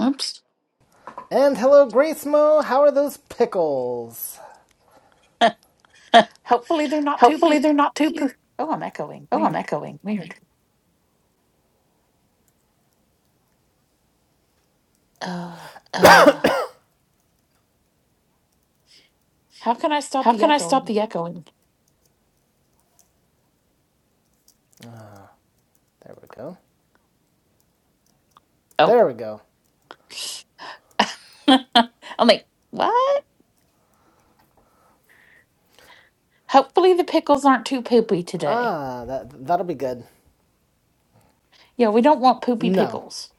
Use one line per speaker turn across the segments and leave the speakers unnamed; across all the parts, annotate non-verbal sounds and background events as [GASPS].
Oops.
And hello, Grace Mo. How are those pickles?
[LAUGHS]
Hopefully they're not too. Poo-
Hopefully they're not too. poo-
oh, I'm echoing.
Oh, I'm
Weird.
echoing. Weird. Uh,
How can I stop
how
the
can I stop
echoing?
the echoing?
There we go.
Oh,
There we go.
[LAUGHS] I'm like, what? Hopefully the pickles aren't too poopy today.
Ah, that that'll be good.
Yeah, we don't want poopy
No,
pickles.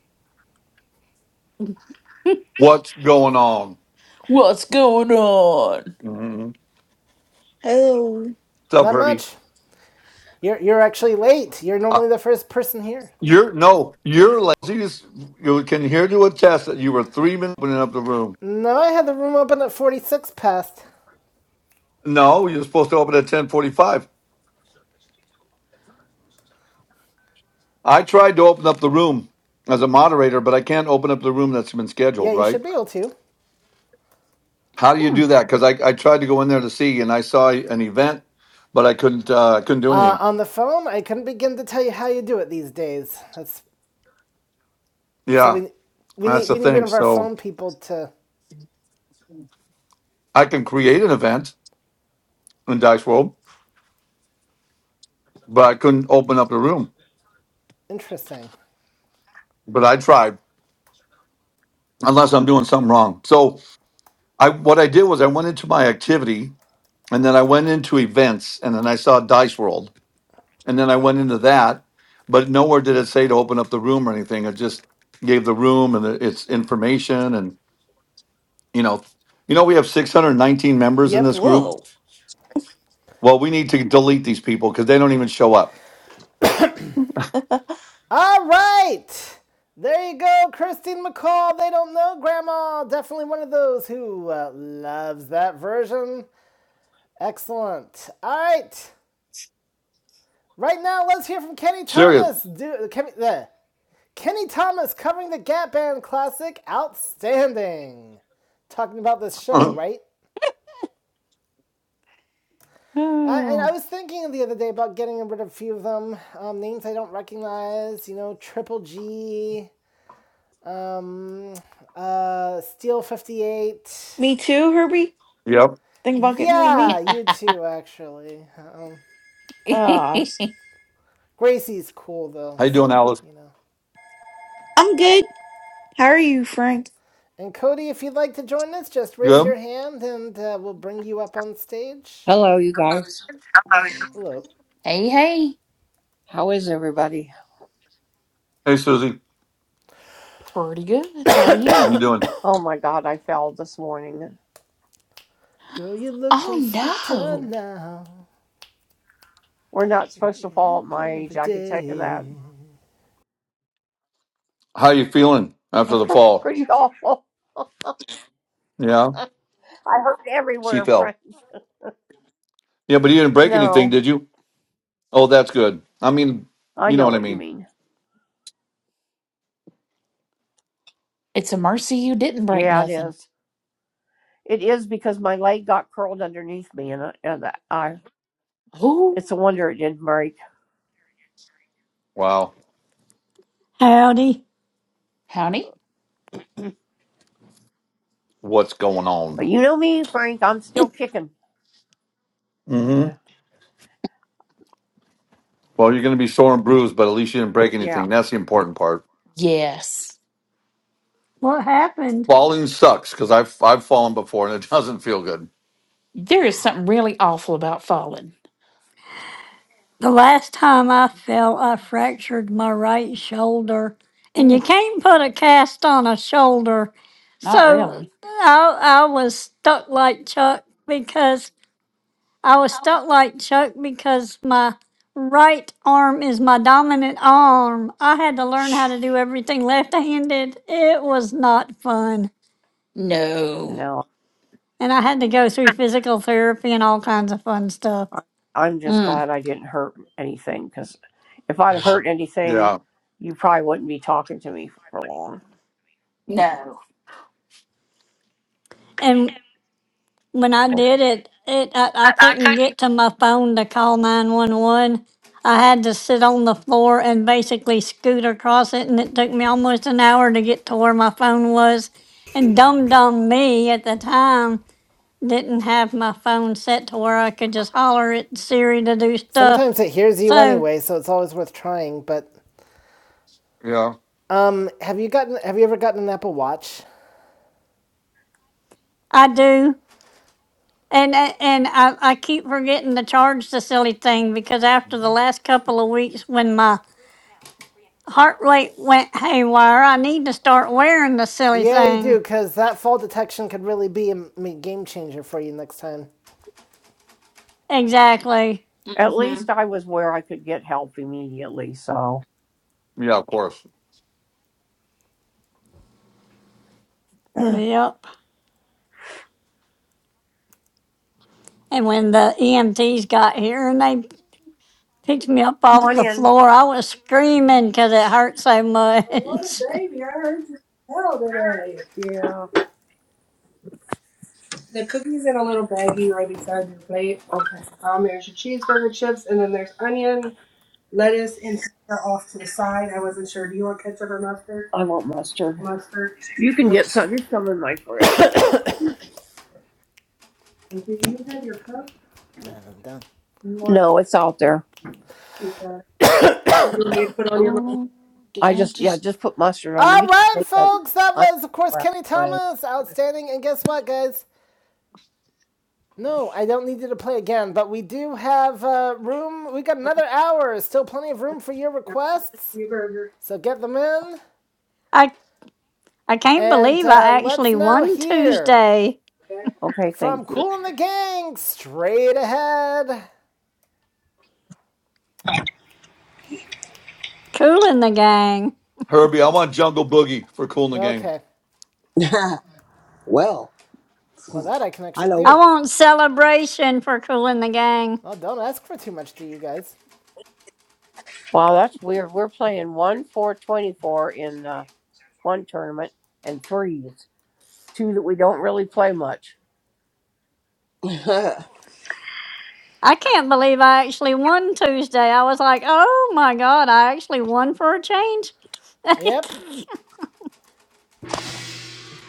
[LAUGHS]
What's going on?
What's going on?
Mm-hmm. What's
Hello.
up,
not
Herbie?
much. You're you're actually late. You're
Uh,
normally the first person here.
you're no, you're lazy. as- You can hear to attest that you were three minutes opening up the room.
No, I had the room open at 46 past.
No, you're supposed to open at ten forty-five. I tried to open up the room as a moderator, but I can't open up the room that's been
Yeah,
scheduled.
you
Right?
should be able to.
How do you
Hmm.
do that? Because I, I tried to go in there to see, and I saw an event, but I couldn't. Uh, I couldn't do
Uh,
anything.
on the phone, I couldn't begin to tell you how you do it these days. That's so
Yeah,
we we
that's
need
the
we need one
thing.
of our
So
phone people to.
I can create an event in Dice World, but I couldn't open up the room.
Interesting.
But I tried. unless I'm doing something wrong. So I what I did was I went into my activity and then I went into events and then I saw Dice World and then I went into that, but nowhere did it say to open up the room or anything. It just gave the room and the, its information and you know, you know we have 619 members in this
Yep.
group.
whoa.
Well, we need to delete these people because they don't even show up.
All right. There you go, Christine McCall. They don't know Grandma. Definitely one of those who uh, loves that version. Excellent. All right. Right now, let's hear from Kenny
Serious.
Thomas. Do, Kenny, uh, Kenny Thomas covering the Gap Band classic Outstanding. Talking about this
[LAUGHS]
show,
[LAUGHS]
right? I, and I
Ooh.
was thinking the other day about getting rid of a few of them. Um, names I don't recognize, you know, Triple G, Um, uh, Steel 58.
Me too, Herbie.
yep.
Think about getting rid of
Yeah,
me?
[LAUGHS]
you too, actually. Um,
Ah,
hey,
s-
Gracie's cool, though,
How you doing,
so,
Alice?
you know.
I'm good. How are you, Frank?
And Cody, if you'd like to join us, just raise
Good.
your hand and uh, we'll bring you up on stage.
Hello, you guys.
Hello.
hey.
How is everybody?
Hey, Susie.
Pretty good. How are
How
you?
you doing?
Oh my God, I fell this morning.
Girl, you're
Oh,
looking sweeter
no.
now.
We're not supposed to fall
than
at my
Every
age. I can tell you that.
day.
How you feeling after the
[LAUGHS]
fall?
Pretty awful. I
Yeah,
hurt
she
everywhere,
fell.
Frank.
Yeah, but you didn't break anything,
No,
did you? Oh, that's good. I mean,
I
you know
know
what I
what you
mean.
mean.
It's a mercy you didn't break
Yeah, it
nothing.
is. It is because my leg got curled underneath me, and I, and I
Oh,
it's a wonder it didn't break.
Wow.
Howdy.
honey.
What's going
But
on?
you know me, Frank. I'm still
It,
kicking.
hmm
[LAUGHS]
Well, you're going to be sore and bruised, but at least you didn't break
Yeah.
anything. That's the
Yeah.
important part.
Yes.
what happened?
Falling sucks because I've, I've fallen before and it [LAUGHS] doesn't feel good.
There is something really awful about falling.
The last time I fell, I fractured my right shoulder, and you
Ooh,
can't put a cast on a shoulder.
not
So
really.
I, I was stuck like Chuck because I was stuck like Chuck because my right arm is my dominant arm. I had to learn how
Shh.
to do everything left handed. It was not fun.
No.
No.
And I had to go through physical therapy and all kinds of fun stuff.
I'm just
Mm.
glad I didn't hurt anything because if I'd hurt anything,
Yeah.
you probably wouldn't be talking to me for long.
No.
And when I did it, it I, I couldn't get to my phone to call nine one one. I had to sit on the floor and basically scoot across it, and it took me almost an hour to get to where my phone was. And dumb dumb me at the time didn't have my phone set to where I could just holler at Siri to do stuff.
Sometimes it hears you
So
anyway, so it's always worth trying. But
Yeah.
um, have you gotten? Have you ever gotten an Apple Watch?
I do. And, a- and I, I keep forgetting to charge the silly thing because after the last couple of weeks when my heart rate went haywire. I need to start wearing the silly
Yeah, you do,
thing.
because that fall detection could really be a game changer for you next time.
Exactly.
At
Mm-hmm.
least I was where I could get help immediately. So,
Yeah, of course.
[CLEARS THROAT] come
Yep. And when the EMTs got here and they picked me up off
on
the
in.
floor, I was screaming because it hurt so
What
much.
a baby! I heard you smell today. Yeah. The cookies in a little baggie right beside your plate. Okay. Um, there's your cheeseburger chips, and then there's onion, lettuce, and pepper off to the side. I wasn't sure. Do you want ketchup or mustard? I want mustard. Mustard. You can Okay. get some. There's some in my fridge. And do you have your cup?
Yeah, I'm done.
You want No, it's out there. you got it.
Oh,
You want me to put on your mustard?
ooh, did
I
I
just yeah,
just?
just put mustard on.
All
You can
right,
take that
folks, that
[LAUGHS] onion
was, of course,
crap
Kenny
away.
Thomas. Outstanding. And guess what, guys? No, I don't need you to play again, but we do have uh, room. We got another hour. Still plenty of room for your
Your mustard
requests.
and your burger.
So get them in.
[LAUGHS] I I can't
And
believe
uh,
I
let's
actually
now
won
hear
Tuesday.
Okay,
from
thank you.
Cool and the Gang straight ahead.
Cooling the gang.
Herbie, I want Jungle Boogie for Cool in the Gang.
Okay.
[LAUGHS] well,
Well, that I can actually
hello.
I
do.
want celebration for cooling the gang.
Well, don't ask for too much, do you guys?
Wow, that's weird. We're playing one four twenty four in uh, one tournament and threes, two that we don't really play much.
[LAUGHS]
I can't believe I actually won Tuesday. I was like, oh my God, I actually won for a change. [LAUGHS]
Yep.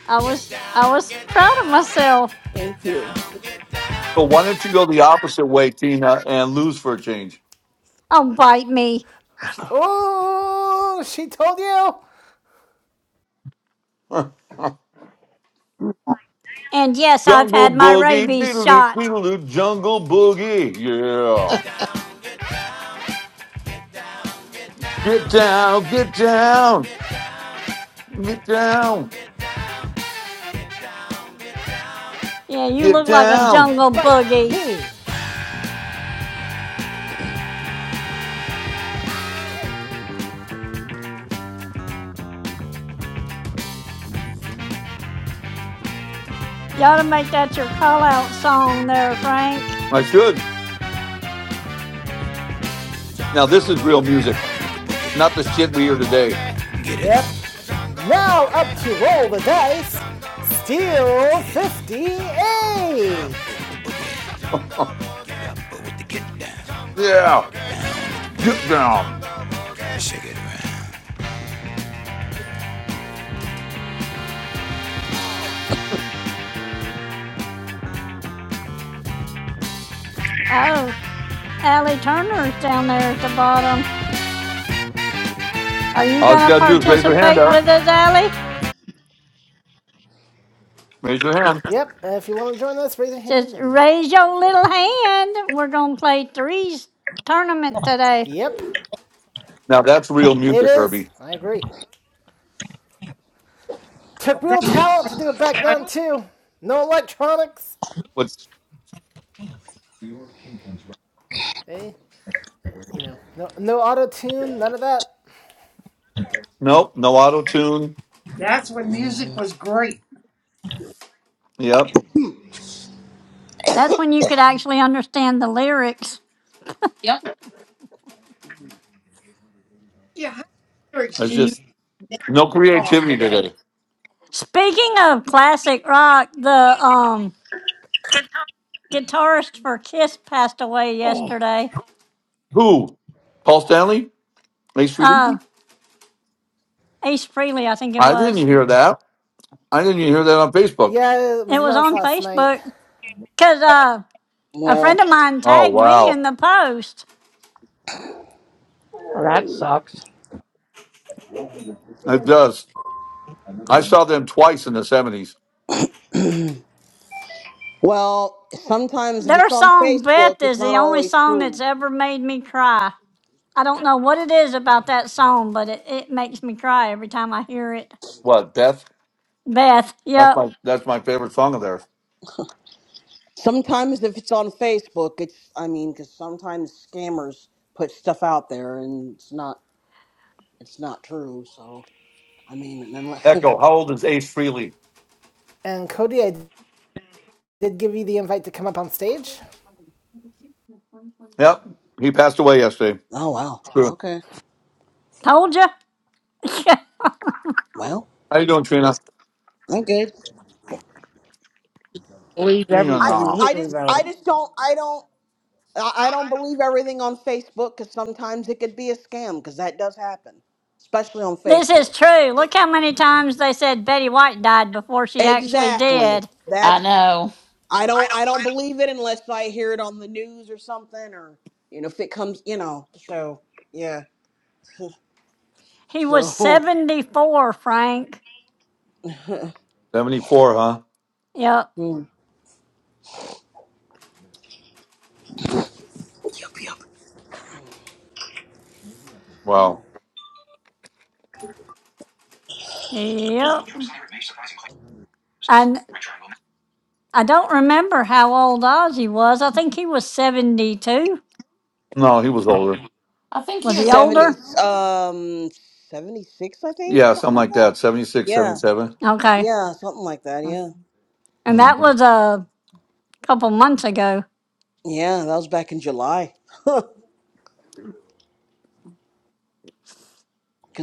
I was I was proud of myself.
Thank you.
So why don't you go the opposite way, Tina, and lose for a change?
Oh, bite me.
Oh, she told you?
[LAUGHS] jungle
And yes, I've had my
Boogie,
rabies
doodaloo,
shot.
doodaloo, Jungle Boogie. Yeah. Get down, get down, get down,
Yeah, you
get
look like a
down.
jungle
Like
boogie.
me.
You ought to make that your call out song there, Frank.
I should. Now this is real music, not the shit we hear today.
Yep. Now up to roll the dice. Steal 58.
[LAUGHS] yeah, get down.
Oh, Allie Turner's down there at the bottom. Are you
All you
gonna
gotta do is raise your hand
participate
up.
with us, Allie?
Raise your hand.
Yep. If you want to join us, raise your hand.
Just
And
raise your little hand. We're gonna play threes tournament today.
yep,
Now that's real
it
music,
is.
Herbie.
I agree. Took
That,
real talent to do it back
I,
then too. No electronics.
What's
Hey, you know, no no auto tune, none of that.
nope, no auto tune.
that's when music was great.
Yep.
That's when you could actually understand the lyrics.
Yep.
Yeah, how lyrics
It's
you your
just no
song
creativity
today?
today.
Speaking of classic rock, the um guitarist for Kiss passed away
Oh,
yesterday.
Who? Paul Stanley? Ace
Uh,
Frehley?
Ace Frehley, I think it
I didn't
was.
hear that. I didn't even hear that on Facebook.
Yeah, it was
It was
announced
on
last night.
Facebook because uh, a friend
well,
of mine
Oh
tagged me
wow.
in the post.
Well, that sucks.
It does. I saw them twice in the seventies.
well, sometimes if
Their
it's on
song
Facebook,
"Beth"
it's
is
not
the only
always
song that's
true.
ever made me cry. I don't know what it is about that song, but it, it makes me cry every time I hear it.
What Death?
Beth,
That's
yep,
my that's my favorite song of theirs.
Sometimes if it's on Facebook, it's I mean, because sometimes scammers put stuff out there and it's not it's not true. So I mean, and then like,
Echo. How old is Ace Frehley?
And Cody, I did give you the invite to come up on stage.
Yep, he passed away yesterday.
[LAUGHS] oh wow,
True.
okay,
told you. [LAUGHS]
well,
How you doing, Trina?
I'm good.
Believe
Trina,
I
everything
just
no.
you
I
hear,
just
though.
I just don't I don't. I I don't believe everything on Facebook because sometimes it could be a scam because that does happen, especially on
this is
Facebook.
true. Look how many times they said Betty White died before she actually
Exactly.
did.
I
That's
know.
I don't I don't believe it unless I hear it on the news or something or you know if it comes you know so yeah
He was
so
74, Frank.
seventy four, huh?
Yep.
[LAUGHS] hmm,
Wow.
Yep. And I don't remember how old Ozzy was. I think he was 72.
No, he was older.
I think
Was
he
he
was
seventy
older.
older?
um seventy six I think
Yeah,
something
something
like
like
that
that. Seventy-six,
yeah
77.
Okay.
yeah something like that
Mm.
yeah
And that
Mm-hmm.
was a couple months ago.
yeah that was back in July [LAUGHS] because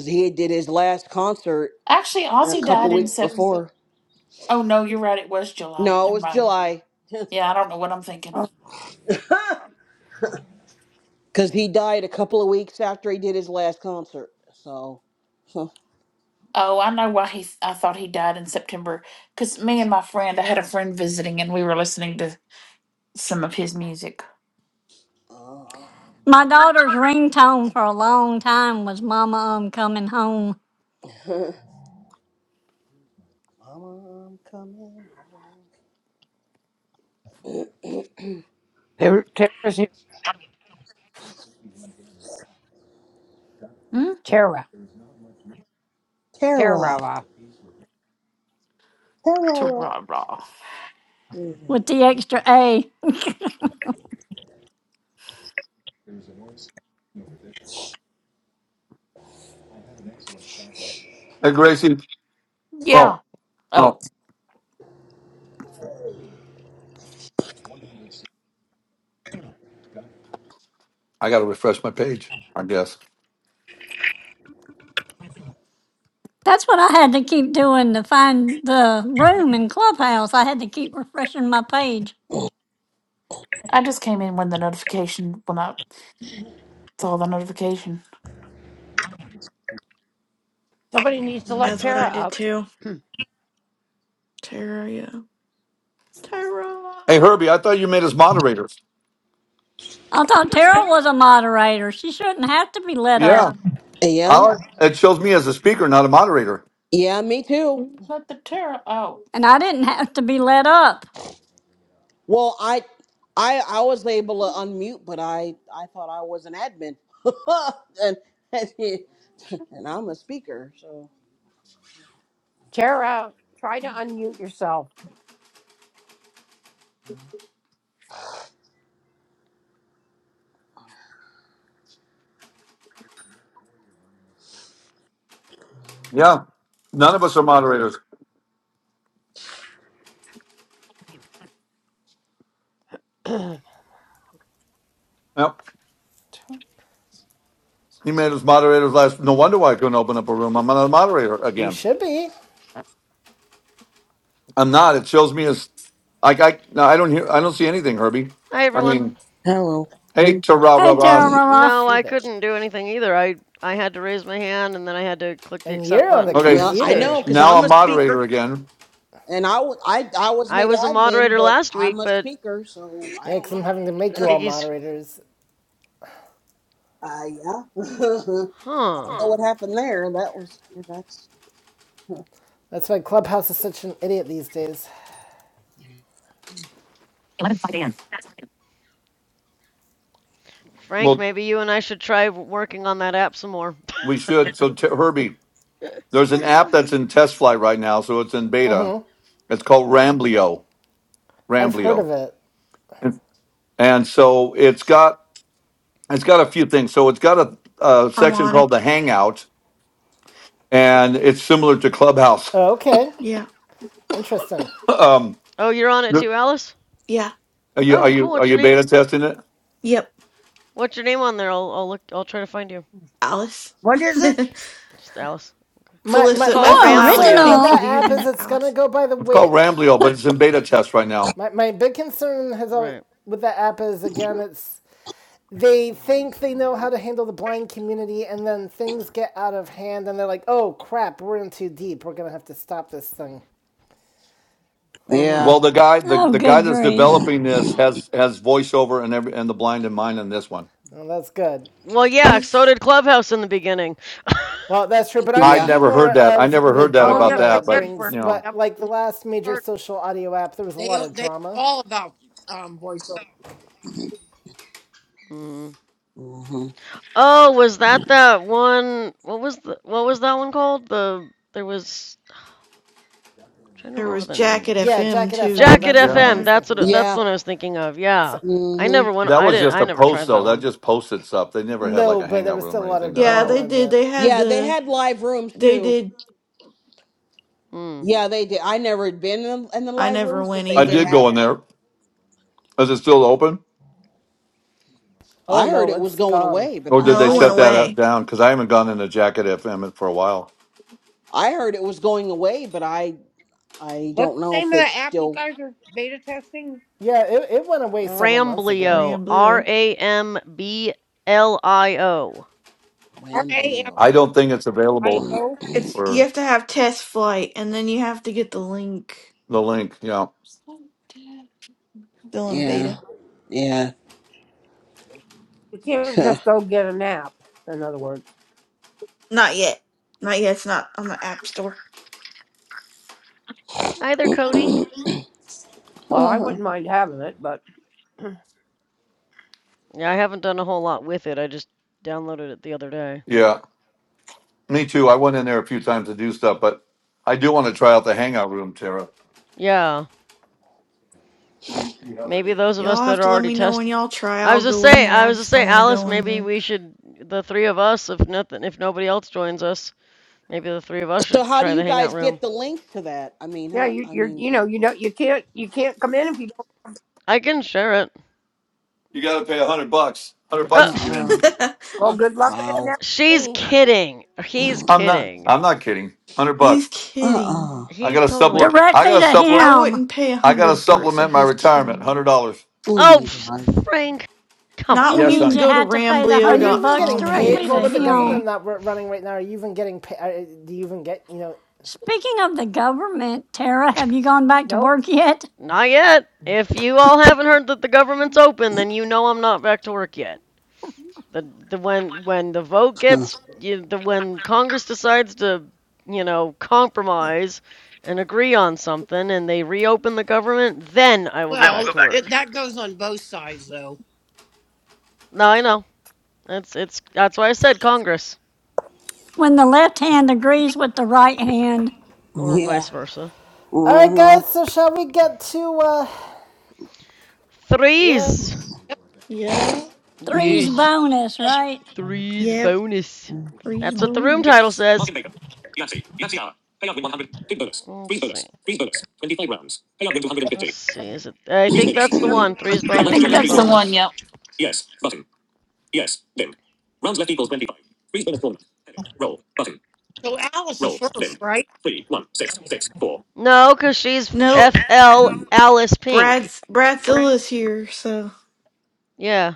he did his last concert
Actually,
a
Ozzy
couple
died in
weeks
Sep.
before
Oh no, you're right. It was July.
no it
Never
was
mind.
July [LAUGHS]
Yeah, I don't know what I'm thinking.
Oh,
because he died a couple of weeks after he did his last concert so. [LAUGHS]
Oh, I know why he. I thought he died in September. Cause me and my friend, I had a friend visiting, and we were listening to some of his music.
Oh,
My daughter's ringtone for a long time was Mama, I'm coming home
[LAUGHS] Mama, I'm coming home.
There, Tara's here.
Mm?
Tara.
Tara,
Tara. uh,
To
Tara.
rah rah.
Mm.
with the extra A.
Hey, Gracie. Oh,
Yeah.
oh,
Oh,
I got to refresh my page. I guess.
That's what I had to keep doing to find the room in Clubhouse. I had to keep refreshing my page.
I just came in when the notification when I saw the notification.
Somebody needs to let
That's what
Tara
I did
up.
too.
[CLEARS THROAT]
Tara, yeah. Tara.
Hey, Herbie. I thought you made us moderators.
I thought Tara was a moderator. She shouldn't have to be let
Yeah.
up.
I,
Yeah,
like, it shows me as a speaker, not a moderator.
yeah, me too.
Let the terror out.
And I didn't have to be let up.
Well, I, I, I was able to unmute, but I, I thought I was an admin, [LAUGHS] and and, and I'm a speaker. So
Tara, try to unmute yourself.
Yeah. None of us are moderators.
[CLEARS THROAT] what
Yep. He made us moderators last. No wonder why I couldn't open up a room. I'm not a moderator
You
again.
should be.
I'm not. It shows me as like I no, I don't hear. I don't see anything, Herbie.
Hi
I
everyone.
mean,
Hello.
hey, ta rah rah
Hey,
rah.
Tara
I
No,
see
I
that.
couldn't do anything either. I I had to raise my hand and then I had to click the
And
accept
you're on
button
the
to join
Okay,
no,
the
I know
computer.
stage.
because
now
I'm
I'm
a
moderator
speaker,
again.
and I, wa- I, I was
I
made
was a
admin,
moderator
but
last
I'm
week,
a
but
speaker, so I
Yeah,
don't
because I'm
know.
having to make
I
you
think
[LAUGHS]
all
he's
moderators.
Uh, yeah, [LAUGHS] I
huh.
don't know what happened there. That was that's.
That's why Clubhouse is such an idiot these days.
Frank,
Well,
maybe you and I should try working on that app some more.
we should. So t- Herbie, there's an app that's in test flight right now, so it's in beta. It's called Ramblio.
I've heard of
Ramblio,
it.
and so it's got it's got a few things. So it's got a, a
I'm
section
on it.
called the Hangout, and it's similar to Clubhouse.
Oh, okay.
Yeah.
Interesting.
[LAUGHS] um,
[LAUGHS] oh, you're on it too, Alice?
Yeah.
Are you
Oh,
are you
cool.
are
What's your
you
name?
beta testing it?
Yep.
What's your name on there? I'll I'll look I'll try to find you.
Alice. [LAUGHS]
is it?
Just Alice.
My,
It's
my,
Felissa,
called
my
How
FL Alice,
concern with
Pink
Ramblio.
for
original.
that
the
app
username
is
of
it's going to
Alice.
go by the
It's
weight.
called Ramblio, but it's in beta test right now.
My, my big concern has always
Right.
with that app is, again, it's they think they know how to handle the blind community and then things get out of hand and they're like oh crap we're in too deep we're gonna have to stop this thing
Yeah.
Mhm.
Well, the guy the,
Oh,
the guy
good
that's
grief.
developing this has has voiceover and every and the blind in mind in this one.
well, that's good
Well, yeah, so
He's,
did Clubhouse in the beginning. [LAUGHS]
well that's true but i'm
I'd
Yeah.
thinking
never
more
heard that. I
of
never
the
heard that
Oh,
about
yes, I
drama
that, but
did,
brings
Frank.
you know,
what like the
Yep.
last major social audio app there was a
They
lot of
they
drama
all about um voiceover.
Mhm.
hmm
Oh, was that that one? What was the what was that one called? The there was I'm trying to
there
remember
was
the name
Jack at
of it.
yeah
FM
jacket fm
too,
Jacket
that's the
man.
yeah,
one i
FM.
was
I,
That's what
thinking
it-
of
that's
Yeah.
the one I was thinking of.
so,
Yeah, I
hmm
never went.
that
I
was
didn't.
just
I
a
never
post
tried
though.
that
That
one.
just posted stuff. They never had like
no
a
but there
hangout
was
room
still a
or
lot
anything
of
that I
yeah,
know. of.
they
drama
did.
that
They had
Yeah, they
the,
had live rooms
they
too.
did.
Hmm.
Yeah, they did. I never had been in, in the
I
live
never
rooms,
went
but they
I
did
either.
did
have
go in
them.
there. Is it still open,
oh
I heard
no
it was
it's
going
gone
away, but
or did
I
they
No, it
I
went
shut
don't
that
know.
out-
away.
down? Because I haven't gone in a Jacket FM for a while.
I heard it was going away, but I I
What's
don't
the
know if
name of
it's
the app you
still
guys are beta testing?
yeah it, it went away several months ago
Ramblio.
Rambleau.
R A M B L I O.
R A M
I
Wamblio.
don't think it's
I
available
O.
It's
for
you have to have test flight, and then you have to get the link.
the link. Yeah,
Still in
Yeah.
beta.
Yeah.
You can't just
[LAUGHS]
go get an app. In other words,
Not yet. Not yet. It's not on the app store.
Hi there, Cody.
well, I wouldn't
so
mind having it, but [CLEARS THROAT]
Yeah, I haven't done a whole lot with it. I just downloaded it the other day.
yeah. Me too. I went in there a few times to do stuff, but I do want to try out the hangout room, Tara.
Yeah,
We-
maybe those of us
Y'all have
that are
to let
already
me know when y'all try.
I
I'll
was just
go in
saying,
there.
I
I
was just
just don't
saying,
want to
Alice,
go
maybe
in
we should, the three of us, if nothing, if nobody else joins us, maybe the three of us should
how do
try the
you
hangout
guys
room.
get the links to that? I mean,
yeah,
how
you,
I
you're
mean,
you know you know you can't you can't come in if you don't.
I can share it.
You got to pay a hundred bucks. Hundred
Uh,
bucks to get
pff,
uh-uh.
in.
there.
Well, good luck getting
Wow.
that
[CLEARS THROAT]
for
she's
me.
kidding. He's
I'm not.
kidding.
I'm not kidding. Hundred
[LAUGHS] he's
bucks.
kidding.
Uh-uh.
I
He's
got to
totally
supplement.
kidding.
I got
Directly
to
to
I
supplement.
him.
wouldn't pay a
I got to
hundred for it, so
supplement my
he's
retirement.
kidding.
Hundred dollars.
Oh
Oh,
my god.
pff, Frank, come
Not
He
when
Yes,
on.
you can
means you
honey.
go to
had to pay the
Are
ramblio
you
hundred
dot
even
bucks
getting
com and get it
paid?
directly to
Well,
for
with the
free.
government
him.
that we're running right now, are you even getting paid? Do you even get, you know?
Speaking of the government, Tara,
[LAUGHS]
have you gone back to
Nope.
work yet?
Not yet. If you all haven't heard that the government's open, then you know I'm not back to work yet. The the when when the vote gets
[LAUGHS]
you, the when Congress decides to you know compromise and agree on something and they reopen the government, then I will go back to
Well, it,
work.
that goes on both sides though.
No, I know. That's it's that's why I said Congress
When the left hand agrees with the right hand,
Huh.
or
Yeah.
vice versa.
All right, guys.
Mm-hmm.
So shall we get to? uh Yeah.
Threes.
Yeah.
three's
Yes,
bonus, right?
threes
Yep.
bonus.
Three's
That's what the room title
bonus.
says. Let's see. Let's see. Is it? I think that's the one. Threes
I
bonus.
think
Threes
that's the
Mm-hmm.
one.
bonus.
Yep.
So Alice is first, right?
No, cause she's
Nope.
FL Alice Pink.
Brad's Bradzilla's here, so
Yeah.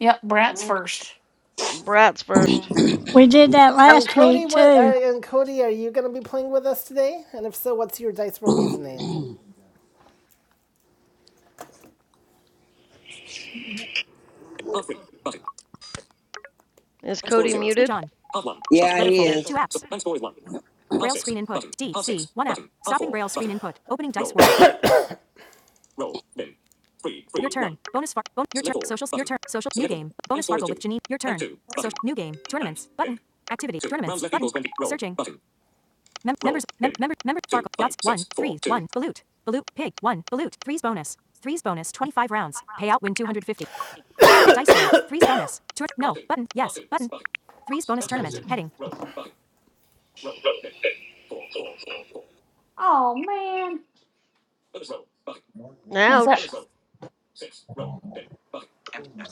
Yep. Brat's
Mm.
first.
Brats first.
We did that
And
last
Cody,
week
what? Are,
too.
and Cody, are you going to be playing with us today? And if so, what's your Dice World username?
Is Cody
Speech
muted?
on.
Yeah,
Weather
he
folder.
is.
Two apps. Braille screen input. D C. One app. Stopping Braille screen input. Opening Dice World. [COUGHS] your turn. Bonus far. Bon- your turn. Socials. Your turn. Social. New game. Bonus Farkle with Janine. Your turn. Social. New game. Tournaments. Button. Activity. Tournaments. Button. Searching. Mem- members, mem- member, member, Farkle, Yachts, 1, 3, 1, Balut, Balut, Pig, 1, Balut, 3's bonus, 3's bonus, 25 rounds, payout win 250. [COUGHS] Dice roll, 3's bonus, Tur- no, button, yes, button, 3's bonus tournament, heading.
That's that.
Ouch.
Empty list.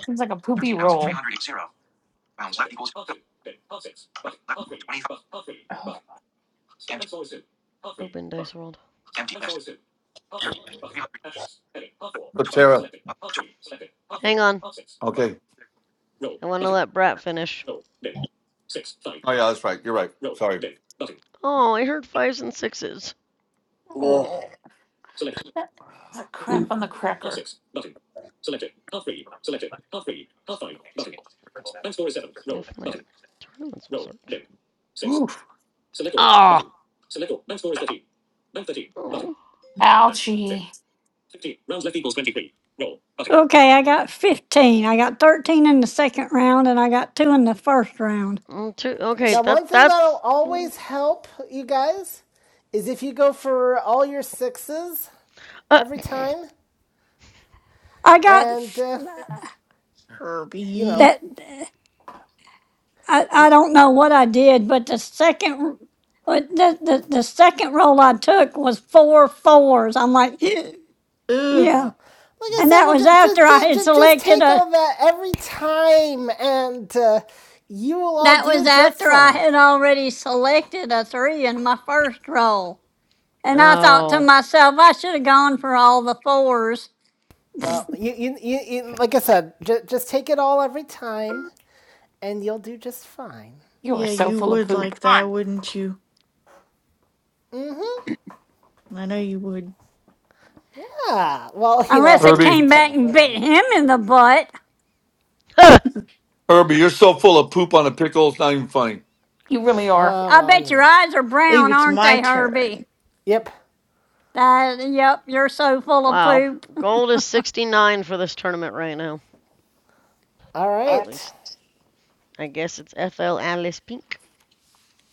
Seems like a poopy roll.
13,300. Rounds left equals 12. Rounds left. 25. Empty.
Open dice World.
Empty list. 13,300.
So Tara.
Hang on.
Okay.
I want to let Brat finish.
Oh yeah, that's right. You're right. Sorry.
Oh, I heard fives and sixes.
Ugh.
Oh, that a crap on the cracker.
If my tournaments will search.
Oof.
Ah. Oh.
Ouchie!
Okay, I got 15. I got 13 in the second round and I got two in the first round.
Mm, Okay.
Now,
That
one thing that'll
that's.
always help you guys is if you go for all your sixes
Uh,
every time,
I got
and uh, you know,
Herbie.
that. I,
y-
I don't know what I did, but the second uh, the, the the second roll I took was four fours. I'm like, [GASPS]
Ugh.
Oh,
yeah,
wow. Like I
and
said,
that
well,
was
just,
after
just,
I had
just, just
selected
take
a.
all that every time, and uh, you will all
That
do
was
just
after I
fine.
had already selected a three in my first roll, and I thought to
oh.
myself, I should have gone for all the fours,
Well, you, you, you, you like I said, just, just take it all every time, and you'll do just fine.
You are
Yeah,
so
you
full of
would
poop.
like that, wouldn't you? I know you would.
Yeah. Well, [LAUGHS] you know, I
unless
have
it
an
Herbie.
easy
came
time
back
of
and
winning
bit
then.
him in the butt.
Huh.
Herbie, you're so full of poop on a pickle. It's not even funny.
You really are.
Uh,
I
well,
bet
you
your
know.
eyes are
Believe
brown,
it's
aren't
my
they, Herbie?
turn.
Yep.
That, yep, you're so full of
Wow.
poop.
Gold is 69 for this tournament right now.
All
Or at
right.
least I guess it's FL Alice Pink.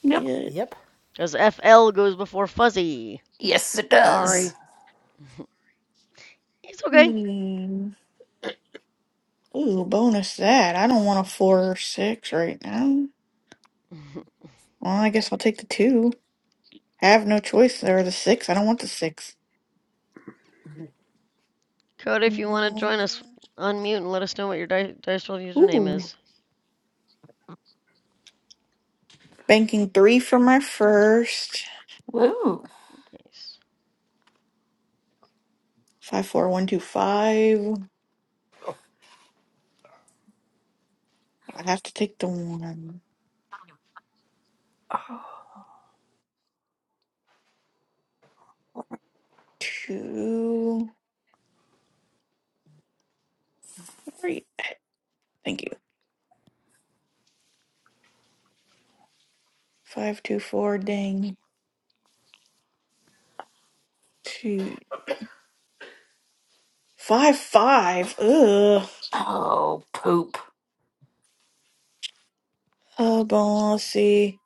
Yep.
Yeah.
Yep.
Because FL goes before Fuzzy.
Yes, it does.
Sorry.
[LAUGHS] it's okay.
Hmm. Ooh, bonus that. I don't want a four or six right now. Well, I guess I'll take the two. I have no choice. There the six. I don't want the six.
Cody, if you want to
Mm,
join us, unmute and let us know what your Di- Dice World username
Ooh.
is.
Banking three for my first.
Woo.
Nice.
Five, four, one, two, five. I have to take the one. Two. Three. Thank you. Five, two, four. Dang. Two. Five five. Ugh.
Oh, poop.
Oh, bon, let's see.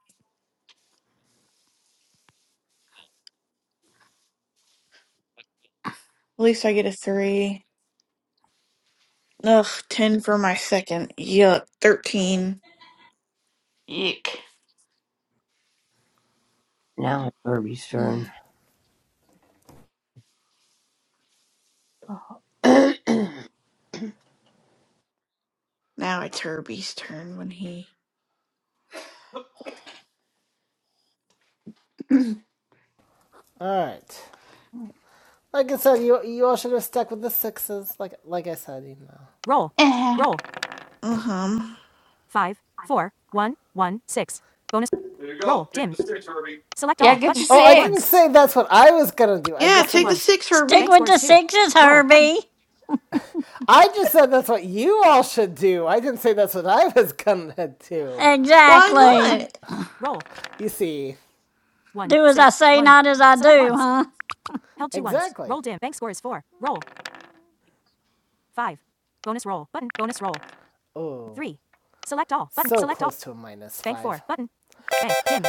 At least I get a three. Ugh, ten for my second. Yuck, thirteen. [SIGHS]
Yuck.
Now it's Herbie's
Mm.
turn. [CLEARS THROAT] I
Now it's Herbie's turn when he.
All right. Like I said, you, you all should have stuck with the sixes. Like, like I said, you know. Roll.
[LAUGHS]
Roll.
Uh huh.
five, four, one, one, six. Bonus.
There you
Roll.
go. Take
Dim.
the six, Herbie.
Select
Yeah,
all.
get
Button.
your
Oh, I ones. didn't
six.
say that's what I was gonna do. I
Yeah,
just two said
take the
that's,
six,
Stick
Bank
Herbie.
with
score is
the
two.
sixes,
Roll. Button.
Herbie.
I just said that's what you all should do. I didn't say that's what I was gonna do.
Why
Roll.
Exactly.
Button.
not?
Roll. You see, One,
Do as I
six,
say,
one.
not as I
Select
do,
ones.
huh?
Held two Exactly. ones. Roll dim. Bank score is four. Roll. Five. Bonus roll. Button. Bonus roll. Oh. Three. Select all. Button. so Select all. close all. to a minus Bank five. four. Button. Bank. Dim.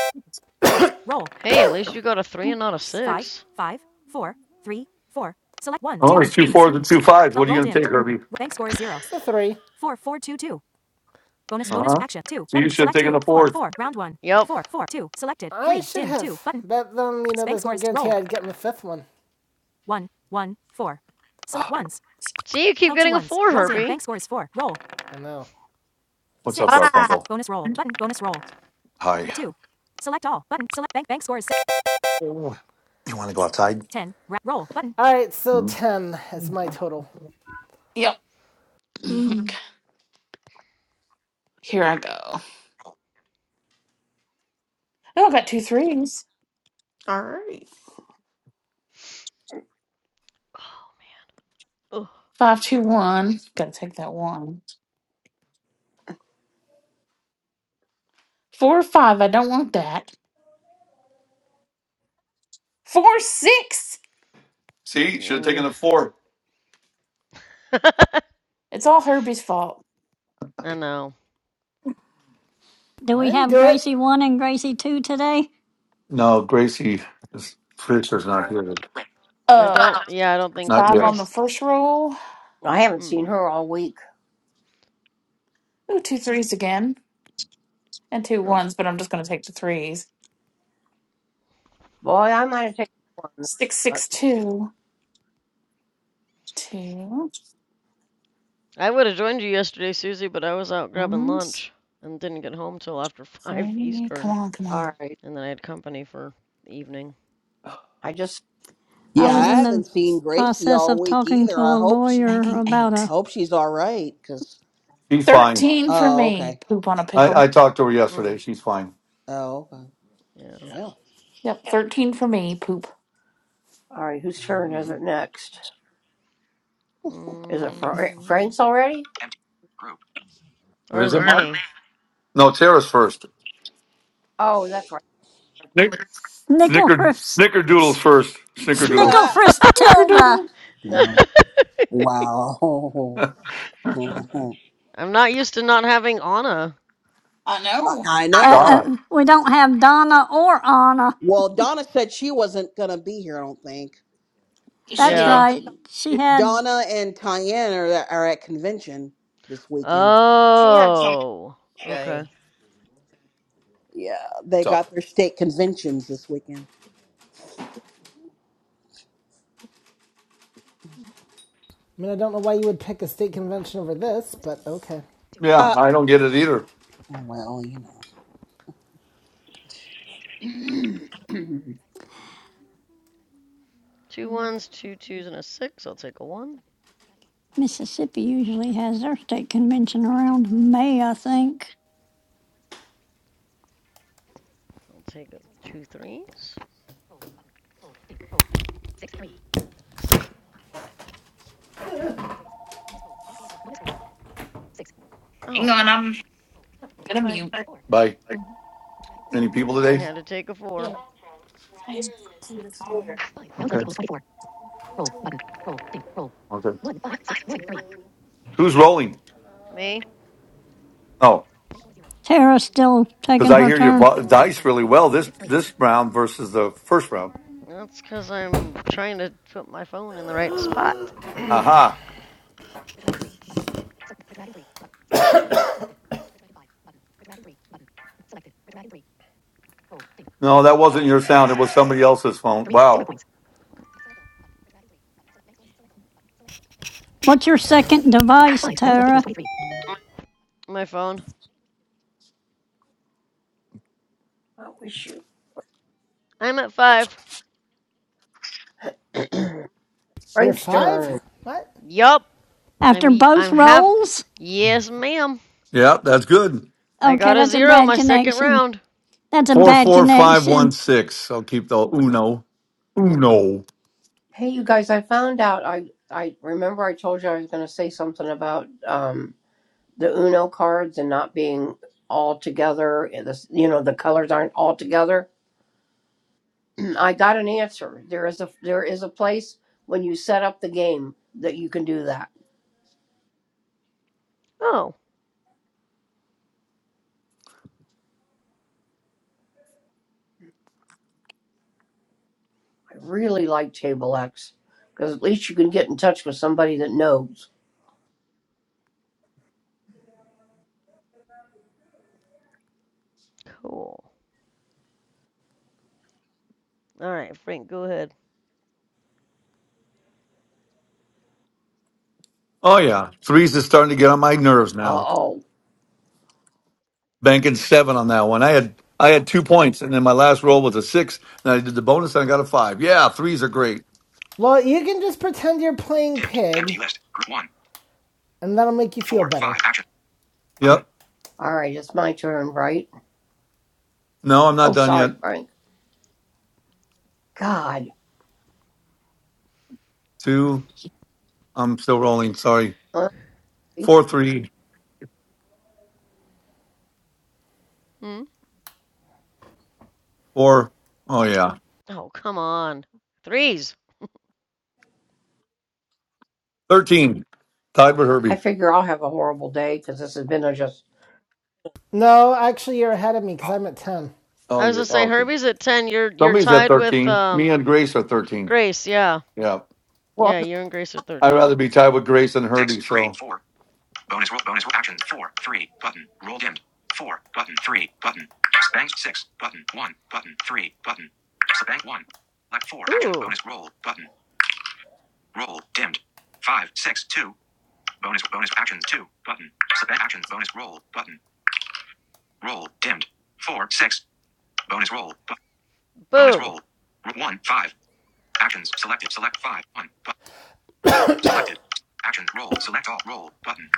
Roll.
Hey, at least you got a three and not a
five,
six.
five, four, three, four. Select one,
Oh,
twos,
it's two
threes.
fours and two fives.
Help.
What are you
Roll
going to take,
dimmed.
Herbie?
Bank score is zero. The three. Four, four, two, two. Bonus,
Uh
bonus,
huh.
action, two,
So you
button,
should have
select
taken
two,
the
four,
fours.
four, round one,
Yep.
four, four, two, selected, three, I should dim, have two, button, bet them, you know, there's no scores, guarantee roll. I'd get in the fifth one. one, one, four. Select ones,
See, you keep
held two
getting a
ones,
four,
Rolled in. bank
Herbie.
score is four, roll, I know.
What's up,
six.
Garfunkel?
Bonus roll, button, bonus roll,
Hi.
two. Select all, button, select bank, bank score is six.
Oh, you want to go outside?
ten, roll, button, All right, so
Hmm?
10 is my total.
Yep. [LAUGHS]
Mm.
Here I go. Oh, I got two threes.
All right.
Oh.
Five, two, one. Gotta take that one. Four, five. I don't want that. Four, six.
See, should have
Mm.
taken the four.
[LAUGHS] I
It's all Herbie's fault.
know.
Do
I
we
didn't
have
do it.
Gracie 1 and Gracie 2 today?
No, Gracie is Fritzer's not here.
I
Uh,
don't. Yeah, I don't think
Not
five
yet.
on the
Grace.
first roll.
haven't seen
Mm.
her all week.
Ooh, two threes again. And two
Um,
ones, but I'm just gonna take the threes.
Boy, I might have taken one,
Six,
but
six, two. Two.
I would have joined you yesterday, Susie, but I was out grabbing
Ones.
lunch and didn't get home till after [LAUGHS] five
Three. Come
Eastern,
on, come
all
on.
right.
and then I had company for the evening.
I just
I
Yeah, I
was
Oh,
in the
haven't seen Gracie
process
all
of
week
talking to
either. I
a
hope she
lawyer
banking
about
eight.
a
hope she's all right. Cause
She's fine.
13 for
oh,
me.
okay.
Poop on a
I,
pickle.
I talked to her
Hmm.
yesterday. She's fine.
Oh, okay.
Yeah.
Well,
Yep, 13 for me. Poop.
all right. Whose turn is
Hmm.
it next? Is it
Um,
Fra-
Mm.
Frank's already? Empty group.
Or is
Is it
it
Mark?
me?
No, Tara's first.
Oh, that's right.
Snick, snicker,
snicklefrist,
snickerdoodle's first. Snickerdoodle.
snicklefrist Tilda.
snickerdoodle.
[LAUGHS]
[LAUGHS]
Now,
[LAUGHS]
wow. [LAUGHS] I,
I'm not used to not having Anna.
I know.
I
Uh,
know.
Donna.
uh, we don't have Donna or Anna.
Well, Donna said she wasn't gonna be here. I don't think
Yes, you
No,
That's
she
Yeah.
did.
right. She
did.
had,
Donna and Tyann are are at convention this weekend.
She had something
Oh.
today.
Okay.
Yeah, they
What's up?
got their state conventions this weekend.
I mean, I don't know why you would pick a state convention over this, but okay.
Yeah,
Uh,
I don't get it either.
well, you know,
[CLEARS THROAT] I
Two
Hang
ones, two twos, and a six. I'll take a one.
Mississippi
I'll
usually has their state convention around May, I think.
take a two threes. Oh.
on, I'm gonna mute.
By any people
I
today?
had to take a four.
Okay. Okay. Who's rolling?
Me?
Oh,
Tara's still
because
taking
I
her
hear your
turn.
Good
vo-
morning.
dice really well this this round versus the first round.
That's because I'm trying to put my phone in the right spot.
Aha. No, that wasn't your sound. It was somebody else's phone. Wow.
What's your second device, Tara?
My phone.
wish you.
I'm at five.
[CLEARS THROAT]
You're
Frank's
five?
turn.
What?
Yup. I'm
After
i
both
I'm half.
rolls?
Yes, ma'am.
Yeah, that's good.
I
Okay,
got a
that's a
zero
bad
my second
connection.
round.
That's a bad connection.
44516. I'll keep the uno. Uno.
Hey, you guys! I found out. I I remember I told you I was going to say something about. um, the Uno cards and not being all together. You know, the colors aren't all together. [CLEARS THROAT] I got an answer. There is a there is a place when you set up the game that you can do that.
Oh.
I really like Table X because at least you can get in touch with somebody that knows.
Cool. All right, Frank, go ahead.
Oh yeah. Threes is starting to get on my nerves
Uh
now.
oh.
Banking seven on that one. I had I had two points and then my last roll was a six. And I did the bonus and I got a five. Yeah, threes are great.
Well, you can just pretend you're playing
Dimmed. Empty
pig,
list. Group one.
and that'll make you feel
Four. Five.
better.
Action.
Yep.
Button. All right, it's my turn, right?
No, I'm not
Oh,
done yet.
sorry, Frank. God.
Two. I'm still rolling. Sorry.
Honestly,
Four, three,
Hmm?
four. Oh yeah.
Oh, come on. Threes.
Thirteen. Tied with
I
Herbie.
figure I'll have a horrible day because this has been a just
No, actually, you're ahead of me because
Oh
I'm at ten.
I
Oh
was gonna say
yeah.
Herbie's at ten. You're you're
Somebody's at
tied with
13. Me
um
and Grace are 13.
Grace. Yeah,
Yeah.
well
yeah. You and Grace are
I'd
thirteen.
rather be tied with Grace than
Six,
Herbie.
three, four.
So,
Bonus roll. Bonus roll. Action. Four. Three. Button. Roll dimmed. Four. Button. Three. Button. Bank six. Button. One. Button. Three. Button. Bank one. Select four. Action.
Ooh,
Bonus roll. Button. Roll dimmed. Five. Six. Two. Bonus. Bonus action. Two. Button. Bank action. Bonus roll. Button. Roll dimmed. Four. Six. Bonus roll. Bu- bonus
boo.
roll. one. Five. Actions selected. Select five. One. Bu- selected. Action. Roll. Select all. Roll. Button.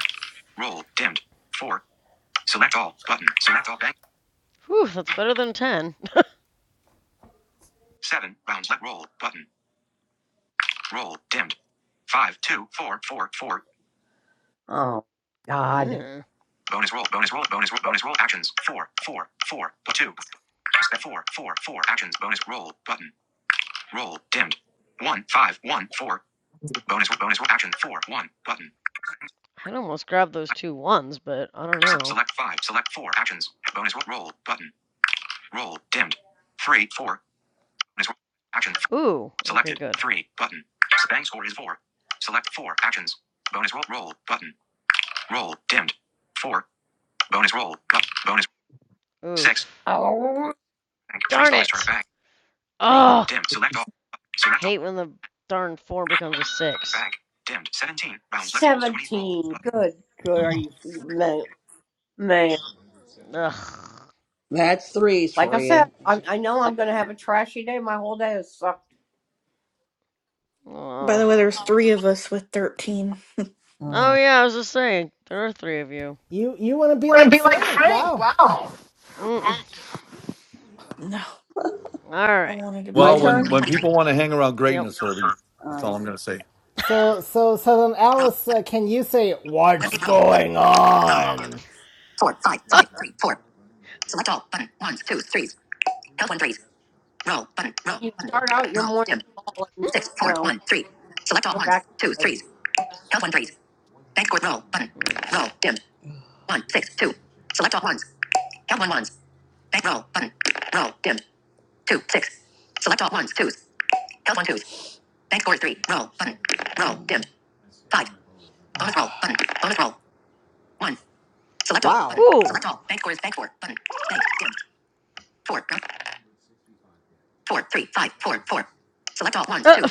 Roll dimmed. Four. Select all. Button. Select all. Bank.
Whew, that's better than ten.
Seven rounds left. Roll button. Roll dimmed. Five, two, four, four, four. Oh, God. Bonus roll, bonus roll, bonus roll, bonus roll actions. Four, four, four, two. Step four, four, four actions. Bonus roll button. Roll dimmed. One, five, one, four. Bonus roll, bonus roll action. Four, one, button.
[LAUGHS] I'd almost grab those two ones, but I don't know.
Select five, select four actions. Bonus roll, roll button. Roll dimmed. Three, four. Bonus roll action.
Ooh. Okay,
Selected.
good.
Three, button. Bang score is four. Select four actions. Bonus roll, roll button. Roll dimmed. Four. Bonus roll. Up. Bonus six.
Oof.
Oh. Bank. Threes
Darn
bonus turn
it.
back. Roll
Oh,
dimmed. Select all.
I
Select all.
hate when the darn four becomes a six.
Back. Dimmed. Seventeen. Round left. Seventeen. Good grief, man. Man.
Ugh.
that's threes
Like
for
I said,
you.
I, I know I'm going to have a trashy day. My whole day has sucked.
By the way,
Oh.
there's three of us with thirteen.
Oh
Uh,
yeah, I was just saying there are three of you.
You you want to be like Frank? Wow.
Mm.
No, I
Alright.
wanted to be
my
well,
turn?
when,
down.
when people want to hang around
Yep.
greatness, Herbie,
All
that's all
right.
I'm going to say.
So
[LAUGHS]
so so then, Alice, uh, can you say what's going on?
You start out your morning call and no, go back to bed.
Mm. Whew. Uh,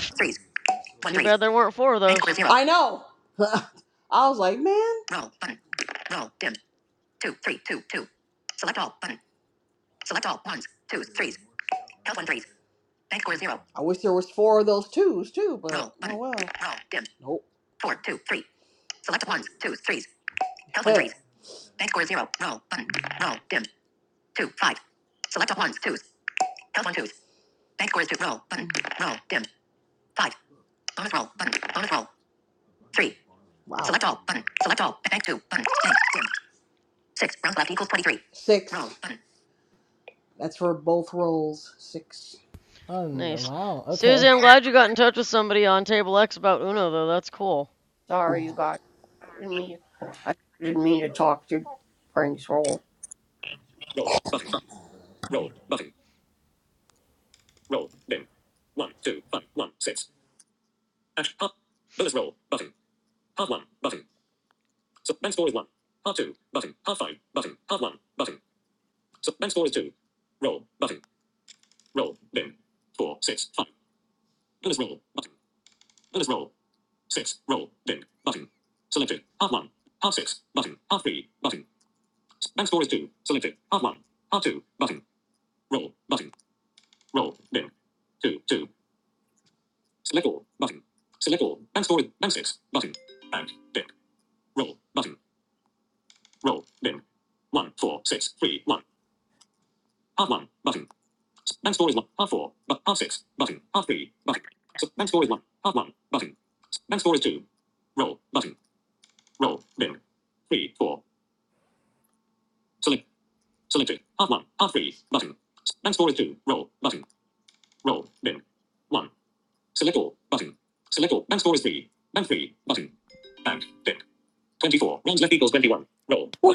too bad there weren't four of those.
I know. [LAUGHS] I was like, man, I wish there was four of those twos too, but nope. Wow. Six. That's for both rolls. Six.
Oh,
Nice.
Wow.
Susie,
Okay.
I'm glad you got in touch with somebody on Table X about Uno, though. That's cool.
Sorry, you guys. I didn't mean, I didn't mean to talk to Frank's roll.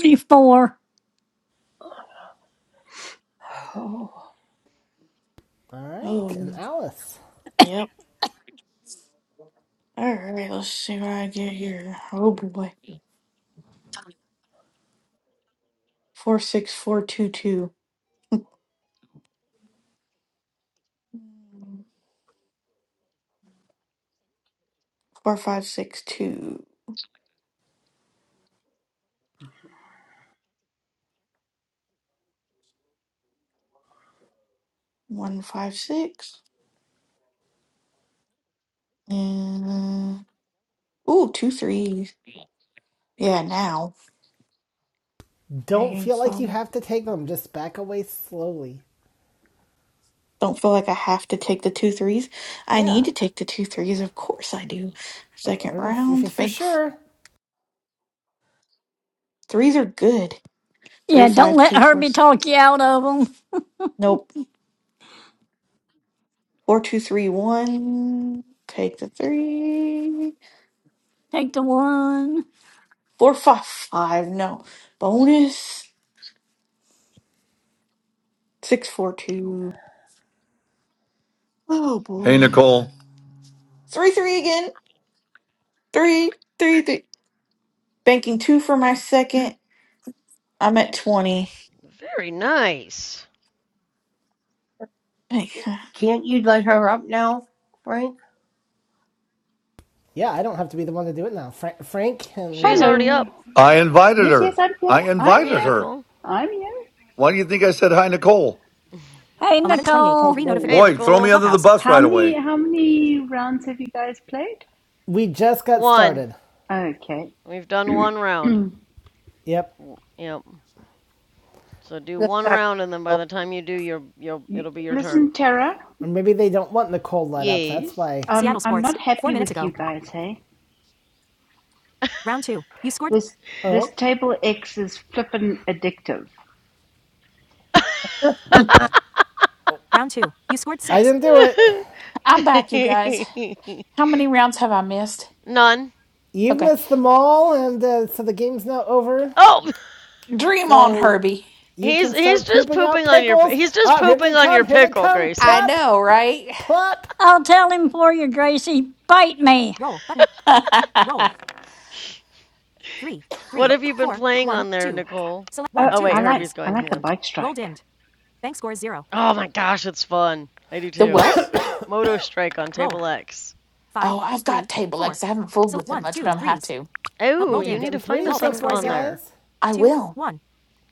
24.
Oh, [SIGHS]
All right.
Oh,
And Alice,
yep. All right. Let's see what I get here. Oh boy. Four six four two two. four five six two one five six and uh, ooh two threes yeah now
don't
dang
feel like you
so
have to take them. Just back away slowly.
don't feel like i have to take the two threes i
Yeah.
need to take the two threes of course i do second
Or if,
round
if you're
bank f-
sure.
threes are good three
Yeah, don't
five
let
two four
Herbie
s-
talk you out of them.
nope four two three one take the three.
Take the one.
Four, five, five. no bonus Six, four, two. Oh
Hey,
boy
Nicole.
three three again three three three. Banking two for my second. I'm at 20.
Very nice.
Hey,
Can't you let her up now, Frank?
Yeah, I don't have to be the one to do it now. Fra- Frank and
She's
uh,
already
Hello.
up.
I invited
Yes, yes,
her.
I'm here.
I
I'm
Hey,
invited
here.
her.
Nicole.
I'm here.
Why do you think I said hi, Nicole?
[LAUGHS]
Hey,
1128.
Nicole.
Three notifications.
Hello.
Hey,
Boy, throw me
Nicole.
under the
Clubhouse.
bus
How
right
many
away.
how many rounds have you guys played?
we just got
One.
started.
Okay.
We've done one round.
Yep.
Yep. So do
Yes,
one
that's-
round, and then by
oh,
the time you do, your your
you-
it'll be
[CLEARS THROAT]
your turn.
Listen, Tara,
Or maybe they don't want Nicole let up. That's
Yes.
why.
um,
Seattle
I'm
Sports.
not
Four
happy
minutes
with you
ago.
guys, hey?
Round two. You scored.
This this
Oh,
table X is flippin' addictive.
[LAUGHS]
Round two. You scored six. I didn't do it.
I'm back, you guys. How many rounds have I missed?
[LAUGHS] None.
You've
Okay.
missed them all, and uh, so the game's now over.
Oh,
Dream on,
So
Herbie.
you
he's
can
he's
start
just
pooping out
pooping on your
pickles.
he's just
Oh, here they
pooping on your
come! Here they
pickle,
come!
Gracie.
I
Plop,
know, right?
plop.
I'll tell him for you, Gracie. Bite me.
Roll. Button.
[LAUGHS]
Roll. three,
What
three,
have you been
four,
playing
one,
on there,
two.
Nicole?
Select
Oh,
one,
Oh
two,
wait,
threes.
I like
Herbie's
I
going.
like
Hang
the
on.
bike
Roll
strike.
dimmed. Bank score is zero.
Oh my gosh, it's fun. I do
the
too.
what?
Moto Strike on
Roll
Table X.
five,
Oh, I've got
three,
table
four.
legs. I haven't fooled
Select
with it
one,
much, but
twos,
I'm have
threes.
to.
Help.
Oh,
Roll
you
dimmed.
need to find
Roll
us
so bank
on
score is
on
zero.
there.
I
Two,
will.
one.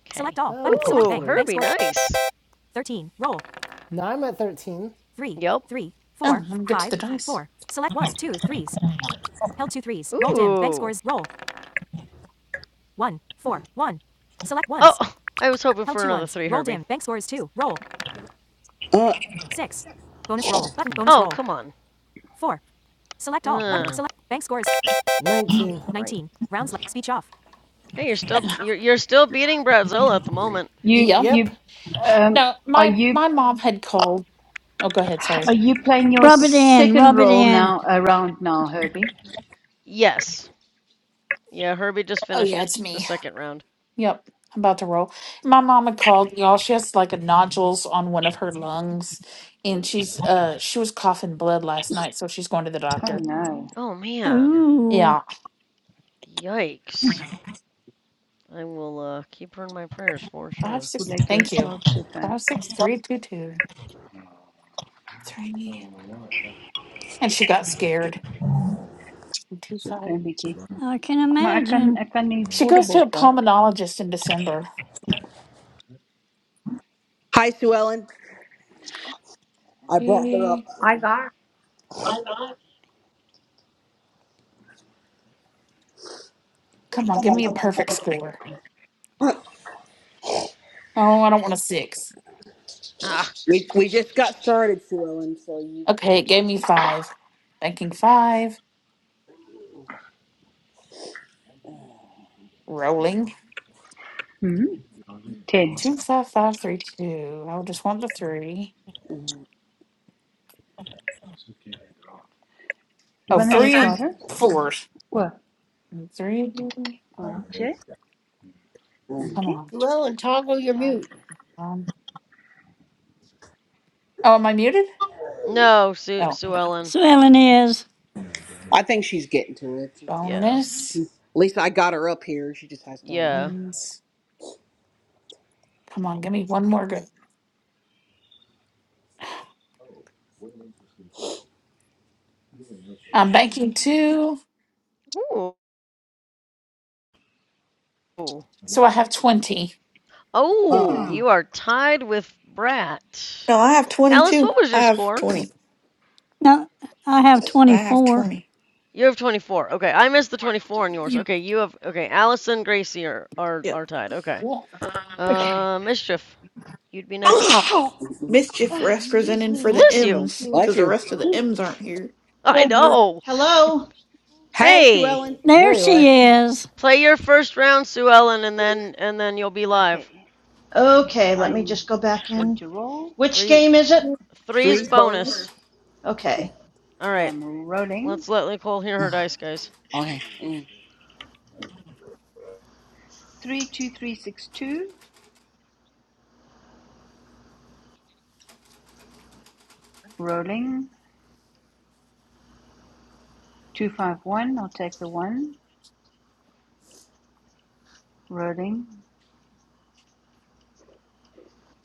Okay.
Select all. Button. Select
Ooh,
bank. Bank
Herbie,
score.
nice.
Thirteen. Roll. Now I'm at 13. Three,
Yep.
three, four,
Oh, let me get to the
five,
dice.
four. Select one, two, threes. Held two threes. Roll dimmed. Bank
Ooh.
scores. Roll. One, four, one. Select ones.
Oh, I was hoping
Held
for
two
another
ones.
three,
Roll
Herbie.
dimmed. Bank scores two. Roll.
Uh,
Six. Bonus roll. Button. Bonus
Oh,
roll.
come on.
Four. Select all. Button.
Uh,
Um, Select. Bank scores. 19.
Right.
19. Rounds left. Speech off.
hey, you're
[LAUGHS]
still you're you're still beating Brazil at the moment.
You
Yep.
Yep.
you um
No,
are
my
you
my mom had called. Oh, go ahead.
are
Sorry.
you playing your
Rub it in.
second
Rub it
role
in.
now around now, Herbie?
Yes. Yeah, Herbie just
Oh,
finished
yeah, it's
the
me.
second round.
Yep. I'm about to roll. My mama called y'all. She has like a nodules on one of her lungs, and
Mm,
she's uh she was coughing blood last night, so she's going to the
Oh
doctor.
no.
Oh man.
Ooh,
Yeah,
Yikes. I will uh keep her in my prayers for
five
sure.
Who
six.
let you
Thank you.
charge so fast?
Five six three two two three. And she got scared. Two five.
Süper Vicky.
I can
Maar ik kan,
imagine.
ik kan niet
She goes to
portable
a
vat.
pulmonologist in December.
hi, Sue Ellen. I brought her up.
Three.
I got her.
Come on, give me a perfect score.
[LAUGHS]
Oh, I don't want a six.
Ah.
we, we just got started, Sue Ellen, so you.
Okay, it gave me five. Banking five. Rolling.
Hmm. Ten.
Two five five three two. I just want the three.
Mm,
Oh,
Wanneer jij
three and
klaar is?
fours.
O,
Three.
Jay.
mm.
Dank
Come
je.
on.
Well, and toggle your mute.
Um, oh, am I muted?
No, Sue
Oh,
Sue Ellen.
So Ellen is.
I think she's getting to it. At
Yeah.
bonus.
least I got her up here. She just has done.
Yeah.
Ones. Come on, give me one more good. I'm banking two,
Ooh.
so I have twenty.
Oh, you are tied with Brat.
No, I have
Alice,
22.
what was your
I have
score?
20.
No, I have
I have
24.
20.
You have 24. Okay, I missed the 24 on yours.
You
Okay, you have Okay, Alice and Gracie are are,
Yep.
are tied. Okay.
Cool.
Okay.
Uh Mischief, you'd be next.
Oh,
Mischief
excuse
representing for
me.
the
Bless you.
Thank
M's
you.
Bless
because the
you.
rest of the M's aren't here.
I
Still mute.
know.
Hello?
Hey, Sue
Hey.
Ellen.
There
There you
she
are.
is.
Play your first round, Sue Ellen, and then and then you'll be live.
Okay,
Okay, let me just
I'm
go back
going
in.
to roll.
Which
Three
game is it?
three's
Three's bonus.
bonus.
Okay.
All
Okay,
right,
I'm rolling.
let's let Nicole hear her dice, guys.
Okay. Mm.
32362. Rolling. 251. I'll take the 1. Rolling.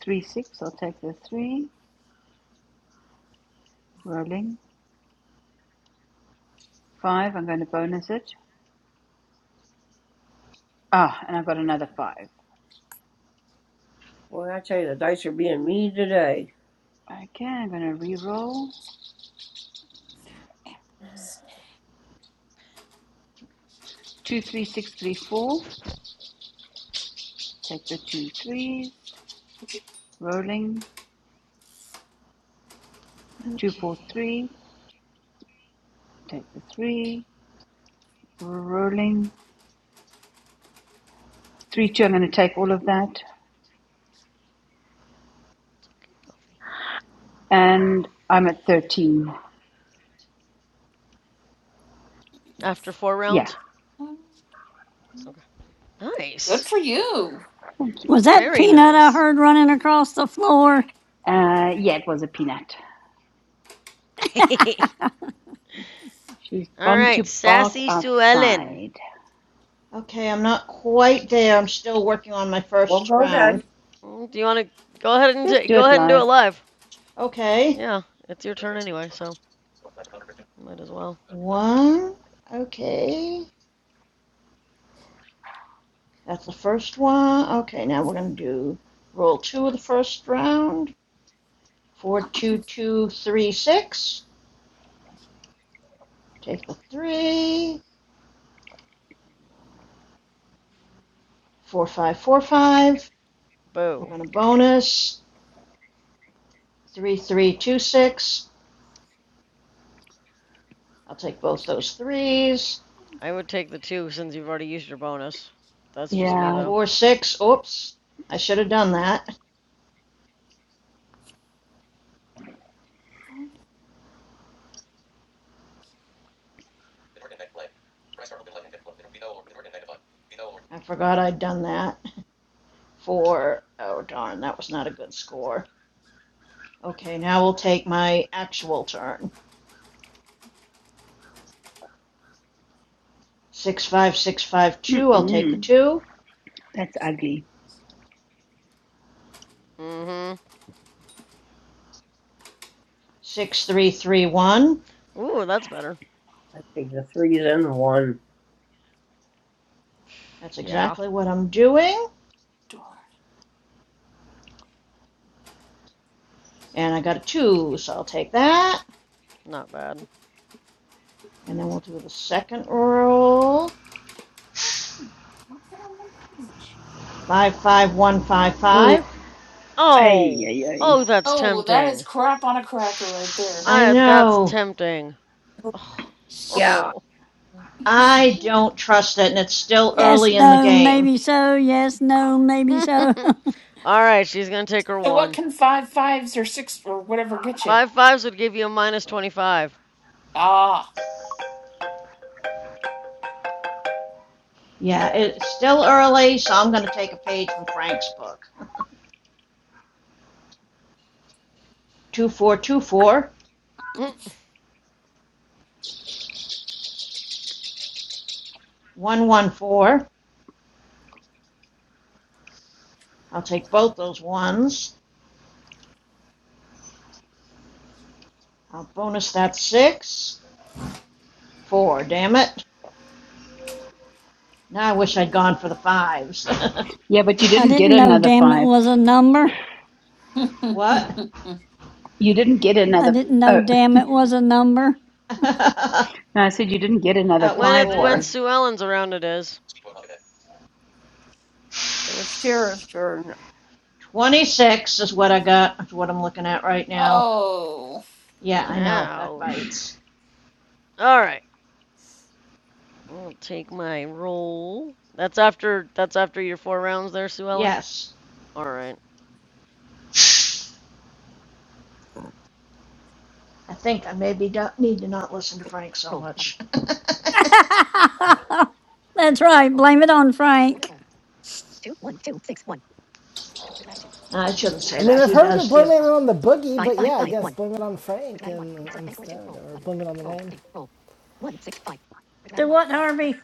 Three, six. I'll take the 3. Rolling. 5. I'm going to bonus it. Ah, and I've got another 5.
Boy, I tell you, the dice are being mean today.
Okay, I'm going to re-roll. Two, three, six, three, four. Take the two threes. Rolling. Two,
Okay.
four, three. Take the three. Rolling. Three, two. I'm going to take all of that. And I'm at 13.
After four
Yeah.
rounds. Okay.
Good
Nice.
for you.
Thank you.
Was that
Very
peanut I
nice.
heard running across the floor?
Uh, yeah, it was a peanut.
[LAUGHS]
She's
All
gone to
right,
bark
sassy Sue Ellen.
outside.
Okay, I'm not quite there. I'm still working on my
Well,
first
go
round.
ahead.
Mm, Do you want to go ahead and
Just
t-
do
go
it
ahead and do
live.
it live?
Okay.
Yeah, it's your turn anyway, so might as well.
One. Okay. That's the first one. Okay, now we're going to do roll two of the first round. Four, two, two, three, six. Take the three. Four, five, four, five. We're
Boo.
going to bonus. Three, three, two, six. I'll take both those threes.
I would take the two since you've already used your bonus. That's just me
Yeah.
though.
Four, six, oops, I should have done that. I forgot I'd done that. Four, oh darn, that was not a good score. Okay, now we'll take my actual turn. Six, five, six, five, two, I'll take the
Mm-mm.
two.
That's ugly.
Mm-hmm.
Six, three, three, one,
Ooh, that's better.
I take the threes and the one.
that's
Yeah.
exactly what I'm doing. And I got a two, so I'll take that.
Not bad.
And then we'll do the second roll. Five, five, one, five,
Ooh,
five.
Ay,
Oh!
ay, ay.
Oh, that's
Oh, that is
tempting.
crap on a cracker right there.
I
I that's
know.
tempting. Oh.
yeah.
oh.
I don't trust it, and it's still
Yes,
early in the
no,
game.
maybe so. Yes, no,
[LAUGHS]
maybe so.
All right, she's gonna take her
So what
one.
can five fives or six or whatever get you?
Five fives would give you a minus twenty-five.
Ah.
Yeah, it's still early, so I'm going to take a page from Frank's book. Two four two four,
[LAUGHS]
one one four. I'll take both those ones. I'll bonus that six. Four, damn it. Now I wish I'd gone for the fives.
Yeah, but you
[LAUGHS] I
didn't get
didn't know
another
damn it
five.
was a number.
[LAUGHS]
[LAUGHS] what?
You didn't get
I
another.
didn't know
Oh.
damn it was a number.
[LAUGHS] that
No, I said you didn't get another
was
When
five
it when
four.
though.
Sue Ellen's around, it is.
So it's Tara's turn.
26 is what I got, is what I'm looking at right now.
oh.
Yeah, I know, that
Ouch.
bites.
All right, I'll take my roll. That's after that's after your four rounds there, Sue Ellen.
Yes.
All right.
I think I maybe don't need to not listen to Frank so much.
[LAUGHS]
[LAUGHS]
that's right. Blame it on Frank.
I shouldn't
I
say
mean,
that.
I've
He
heard of
does
blame
give.
it on the boogie, but yeah, I guess blame it on Frank and instead, or blame it on the rain.
Do what, Harvey?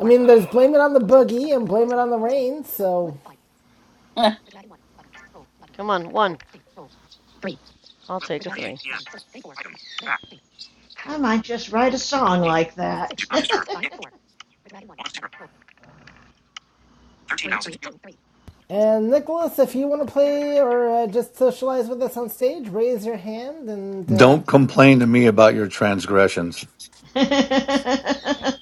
I mean, there's blame it on the boogie and blame it on the rain. So,
[LAUGHS]
Come on, one. I'll take a
12:38
three.
p.m. Item back.
I might just write a song
Eight.
like that.
Do not disturb. 10. 13,000.
and Nicholas, if you want to play or uh, just socialize with us on stage, raise your hand. And uh,
Don't complain to me about your transgressions.
[LAUGHS]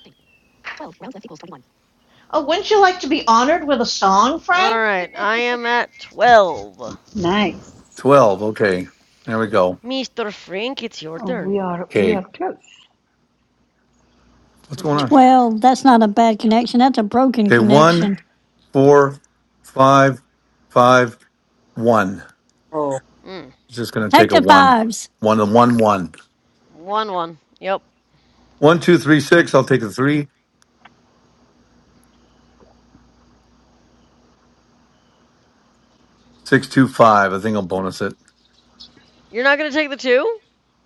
oh, wouldn't you like to be honored with a song,
All
Frank? [LAUGHS]
right, I am at twelve.
Nice.
12. Okay. There we go.
Mr. Frank, it's your
Oh,
turn.
we are we
Okay.
are close.
[LAUGHS]
What's going on?
12. That's not a bad connection. That's a broken
Okay. One,
connection.
four, five, five, one.
Oh,
mm.
It's just gonna take
Take
a
the
one.
fives.
One and one one.
One, one. Yep.
One, two, three, six. I'll take a three. Six two five. I think I'll bonus it.
You're not going to take the two?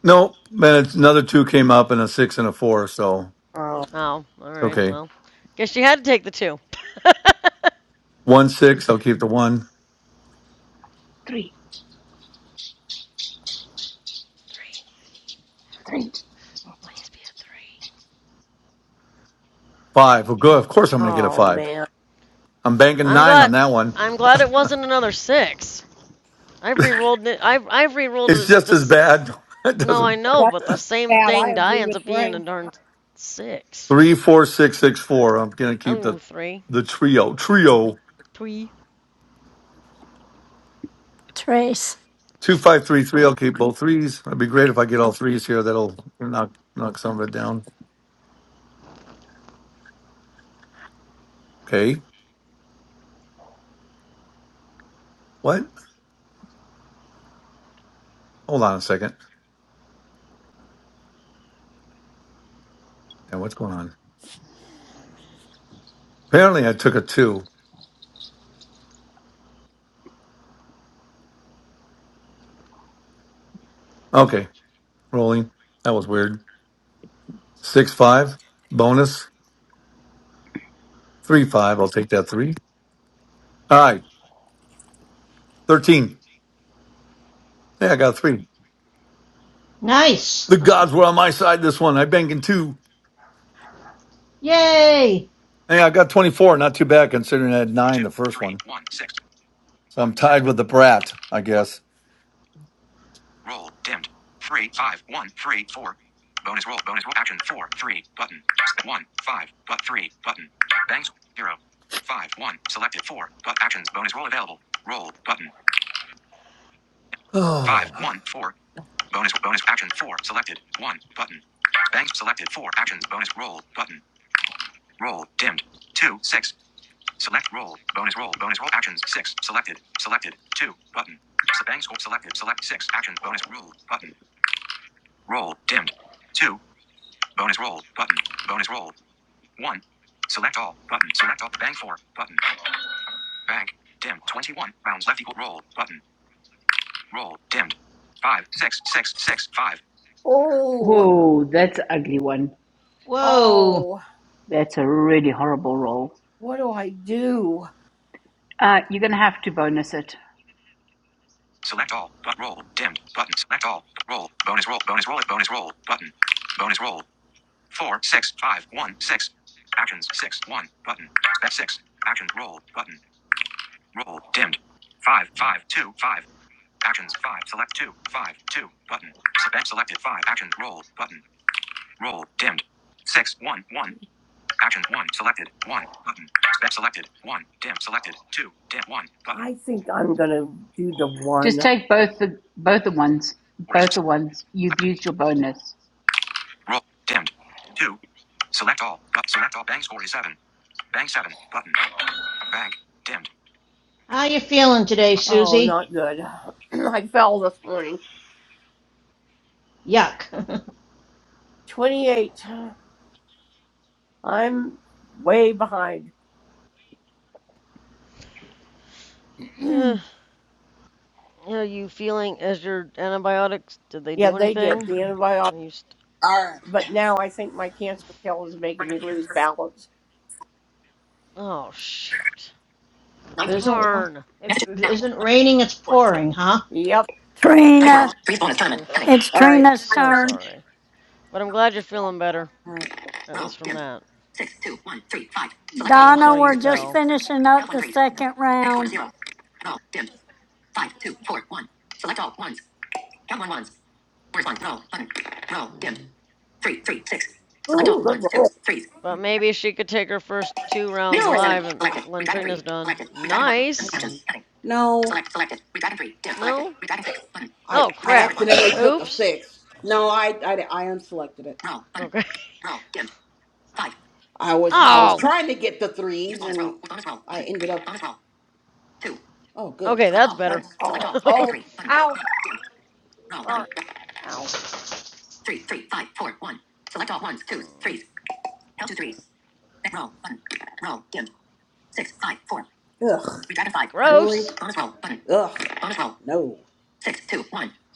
No, man, it's another two came up and a six and a four, so
oh,
Oh, all right.
okay.
Well, guess you had to take the two.
One six, I'll keep the one.
Three,
Three.
three.
Please be a three.
Five. Well good, of course I'm gonna get a
oh,
five.
man.
I'm banking
I'm
nine
glad.
on that one.
I'm glad it wasn't another six. I've re-rolled it. I've I've re-rolled
It's
this.
just as
This.
bad. [LAUGHS] it
No, I
doesn't
know,
That's
but the same
bad. I
thing die
agree
ends
with
up being a
Frank.
darn six.
three four six six four. I'm gonna keep the
Oh, three.
the trio. Trio.
Three.
Trace.
Two five three three. I'll keep both threes. It'd be great if I get all threes here. That'll knock knock some of it down. Okay. What? Hold on a second. Now, what's going on? Apparently, I took a two. Okay, rolling. That was weird. Six five bonus three five. I'll take that three. All right, thirteen. Hey, I got a three.
Nice.
The gods were on my side this one. I banked in two.
Yay.
Hey, I got twenty four. Not too bad considering I had nine
Two,
the first
three,
one.
one, six.
So I'm tied with the brat, I guess. [SIGHS]
Roll dimmed. Three, five, one, three, four. Bonus roll. Bonus roll. Action four, three. Button. One, five. But three. Button. Bangs zero, five, one. Selected four. But actions. Bonus roll available. Roll button. Five,
Oh,
one, four. Bonus bonus action four. Selected one. Button. Bangs selected four. Actions. Bonus roll button. Roll dimmed. Two, six. Select roll. Bonus roll. Bonus roll. Actions. Six. Selected. Selected. Two. Button. bang Bank score selected. Select six. Actions. Bonus rule. Button. Roll. Dimmed. Two. Bonus roll. Button. Bonus roll. One. Select all. Button. Select all. bang four. Button. bang Dimmed. Twenty-one. Rounds left equal. Roll. Button. Roll. Dimmed. Five. Six. Six. Six. Five. Oh.
Oh, that's an ugly one.
Whoa.
Oh.
That's a really horrible roll.
What do I do?
Uh, you're gonna have to bonus it.
Select all. But roll. Dimmed. Button. Select all. Roll. Bonus roll. Bonus roll. Bonus roll. Button. Bonus roll. four, six, five, one, six. Actions six, one, button. Step six. Actions roll, button. Roll, dimmed. Five, five, two, five. Actions five, select two, five, two, button. Select selected five. Actions roll, button. Roll, dimmed. Six, one, one. Actions one, selected, one, button. Step selected, one, dim, selected, two, dim, one, button. I think I'm gonna do the
Just
one.
take both the both the ones,
Or is
both the ones. You've
select,
used your bonus.
roll, dimmed. Two. Select all, but select all. Bank score is seven. Bank seven, button. Bank, dimmed.
How you feeling today,
Oh,
Susie?
not good. [CLEARS THROAT] I fell this morning.
Yuck.
28. I'm way behind. [CLEARS THROAT]
Uh, are you feeling as your antibiotics? Did they
yeah,
do
they did
anything?
the antibiotic,
Are you? St-
All right.
but now I think my cancer pill is making me lose balance.
oh shoot.
[LAUGHS] if it isn't
Darn.
if it isn't raining, it's pouring, huh?
Yep.
Trina.
Oof.
It's
All right.
Trina's
My
So
turn.
turn.
sorry. But I'm glad you're feeling better,
All right.
at least from that. But I'm
Donna,
sorry you
we're just
fell.
finishing up the second round.
Ooh, good roll.
But maybe she could take her first two rounds live and when Trina's done. Nice.
No,
No?
I.
Oh crap.
only took a
Oops.
six. No, I, I, I unselected it.
Okay. [LAUGHS]
I was
Oh.
trying to get the three. Oh, good.
Okay, that's better.
Oh, oh, ow. Sorry. Ow.
[LAUGHS]
Ugh,
Gross.
ugh, no.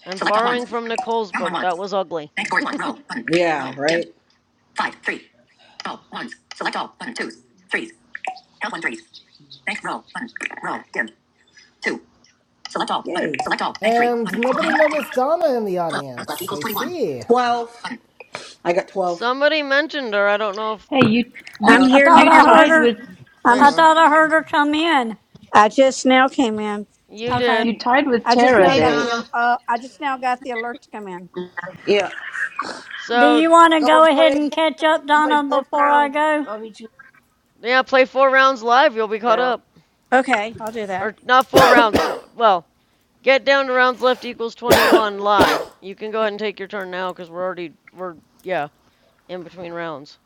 I'm borrowing from Nicole's book. That was ugly.
and nobody noticed Donna in the audience. I see.
Twelve. I got twelve.
Somebody mentioned her. I don't know if
Hey, you you
I'm
Uh,
I
here
thought
you
I
now.
heard
tied
her.
with
there
I'm.
you
I
are.
thought I heard her come in.
I just now came in.
You
Okay.
you
did.
tied with
I just
Tara
now
Hey,
yeah,
got
there.
the.
Donna.
Uh, I just now got the alert to come in.
yeah.
Do
So
you want to
Go
go
play
ahead
again.
and catch up,
Play
Donna,
four
before I
rounds.
go?
I mean, you.
yeah, play four rounds live. You'll be caught
Yeah.
up.
Okay, I'll do that.
Or not four rounds. Four, well, get down to rounds left equals 21 live. You can go ahead and take your turn now because we're already, we're, yeah, in between rounds.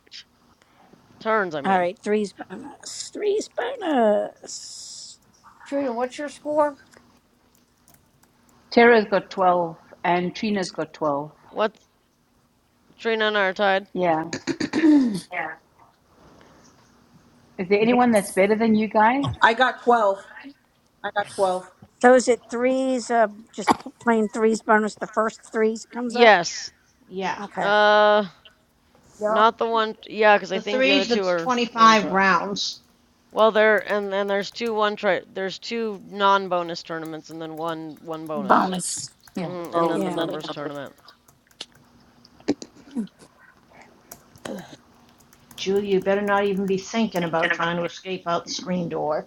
Turns, I
All
mean.
right, threes bonus. Threes bonus.
Trina, what's your score?
Tara's got twelve and Trina's got twelve.
What? Trina and I are tied?
Yeah. Is there
I think
anyone that's better than you guys?
I got twelve. I got twelve.
So is it threes? Uh, just p- plain threes bonus. The first threes comes up.
Yes.
Yeah.
Okay.
Uh,
you're on
not the one, yeah, because I
The
think the other
threes.
two
That's
are one
twenty-five
try.
rounds.
Well, there, and then there's two one try, there's two non bonus tournaments and then one, one bonus.
Bonus. Yeah.
the
hmm and
phone.
then the
Yeah.
members tournament.
Julia, you better not even be thinking about trying to escape out the screen door.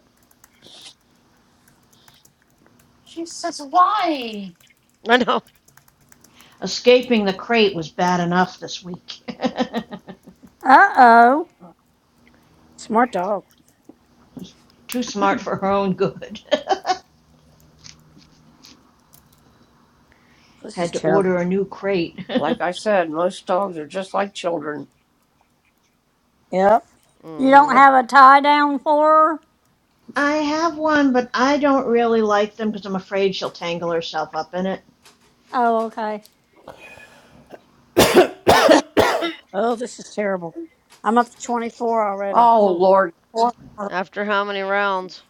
She says why?
[LAUGHS] I know.
Escaping the crate was bad enough this week.
Uh oh.
Smart dog.
[LAUGHS] Too smart for her own good. [LAUGHS]
This is
Had to
terrible.
order a new crate.
Like I said, most dogs are just like children.
Yep.
You don't
hmm
Yep.
have a tie down for her?
[LAUGHS] I have one, but I don't really like them because I'm afraid she'll tangle herself up in it.
Oh, okay.
Oh, this is terrible. I'm up to 24 already.
Oh,
Oh,
Lord. Four.
After how many rounds?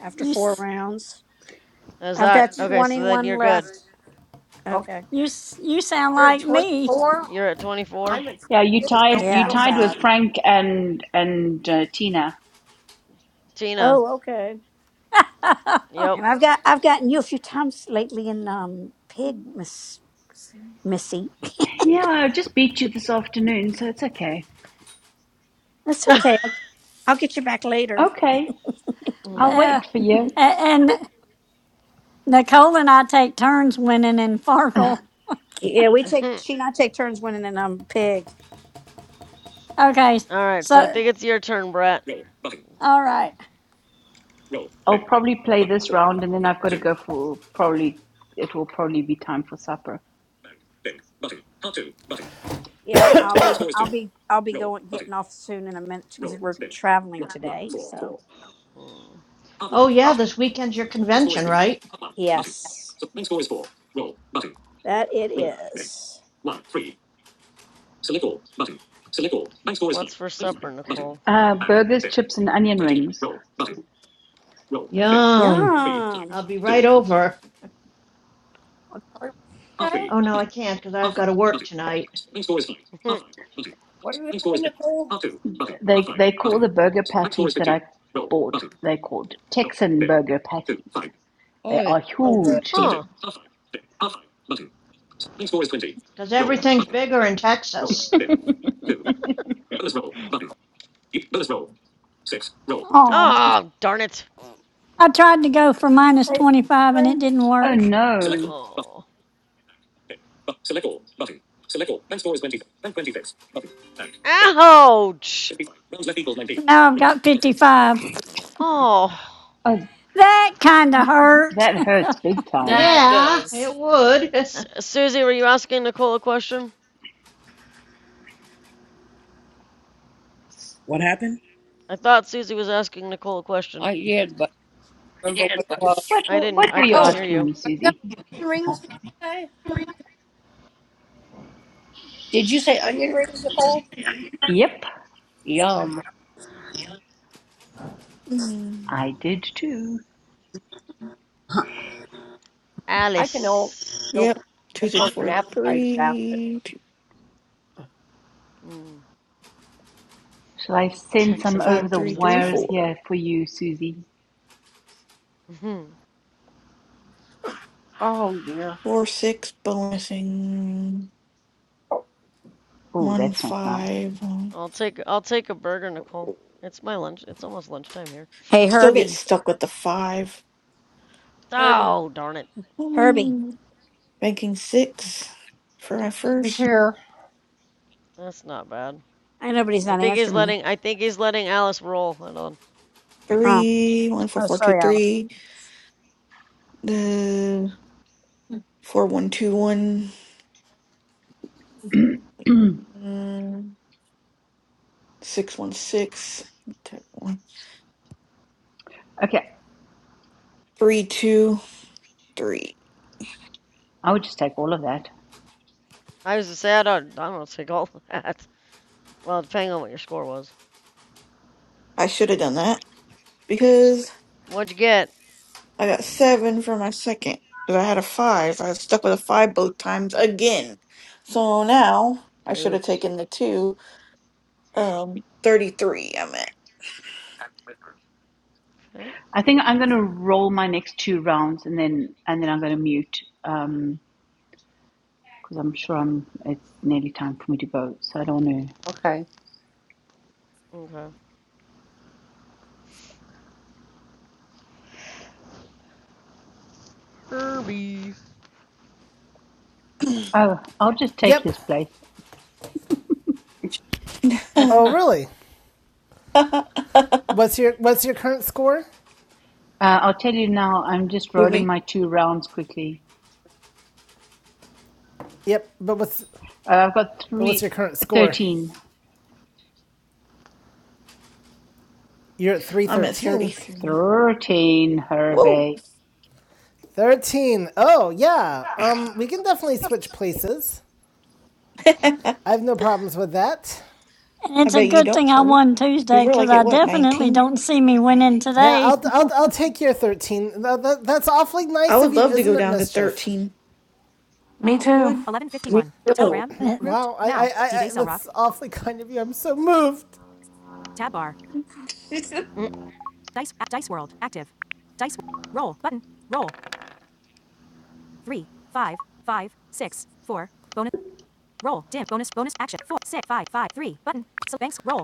after four
s-
rounds,
Is
I've
that
got
okay? So then
21
you're good.
left.
Okay.
Okay.
you s- you sound
You're at
like me.
24?
You're at 24?
I'm at
Yeah, you
28.
tied
Don't
you
Yeah.
feel
tied with
bad.
Frank and and uh, Tina.
Tina.
Oh, okay.
[LAUGHS] uh,
Yep.
And
[LAUGHS]
I've got I've gotten you a few times lately in um pig, Miss Missy.
Yeah, I just beat you this afternoon, so it's okay.
That's okay. I'll I'll get you back later.
Okay,
All
I'll
[LAUGHS]
a-
wait for you.
and Nicole and I take turns winning in Farkle.
Yeah, we take she and I take turns winning in um pig.
Okay.
right, so I
So
think it's your turn, Brett.
all right.
I'll probably play this round, and then I've got to go for probably it will probably be time for supper.
Yeah, I'll be I'll be I'll be going getting off soon in a minute because we're traveling today. So
Mm,
oh, yeah, this weekend's your convention, right?
yes, that it is.
What's for supper, Nicole?
Uh, burgers, chips, and onion rings.
Nice.
Yum.
Yum.
I'll be right over.
I'm sorry. Okay.
Oh, no, I can't because I've got to work tonight.
[LAUGHS]
What are you having, Nicole?
They they call the burger patties that I bought. They called Texan burger patties.
Oh,
They
it's
are
so good.
huge.
huh.
Because
That's
everything's
funny.
bigger in Texas.
Oh, darn it.
I tried to go for minus
Say
twenty five and it didn't
Rings.
Oh
work.
no!
Oh. Ouch.
Now I've got fifty five.
Oh.
Oh,
That kind of hurt.
that hurts big time.
That
Yeah, it
does.
would. [LAUGHS]
Su- Susie, were you asking Nicole a question?
What happened?
I thought Susie was asking Nicole a question.
I did, but I remember what it was.
What
I didn't,
what were
I
you
couldn't
Oh,
hear
asking
you.
me,
I got
Susie?
onion rings today. Did you say
No,
onion rings,
um,
Nicole?
Yep,
Yum.
hmm
I did too.
I can all
Alice.
go
Yep.
put-
Two,
just
six,
order an
four,
appetizer basket.
three, two,
Mm,
Shall I send some
Texan
over
five,
the
burgers,
three,
that's
three,
wires
funny.
four.
here for you, Susie?
[LAUGHS]
Oh dear.
Four, six, bonusing.
Oh,
Oh,
One,
that's not nice.
five. um,
I'll take I'll take a burger, Nicole. It's my lunch. It's almost lunchtime here.
Hey
Still get
Herbie,
stuck with the five.
Herbie,
Oh, darn it.
Herbie.
Mm, Banking six for my
he's
first.
here.
That's not bad.
I know, but he's
I
not
think he's
answering me.
letting I think he's letting Alice roll. Hold on.
Oh,
three, one four
oh,
four two
sorry, Alice.
three, the four one two one, mm, six one six, take one,
Okay,
three two three.
I would just take all of that.
I was to say I don't I don't take all [LAUGHS] that. Well, depending on what your score was.
I should have done that because
What'd you get?
I got seven for my second. Because I had a five, I was stuck with a five both times again. So now I should have
Oops.
taken the two. Um, thirty-three.
I think I'm going to roll my next two rounds and then and then I'm going to mute because um, I'm sure I'm. It's nearly time for me to go, so I don't know.
Okay.
Okay.
Oh, I'll just take
Yep.
his place.
It's
Oh,
I'm
really?
at.
What's your What's your current score?
Uh, I'll tell you now. I'm just
[LAUGHS] Ooh,
rolling
me.
my two rounds quickly.
Yep, but what's
Uh, I've got
but what's
three,
your current score?
13.
You're at
I'm at
313.
thirty-three.
13,
Whoa.
Herbie.
13. thirteen. Oh, yeah. Um we can definitely switch places.
[LAUGHS]
I
I
have no problems with that.
And it's a
bet you
good
don't,
thing I
Herbie.
won
Because
Tuesday
you're
because
like at
I
what,
definitely
19?
don't see me winning
Yeah,
today.
I'll I'll, I'll take your 13. That, that, that's awfully
I
nice of
would
you,
love to go
isn't it,
down to
Mischief?
13.
Me
I
too.
would.
me
1151.
too.
Telegram. [LAUGHS]
[LAUGHS]
Grouped. Wow, I now. I, I, I that's awfully kind of you. I'm so moved. Tab bar.
[LAUGHS]
Dice. Dice World. Active. Dice. Roll. Button. Roll. Three. Five. Five. Six. Four. Bonus. Roll. Dim. Bonus. Bonus. Action. Four. Six. Five. Five. Three. Button. So banks. Roll.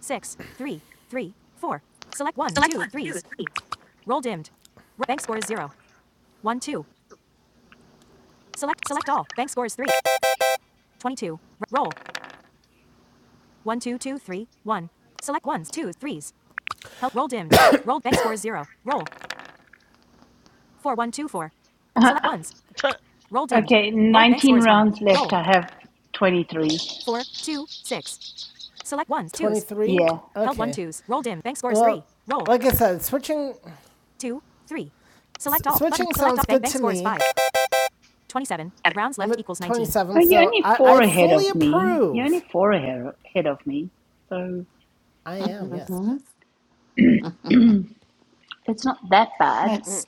Six. Three. Three. Four. Select ones, two, threes. Roll dimmed. R- bank score is zero. One, two. Select. Select all. Bank score is three. Twenty-two. R- roll. One, two, two, three, one. Select ones, two, threes. Help. Roll dimmed. [COUGHS] roll. Bank score is zero. Roll. Four, one, two, four.
[LAUGHS]
Select ones.
Okay.
Roll dimmed.
Okay,
Roll. Bank score
19
is one.
rounds
Roll.
left. I have 23.
Four, two, six. Select ones, twos. 23? Okay.
Yeah.
Held one twos. Roll dim. Bank score is Well, three. Roll. Like I said, switching two, three. Select all. switching button. sounds good to me. five. 27. Rounds left equals 19. 27,
Oh, you're
so
only
I,
four
I
ahead
fully
of me. You're
approve.
only four ahe- ahead of me. So
I am, yes.
hmm [LAUGHS]
it's not that bad.
[LAUGHS]
Let's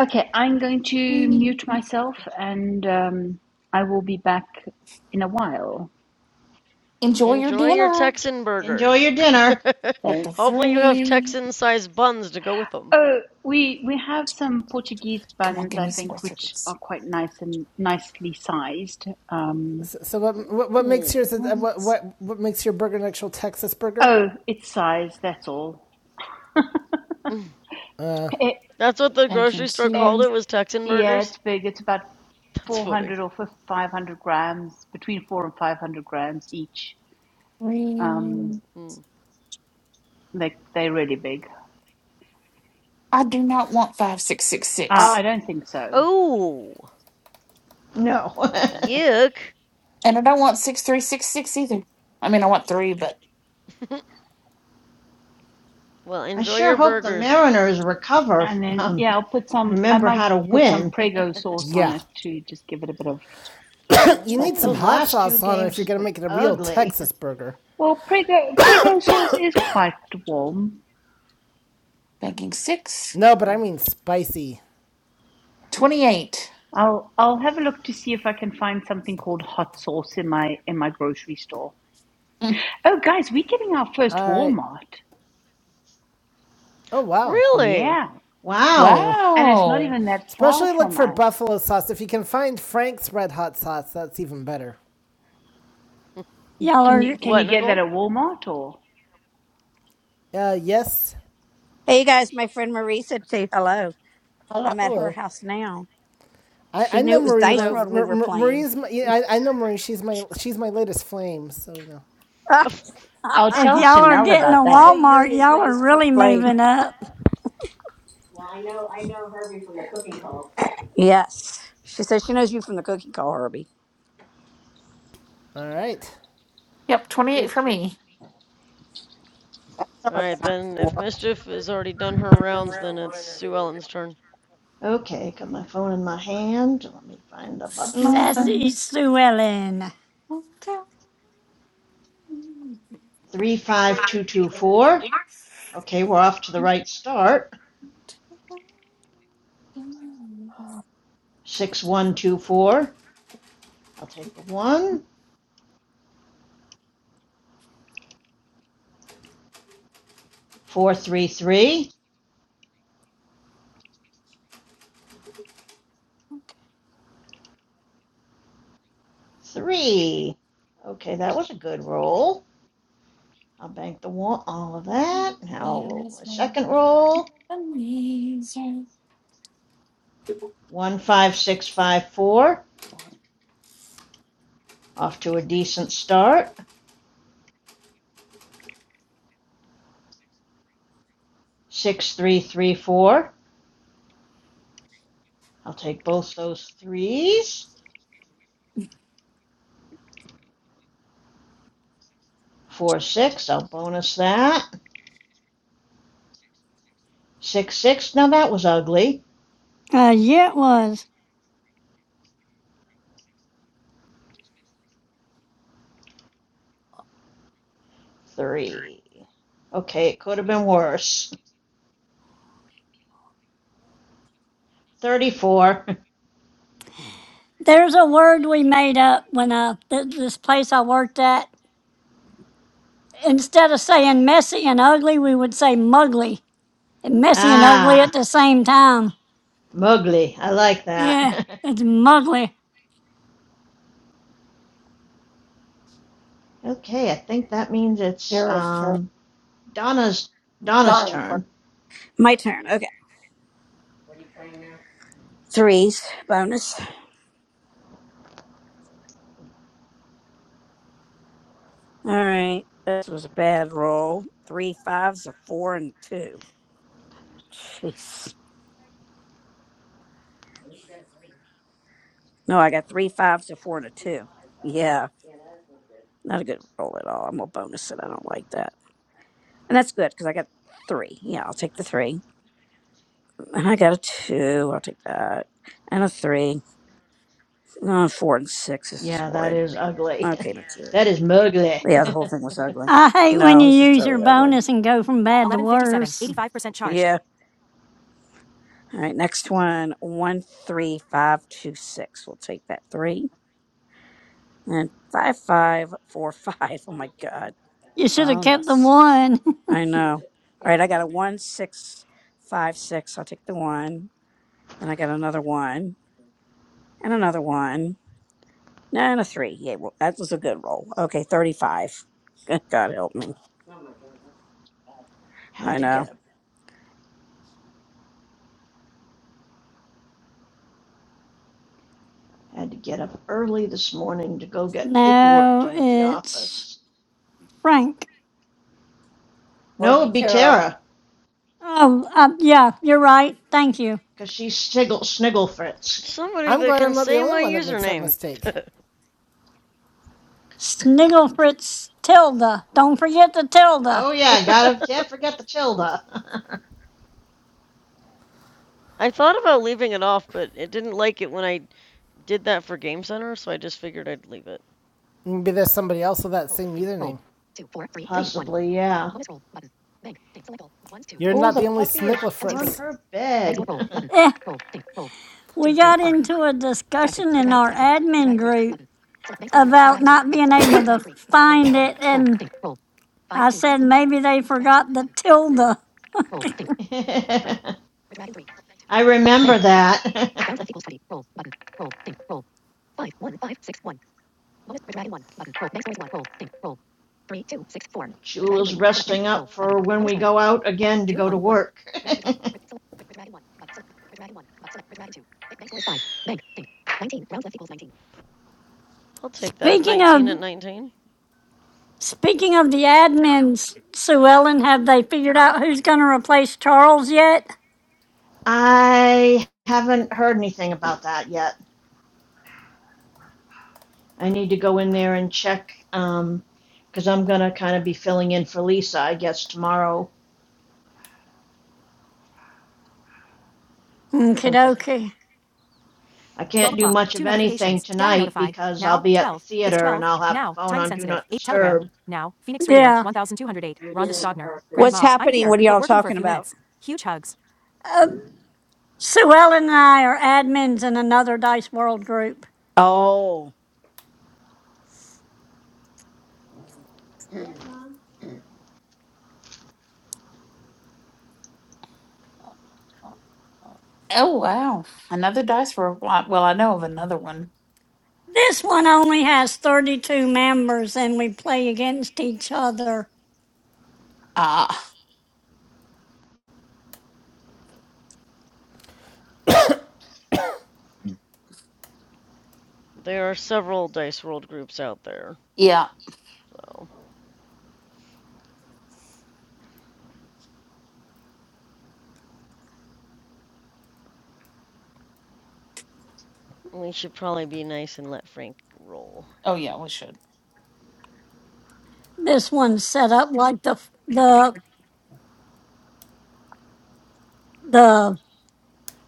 Okay, I'm going to
see.
mute myself and um, I will be back in a while.
Enjoy your
Enjoy your
dinner.
Texan
Enjoy
burgers.
your dinner.
[LAUGHS]
Up
Okay.
to
Hopefully you have
three.
Texan-sized buns to go with them.
Oh, we we have some Portuguese
Come on,
buns,
give
I
me some more
think, which
threes.
are quite nice and nicely sized. Um,
So, so what, what what makes
Ooh.
yours uh, what
Once.
what what makes your burger an actual Texas burger?
oh, it's size, that's all.
Mm.
Eh,
That's what the
Thank you.
grocery store
eh,
called
Two,
it was Texan
Yeah,
burgers.
it's big. It's about
[LAUGHS] That's funny.
400 or 5- 500 grams, between four and 500 grams each. Um,
three.
Mm.
they, they're really big.
I do not want five, six, six,
Uh,
six.
Uh,
I don't think so.
Oh,
No. [LAUGHS]
yuck.
And I don't want 6366 either. I mean, I want three, but
[LAUGHS] Well,
I
enjoy
sure
your
hope the
burgers.
Mariners recover
And then,
from
yeah, I'll put some, I
remember
might
how to
put some
win.
Prego
[LAUGHS]
sauce on
Yeah.
it to just give it a bit of
You need some
Those
puffiness.
hot
Ooh.
last two
sauce on it if
games
you're
have
going to
been
make it a real
ugly. [LAUGHS]
Texas burger.
Well, Prego, Prego sauce is quite warm.
banking six.
No, but I mean spicy.
28.
I'll I'll have a look to see if I can find something called hot sauce in my in my grocery store.
Mm.
Oh guys, we're getting our first
All right.
Walmart.
Oh wow.
Really?
Yeah.
Wow.
And it's not
Wow.
even that far
Especially look
from
for
us.
buffalo sauce. If you can find Frank's red hot sauce, that's even better.
[LAUGHS]
y'all
Can
are,
you can
What,
you get that
Nicole?
at Walmart or?
Uh yes.
Hey, you guys. My friend Marisa, say hello.
hello.
I'm at her
Hello.
house now
I, I
She knew
know
it was
Marie
Dice
Hello.
wants
World
[LAUGHS]
we
Mar-
were
Mar-
playing.
Marie's my, yeah, I, I know Marie she's my she's my latest flame so you know
All
[LAUGHS]
I'll
if
tell
y'all are
Chanel
getting a
about
Herbie
that.
said you're
Walmart,
his
y'all are
latest fr-
really
flame.
moving up.
Yes. She says she knows you from the cookie call, Herbie.
all right
Yep, 28
It's
for me.
right, then if Mischief has already done her rounds, then it's Sue Ellen's turn.
okay. Got my phone in my hand. Let me find the button.
Nothing.
Sassy Sue Ellen.
35224. Okay, we're off to the right start. 6124. I'll take the 1. 433. 3. three. three. Okay, that was a good roll. I'll bank the one, all of that. Now I'll roll my second roll. One five six five four. Off to a decent start. Six three three four. I'll take both those threes. Four six. I'll bonus that. Six six. Now that was ugly.
Uh, yeah, it was.
Three. Okay, it could have been worse. Thirty four.
There's a word we made up when I, th- this place I worked at, instead of saying messy and ugly, we would say mugly. And
[LAUGHS]
messy and ugly at
ah,
the same time.
mugly. I like
Yeah,
that.
it's mugly.
[LAUGHS] okay, I think that means it's
Tara's turn.
um, Donna's Donna's
Donna
turn.
first.
My turn. Okay. Threes. Bonus. All right. This was a bad roll. Three fives, a four, and a two. Jeez. No, I got three fives, a four, and a two. Yeah. Not a good roll at all. I'm going to bonus it. I don't like that. And that's good because I got three. Yeah, I'll take the three. And I got a two. I'll take that. And a three. Uh, four and six. This is
Yeah, that
horrid.
is ugly.
Okay, that's
[LAUGHS]
it.
that is mugly.
Yeah, the whole thing was ugly.
I hate when
No,
you
this is
use your
totally ugly.
bonus and go from bad to
1157,
worse.
85% charged.
Yeah. All right, next one. One, three, five, two, six. We'll take that three. And five, five, four, [LAUGHS] five. Oh my God.
You should have kept the
Bonus.
one.
I know. All right, I got a one, six, five, six. I'll take the one. Then I got another one and another one. No, and a three. Yeah, well, that was a good roll. Okay, 35. [LAUGHS] Good God help me.
[LAUGHS]
I
had to get
know.
up. Had to get up early this morning to go
[LAUGHS]
get paperwork
now
done at the
it's
office.
Frank.
Well, it'd
No,
be
it'd be
Tara.
Tara,
Oh, uh, yeah, you're right. Thank you.
'cause she's sniggle, sniggle Fritz.
Somebody
I'm
that
glad I'm
can
not the
say
only
my
one that makes that
username.
mistake
Sniggle Fritz Tilda. Don't forget the Tilda.
Oh yeah, gotta can't forget the Tilda.
I thought about leaving it off, but it didn't like it when I did that for Game Center, so I just figured I'd leave it.
maybe there's somebody else with that same username
[LAUGHS] Possibly, yeah.
you're
Oh,
not
the
the only
puppy is
Snickler
on
Fritz
her bed.
Eh, we got into a discussion in our admin group about not being able to find it, and I said maybe they forgot the Tilda.
[LAUGHS] I remember that. [LAUGHS] Jula's resting up for when we go out again to go to work. [LAUGHS]
I'll take that.
Speaking
19
of
at 19.
speaking of the admins, Sue Ellen, have they figured out who's going to replace Charles yet?
I haven't heard anything about that yet. I need to go in there and check um, because I'm gonna kind of be filling in for Lisa, I guess, tomorrow since I,
Okay,
I
12
can't do
o'clock,
much
two
of anything
notifications. DI
tonight
notify.
because I'll
Now,
be at the
12. It's
theater and
12.
I'll have the
Now,
phone
time
on Do
sensitive.
Not
8 Telegram.
Disturb.
Now, Phoenix Radio,
Yeah.
1208. Rhonda Stogner.
What's
Grandma, I'm
happening?
here,
What are
but
y'all
working for a
talking
few
about?
minutes. Huge hugs.
Uh, Sue Ellen and I are admins in another Dice World group.
Oh,
Oh, wow. Another dice for a lot. Well, I know of another one.
This one only has 32 members and we play against each other.
Ah,
There are several dice World groups out there,
yeah.
so We should probably be nice and let Frank roll.
Oh, yeah, we should.
This one's set up like the, the, the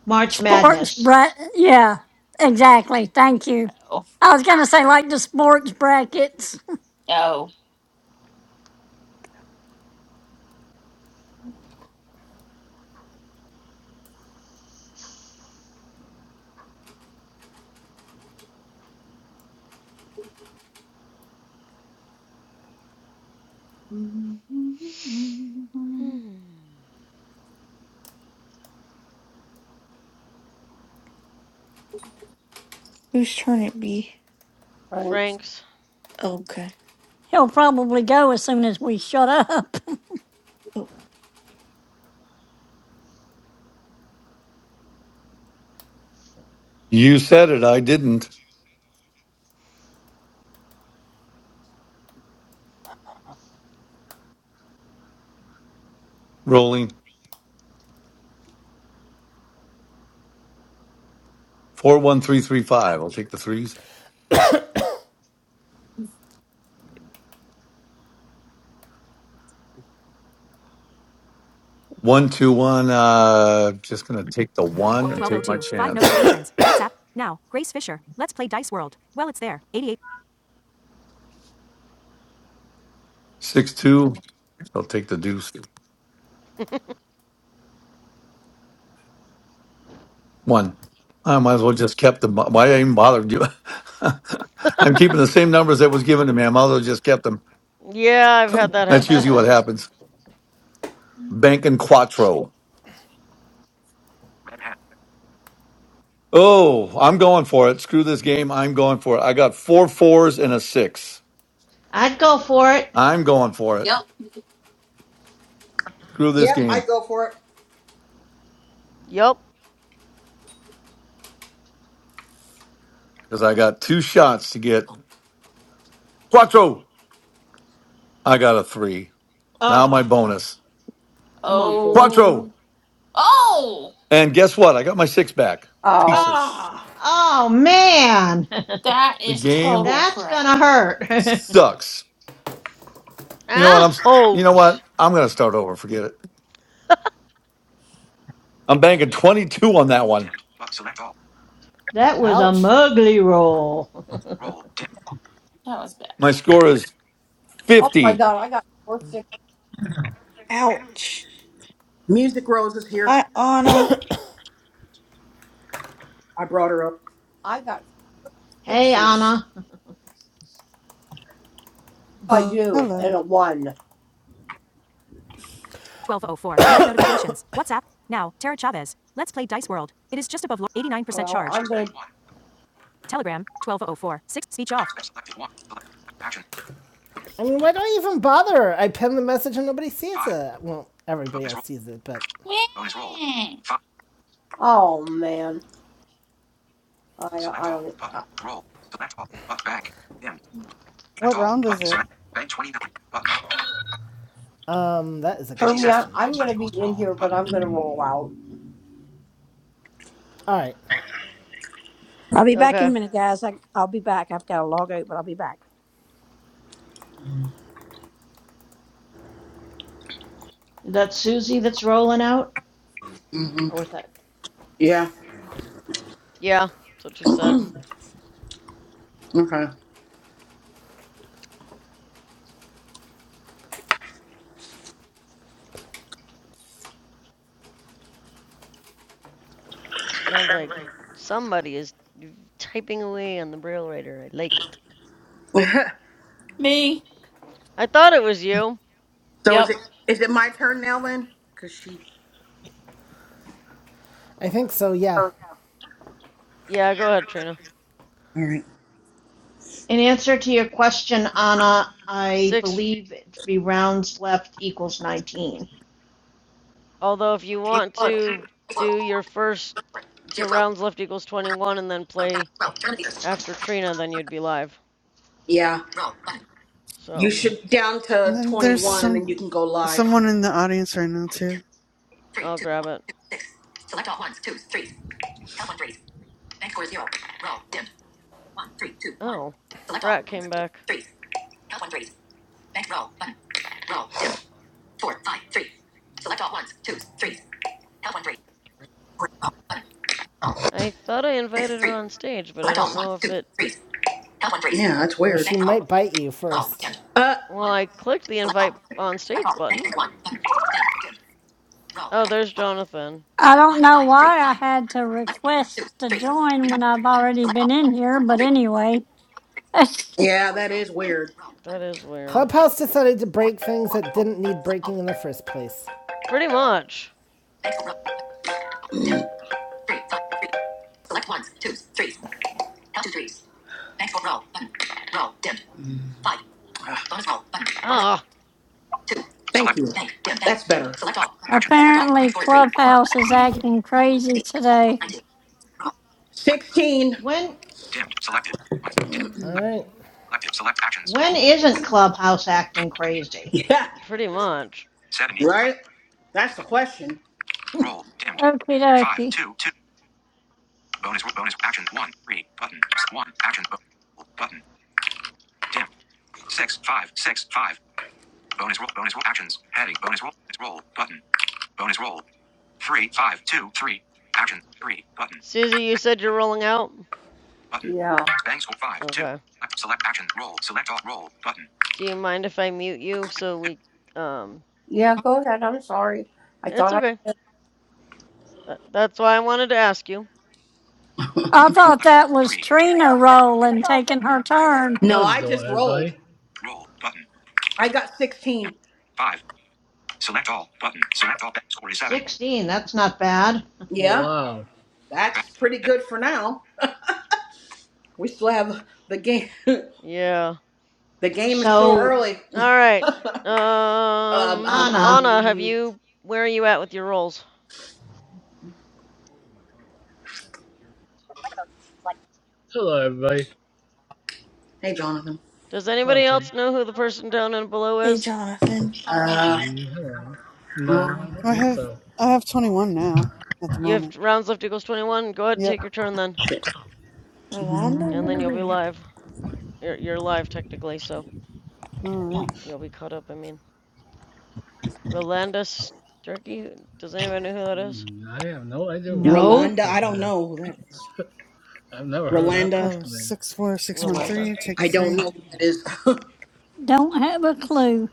March
sports
Madness.
bracket. Yeah, exactly. Thank you.
Oh,
I was going to say like the sports brackets.
oh.
Hmm.
Whose turn it be?
Thanks.
Frank's. [LAUGHS]
Oh, good.
He'll probably go as soon as we shut up.
Oh,
you said it. I didn't. Rolling four one three three five. I'll take the threes. One two one. Uh, just gonna take the one and take my
1202. Five
chance.
notifications. [COUGHS] WhatsApp. Now. Grace Fisher. Let's play Dice World. Well, it's there. 88.
Six two. I'll take the deuce. One. I might as well just kept them. Why I even bothered you? [LAUGHS] I'm keeping the same numbers that was given to me. I might as well just kept them.
Yeah, I've had that
That's
[LAUGHS]
happen
usually what
before.
happens. Bank and quattro. Oh, I'm going for it. Screw this game. I'm going for it. I got four fours and a six.
I'd go for it.
I'm going for it.
Yep.
Screw this
Yep, I
game
go for it.
Yup.
because I got two shots to get quattro. I got a three. Now my
Oh,
bonus
come on, four.
quattro.
Oh, oh,
And guess what? I got my six back. Piece
Oh,
of sh-
Ah,
Oh man,
that
the
is
[LAUGHS]
game
total
that's
crap.
gonna hurt. [LAUGHS]
Sucks. You know what? I'm you know
Ouch.
what? I'm gonna start over. Forget it. I'm banking 22 on that one.
Dimmed. But select all.
that was a
Ouch.
mugly roll.
Roll. Dim.
That was bad.
My score is
oh my
50.
God! I got four six.
ouch.
Music Rose is here.
Hi, Anna.
I brought her up.
I got
[LAUGHS] hey
sixes.
Anna.
[SIGHS]
I
Anna,
do and
Hello.
a one. Button.
1204. [COUGHS] Five notifications. WhatsApp. Now. Tara Chavez. Let's play Dice World. It is just above 89%
Well, I'm
charged.
Bank gonna. one.
Telegram. 1204. 6. Speech off.
Bank selected one. Select action.
I mean, why do I even bother? I pin the message and nobody sees
Five.
it. Well, everybody
Bonus
else
roll.
sees it, but
Bonus roll.
Meh.
Five. Oh man, I Select I all. don't. Button. I, Roll. Select all. Button. Bank. Dimmed. Select
What
all.
round is
Button.
it?
Select. Bank 29. Button.
um, that is a
Herbie,
good
57.
question.
I, am gonna Select be rules. in Roll. here, but Button. I'm gonna roll out.
All right,
I'll be back in a
Okay.
minute, guys. I, I'll be back. I've got to log out, but I'll be back.
Is that Susie that's rolling out?
hmm
Or was that?
Yeah.
Yeah, that's what she said.
Okay.
Sounds like somebody is typing away on the braille writer. I like it.
[LAUGHS]
Me?
I thought it was you.
so is
Yep.
it is it my turn now then? Cause she.
I think so. Yeah.
Yeah, go ahead, Trina.
All right.
In answer to your question, Anna, I
Six.
believe it to be rounds left equals 19.
Although, if you want to do your first two rounds left equals 21 and then play after Trina, then you'd be live.
Yeah. You
So,
should down
And
to
then there's
21 and
some
then you can go live.
someone in the audience right now too.
I'll grab it. Oh, Brat came back. I thought I invited her on stage, but I don't know if it.
That's
Well,
weird.
she might bite you first.
Uh,
Well, I clicked the invite on stage button. Oh, there's Jonathan.
I don't know why I had to request to join when I've already been in here, but anyway. [LAUGHS]
yeah,
That is weird.
Clubhouse decided to break things that didn't need breaking in the first place.
Pretty much.
ah,
Ah,
thank
Select.
you.
Select. Actions.
Apparently, Clubhouse is acting crazy today.
One.
16. [LAUGHS]
When
Dimmed. Selected. One. Dimmed.
All
Select.
right.
Selected. Select actions.
when
Roll.
isn't Clubhouse acting crazy?
Yeah,
pretty much.
70.
right? That's the question.
Roll dimmed.
Okie
Five
dokie.
two two. Bonus bonus action one three button one action bo- button dim six five six five. Bonus roll bonus roll actions heading bonus roll bonus roll button bonus roll three five two three actions three button
Susie, you said you're rolling out?
button. Yeah. Bangs score five two.
Okay.
Select, select action roll select all roll button.
Do you mind if I mute you so we. Um,
Yeah, go ahead. I'm sorry. I
it's
thought I
okay.
did.
Tha- that's why I wanted to ask you.
I thought
Select
that was
three
Trina rolling, taking
Hello,
her turn.
No, I just,
everybody.
roll button
I got
dim
16.
five select all button select all bang score is seven.
16, that's not bad.
Oh,
Yeah,
wow.
that's pretty good for now. We still have the game. [LAUGHS]
Yeah.
the game is still
So,
early.
All right.
Um, um,
Um,
Anna,
Anna, have
um,
you. Where are you at with your rolls?
Hello, everybody.
hey, Jonathan.
Does
Hello,
anybody
Trina.
else know who the person down and below
Hey,
is?
Jonathan.
Uh,
Mm, hello. No, I
um,
don't
I
think
have
so.
I have 21 now at the
You have
moment.
rounds left equals 21. Go ahead,
Yep.
take your turn then. And then you'll be
Rolanda?
live. You're, you're live technically, so
All right.
you'll be caught up, I mean. Rolanda Sturkey? Does anybody know who that is?
Mm, I have no idea who that
no,
Rolanda, I
person
don't
is.
know who that is.
I've never heard that
Rolanda,
Oh,
person
six four six one
Rolanda.
three. Take a
I
is.
don't
three.
know who that is. [LAUGHS]
Don't have a clue.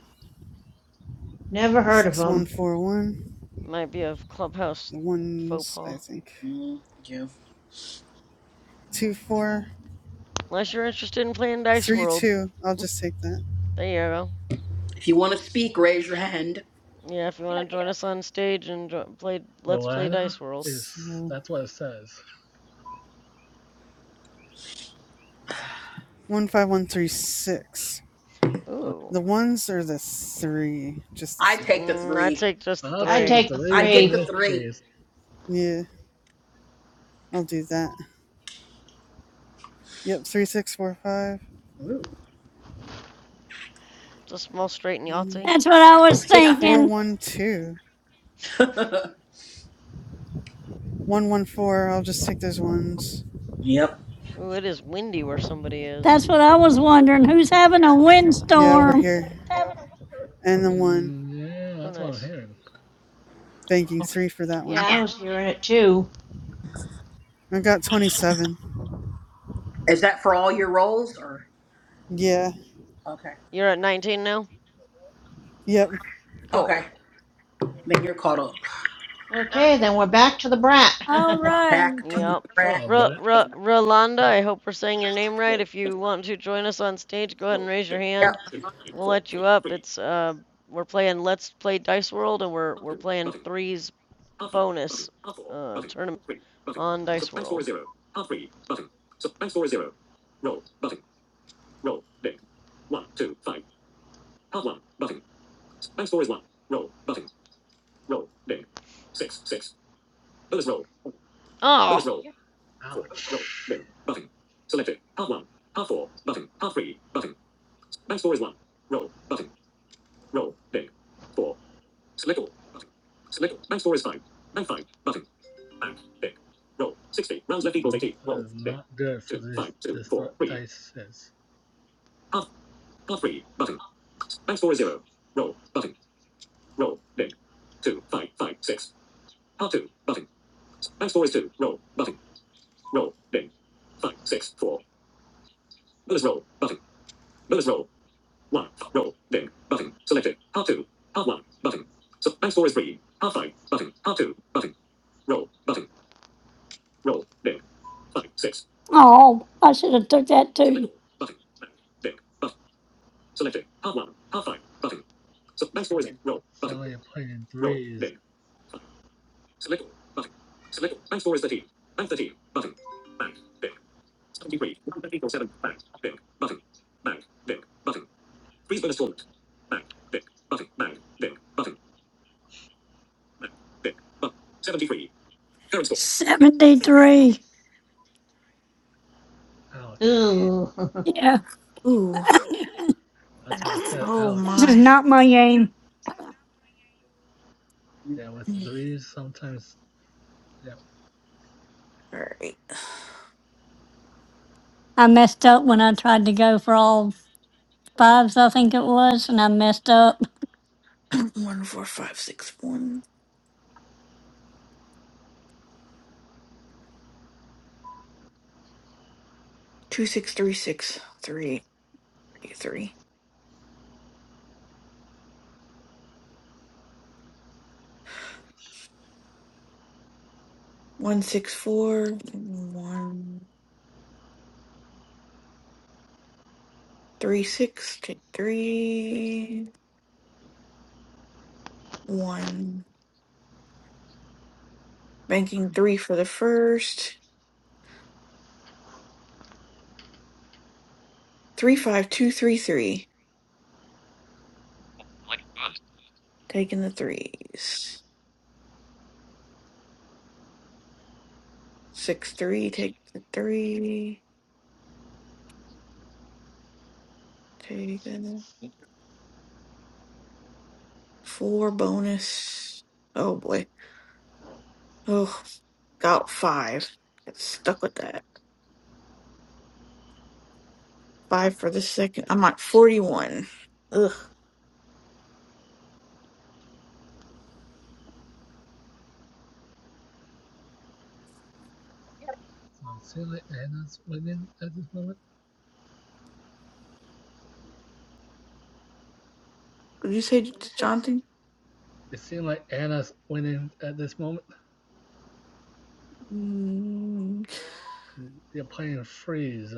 never heard of
Six one
them.
four one.
Might be a clubhouse
The
faux
ones I
pas.
think.
Mm, yeah.
Two four
Unless you're interested in playing Dice
three
World.
two. I'll just take that.
There you go.
If you want to speak, raise your hand.
Yeah, if you want to join us on stage and jo- play Let's Play
Rowena
Dice World.
is,
So
that's what it says.
one five one three six.
Ooh.
The ones or the three? Just the
I'd
three.
take the
Mm, I'd
three.
take just the
I'll
I
take
three.
the
take the
I'd
threes in
get the
three.
this
three.
case.
Yeah. I'll do that. Yep. Three six four five.
Just small straight and
Um,
Yahtzee.
That's what I was
[LAUGHS] Yeah.
thinking.
412.
[LAUGHS]
114. I'll just take those ones.
yep.
Ooh, it is windy where somebody is.
That's what I was wondering. Who's having a
Yeah, over
windstorm?
here. And the one.
Mm, yeah,
Oh,
that's what I'm
nice.
hearing.
Banking three for that
Yeah,
one.
I was hearing it too.
I got 27.
Is that for all your roles or?
Yeah.
Okay.
You're at 19 now?
Yep.
Cool.
Okay. Then you're caught up.
Okay, then we're back to the
All
brat.
right.
Back to the
Yep.
rack.
Hello,
R
Brett.
R Rolanda,
Brett.
I hope we're saying your name right. If you want to join us on stage, go ahead and raise your
Yep.
hand. We'll let you up. It's uh we're playing Let's Play Dice World and we're we're playing threes bonus uh tournament on Dice World. Oh,
Ouch. That is not good for this, this dice is.
Oh, I should have took that too.
Sound like you're playing in threes.
Seventy-three.
[LAUGHS]
Ouch.
Ooh. [LAUGHS]
Yeah,
Ooh.
Ooh. That's why I said
Oh,
this is
my.
ouch.
not my game.
Yeah, with
Mm.
threes sometimes. Yeah.
All right.
I messed up when I tried to go for all fives. I think it was, and I messed up.
[CLEARS THROAT] One, four, five, six, one, two, six, three, six, three, three, three. One, six, four, one, three, six, take three, one. Banking three for the first. Three five two three three. Taking the threes. Six three. Take the three. take the four bonus. Oh boy. Oh, got five. Get stuck with that. Five for the second. I'm at forty one. Ugh.
Yep. So it seemed like Anna's winning at this moment.
Did you say
What Did
it's
you say
Jonathan?
It seemed like Anna's winning at this moment.
Mm,
'cause You're playing freeze.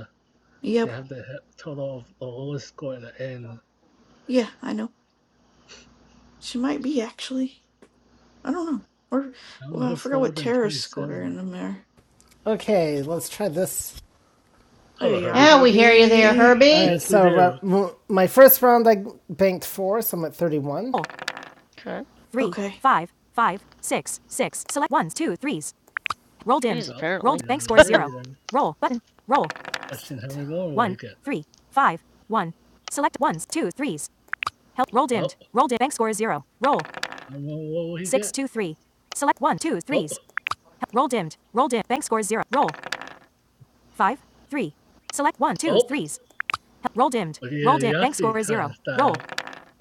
You
yep.
have to hit total of the lowest score at the end.
Yeah, I know. She might be actually. I don't know. Or
I don't know
well, I
who's
forgot
slower
what
than
terrorist square
27.
in the mirror.
Okay, let's try this.
There
Hello,
you are,
Herbie.
Yeah, we hear you there,
Herbie.
All
Herbie.
right,
Yes, we
so uh,
do.
my first round I banked four, so I'm at 31. Roll.
okay.
Three,
Okay.
five, five, six, six. Select ones, two, threes. Roll
Threes
dimmed.
Oh,
Rolled.
apparently.
Bank
yeah,
score is
three.
zero.
Then
Roll button. Roll.
question how many more will
One,
he get?
three, five, one. Select ones, two, threes. Help. Roll dimmed.
Oh,
Roll dimmed. Bank score is zero. Roll.
how many more will he
Six,
get?
two, three. Select one, two,
Oh,
threes. Help. Roll dimmed. Roll dimmed. Bank score is zero. Roll. Five, three. Select one, two,
oh,
threes. Roll dimmed.
But
Roll dim.
yeah,
Bank
Yahtzee
score is
kind of
zero. Roll.
style.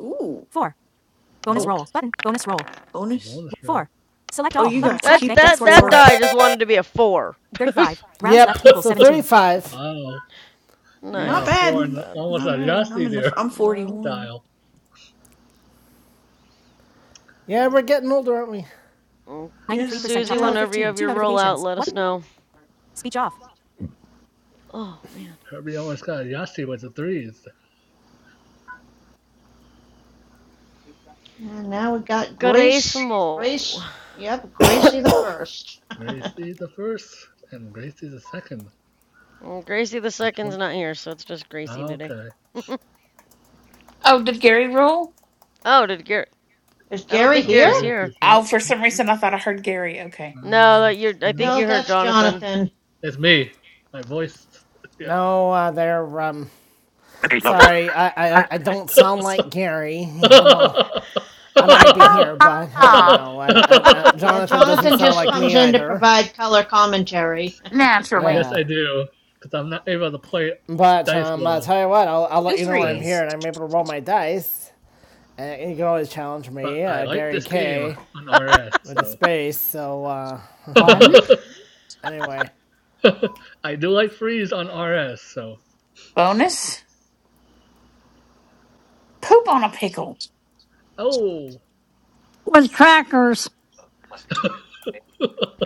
Ooh.
Four. Bonus
Oh,
Nope.
roll. Button. Bonus roll.
the
bonus.
bonus round.
Four. Select
Oh,
all.
you
Button.
got to
Select
That
bank.
keep the
Bank
that
score is
that
four.
four.
die just wanted to be a four.
35. Round yep. left equals
[LAUGHS]
so 17. 35.
Wow. He
Not
got a
Nice,
bad.
four
not
and
bad.
almost a
Not bad. I'm
Yahtzee
in the.
there [LAUGHS]
I'm
No.
41.
style.
Yeah, we're getting older, aren't we?
Mm,
93%
Yeah.
Susie,
charge.
Yeah,
whenever you
1215.
have
Two
your rollout,
notifications.
let
What?
us know.
Speech off.
Oh, man.
Herbie almost got a Yahtzee with the threes.
And now we got Grace.
Gracemo.
Grace. Yep, Gracie the first.
Gracie the first and Gracie the second.
Mm, Gracie the
Which
second's
one?
not here, so it's just Gracie
Ah,
today.
okay.
[LAUGHS]
Oh, did Gary roll?
oh, did Garrett?
[LAUGHS] Is
I don't
Gary
think
oh
here?
Garrett's
Gary's
here.
before.
Oh, for some reason I thought I heard Gary. Okay.
No, that
Um,
you. I think
No,
nope.
you heard
that's
Jonathan.
Jonathan.
It's me. My voice. Yeah.
No, uh, they're um. Sorry, I, I I don't sound like Gary.
[LAUGHS] yes,
I know I might be
Ha
here,
ha
but uh, you
ha.
know, I,
[LAUGHS]
I, uh,
Yeah,
Jonathan doesn't
Jonathan
sound
just
like
comes
me
in to
either.
provide color commentary.
Naturally.
Yeah.
I do. Because I'm not able to play
But
Dice
um, I'll
World
tell you what, I'll, I'll
Two
let you know when I'm
still.
here
threes.
and I'm able to roll my dice. And you can always challenge
but
me,
I
uh,
like
Gary
this game
K,
on RS,
with the
so
space. So uh,
One
[LAUGHS]
anyway,
I do like freeze on RS, so
bonus. Poop on a pickle.
oh,
with crackers.
[LAUGHS] because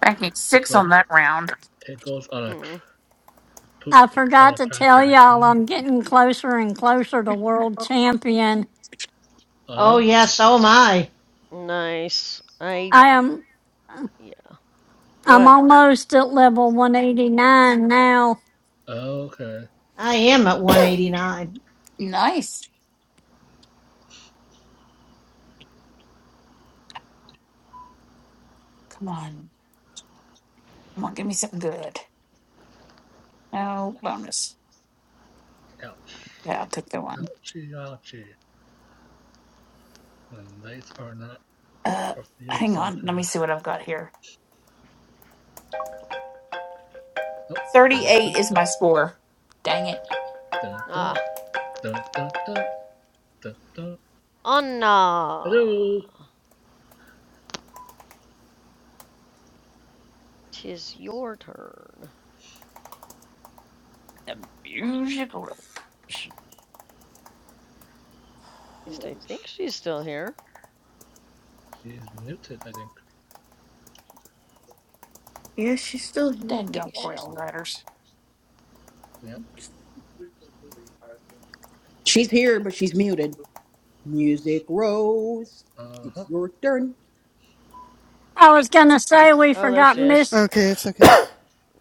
Banking six on that round.
it goes on a cr-
Mm,
poop
I
on
forgot
a
to tell
cracker
y'all
hmm,
I'm getting closer and closer to world champion.
[LAUGHS] oh,
of
yeah, so am I.
nice. I.
I am
Yeah. Go
I'm
ahead.
almost at level 189 now.
okay,
I am at 189.
Nice. Come on. Come on, give me something good. No bonus.
ouch,
Yeah, I'll take the one.
ouchie, ouchie. When lights are not
Uh,
your favorite,
hang on. Let me
sometimes
see what I've got here.
oh, dun dun
38 is my score. Dang it.
dun dun dun
Ah,
dun dun dun. dun.
Anna.
Hello,
Tis your turn. At
The musical.
least I think she's still here.
she's muted, I think.
Yeah, she's still here.
Dead gum
Yes.
riders. letters.
Yep.
She's here, but she's muted. Music Rose,
Yeah. Uh huh.
it's your turn.
I was gonna say we
Oh, there
forgot
she
Miss
is.
Okay, it's okay.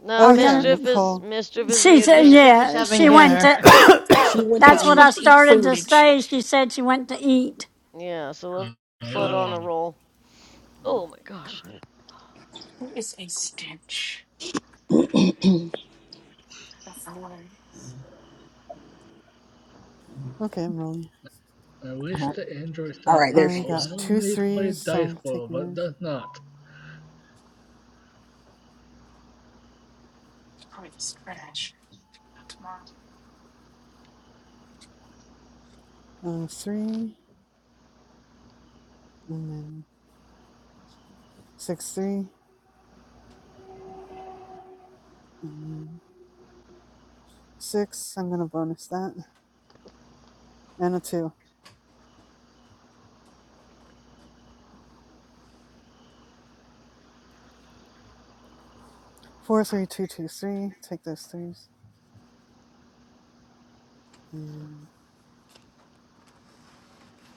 No,
I
Oh,
was
yeah,
gonna
mischief is
Nicole.
mischief is
she
muted
said
and.
Mischief is
yeah,
having
she
Yeah.
went
dinner.
to
She went to
that's what
eat.
I
With the
started to
footage.
say. She said she went to eat.
Yeah. So let's,
Uh,
let's let on a
Oh.
roll. Oh my gosh.
There is a stench. I don't know what it is.
Okay, I'm rolling.
I
Uh-huh.
wish the Android
All
side
right,
would
there
I
she
got
is.
allow
two
me to play
threes, so
Dice
I'm
World,
taking
but it
those.
does not.
It's probably just trash. Not
Uh, three, and then six, three, and then six. I'm going to bonus that. And a two. Four, three, two, two, three. Take those threes. And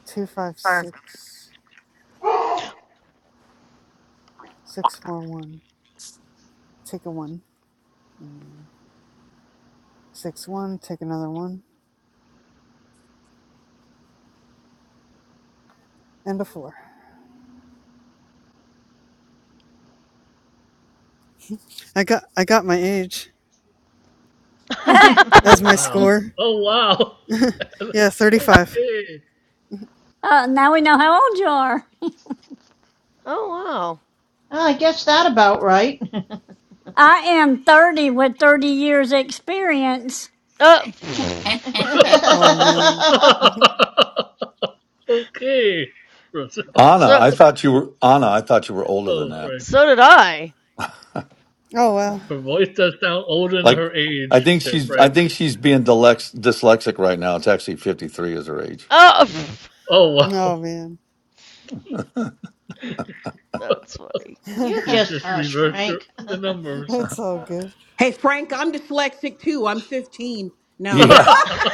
two, five, six, six, four, one. Take a one. And six one. Take another one. And a four. I got I got my age
[LAUGHS]
[LAUGHS]
[LAUGHS] uh,
oh,
Oh
as my
wow.
tomorrow.
score.
Oh wow. [LAUGHS]
[LAUGHS] yeah, thirty five.
okay.
now we know how old you are.
oh wow.
I guess that about right.
I am 30 with 30 years experience.
Uh, [LAUGHS] pff,
Oh man.
[LAUGHS]
Mhm.
[LAUGHS] okay.
so
I thought you were Anna. I thought you were older than
Oh
that.
Frank.
so did I.
oh wow.
Her voice does sound older than
Like,
her
I
age
think
there,
she's I
Frank.
think she's being dylex, dyslexic right now. It's actually 53 is her age.
Oh, [LAUGHS] pff,
Oh
Oh
wow.
man.
that's funny.
you
He
just
just
hush,
reversed your,
Frank.
the
[LAUGHS]
numbers.
it's all good.
Hey, Frank, I'm dyslexic too. I'm 15. No.
Yeah,
[LAUGHS]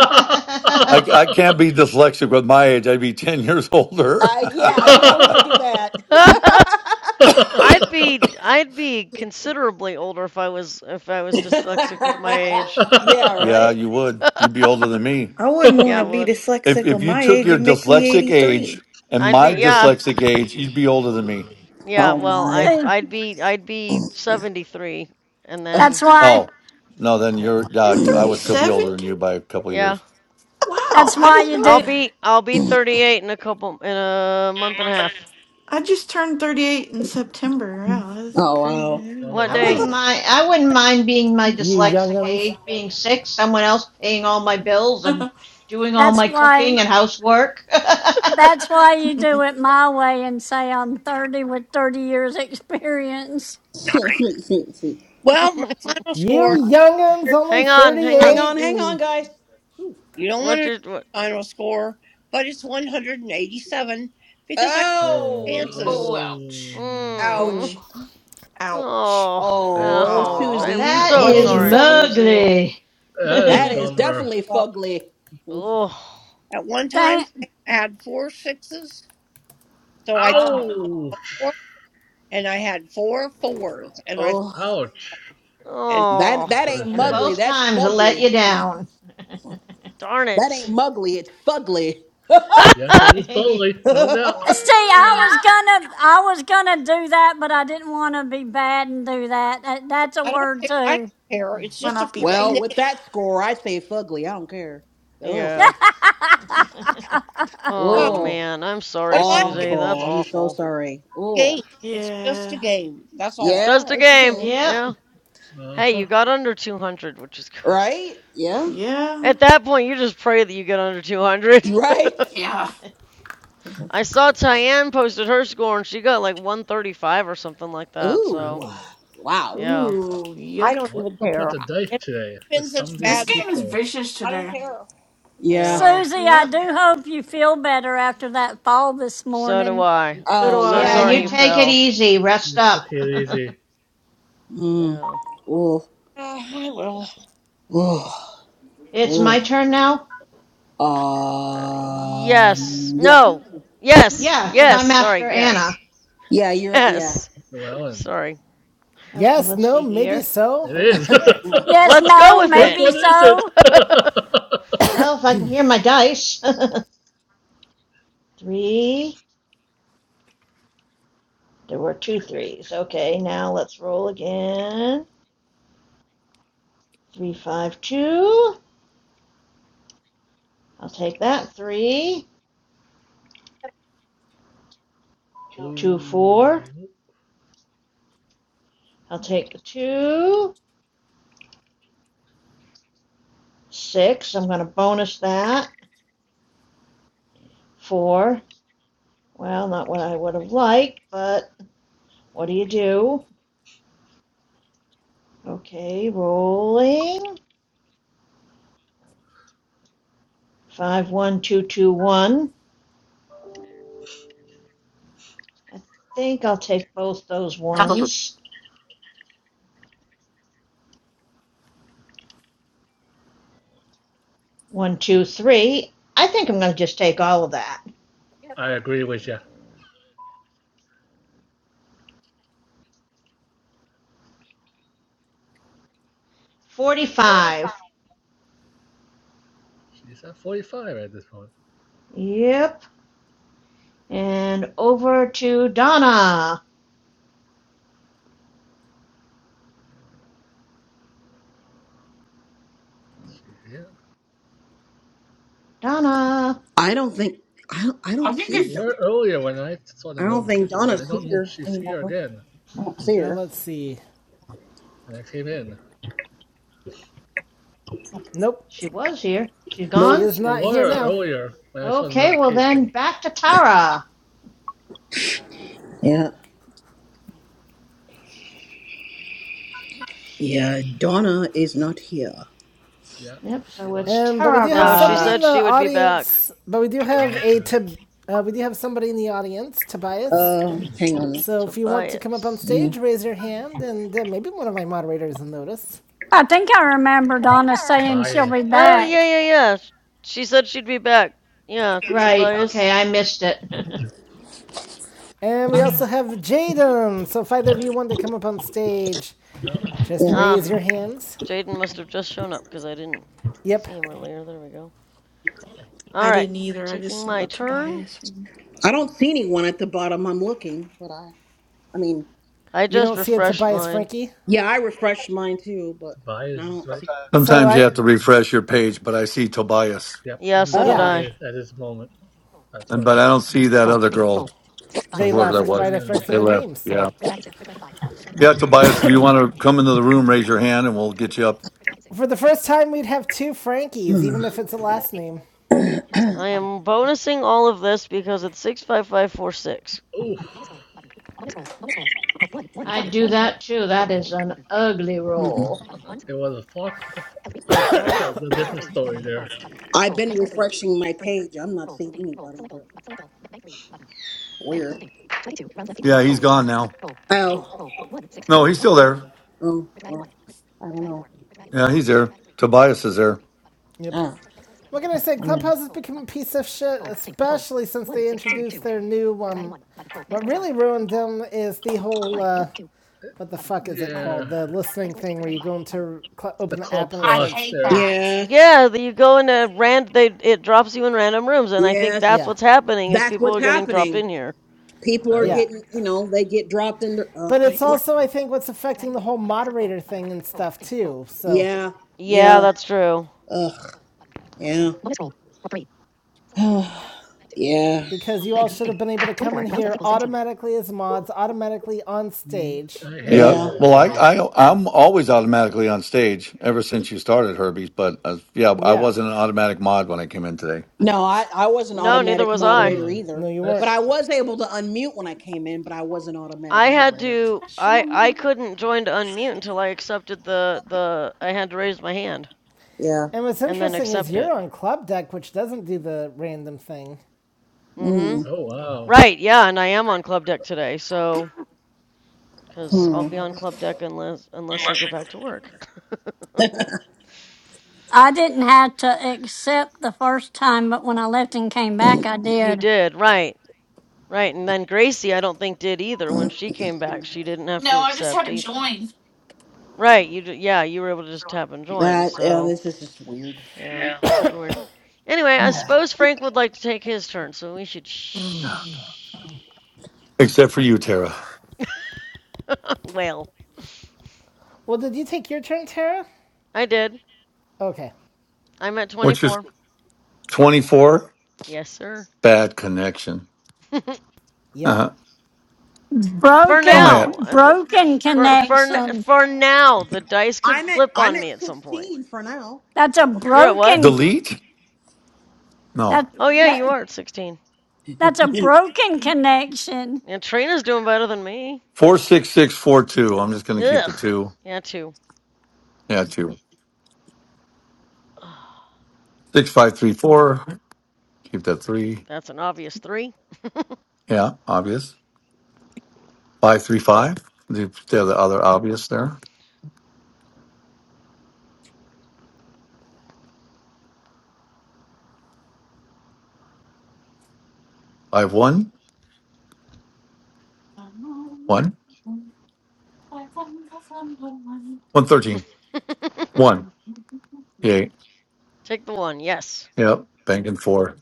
[LAUGHS]
I I can't be dyslexic with my age. I'd be 10 years older.
Uh, yeah, you don't want to do that.
[LAUGHS] I'd be I'd be considerably older if I was if I was dyslexic with my
[LAUGHS]
age.
yeah,
[LAUGHS] yeah,
right?
you would. You'd be older than me.
I wouldn't want
Yeah, I
to be
would.
If
dyslexic
if
on
you
my
took
age
your
and make me
dyslexic age
83.
and
I'd
No
be
my
yeah.
way.
dyslexic age, you'd be older than me.
Yeah,
Oh,
well,
my.
I'd
See,
I'd be I'd be 73 and
that's
then
why
Oh, no, then
yeah.
you're, yeah,
You're
you, I would still be
37?
older than you by a couple of
Yeah.
years.
Wow,
that's
I
why
didn't
you
know
I'll
do
that.
be I'll be 38 in a couple in a month and a half.
I just turned 38 in September. Wow, that's
Oh, wow.
crazy.
What
I wouldn't
day?
wow.
mind. I wouldn't mind being my
being
you
my
dyslexic
dyslexic
younguns,
age, being
aid.
sick, someone else paying all my bills and
Yeah.
doing all
that's
my
why
cooking and housework. [LAUGHS]
That's why you
[LAUGHS]
do it my way and say I'm 30 with 30 years experience.
[LAUGHS]
[LAUGHS]
Well, my final
you
score,
younguns, only
hang on, hang
hang
on.
on,
thirty-eight
hang
and
on, guys. Whew.
you don't want to
What's
know
your what?
my final score, but it's 187 because I had
Oh,
[LAUGHS]
chances.
oh,
Oh,
ouch.
oh,
Mm.
oh,
ouch.
ouch.
Oh,
yeah,
Oh,
ouch! I
Aw.
am
Susie,
that's
that
a
so
one
is
bummer.
sorry,
eighty-seven.
Susie.
mugly. [LAUGHS]
That is a
that is
and
bummer.
definitely
Well,
fugly.
Oh,
at one time,
Dang.
I had four sixes, so I thought
Oh,
go for
Ouch,
it, and I had four fours, and I
Oh,
ouch
and
that that
for
oh,
ain't
this game.
mugly.
both
That's
times I let
fugly.
you
No,
down.
darn
that ain't
it.
mugly. It's fugly.
You have to take
[LAUGHS]
this boldly, no
[LAUGHS]
doubt.
See,
[SIGHS]
I
Ugh.
was gonna, I was gonna do that, but I didn't want to be bad and do that. That- That's a
I don't
word
care. I
too.
don't care.
[LAUGHS]
It's
When
just
I'll
a
not be
freaking
well,
back.
with
game.
that score, I say fugly. I don't care.
[LAUGHS]
yeah.
Ugh.
Well,
Oh
Oh,
man, I'm
what
sorry,
do I care?
Susie.
Ouch.
That's
awful. I'm so
awful.
sorry. Oh,
Game. It's just a
Yeah.
game. That's
It's
all.
just
yeah,
a
it's a
game.
game,
yep.
Yeah.
Uh
Hey,
huh.
you got under 200, which is good.
right? Yeah,
[LAUGHS]
Yeah.
At that point, you just pray that you get under
[LAUGHS]
200.
you right.
[LAUGHS]
yeah.
I saw Tyann posted her score and she got like 135 or something like that. So,
Ooh,
Oh,
wow.
yeah.
Ooh,
I
yuck.
don't
what's
even
up with
care.
the dice
It's
today?
been
With
such
some
a
of these
This
bad
game
day.
is
people,
vicious
I don't
today.
care. [SIGHS]
Yeah.
Yeah.
Susie, I
Yep.
do hope you feel better after that fall this
So do
morning.
I.
So
I'm
do
Oh,
so
Yeah,
I.
yeah.
sorry
you
you
hmm
I-
take it
fell.
easy. Rest
you
up.
took it easy.
Mm.
Yeah.
Ooh,
Uh, I will.
ooh,
[LAUGHS] it's my
ooh.
turn now?
Uh, yes.
Um. Yeah.
No.
That's
Yes.
Yeah, 'cause
Yes.
I'm
Sorry.
after Anna.
Yes. [LAUGHS]
Yeah. You're. right, Yeah.
Yes.
well, and
Sorry.
Okay,
Yes,
let's
no,
see
maybe
here.
so.
it
Holy
is. [LAUGHS]
shit.
Yes,
Let's go
no,
with
Which
it.
maybe
one is it?
so.
[LAUGHS]
Well, if I can hear my dice. [LAUGHS] Three. There were two threes. Okay, now let's roll again. Three, five, two. I'll take that. Three,
Two,
two, four. I'll take the two. Six. I'm going to bonus that. Four. Well, not what I would have liked, but what do you do? Okay, rolling. Five, one, two, two, one. I think I'll take both those ones. One, two, three. I think I'm going to just take all of that.
I agree with you. 45.
45.
She's at 45 at this point.
Yep. And over to Donna.
She here.
Donna.
I don't think. I don't. I don't
I think
She
see
it's.
them.
were earlier when I saw
I
the
don't think
notification, but I
Donna's
don't know if
here
she's here
anymore.
again.
I don't see
Now
her.
let's see.
And I came in.
Nope,
She was here. She's
she
Nope.
gone.
is
She
not here
were
now.
earlier when I saw the
Okay, well then
notification.
back to Tara.
Yeah. Yeah. Donna is not here.
Yeah,
Yep,
she
so
left.
it's
Um, but we do
[LAUGHS]
have
no, she
somebody
Tara.
in
said she
the
would be back.
audience. But we do
Oh,
have a
okay.
T- uh, we do have somebody in the audience, Tobias.
Uh. Hang on.
So if you want to come up on
Tobias.
stage,
Mm,
raise your hand, and uh, maybe one of my moderators will notice.
I think I remember
You think
Donna
I remember?
saying she'll
Tobias.
be
Oh, yeah,
back.
yeah, yeah. sh- She said she'd be back. Yeah,
Right, okay,
Tobias.
I missed it.
And we also have Jaden. So if either of you want to come up on stage,
No,
just
Yeah.
Ah,
raise your hands.
Jaden must have just shown up because I didn't
Yep.
see him earlier. There we go. All
I
right,
didn't either. I just
taking
saw the
my turn.
Tobias one.
I don't see anyone at the bottom. I'm looking, but I. I mean.
I
You
just
don't see a
refreshed
Tobias
mine.
Frankie.
Yeah. I refreshed mine too, but
Tobias
I
is
don't
right.
see.
So
Sometimes you
I,
Yeah.
have to refresh your page, but I see Tobias,
Yep,
Yeah,
only
so did
yeah,
Oh.
I.
Tobias at this moment. That's
and
what it
but I
said.
don't see that other girl, or
they
whoever that
left
was.
right after I
No.
said
They
their
left.
names. So
Yeah. Yeah, Tobias, if you want to come into the room, raise your hand and we'll get you up.
for the first time, we'd have two Frankies, even if it's a last name.
I am bonusing all of this because it's 65546.
Oof.
[LAUGHS] I do that too. That is an ugly
Mm-mm.
roll. [LAUGHS]
It was a Far- like Farquhar It's a different story there.
I've been refreshing my page. I'm not seeing anybody, but weird.
Yeah, he's gone now.
Oh,
No, he's still there.
oh, well, I don't know.
Yeah, he's there. Tobias is there.
Yep.
Ah,
What can I say?
yeah.
Clubhouse has become a piece of shit, especially since they introduced their new um. What really ruined them is the whole uh, what the fuck is it called?
Yeah.
The listening thing where you go into cl-
the
open the
club
app and it
I
plus
starts.
hate
there.
that.
Yes,
Yeah, that you go into rand they it drops you in random rooms and I think that's
yes,
Yeah,
what's happening is
that's
people
what's
are getting dropped
happening.
in here.
People are
yeah.
oh,
getting, you know, they get dropped in. their- Ugh.
But it's also I think what's affecting the whole moderator thing and stuff too. So
yeah,
Yeah,
yeah,
that's true.
ugh, yeah, [SIGHS] yeah,
because you all should have been able to come in here automatically as mods, automatically on stage.
I hear
Yeah.
you
yeah.
there,
Well, I,
Harry.
I, I'm always automatically on stage ever since you started, Herbie. But uh, yeah, I
Yeah.
wasn't an automatic mod when I came in today,
No, I, I was an
No, neither
automatic
was I.
moderator
Um,
No,
either,
you
but
weren't.
I
that's
was able to unmute when I came in, but I was an automatic
I had
moderator.
to I
Special.
I couldn't join to unmute until I accepted the the I had to raise my hand
Yeah.
And what's
and then
interesting is
accept
you're
it.
on club deck, which doesn't do the random thing.
Mhm.
Mm.
oh wow.
Right, yeah, and I am on club deck today. So cuz I'll be
Hmm.
on club deck unless unless I go back to work. [LAUGHS]
I didn't have to accept the first time, but when I left and came back, I
You
did.
did, right. Right, and then Gracie I don't think did either when she came back. She didn't have
No,
to
I just
accept
had to
either.
join.
Right, you d- yeah, you were able to just tap and join.
That yeah,
So,
this is just weird.
yeah,
Yeah.
super weird. Anyway, I suppose Frank would like to take his turn, so we should shh.
except for you, Tara.
[LAUGHS] well,
Well, did you take your turn, Tara?
I did.
Okay.
I'm at
What's your
24.
24.
Yes, sir.
Bad connection.
[LAUGHS]
Yeah.
Uh-huh.
for
Where am I
Broken,
at?
now, uh, the,
broken
for for n-
connection.
for now, the dice could
I'm at
flip
I'm
on
at
me at some point.
16 for now.
That's a
So
You're at what?
broken.
Delete? No.
That
Oh yeah, you
that
are at 16.
that's a
[LAUGHS]
broken connection.
And Trina's doing better than me.
46642. I'm just going to keep
Ugh.
the two.
Yeah, two.
Yeah, two.
[SIGHS]
6534. Keep that three.
That's an obvious three.
Yeah, obvious. 535. The, the other other obvious there. 51. 1. 113. 1. thirteen.
[LAUGHS]
one. Yay.
Take the one. Yes.
Yep. Banking four.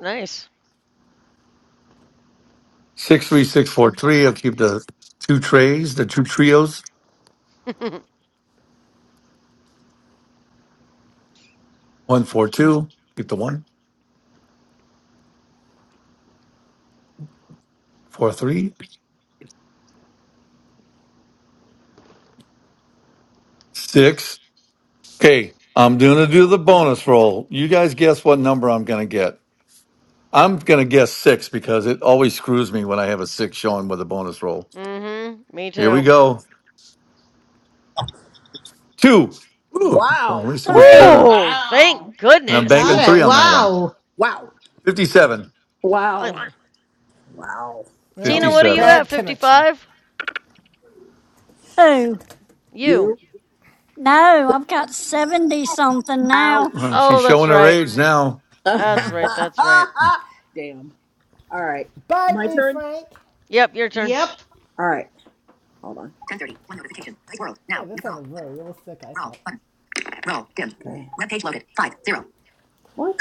Nice.
63643. I'll keep the two trays, the two trios.
[LAUGHS]
142. Keep the one. 43. 6. Okay, I'm gonna do the bonus roll. You guys guess what number I'm gonna get. I'm gonna guess six because it always screws me when I have a six showing with a bonus roll.
mm-hmm. Me
Here we
too.
go. Two. Ooh, well, at
wow,
least it was
Three.
better.
Woo! Thank
Wow.
And I'm
You got
banking
goodness.
three
it.
on that one.
Wow.
wow,
57.
wow,
Finally.
wow.
Tina,
Okay,
Uh,
what are you
57.
at?
bad connection.
55?
Who?
You.
you
No, I've got seventy something now.
ouch.
Uh, she's
Oh, that's
showing her
right.
age now.
[LAUGHS]
That's right. That's right.
Damn. All right,
Bite
my
me,
turn.
Frank.
Yep, your turn.
Yep.
All right, hold on.
Hey, that sounded very realistic, I thought.
Okay, what?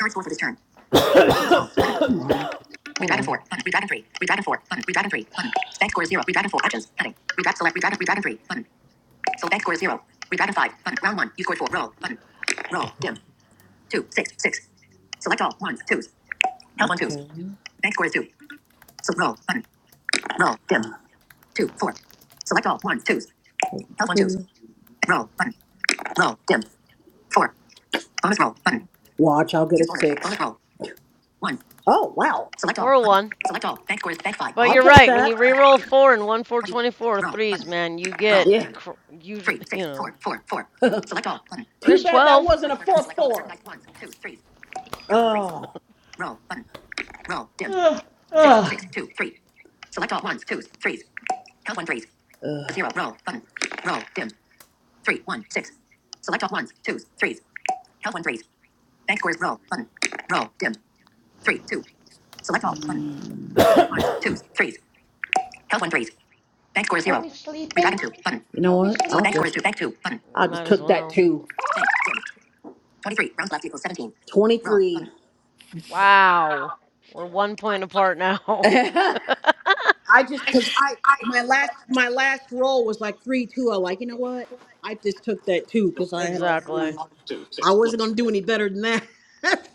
Come on, Watch, I'll get. Oh wow,
Or a one. But you're
take
right. When
that.
you reroll four and one, four twenty-four threes, man, you get cr- usually, [LAUGHS] you know,
[LAUGHS] Too
there's
bad that
12.
wasn't. Oh,
[SIGHS] Ugh, ugh.
Ugh.
Are we sleeping?
you
Are
know
we
what? I
sleeping?
I just
Might as
took that
well.
too. 20.
Wow. We're one point apart now.
[LAUGHS] I just because I my last my last roll was like three two. I like you know what? I just took that two because
[LAUGHS]
I had all
exactly.
threes. I wasn't gonna do any better than that. [LAUGHS]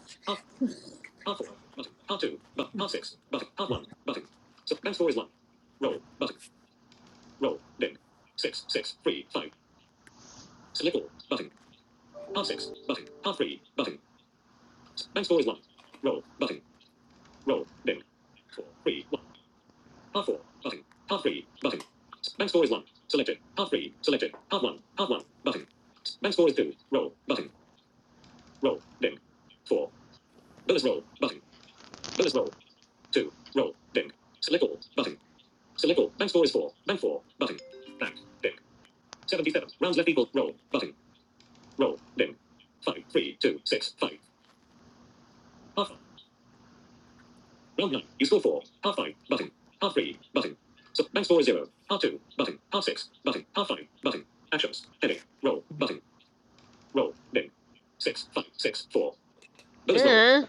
Eh,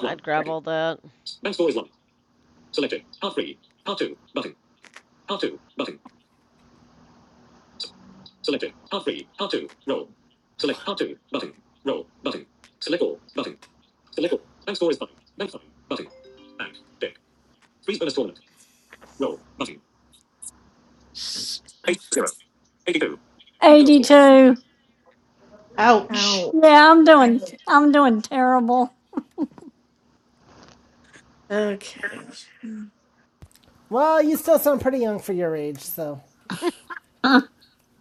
I'd grab all that.
Eighty-two.
Ouch.
Ow.
Yeah, I'm doing. I'm doing terrible.
Okay.
Well, you still sound pretty young for your age, so
Mm,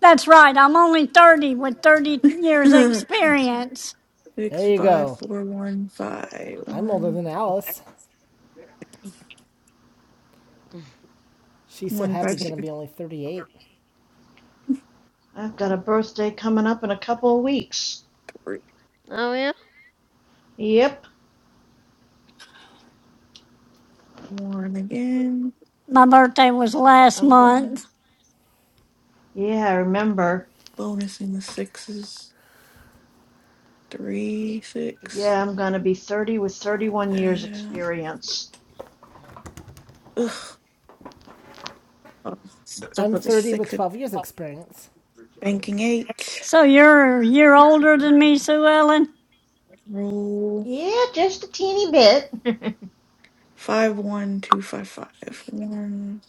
That's right. I'm only thirty with thirty years
[LAUGHS]
experience.
Six
there you
five
go.
four one five
I'm older
one
than Alice.
[SIGHS] [LAUGHS]
She's so
one
happy
five
gonna
six
be only 38.
I've got a birthday coming up in a couple of weeks.
three.
Oh, yeah.
Yep,
One again.
My birthday was last
I'm gonna.
month.
Yeah, I remember.
Bonus in the sixes.
Yeah,
Three
but
six.
yeah, I'm gonna be 30 with 31 years
Uh,
experience.
ugh. Oh, stuck
I'm
with a
30 with
six. at
12 years experience.
Banking eight.
So you're a year older than me, Sue Ellen.
Roll.
Yeah, just a teeny bit.
Five one two five five one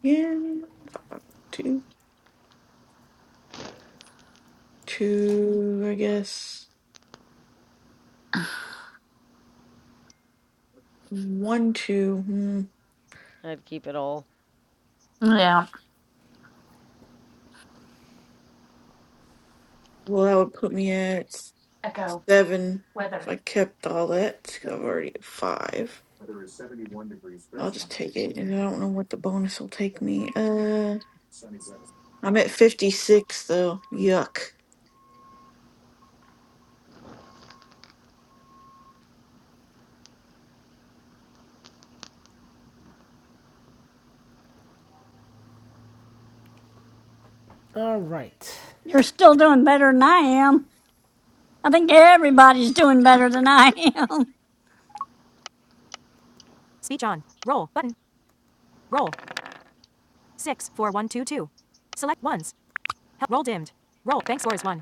again. Five five one two two. I guess one two. Hmm.
I'd keep it all.
yeah.
Well, that would put me at
Echo.
seven if
Weather.
I kept all that. 'cause I've already at five. I'll just take it, and I don't know what the bonus will take me. Uh, I'm at fifty six though. Yuck.
All right.
You're still doing better than I am. I think everybody's doing better than I am.
Speech on. Roll button. Roll. Six four one two two. Select ones. Roll dimmed. Roll. Bank score is one.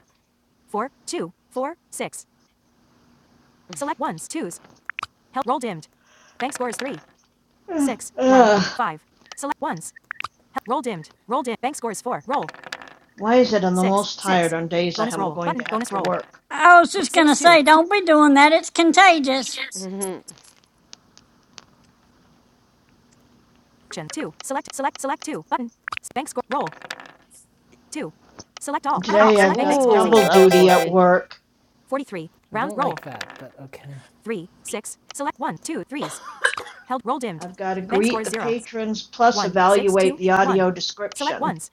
four, two, four, six. Select ones, twos. Help roll dimmed. Bank score is three,
[LAUGHS]
six, one,
Ugh.
five. Select ones. Help roll dimmed. Roll dimmed. Bank score is four. Roll.
Why is it I'm the
Six,
most tired
six.
on days I
Bonus
am
roll.
going
Button.
to have
Bonus
to
roll.
work?
[LAUGHS] I was just
Six,
gonna
two.
say, don't be doing that. It's contagious.
[LAUGHS]
two. Select. Select. Select two. Button. Bank score. Roll. Two. Select
And
all. Button.
today
Select
I've
bank. Bank
got
score is eight.
Ooh, that
double
was
duty at
lucky.
work.
Forty-three. Round I don't roll like that, but okay. three, six, select one, two, threes. Held roll dimmed.
I've got to
Bank score
greet
is
the
zero.
patrons plus
One, six,
evaluate
two,
the
one.
audio
Select
description.
ones.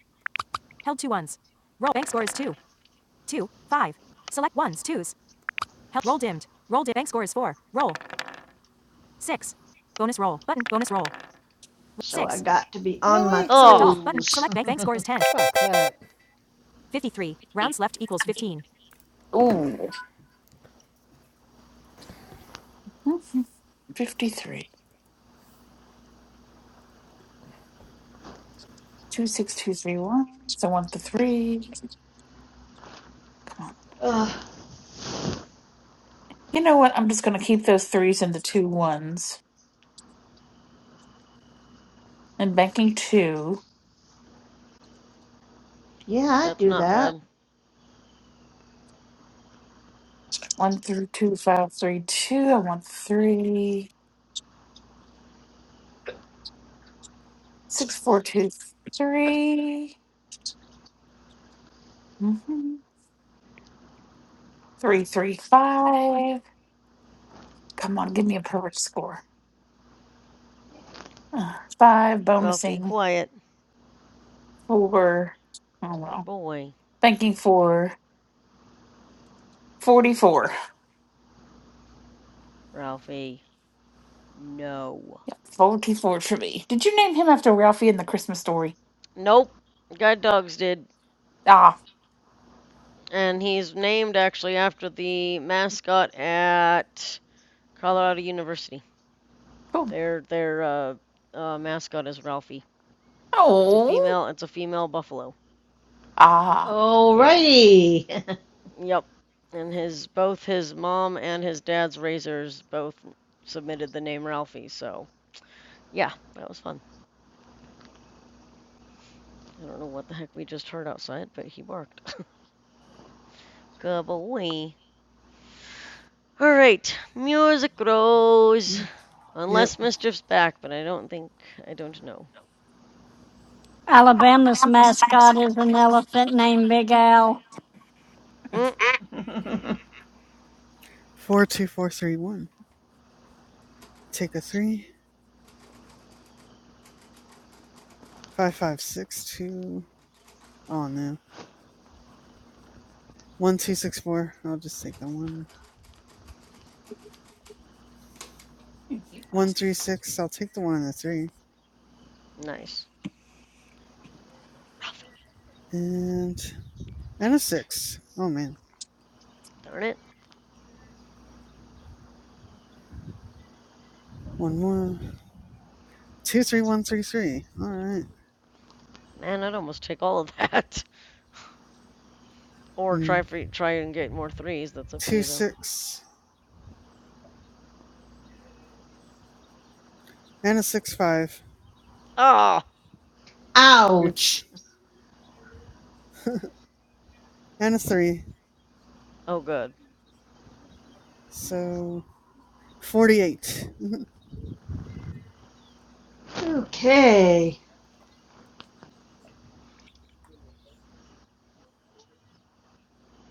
Held two ones. Roll. Bank score is two. Two. Five. Select ones, twos. Held. Roll dimmed. Roll dimmed. Bank score is four. Roll. Six. Bonus roll. Button. Bonus roll.
So I
Six.
got to be on my
Really? Select all.
Oh,
Button.
toes.
Select bank. Bank score is 10. Fuck that. 53. Rounds left equals 15.
Ooh. 53. 26231. So I want the three. Come on.
[LAUGHS] Ugh.
You know what? I'm just going to keep those threes and the two ones. And banking two.
Yeah, I
that's
do
not
that.
bad.
One three, two, five, three, two. I want three. Six, four, two, three. Mm-hmm. Three, three, five. Come on, give me a perfect score. Uh, five,
Ralphie,
bonusing.
quiet.
Four. Oh,
Good
well.
boy.
Thanking for 44.
Ralphie, no.
44 for me. Did you name him after Ralphie in the Christmas story?
Nope, Guide Dogs did,
Ah,
and he's named actually after the mascot at Colorado University.
cool.
Their their uh, uh, mascot is Ralphie. It's a
Oh,
female. It's a female buffalo.
ah.
Yeah.
Alrighty.
Yep. And his both his mom and his dad's razors both submitted the name Ralphie. So yeah, that was fun. I don't know what the heck we just heard outside, but he barked. [LAUGHS] Good boy. All right, music rose.
Yep.
Unless Mischief's back, but I don't think, I don't know.
Alabama's mascot is an elephant named Big Al.
Mm,
[LAUGHS]
Four two four three one. Take a three. Five five six two. Oh no. One two six four. I'll just take the one. One three six. I'll take the one and the three.
nice.
And and a
Quiet.
six. Oh man.
Darn it.
One more. Two three one three three. All right.
Man, I'd almost take all of that. [LAUGHS] Or
Hmm.
try for, try and get more threes. That's up to
Two
you, though.
six and a six five.
Oh!
Oops.
Ouch.
And a three.
Oh, good.
So forty-eight.
Okay.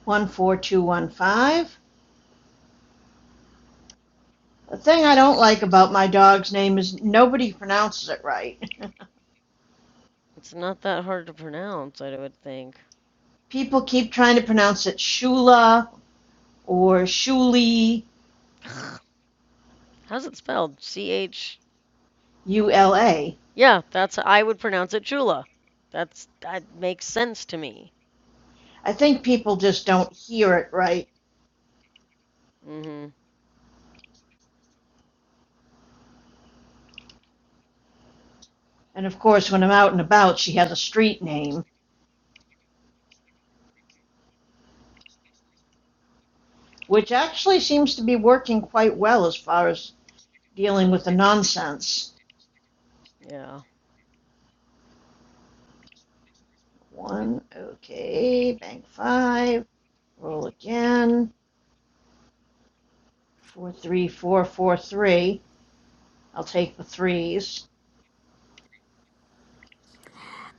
14215. The thing I don't like about my dog's name is nobody pronounces it right.
It's not that hard to pronounce, I would think.
[LAUGHS] People keep trying to pronounce it Shula or Shuli,
[SIGHS] How's it spelled? C-H...
U L A.
Yeah, that's... I would pronounce it Chula. That's... That makes sense to me.
I think people just don't hear it right.
Mm-hmm.
And of course, when I'm out and about, she has a street name, which actually seems to be working quite well as far as dealing with the nonsense.
Yeah.
One, okay, bank five, roll again. Four, three, four, four, three. I'll take the threes.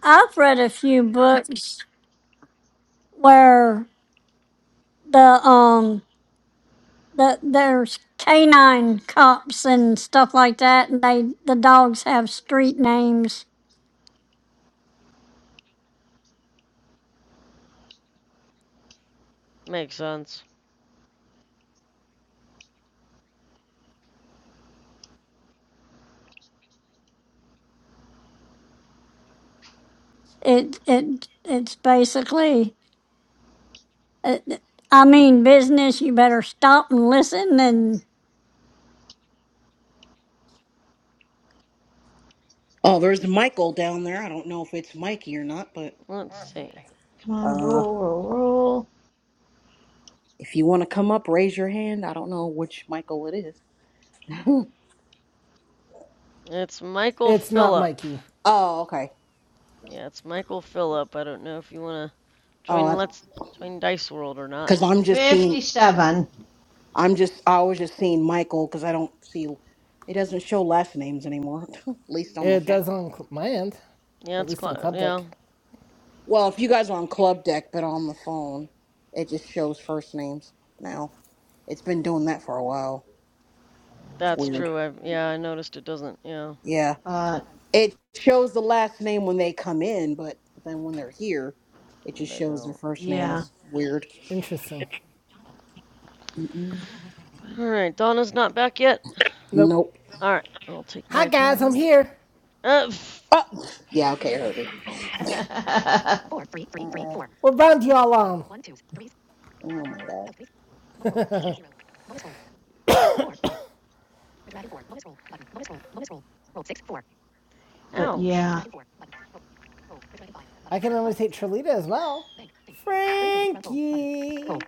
I've read a few books where the um the there's canine cops and stuff like that, and they the dogs have street names.
Makes sense.
It it it's basically Uh, I mean, business, you better stop and listen and
oh, there's Michael down there. I don't know if it's Mikey or not, but
Let's see.
Come on,
uh,
roll, roll, roll.
if you want to come up, raise your hand. I don't know which Michael it is. [LAUGHS]
It's Michael
It's not
Phillip.
Mikey.
oh, okay.
Yeah, it's Michael Phillip. I don't know if you want to join
Oh,
Let's join Dice World or not.
because I'm just seeing.
57.
I'm just. I was just seeing Michael because I don't see. It doesn't show last names anymore. [LAUGHS] At least on the
It
phone.
does on my end,
Yeah,
at
it's
least on
cl-
Club
yeah,
Deck.
Well, if you guys are on Club Deck but on the phone, it just shows first names now. It's been doing that for a while. It's
that's
weird.
true. I yeah, I noticed it doesn't. Yeah,
Yeah.
But
It shows the last name when they come in, but then when they're here, it just
they
shows their
don't.
first name.
Yeah.
yeah.
It's weird.
Interesting.
Mm-mm.
All right, Donna's not back yet.
Nope.
Nope.
All right, I'll take
Hi
my
guys, I'm
turn.
here.
Uh,
Oh, yeah, okay, I heard it.
[LAUGHS]
Uh,
What round y'all on?
oh my god.
but
ouch.
yeah,
I can imitate Trelita as well. Frankie.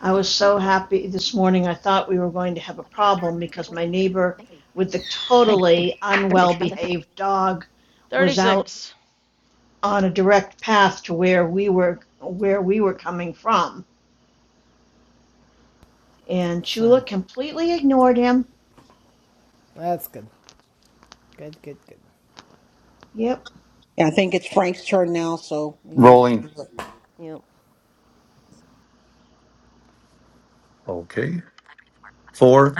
I was so happy this morning. I thought we were going to have a problem because my neighbor with the totally unwell behaved dog was out
36.
on a direct path to where we were where we were coming from And Chula
Fun.
completely ignored him.
That's good. Good, good, good.
Yep.
Yeah, I think it's Frank's turn now, so. Let me...
Yep.
Rolling.
Yep.
Okay. Four,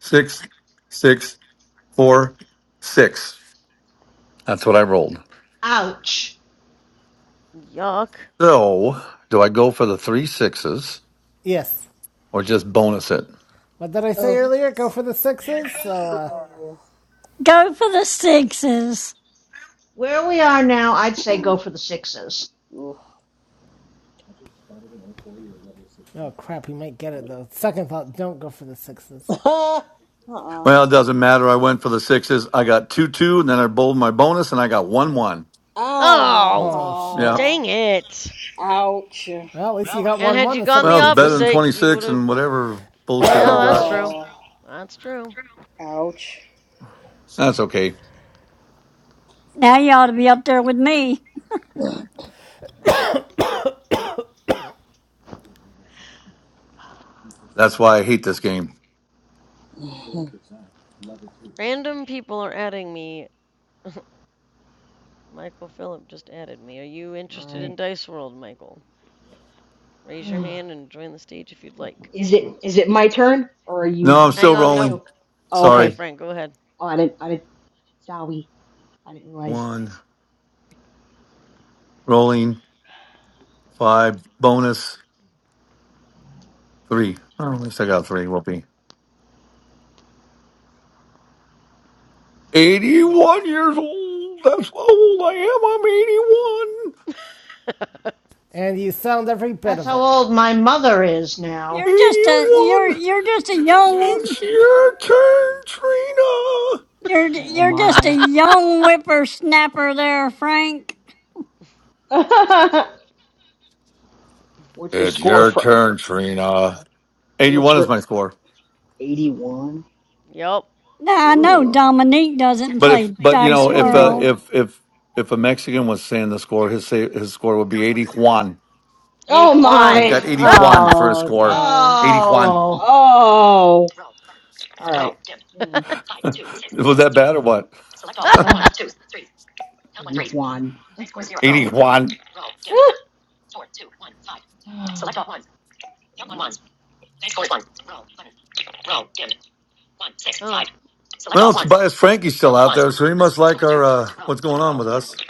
six, six, four, six. That's what I rolled.
Ouch.
Yuck.
So, do I go for the three sixes
Yes.
or just bonus it?
What did I say
Ugh.
earlier? Go for the sixes? So, uh.
go for the sixes.
Where we are now, I'd say go for the sixes.
Ugh.
Oh, crap, we might get it, though. Second thought, don't go for the sixes.
[LAUGHS] uh-uh.
Well, it doesn't matter. I went for the sixes. I got two two, and then I bowled my bonus, and I got one one.
Oh,
Oh,
Yeah.
shit.
Ah.
dang it.
Ouch.
Well, at least you got
And
1
had
1
you
instead
gone
of
the
Well, it's
2
better
2.
than
opposite,
twenty
you would
six
have.
and whatever bullshit
Yeah,
I
that's
got.
true.
Oh,
That's true.
ouch.
That's okay.
Now you ought to be up there with me.
That's why I hate this game.
All
Random people are adding me. Michael Phillip just added me. Are you interested in
right.
Dice World, Michael? Raise your hand and join the stage if you'd like.
Is it is it my turn or are
No,
you?
I'm
Hang
still
on, nope.
rolling.
Oh,
Sorry,
Sorry.
Frank, go ahead.
I'm sorry. I didn't realize.
One rolling five bonus three. Oh, at least I got three. Will eighty one years old. That's how old I am. I'm eighty one.
And you sound every bit
That's
of
how
it.
old my mother is now.
You're just a you're
Eighty one.
you're just a young
It's your turn, Trina.
you're
Oh
you're just a
my.
young whippersnapper there, Frank.
[LAUGHS]
[LAUGHS]
What's your
It's
score
your
for?
turn, Trina.
What's
81 is
your
my score.
81?
Yup.
Now I know
Ugh.
Dominique doesn't
But if
play
but you
Dice
know if uh,
Ew.
World,
if if if a Mexican was saying the score, his say, his score would be 80 Juan.
Andy
Oh
I've
Kwan.
got
my.
80 Juan for a
Oh
score.
god.
80 Juan.
Oh.
Oh. All right. Mm.
[LAUGHS]
Was that bad or what?
Ugh. One.
80
Oh
Juan.
my
oh. Huh,
Well, Tobias Frankie's still out there, so he must like our uh, what's going on with us.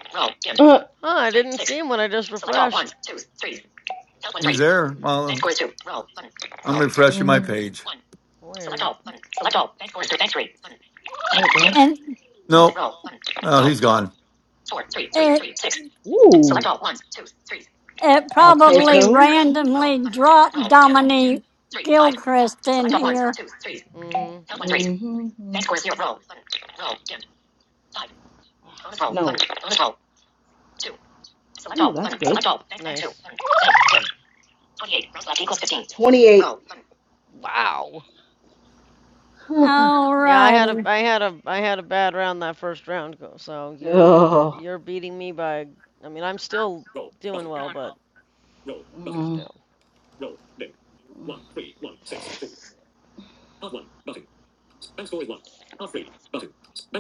god.
I didn't see him when I just refreshed.
He's there. Well, I'm
Roll, dim.
refreshing my
Mm,
page.
Weird.
there
and
Nope. No, he's gone.
it
Ooh. Select all ones, twos, threes.
it
I'll Those take three
probably
threes. those.
randomly dropped Dominique Gilchrist in here.
Mm-hmm.
Count one threes. Mm-hmm. Bank score is zero. Roll. Bonus roll. No. Bonus roll. Select Ooh, all. Select all. Bank, bank two.
Nice.
Twenty-eight.
Wow. Yeah, I had a
Alrighty,
I had a I had a bad round that first round So
[LAUGHS]
you're
oh.
you're beating me by I mean, I'm still doing well, but
Mm.
still.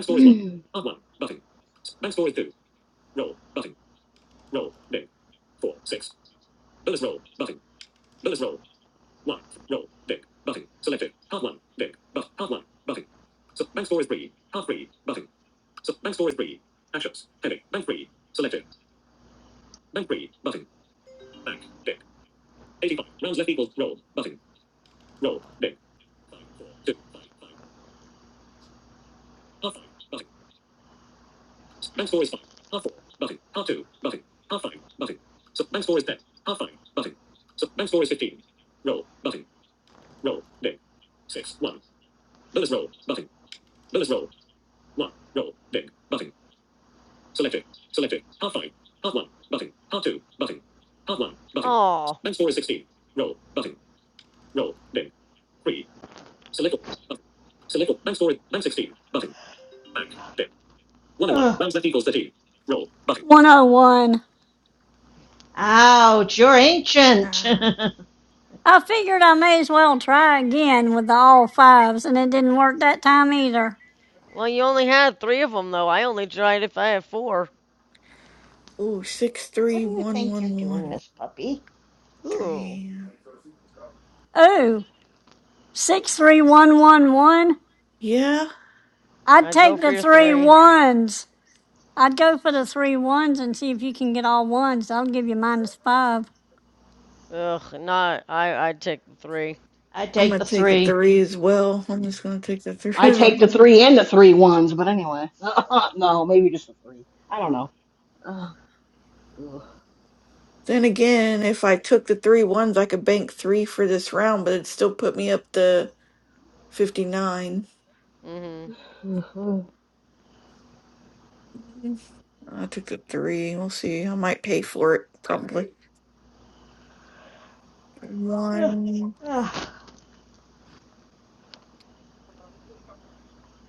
[CLEARS THROAT]
Oh.
Ugh.
one oh one.
Ouch. You're ancient.
Uh,
[LAUGHS]
I figured I may as well try again with the all fives, and it didn't work that time either.
Well, you only had three of them, though. I only tried if I had four.
ooh, six
what
three
do you
one
think you're
one
doing,
one
Miss Puppy?
Ooh,
three.
Ooh, six three one one one.
Yeah.
I'd
I'd go
take
for
the
your
three
three.
ones. I'd go for the three ones and see if you can get all ones. I'll give you minus five
Ugh, not. I. I'd take the three.
I'd
I'm
take
gonna
the
take the
three.
three as well. I'm just gonna take the [LAUGHS]
I
three and I'm
take the
gonna-
three and the three ones, but anyway. [LAUGHS] no, maybe just the three. I don't know. [SIGHS] Uh, ugh.
Then again, if I took the three ones, I could bank three for this round, but it still put me up to 59.
Mm-hmm.
Mhm.
Mm, I took the three. We'll see. I might pay for it probably.
Ugh.
One,
Ugh.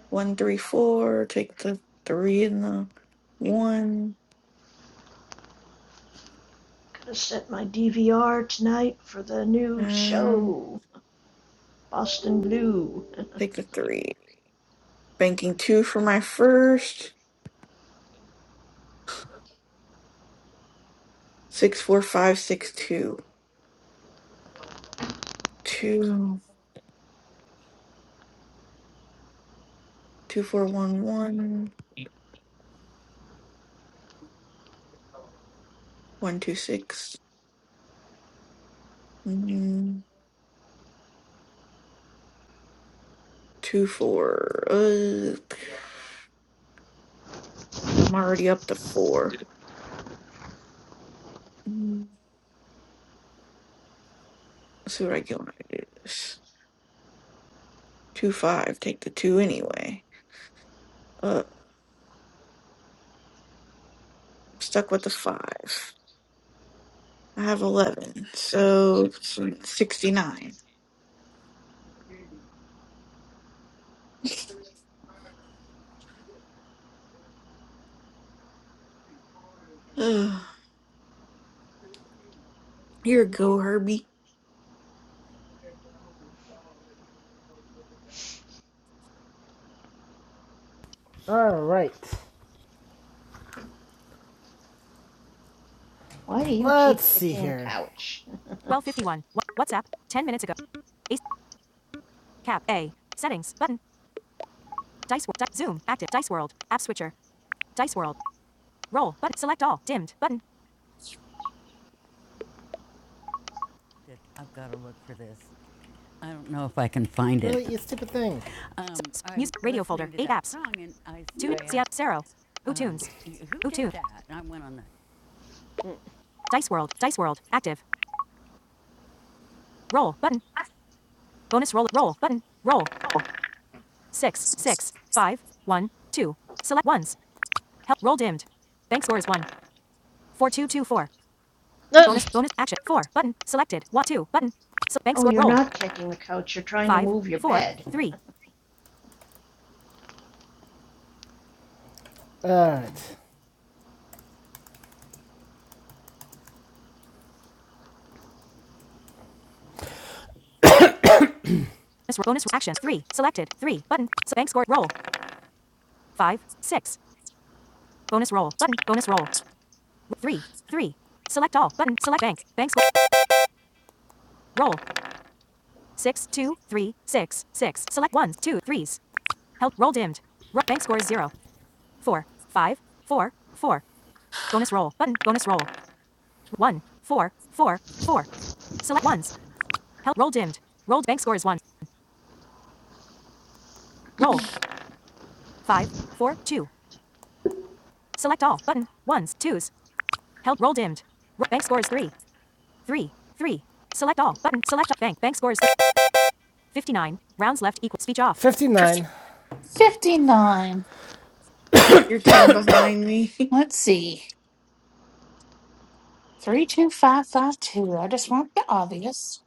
one, three, four. Take the three and the one.
Gotta set my DVR tonight for the new
Um,
show, Boston Blue.
take the three. Banking two for my first. Six, four, five, six, two. Two, two, four, one, one. One, two, six. Mm, two, four. Ugh. I'm already up to four. Mm, let's see what I get when I do this. Two, five. Take the two anyway. Uh, I'm stuck with the five. I have 11, so 69. [SIGHS] Ugh. Here you go, Herbie.
Alright.
[LAUGHS] Why do you
Let's
keep
see
kicking the
here.
couch? [LAUGHS]
1251. Wha- WhatsApp. 10 minutes ago. Ace. Cap. A. Settings. Button. Dice. Di- Zoom. Active. Dice World. App Switcher. Dice World. Roll. Button. Select all. Dimmed. Button. it. Really, it. you stupid thing. Zero. Dice World. Dice World. Active. Roll button. Bonus roll. Roll button. Roll. Six. Six. Five. One. Two. Select ones. Help. Roll dimmed. Bank score is one. Four two two four. Bonus. Bonus action. Four button. Selected. One two button. So bank
Oh,
score.
you're
Roll.
not kicking the couch. You're trying to
Five.
move your
Four.
bed.
Three. Alright. Bonus, bonus action. Three. Selected. Three button. So bank score. Roll. Five. Six. Bonus roll button. Bonus roll. Three. Three. Select all button. Select bank. Bank score. Roll. Six two three six six. Select ones two threes. Help. Roll dimmed. Ro- bank score is zero. Four. Five. Four. Four. Bonus roll. Button. Bonus roll. One. Four. Four. Four. Select ones. Help. Roll dimmed. Roll. bank score is one. Roll. Five. Four. Two. Select all. Button. Ones. Twos. Help. Roll dimmed. Ro- bank score is three. Three. Three. Select all. Button. Select all. Bank. Bank score is 59. Rounds left equal. Speech off. 59.
59.
You're 10 behind me. [LAUGHS]
Let's see. 32552. I just want the obvious.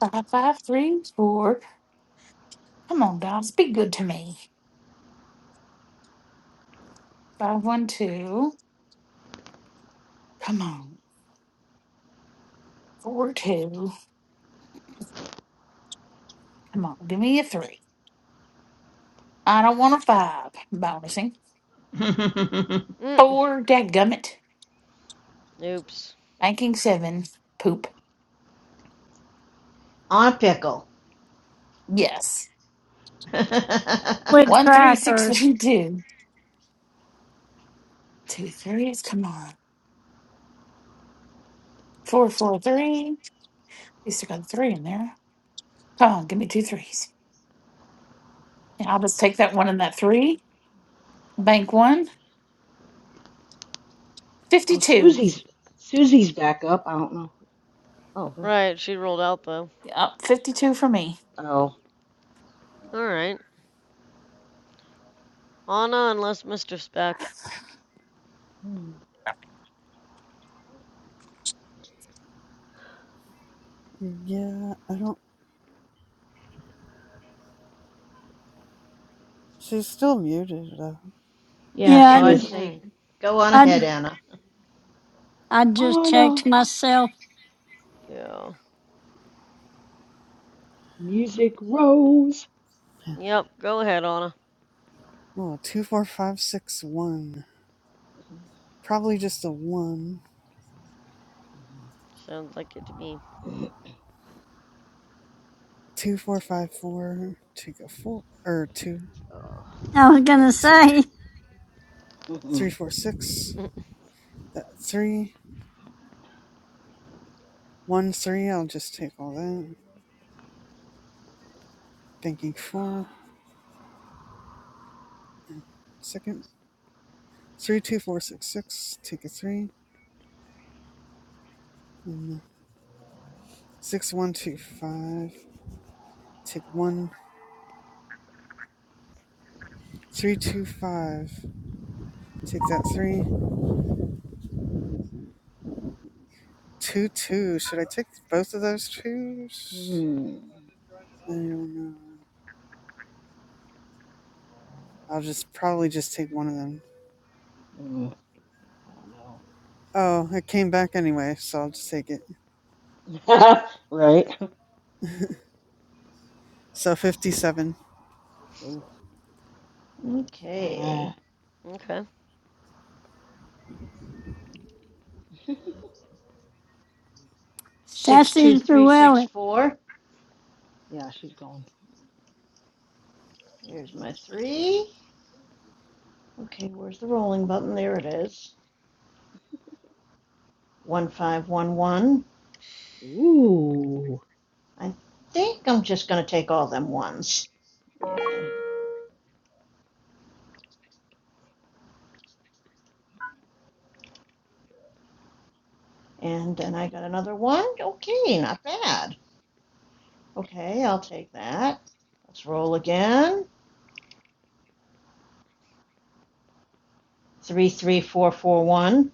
5534. Come on, guys. Be good to me. 512. Come on. Four, two. Come on. Give me a 3. I don't want a 5. Bonusing.
[LAUGHS] On
Mm.
4. Dadgummit.
[LAUGHS] Oops.
Banking seven. Poop.
a pickle.
Yes.
[LAUGHS]
with
One three six [LAUGHS]
crackers.
three two. Two threes. Come on. Four four three. At least I got a three in there. Come on, give me two threes. And I'll just take that one and that three. Bank one. Fifty
Oh,
two.
Susie's Susie's back up. I don't know. Oh, there's,
Right, she rolled out though.
Yep, fifty two for me. [LAUGHS]
oh,
All right, Anna, unless Mr. Speck.
Hmm.
Yeah, I don't. She's still muted though.
yeah, so
Yeah,
who
I'd
is?
Hmm.
say go on
i i
ahead, Anna.
I just
Oh no.
checked myself.
Yeah.
Music rose.
Yeah.
Yep. Go ahead, Anna.
Oh, two four five six one. Probably just a one.
Sounds like it to me.
[LAUGHS]
Two four five four. Take a four or two.
I was
Yeah,
gonna
the two.
say,
Oh, hmm.
Three four six.
Mm,
That three. One three. I'll just take all that. Banking four. Second. Three two four six six. Take a three. And six one two five. Take one. Three two five. Take that three. Two two. Should I take both of those twos?
Hmm.
I don't know. I'll just probably just take one of them.
I don't
Oh, it came back anyway, so I'll just take it.
know. [LAUGHS] right?
[LAUGHS] so fifty-seven.
Ooh.
Okay.
Ah.
Okay.
[LAUGHS]
Sassy Llewellyn,
62364.
yeah, she's going.
Here's my three. Okay, where's the rolling button? There it is. 1511.
Ooh.
I think I'm just going to take all them ones.
Yeah.
And then I got another one. Okay, not bad. Okay, I'll take that. Let's roll again. Three, three, four, four, one.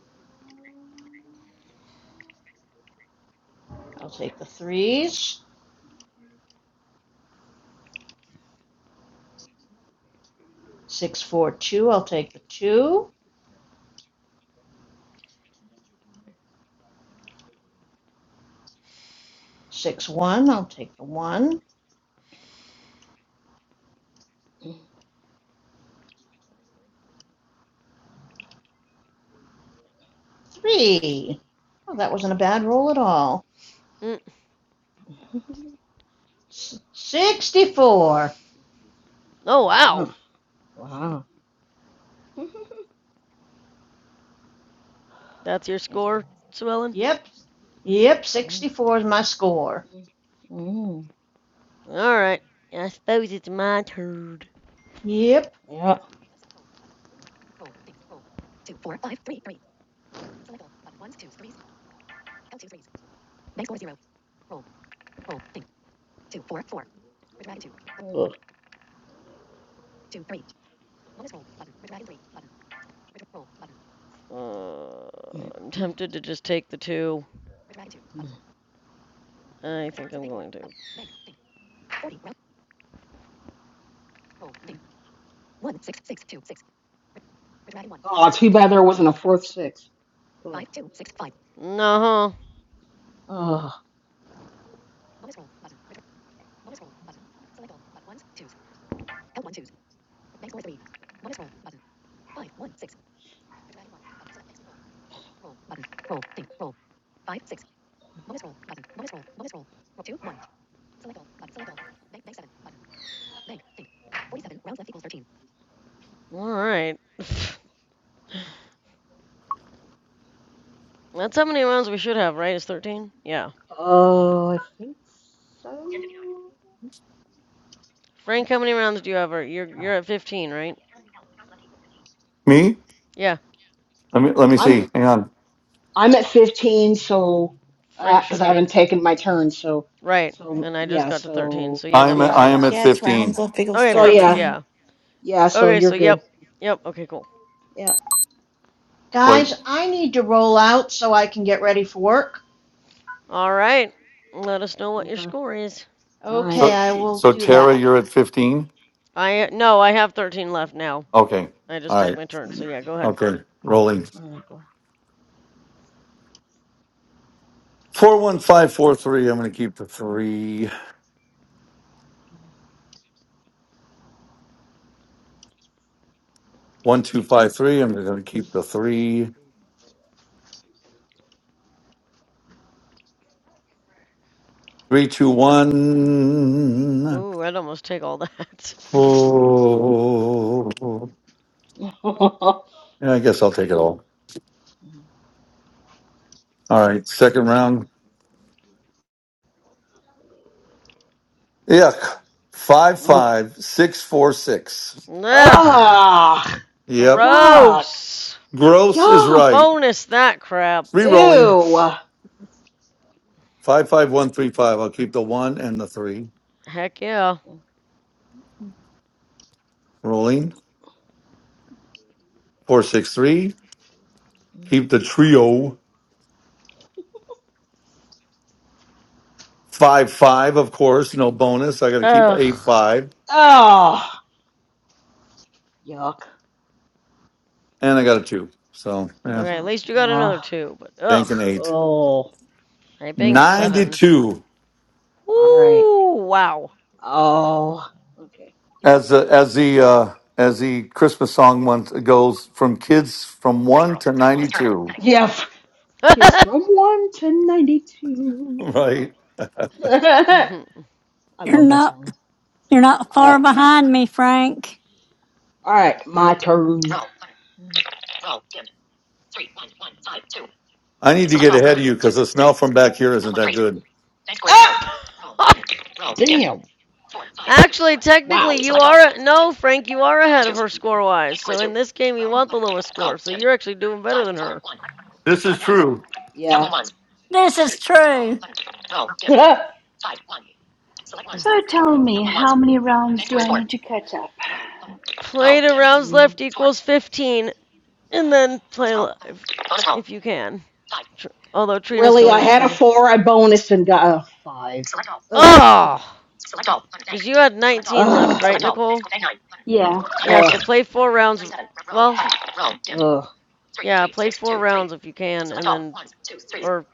I'll take the threes. Six, four, two. I'll take the two. Six, one. I'll take the one. Three. Oh, that wasn't a bad roll at all.
Mm.
[LAUGHS]
S- Sixty-four.
Oh wow,
uh Wow.
that's your score, Swellen.
Yep. Yep. Sixty-four is my score.
Mm-hmm.
All right. I suppose it's my turn.
Yep.
Yeah. Ugh.
Uh,
[CLEARS THROAT]
I'm tempted to just take the two. I think I'm going to.
Oh, too bad there wasn't a fourth six. Ugh.
No. All
Ugh.
right. [LAUGHS] That's how many rounds we should have, right? It's 13? Yeah.
Oh, I think so.
Frank, how many rounds do you have? You're you're at 15, right?
Me?
Yeah.
Let me let me
I'm
see. Hang on.
I'm at 15, so uh
Frank
'cause because
should
I
be.
haven't taken my turn, so
Right.
so
And I just
yeah,
got to 13,
so
so yeah, that
I'm at,
makes
yeah.
I am
sense.
at
yeah, it's rounds
15.
left equals
Okay,
So
perfect.
yeah,
13.
Yeah.
yeah, so
Okay,
you're
so
good.
yep. Yep. Okay, cool.
Yeah. All
Wait.
Guys,
right.
I need to roll out so I can get ready for work.
All right. Let us know what your
Okay.
score is.
All right.
Okay,
So,
I will
so
do
Tara,
that.
you're at 15?
I no, I have 13 left now.
Okay.
I just
All
took
right.
my
[CLEARS THROAT]
turn. So yeah, go ahead.
Okay. Rolling.
All right. Go.
41543. I'm going to keep the three. 1253. I'm going to keep the three. 321.
Ooh, I'd almost take all that.
Oh.
[LAUGHS]
Yeah, I guess I'll take it all. All right. Second round. Yuck.
Ugh.
55646.
[LAUGHS] Ugh,
Ugh.
Yep.
Yuck.
gross.
Gross is
Yuck.
right.
Bonus that crap.
Re rolling.
Ew.
55135. I'll keep the one and the three.
Heck yeah.
Rolling. 463. Keep the trio. 5 5, of course. No bonus. I got to keep
Ugh.
8 5.
Oh, yuck.
And I got a 2. So, yeah,
Okay, at least
Okay.
you got
Ugh.
another two, but
banking
ugh.
8.
Oh.
I banged
Ugh.
seven.
92.
All right.
Ooh, wow.
Oh, okay.
As the, as the, uh, as the Christmas song one goes from kids from 1 to 92. [LAUGHS]
Yeah. f-
[LAUGHS]
Okay, it's from 1 to 92. Oh.
Right.
[LAUGHS] I
you're
love that
not
song.
you're not
All right.
far behind me, Frank.
All right, my turn. Roll.
I need to
Mm.
get ahead of you because the smell from back here isn't that good.
Ah! Damn. Dim.
Actually,
Wow.
technically, you are no, Frank. You are ahead of her score-wise. So in this game, you want the lowest score. So you're actually doing better than her.
This is true.
Double Yeah. Double
This is true.
[LAUGHS]
So tell me, how many rounds do I need to catch up?
Play to rounds
Mm,
left equals 15, and then play live if you can. Tr- Although Trina's
really, I
going,
had a
Okay.
so.
4, I bonus and got a 5. Ugh.
Oh!
Select all.
Because you had
Select all.
19 left, right,
Select all.
Nicole?
Yeah.
Yeah, so play four rounds. Well,
Roll.
yeah, play four rounds if you can, and then. Or.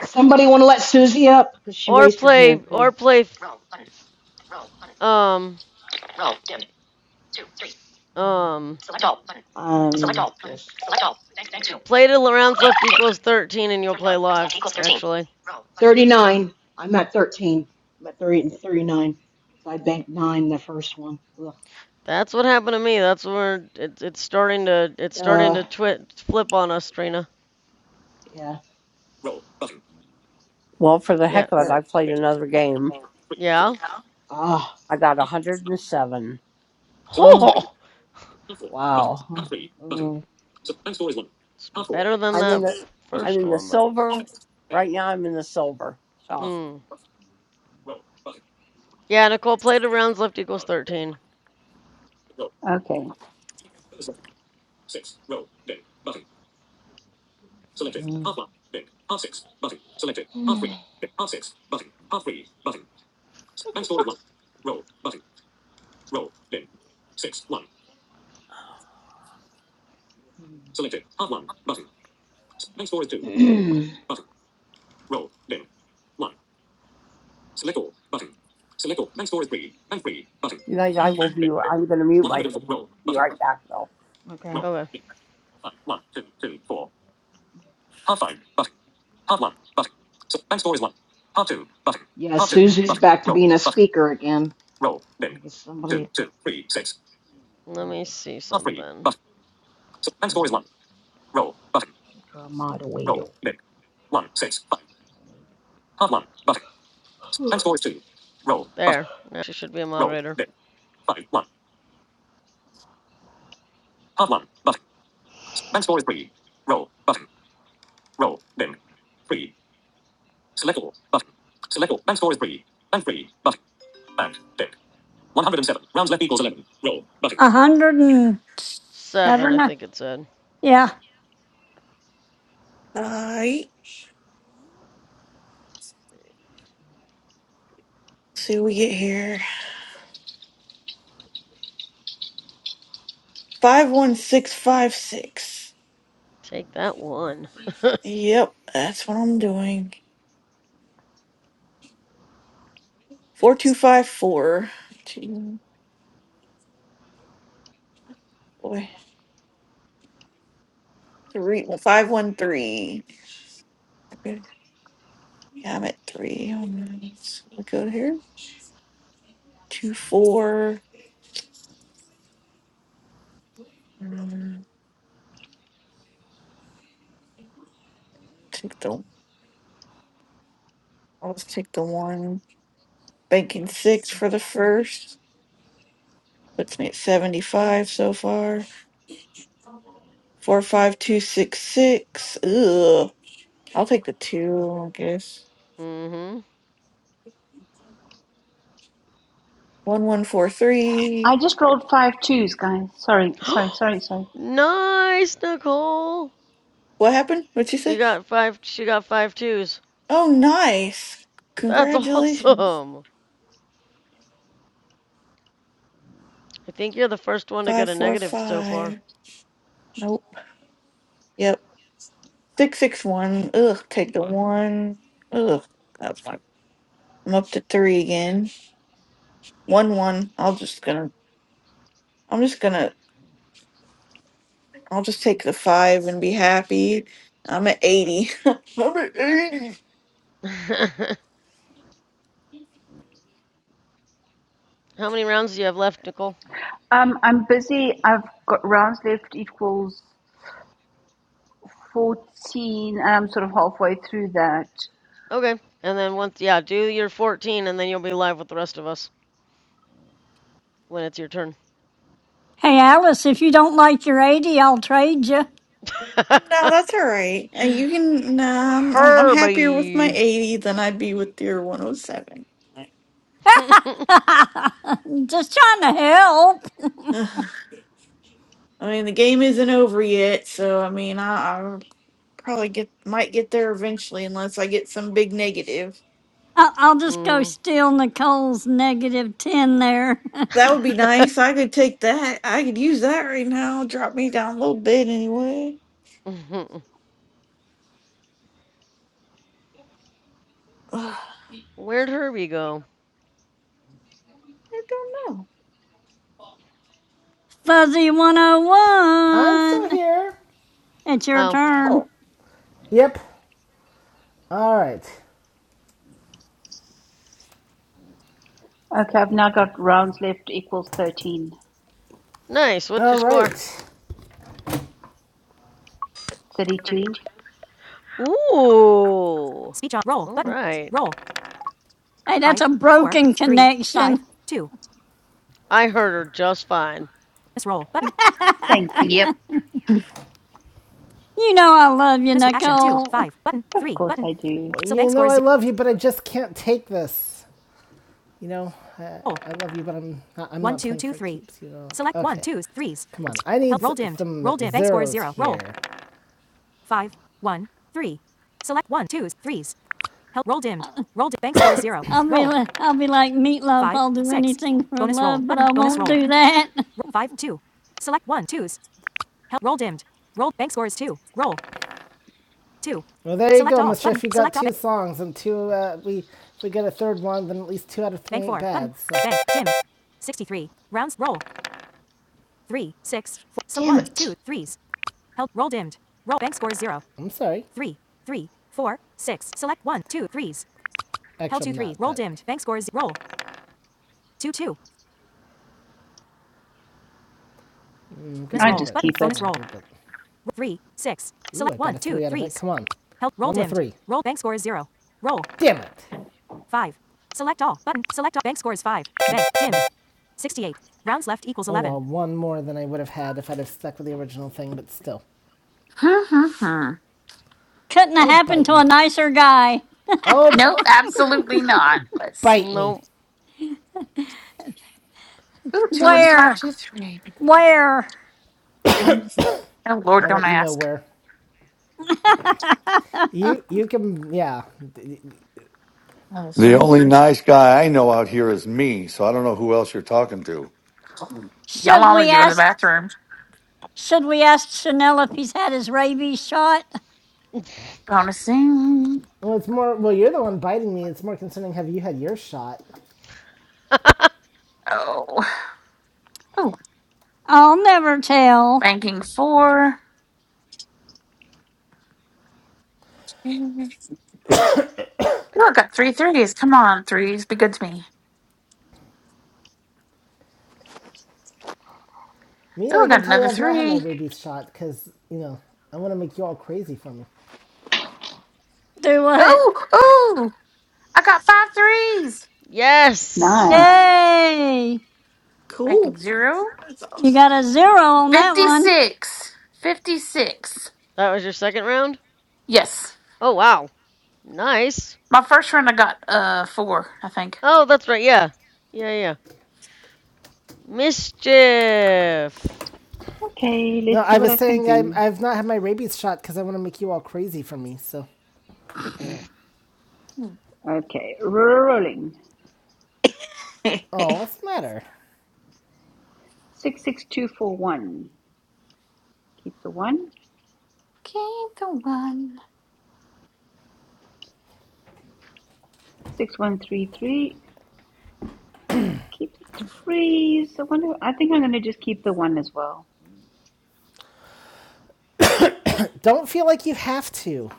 Somebody want to let Susie up because she
Or
raised her
play.
hand.
Or play. Um. Um.
Um, Select all. Button. Select all. Bank. Bank two.
Play till the rounds left equals 13, and you'll play live, actually.
Roll. Thirty-nine. I'm at thirteen. I'm at 30 and 39. So I banked nine the first one. Ugh.
That's what happened to me. That's where it, it's starting to it's starting
Uh.
to twi- flip on us, Trina.
Yeah.
Well, for the
Yeah,
heck of it, I played another game.
yeah. [LAUGHS]
Ah.
I got 107.
Oh.
Oh,
Wow. Huh. Oh.
it's better than
I'm in
that
the I'm
first
in the
one, but
silver right now. I'm in the silver. So
mm. Yeah, Nicole played of rounds left equals 13.
Okay.
Mm. [CLEARS THROAT]
you guys, I will be. I'm going to mute myself. Be right back though.
okay.
Okay,
Yeah, Susie's back to being a speaker again. I guess somebody.
let me
Ugh,
see something.
maybe make her a moderator. [SIGHS] all
There. Now she should be a moderator.
One hundred and seven rounds left equals eleven. Roll Button. A hundred and
Seven, I
seven. uh,
think it said.
Yeah.
Alright. let's See what we get here. 51656.
Take that one.
Yep, that's what I'm doing. 4254. Two, five four. Two, boy, three, well, 513. Okay, Yeah, I'm at three. Um, Let's look out here. Two, four. Um, Take the, I'll just take the one. Banking six for the first. Puts me at 75 so far. Four, five, two, six, six. Ugh. I'll take the two, I guess.
Mm
One, one, four, three.
I just rolled five twos, guys. Sorry,
hmm.
sorry, sorry, sorry.
[GASPS] nice, Nicole.
What happened? What'd she
She
say?
got five. She got five twos.
Oh, nice.
That's
Congratulations.
awesome. I think you're the first one to get a negative so far.
545. Nope. Yep. 661. Ugh, take the one. Ugh, that's fine. I'm up to three again. 1 1. I'll just gonna, I'm just gonna, I'll just take the five and be happy. I'm at 80. [LAUGHS] I'm at 80.
[LAUGHS] How many rounds do you have left, Nicole?
Um, I'm busy. I've got rounds left equals fourteen, and I'm sort of halfway through that.
Okay. And then once, yeah, do your 14, and then you'll be live with the rest of us when it's your turn.
Hey, Alice, if you don't like your 80, I'll trade you.
No, that's all right. And
[LAUGHS]
you can, nah, I'm, I'm I'm happier with my
Herbie.
80 than I'd be with your 107.
[LAUGHS]
[LAUGHS] just trying to help.
[LAUGHS] [SIGHS] I mean, the game isn't over yet, so I mean, I, I probably get might get there eventually, unless I get some big negative.
I- I'll just go
Mhm.
steal Nicole's negative 10 there. [LAUGHS]
That would be nice. I could take that. I could use that right now. Drop me down a little bit anyway.
[LAUGHS]
[SIGHS] I
Where'd Herbie go?
don't know.
Fuzzy
I'm still
101.
here.
It's your
Oh,
turn.
Oh,
Yep. All right.
Okay, I've now got rounds left equals 13.
nice. What's
All
your score?
right.
32.
Ooh.
Speech off. Roll.
All
Button.
right.
Roll.
Hey, that's
five,
a
four,
broken
three, five,
connection.
two.
I heard her just fine.
Scroll button.
[LAUGHS]
Thank you.
you know I love you,
Scroll action two,
Nicole.
five, button,
Of
three,
course
button.
I do.
Well, you know I love you, but I just can't take this. You know, I, Oh. I love you, but I'm not. I'm One, not two, two, three. keeps, you know. Select one, Okay, one, twos, threes. Come on, I need roll s- dimmed. some Roll dimmed. Bank score is zero. zeros Roll. Five, one, three. Select one, twos, threes. Help. Roll dimmed.
[LAUGHS]
Roll dimmed. Bank [COUGHS] score is zero.
I'll
[COUGHS]
be,
Roll.
li- I'll be like meatloaf.
Five,
I'll do
six.
anything for
Bonus roll.
love, but
Button.
I
Bonus
won't
roll.
do that. [LAUGHS]
Ro- Five, two. Select one, twos. Help. Roll dimmed. Roll. Bank score is two. Roll. Two. Well, there select you go, all. Miss Schiff. Button. You got two songs and two. Uh, we if we get a third one, then at least two out of three Bank ain't four. bad. So Bank. Dim. 63. Rounds. Roll. Three, six, four. So
Damn
ones, two,
it.
threes. Help. Roll dimmed. Roll. Bank score zero. I'm sorry. Three, three, four, six. Select one, two, threes. Held Actually, held 2 three. Roll dimmed. Bank score scores roll. Two two. Miss
I
roll.
just
Button.
keep
Bonus
it.
roll. Three six. Select got one two three threes. Come on. Held. Roll dimmed. three. Roll. Bank score is zero. Roll. Damn it. Five. Select all. Button. Select all. Bank score is five. Bank. Dim. 68. Rounds left equals Oh, 11. Oh, well, one more than I would have had if I'd have stuck with the original thing, but still.
Hmm, hmm, hmm.
Couldn't have
Oh,
happened
bite
to a
me.
nicer guy.
Oh,
nope, absolutely not. Let's
bite
see.
me.
Nope.
Ooh, two and five,
Where?
two, three.
Where?
One, two- Oh Lord,
I'll
don't
let you know
ask.
where.
[LAUGHS]
You you can yeah.
Another
The
three.
only nice guy I know out here is me. So I don't know who else you're talking to.
Y'all
should
all need
we
to go to the
ask
bathroom.
should we ask Chanel if he's had his rabies shot?
Bonusing.
Well, it's more. Well, you're the one biting me. It's more concerning. Have you had your shot?
[LAUGHS]
Oh. Oh,
I'll never tell.
Banking four. Ooh, I got three threes. Come on, threes. Be good to me.
Me,
Ooh,
I
I
can
got
tell you,
another
I've not had my
three.
rabies shot because you know I want to make you all crazy for me.
Do what?
Oh, oh, I got five threes.
yes.
Nice.
Yay!
cool.
Banking zero.
That's
You
awesome.
got a zero on that one.
56. 56.
That was your second round?
Yes.
Oh, wow. Nice.
My first run, I got uh four, I think.
Oh, that's right. Yeah. Yeah, yeah. Mischief.
Okay,
No,
let's
I
see what
was
I can
saying I'm,
do.
I've not had my rabies shot because I want to make you all crazy for me. So,
Okay, rolling.
oh, what's the matter?
66241. Keep the one.
Okay, the one.
6133. Keep the threes. I wonder, I think I'm going to just keep the one as well.
Don't feel like you have to.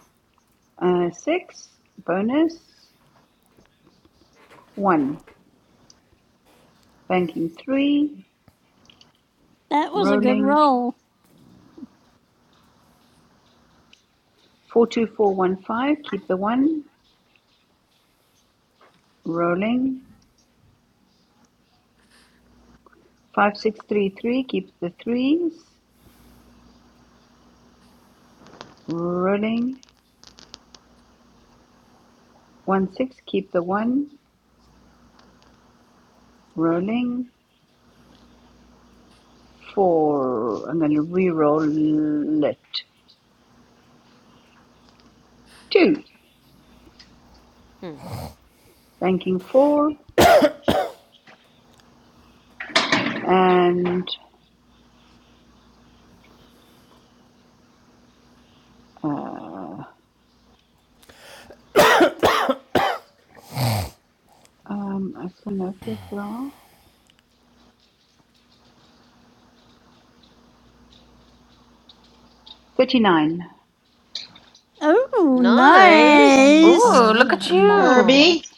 Uh, six, bonus, one. Banking three,
That was a good
rolling.
roll.
42415, keep the one. Rolling. 5633, keep the threes. Rolling. One-six, keep the one, rolling four. I'm going to re-roll it. Two,
Hmm.
banking four, and uh, um, I know if you're 39.
Ooh,
Can I have
Nice.
some
nice.
Ooh, look
Amarilla
at
in my little
you.
Herbie,
glass?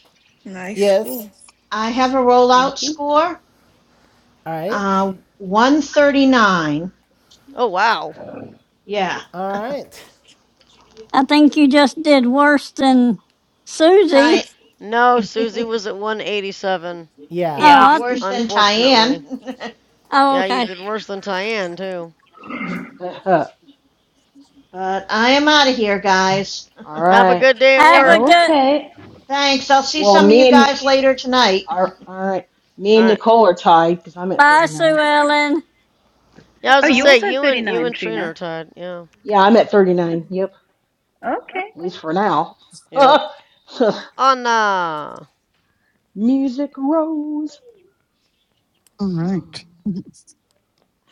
Nice.
Yes.
Cool.
I have a
Thank
rollout
you.
score.
All right.
Uh, 139.
Oh, wow.
Yeah,
All right.
I think you just did worse than Susie.
Ty. [LAUGHS]
No, Susie
I
was at 187,
Yeah.
Oh,
Yeah.
did
I,
worse than
unfortunately.
Tyann. [LAUGHS]
oh
Yeah, you
okay.
did worse than Tyann too.
but I am out of here, guys.
Have a
right.
good day at
Yep.
Have a
work.
good
Okay.
[LAUGHS] Thanks. I'll see
Well,
some of you
me and
guys later tonight.
are all right. Me
All
and
right.
Nicole are tied because I'm at
bye, Sue
39.
Ellen.
Bye
Yeah, I
Oh,
was gonna
you
bye.
say
also had
you and you
39,
and Trina are
Trina.
tied. Yeah.
Yeah, I'm at 39. Yep, at
Okay.
least for now.
Yep.
[LAUGHS]
Anna.
Music rose.
All
Mm.
right.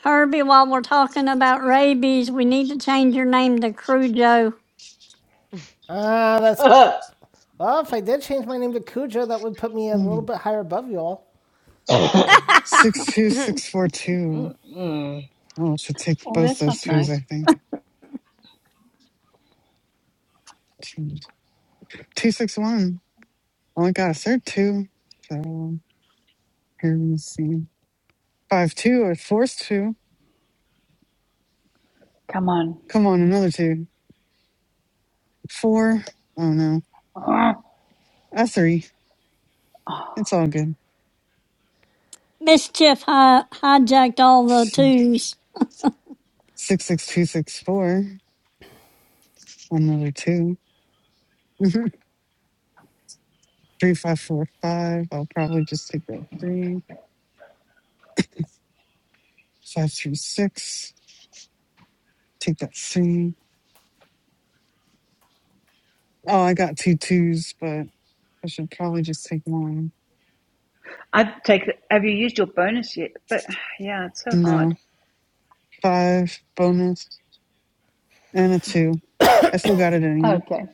Herbie, while we're talking about rabies, we need to change your name to Crujo.
Ah, uh, that's.
[LAUGHS]
Well, if I did change my name to Cujo, that would put me a little
Um,
bit higher above you all.
Six
[CLEARS THROAT]
two
Cujo.
[LAUGHS]
six four two.
Mm-mm.
Oh, I should take
Oh,
both
that's not
those twos. I
nice.
think. Two two, six one. Only got a third two. So. Here, let me see. Five two. I forced two.
Come on.
Come on, another two. Four. Oh no.
Ugh.
A three. It's all good.
Mischief hi- hijacked all the
Six
twos.
six two six four. Another two. [LAUGHS] three five four five. I'll probably just take that three. Five three six. Take that three. Oh, I got two twos, but I should probably just take one.
I'd take the, Have you used your bonus yet? But yeah, it's so hard.
No. Five bonus and a two. I still got it anyway.
Okay.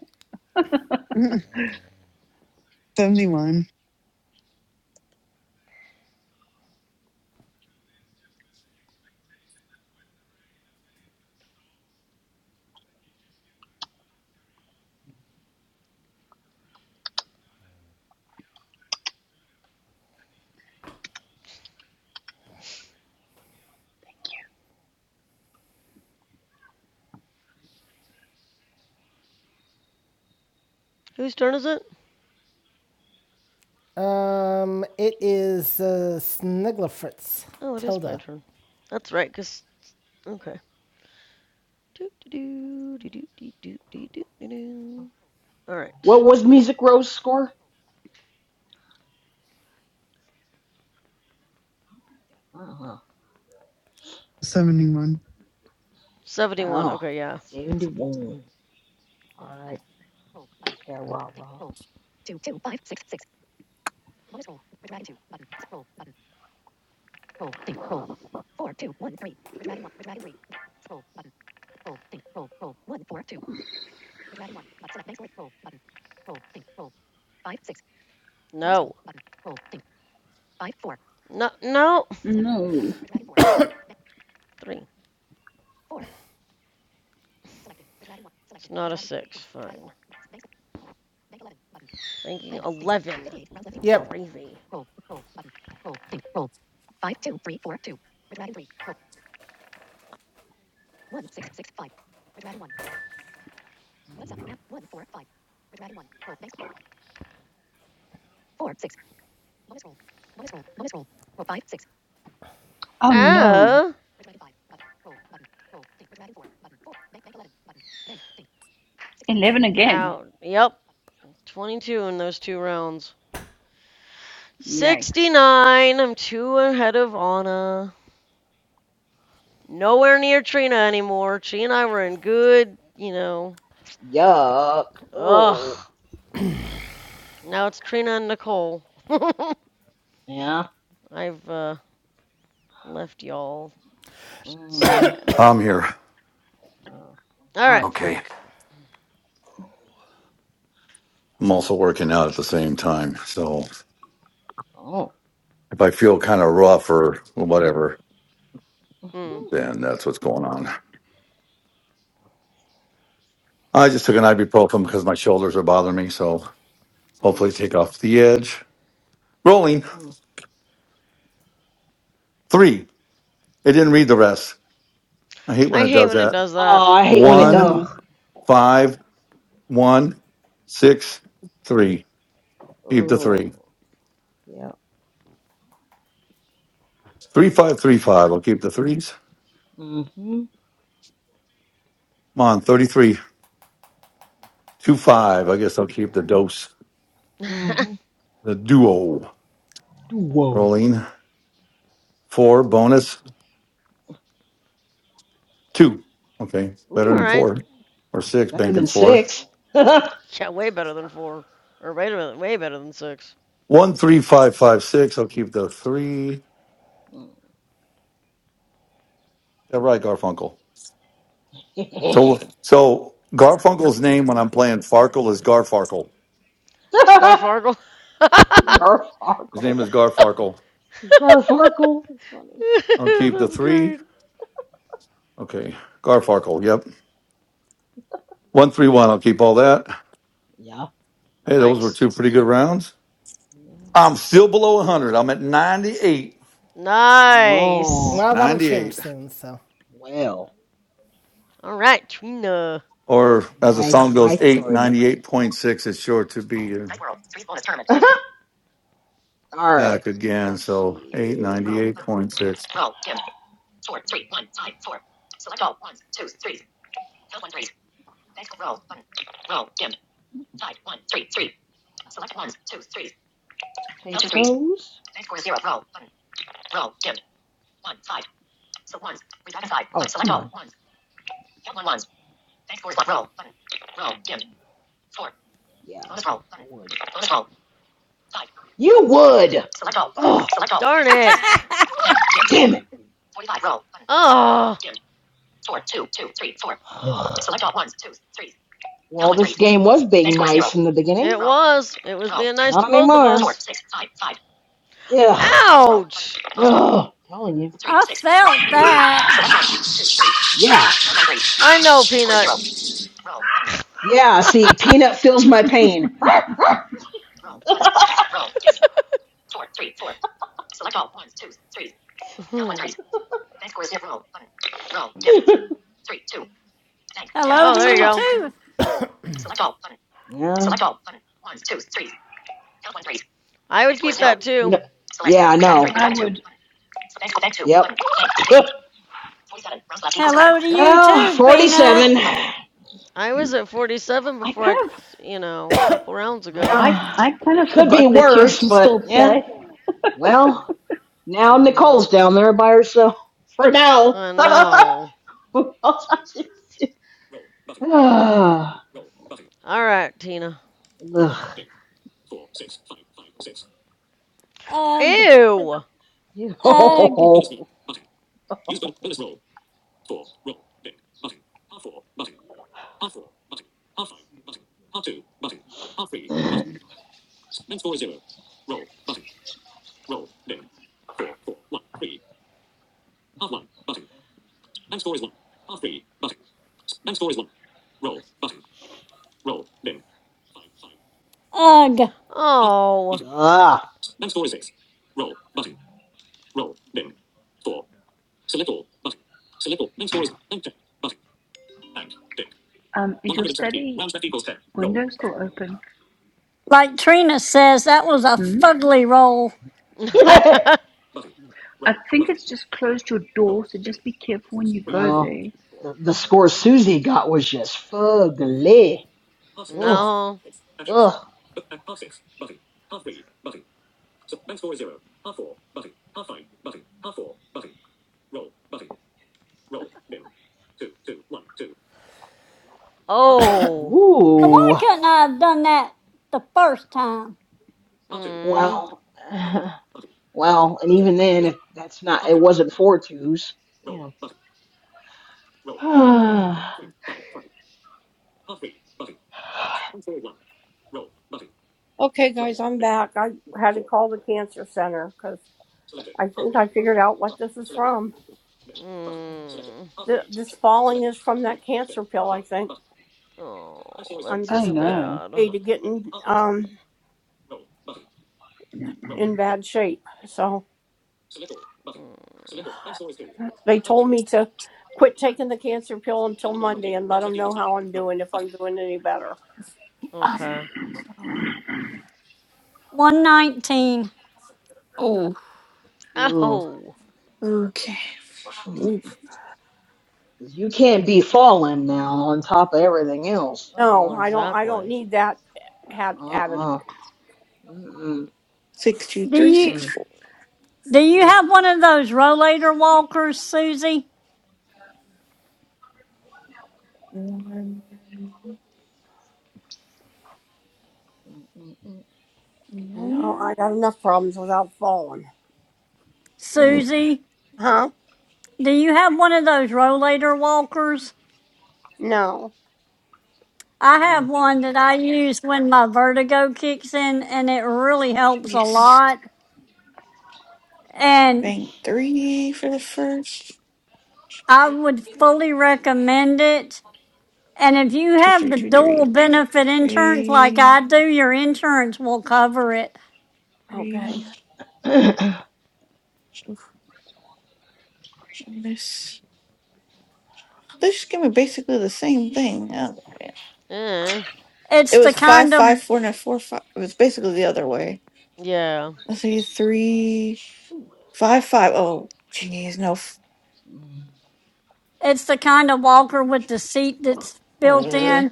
[LAUGHS] 71.
Whose turn is it?
Um, it is uh, Snigglefritz.
Oh, it is my
Tilda.
turn. That's right. Cause okay. All right.
What was Music Rose score? Uh-huh.
71.
Seventy-one.
Oh,
Okay. Yeah.
71. All right. Terra.
No. No. No.
No.
Three. It's not a six. Fine. Thinking eleven.
Yep.
Gravy.
Oh no,
Oh.
11 again.
Out. Yep. 22 in those two rounds.
Yikes.
69. I'm two ahead of Anna. Nowhere near Trina anymore. She and I were in good, you know.
Yuck. Oh.
Ugh. Now it's Trina and Nicole. [LAUGHS]
yeah.
I've uh, left y'all. Just
Mm,
sad.
I'm here.
uh,
All
all
right,
right.
Okay.
Frank.
I'm also working out at the same time. So
Oh.
if I feel kind of rough or whatever,
Mm,
then that's what's going on. I just took an ibuprofen because my shoulders are bothering me. So hopefully
mm.
take off the edge. Rolling
mm.
three. It didn't read the rest. I hate when
I
it
hate
does
when it
that.
does that.
Oh, I hate when it.
One,
Mm.
Ugh.
five, one, six, three. Keep the
Oh.
three.
Yeah.
Three, five, three, five. I'll keep the threes.
Mm-hmm.
Come on, 33, two, five. I guess I'll keep the dose,
[LAUGHS] All
Mm-hmm.
the duo.
Whoa.
Rolling four bonus Two. Okay. Better than
Ooh.
right.
four or six,
Better
banking
than
four.
six. [LAUGHS]
Yeah, way better than four. Or wait a minute, way better than six.
One, three, five, five, six. I'll keep the three.
Mm.
Yeah, right, Garfunkel. So, so Garfunkel's name when I'm playing Farkle is Garfarkle.
[LAUGHS]
Garfargle.
His name
Garfarkle.
is Garfarkle.
[LAUGHS]
Garfarkle. That's funny.
I'll
[LAUGHS]
keep the
That's
three.
great.
Okay. Garfarkle. Yep. One, three, one. I'll keep all that.
Yeah.
Hey, those were
Nice.
two pretty good rounds.
yeah.
I'm still below 100. I'm at 98.
Oh.
Nice.
Well, that'll change
98.
soon, so.
Well.
All right, Trina.
Or as the
My
song goes,
my turn.
898.6 is sure to be. here.
Dice World. Threes bonus tournament. [LAUGHS]
Mm,
All right.
back again.
Let's
So
see.
898.6.
Take those. We got a five. Oh, come on. Yeah. You would. Oh,
Darn
[LAUGHS]
it.
I
damn it.
Oh,
[SIGHS] Well, this game was being nice in the beginning.
it was. It was being nice to
Not
both of
anymore. Yeah.
us.
Ugh.
Ouch.
Telling you.
felt that.
Yeah.
I know, Peanut.
Yeah.
[LAUGHS]
See, peanut feels my pain. [LAUGHS]
oh,
Hello to
there you
you
go.
too.
Yeah.
I would keep that
You
too.
know. Yeah. I know.
I would.
Yep. [LAUGHS]
Hello to you
well,
too, Peanut.
forty-seven.
I was at 47
I
before I,
kind of.
you know, a couple rounds ago.
I
Well,
I kind of
could be
forgot that you had
worse,
to
but
still
yeah.
play.
Well, now
Mm hmm.
Nicole's down there by herself for now.
I
[SIGHS] [LAUGHS]
know.
Who else I should see? Ah,
All right, Tina.
ugh.
Ugh,
Ew.
Ew.
ugh, ugh.
Oh. [LAUGHS]
ah.
Um, is your study window still open?
Like Trina says, that was a
Hmm?
fugly roll.
[LAUGHS]
I think it's just closed your door, so just be careful when you go
no,
there.
the, the score Susie got was just fugly. Ugh,
no.
ugh,
Oh.
Now, Why
ooh.
couldn't I have done that the first time?
Mm.
Well, [SIGHS] well, and even then, if that's not, it wasn't four twos, you know.
Okay, guys, I'm back. I had to call the cancer center because I think I figured out what this is from.
Mm.
Th- This falling is from that cancer pill. I think
Oh,
I'm
that's
Oh
just
too
on
no.
bad.
my way to getting um in bad shape. So
Mm.
they told to quit taking the cancer pill and do any better.
Okay.
119.
Oh,
[SIGHS]
Oh.
Okay.
ooh.
Ooh,
'Cause you can't be falling now on top of everything else.
No,
Well,
Uh-uh.
exactly.
that happened.
Uh-uh. Mm-mm.
six, two,
Do
three,
you
six,
Mm-mm.
four.
do you
Oof.
have one of those rollator walkers, Susie?
One
Mm, mm, mm,
No,
one.
I got enough problems without falling.
Susie?
Huh?
Do you have one of those rollator walkers?
No.
I have
mm,
one that I use when my vertigo kicks in, and it really
Oh,
helps a
yes.
lot.
mm.
And
Bank three for the first.
I would fully recommend it. And if you
Two
have
three
the
two
dual
three
benefit insurance like
three
I do, your insurance will cover it.
Okay.
three.
Yeah.
Miss. They just gave me basically the same thing. Uh,
Eh.
It's
It
the
was five
kind of
five four nine four five. It was basically the other way.
Yeah.
Let's see, three
[CLEARS THROAT] [COUGHS] Ooh.
five five. Oh, jeez, no. f-
Mm.
it's the kind of walker with the seat that's built
Uh,
in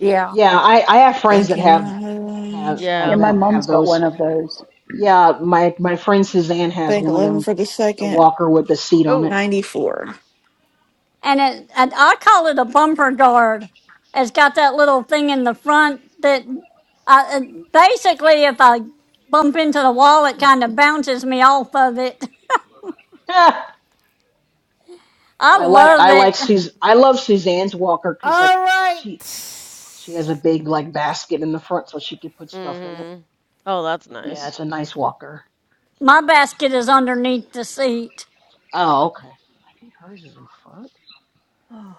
Yeah.
Yeah, I, I have friends that
banking
have
nine,
have
Yeah,
have
Yeah.
my
tho- have
mom's got
those.
one of those.
Yeah, my my friend Suzanne has
bank
one of
eleven
them,
for the
the
second.
walker with the seat on it.
Oh.
[LAUGHS]
Ninety four.
and it and I call it a bumper guard. It's got that little thing in the front that I, it- basically, if I bump into the wall, it kind of bounces me off of it. [LAUGHS]
Ah,
I
I
What
like
love
I
it.
like Suz I love Suzanne's walker because like
All right.
she she has a big like basket in the front so she can put stuff in it.
Mm-hmm. Oh, that's
Yeah,
nice.
it's a nice walker.
My basket is underneath the seat,
Oh, okay. I think hers is in
Oh.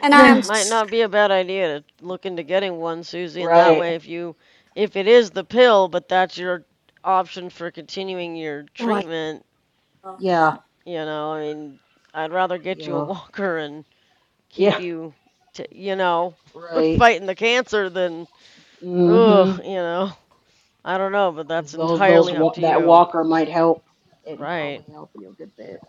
and I am
Might not be a bad idea to look into getting one,
[CLEARS THROAT]
Susie, and that
right.
way if you if it is the pill, but that's your option for continuing your
am I?
treatment,
Yeah.
you know, I mean, I'd rather get you a [LAUGHS]
Yeah.
walker and keep
Yeah.
you to, you know, [LAUGHS]
Right.
fighting the cancer, then ugh,
Mm-hmm.
you know. I don't know, but
Because
that's
those those
entirely up
wa-
to
that
you.
walker might help. It'd
Right.
probably help you a good bit.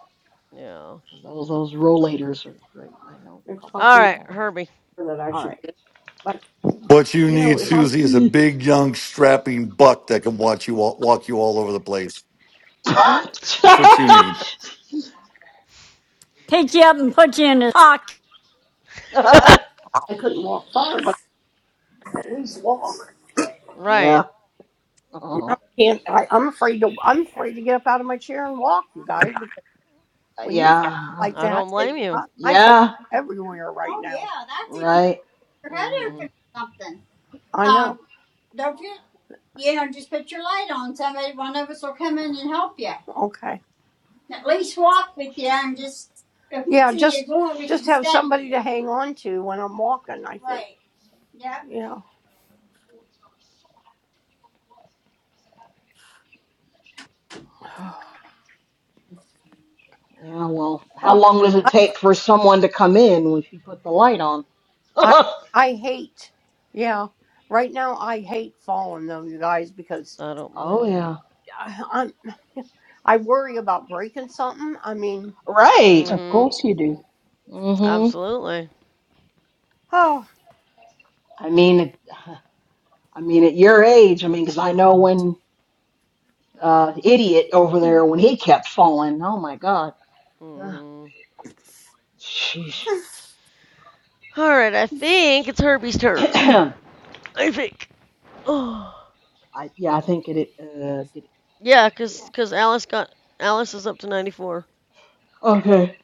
Yeah.
Because those those rollators are great. I know
They're
a couple
All
people
talking
right,
have them.
Herbie.
so that I
All
should
right.
get. But
What you
you know,
need,
if
Her.
I'm,
Susie, is a big, young, strapping buck that can watch you all, walk you all over the place. That's what you need.
pick you up and put you in the pocket.
[LAUGHS]
I couldn't walk far, but I could at least walk.
[LAUGHS] yeah.
Right.
Oh.
I can't. I, I'm afraid to. I'm afraid to get up out of my chair and walk, you guys, because when you
Yeah.
like
I
that,
don't
it
blame you.
I, I hurt
Yeah.
everywhere right Oh now. yeah, that's if you
Right.
your head open
Mhm.
or something. I know. Um, don't you? You know, just put your light on. Somebody, one of us will come in and help you. Okay. At least walk with you and just, if Yeah, see just you we just have stop somebody to hang on to when I'm walking. I think, Right. yeah. you know, [SIGHS]
Yeah. Well, how
Oh,
long does it
I
take for someone to come in when she put the light on?
I
[LAUGHS]
I hate. Yeah, right now I hate falling though, you guys, because
I don't
Oh
blame you.
yeah.
I, I'm [LAUGHS] I worry about breaking something. I mean,
Right.
Of
Mhm.
course you do.
hmm
Absolutely.
[SIGHS] oh,
I mean, it- [SIGHS] I mean, at your age, I mean, 'cause I know when uh, idiot over there when he kept falling. Oh my God. Ugh,
Mhm.
Sheesh.
All right, I think it's Herbie's
[CLEARS THROAT]
turn.
I
I think. Oh.
yeah, I think it. it, Uh, did it
Yeah, cuz
yeah.
cuz Alice got Alice is up to 94. [SIGHS]
okay.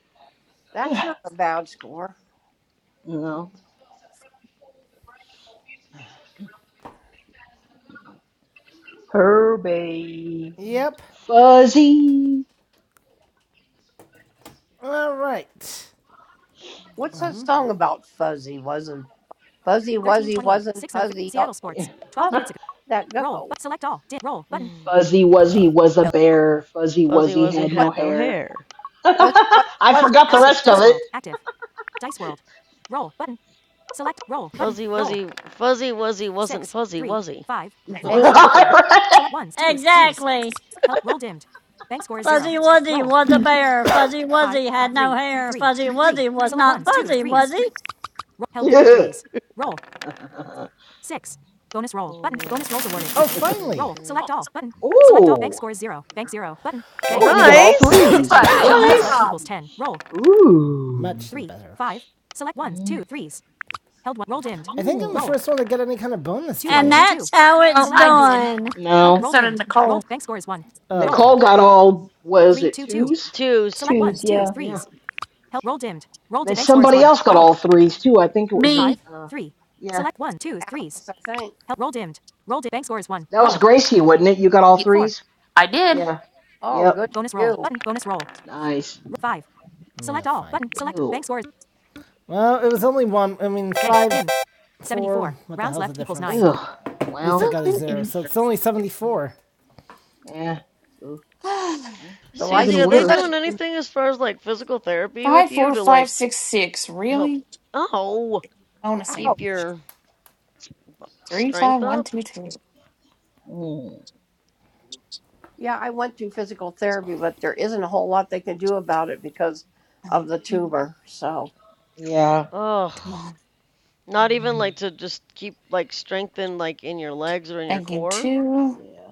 [SIGHS]
that's not a bad score.
no.
Her baby.
Yep.
Fuzzy.
All right.
What's that song about? Fuzzy wasn't fuzzy, wuzzy
1328.
wasn't
6 notification.
fuzzy. Oh,
Seattle Sports. 12
how's
minutes
[LAUGHS]
ago.
that
Roll.
go?
But select all. Did roll button.
Mm.
Fuzzy Wuzzy was a bear. Fuzzy
Fuzzy
Wuzzy
Wuzzy
had no
had no
hair.
hair.
[LAUGHS]
Fuzzy, fuzzy,
I
wasn't
forgot
App
the
switch.
rest
fuzzy.
of
Dice
it.
World. Active. Dice World. Roll button. Select roll button.
Fuzzy
Roll.
Wuzzy, Fuzzy Wuzzy wasn't
Six,
fuzzy,
three,
was he?
five,
[LAUGHS]
[LAUGHS] Hey,
four,
great.
five.
oh
[LAUGHS]
Select ones, twos, threes.
Exactly.
Help. Roll dimmed. Bank score is zero.
Fuzzy Wuzzy
Roll.
was a bear. Fuzzy
Five,
Wuzzy had no
three,
hair.
three,
Fuzzy
three.
Wuzzy was
Select
not
ones, twos,
fuzzy,
threes.
was he?
Roll. Held three threes. Roll.
Yeah.
Six. Bonus roll button.
man,
Bonus rolls awarded.
exclamation
Oh,
[LAUGHS]
point,
finally!
praying
Roll.
period.
Select all. Button. Select all. Bank
Ooh.
score is zero. Bank zero. Button. Bank.
oh! you got
dimmed.
all
[COUGHS]
Nice!
threes.
68. [COUGHS]
Good
well,
Rounds left
Nice.
equals
job.
10. Roll.
Ooh.
Much Three. better. Five. Select ones,
Mm,
two, threes. Held one. Roll dimmed. I think I'm the Roll.
mm.
first one to get any kind of bonus Two today. one
And
two two.
that's how
no,
it's
Select
I
ones.
did.
done.
Held.
And
No.
Roll
so did
dimmed.
Nicole.
Rolled. Bank score is one. Oh, Roll. okay.
Nicole got all, was
Three
it
two two.
twos?
Twos.
Select
Choose,
ones twos
yeah.
Yeah.
threes. Held. Roll dimmed. Roll. Di-
Then
bank score is
somebody
one.
else got
Roll.
all threes too. I think it was,
Five
Me,
uh,
three.
yeah.
Select one twos threes.
Alice, I think.
Held. Roll dimmed. Roll. Di- bank score is one.
That
Roll.
was Gracie, wasn't it? You got all
Four.
threes?
I did.
Yeah.
Oh,
Yep.
good
Bonus
for
roll
you.
button. Bonus roll.
Nice.
Five. Select yeah, all fine. button. Select
Ew.
bank score. is- Well, it was only one. I mean, five. dimmed. four, 74. Rounds left equals nine.
Ew.
At least I
Well.
got a zero, so
[LAUGHS]
it's only
mm,
74.
Yeah.
[SIGHS]
The
Could have
Susie,
been
are
life's
they
given.
worse.
doing anything as far as like physical therapy with
five,
you
four,
to
five,
like
six, six.
help?
Really?
Oh,
Bonusing.
Out.
keep your
Three, five,
strength
one,
up?
two, two.
Mm.
Yeah, I went to physical therapy, but there isn't a whole lot they can do about it because of the tumor. So
Yeah.
Ugh.
Come on.
Not even
Mm.
like to just keep like strength in like in your legs or in your
Banking
core?
two.
Yeah.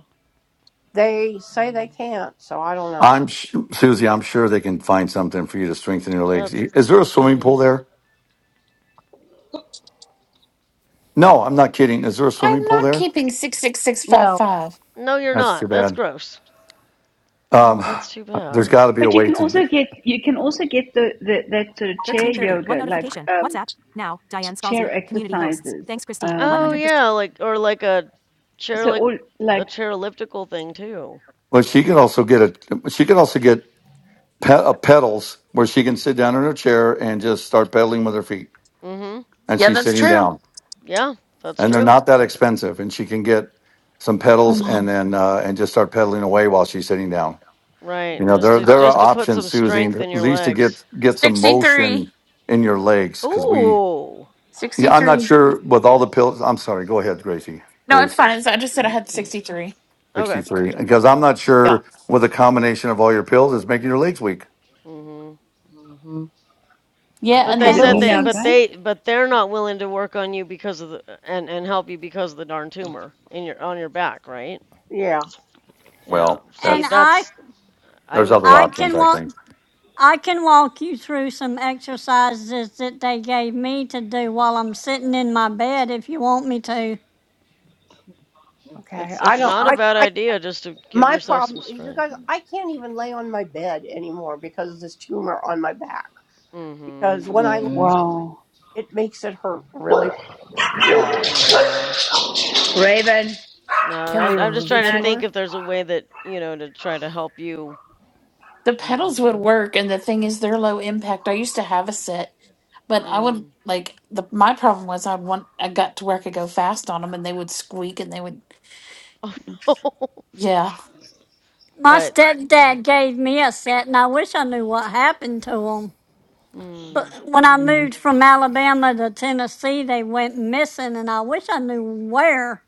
they say they
Mm.
can't. So I don't know.
I'm sh- Susie. I'm sure they can find something for you to strengthen your legs.
That's,
Is there a swimming
yeah.
pool there? No, I'm not kidding. Is there a swimming
I'm
pool
Mm.
not
there?
keeping six, six, six, five,
No.
five.
No, you're
That's
not.
too
That's
bad.
gross.
Um,
Oh, that's too
there's
bad.
got to be a
But you
way
can
to.
also
Do-
get you can also get the, the that sort of chair
1330. One
yoga, like
notification.
um,
WhatsApp. Now, Diane Scalzi,
chair
community hosts.
exercises.
Thanks, Christine.
Oh,
100%.
Um,
yeah, like or like a chair
so
like
all
a
like,
chair elliptical thing too.
well, she can also get a. She can also get pe- uh, pedals where she can sit down in her chair and just start pedaling with her feet,
mm Mhm.
and
Yeah,
she's
that's
sitting
true.
down.
Yeah, that's
and they're
true.
not that expensive. And she can get some pedals
Come
and
on.
then uh, and just start pedaling away while she's sitting down.
Right.
You know,
Just
there
to
there
Uh,
are
just to put some
options, Susie,
strength
at
in your
least to
legs.
get get some
63.
motion in your legs because we.
Ooh.
Yeah, I'm not
63.
sure with all the
Nice.
pills. I'm sorry. Go ahead, Gracie.
No, it's
Grace,
fine. It's, I just said I had 63.
sixty
Okay.
three. Because I'm not sure with a combination of all your pills is making your legs weak.
mm Mhm.
Mhm. Yeah.
Yeah,
But
and
they
the
is it
said
little
And
me
So
they
now,
but
things,
guys?
they but they're not willing to work on you because of the and and help you because of the darn tumor in your on your back, right?
Yeah.
Yeah.
well,
See,
and
that's
I
that's I
there's
would
other
I
think
options.
can
I
walk.
think
I can walk you through some exercises that they gave me to do while I'm sitting in my bed if you want me to.
Okay.
it's
I
it's
don't.
not a
I.
bad
I
idea just to give
my
yourself some
problem, you
strength.
guys, I can't even lay on my bed anymore because of this tumor on my back.
mm
Because when I, lay,
Mm.
Wow,
it makes it hurt really.
Mhm.
Oh.
Yeah.
Raven,
No,
Can they
I'm I'm just
remove the
trying to
Peanut,
think
tumor?
if there's a way that, you know, to try to help you.
the pedals would
Mhm.
work, and the thing is, they're low impact. I used to have a set, but I would
Mm.
like the my problem was I'd want I got to where I could go fast on them, and they would squeak, and they would.
Oh [LAUGHS] no.
Yeah.
My
But
stepdad gave me a set, and I wish I knew what happened to him. But
mm,
when I
Mhm.
moved from Alabama to Tennessee, they went missing, and I wish I knew where.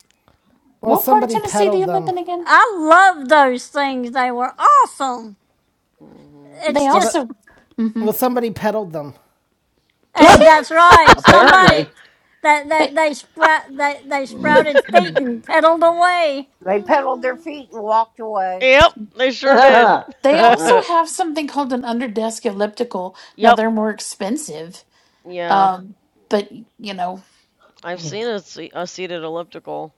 Well,
What part of
somebody
Tennessee do
peddled
you live
them.
in again?
I love those things. They were awesome.
mhm.
They
It's
Well,
just
that.
also, hmm
Well, somebody peddled them.
[LAUGHS]
uh,
Yes,
that's right. Somebody
apparently.
that that
they
they sprout they, they sprouted feet and pedaled away.
They pedaled their
Uh,
feet and walked
[LAUGHS]
away.
Yep, they sure did.
they also
[LAUGHS]
have something called an underdesk elliptical. Now
Yep.
they're more expensive,
Yeah.
um, but you know,
I've seen a, se- a seated elliptical.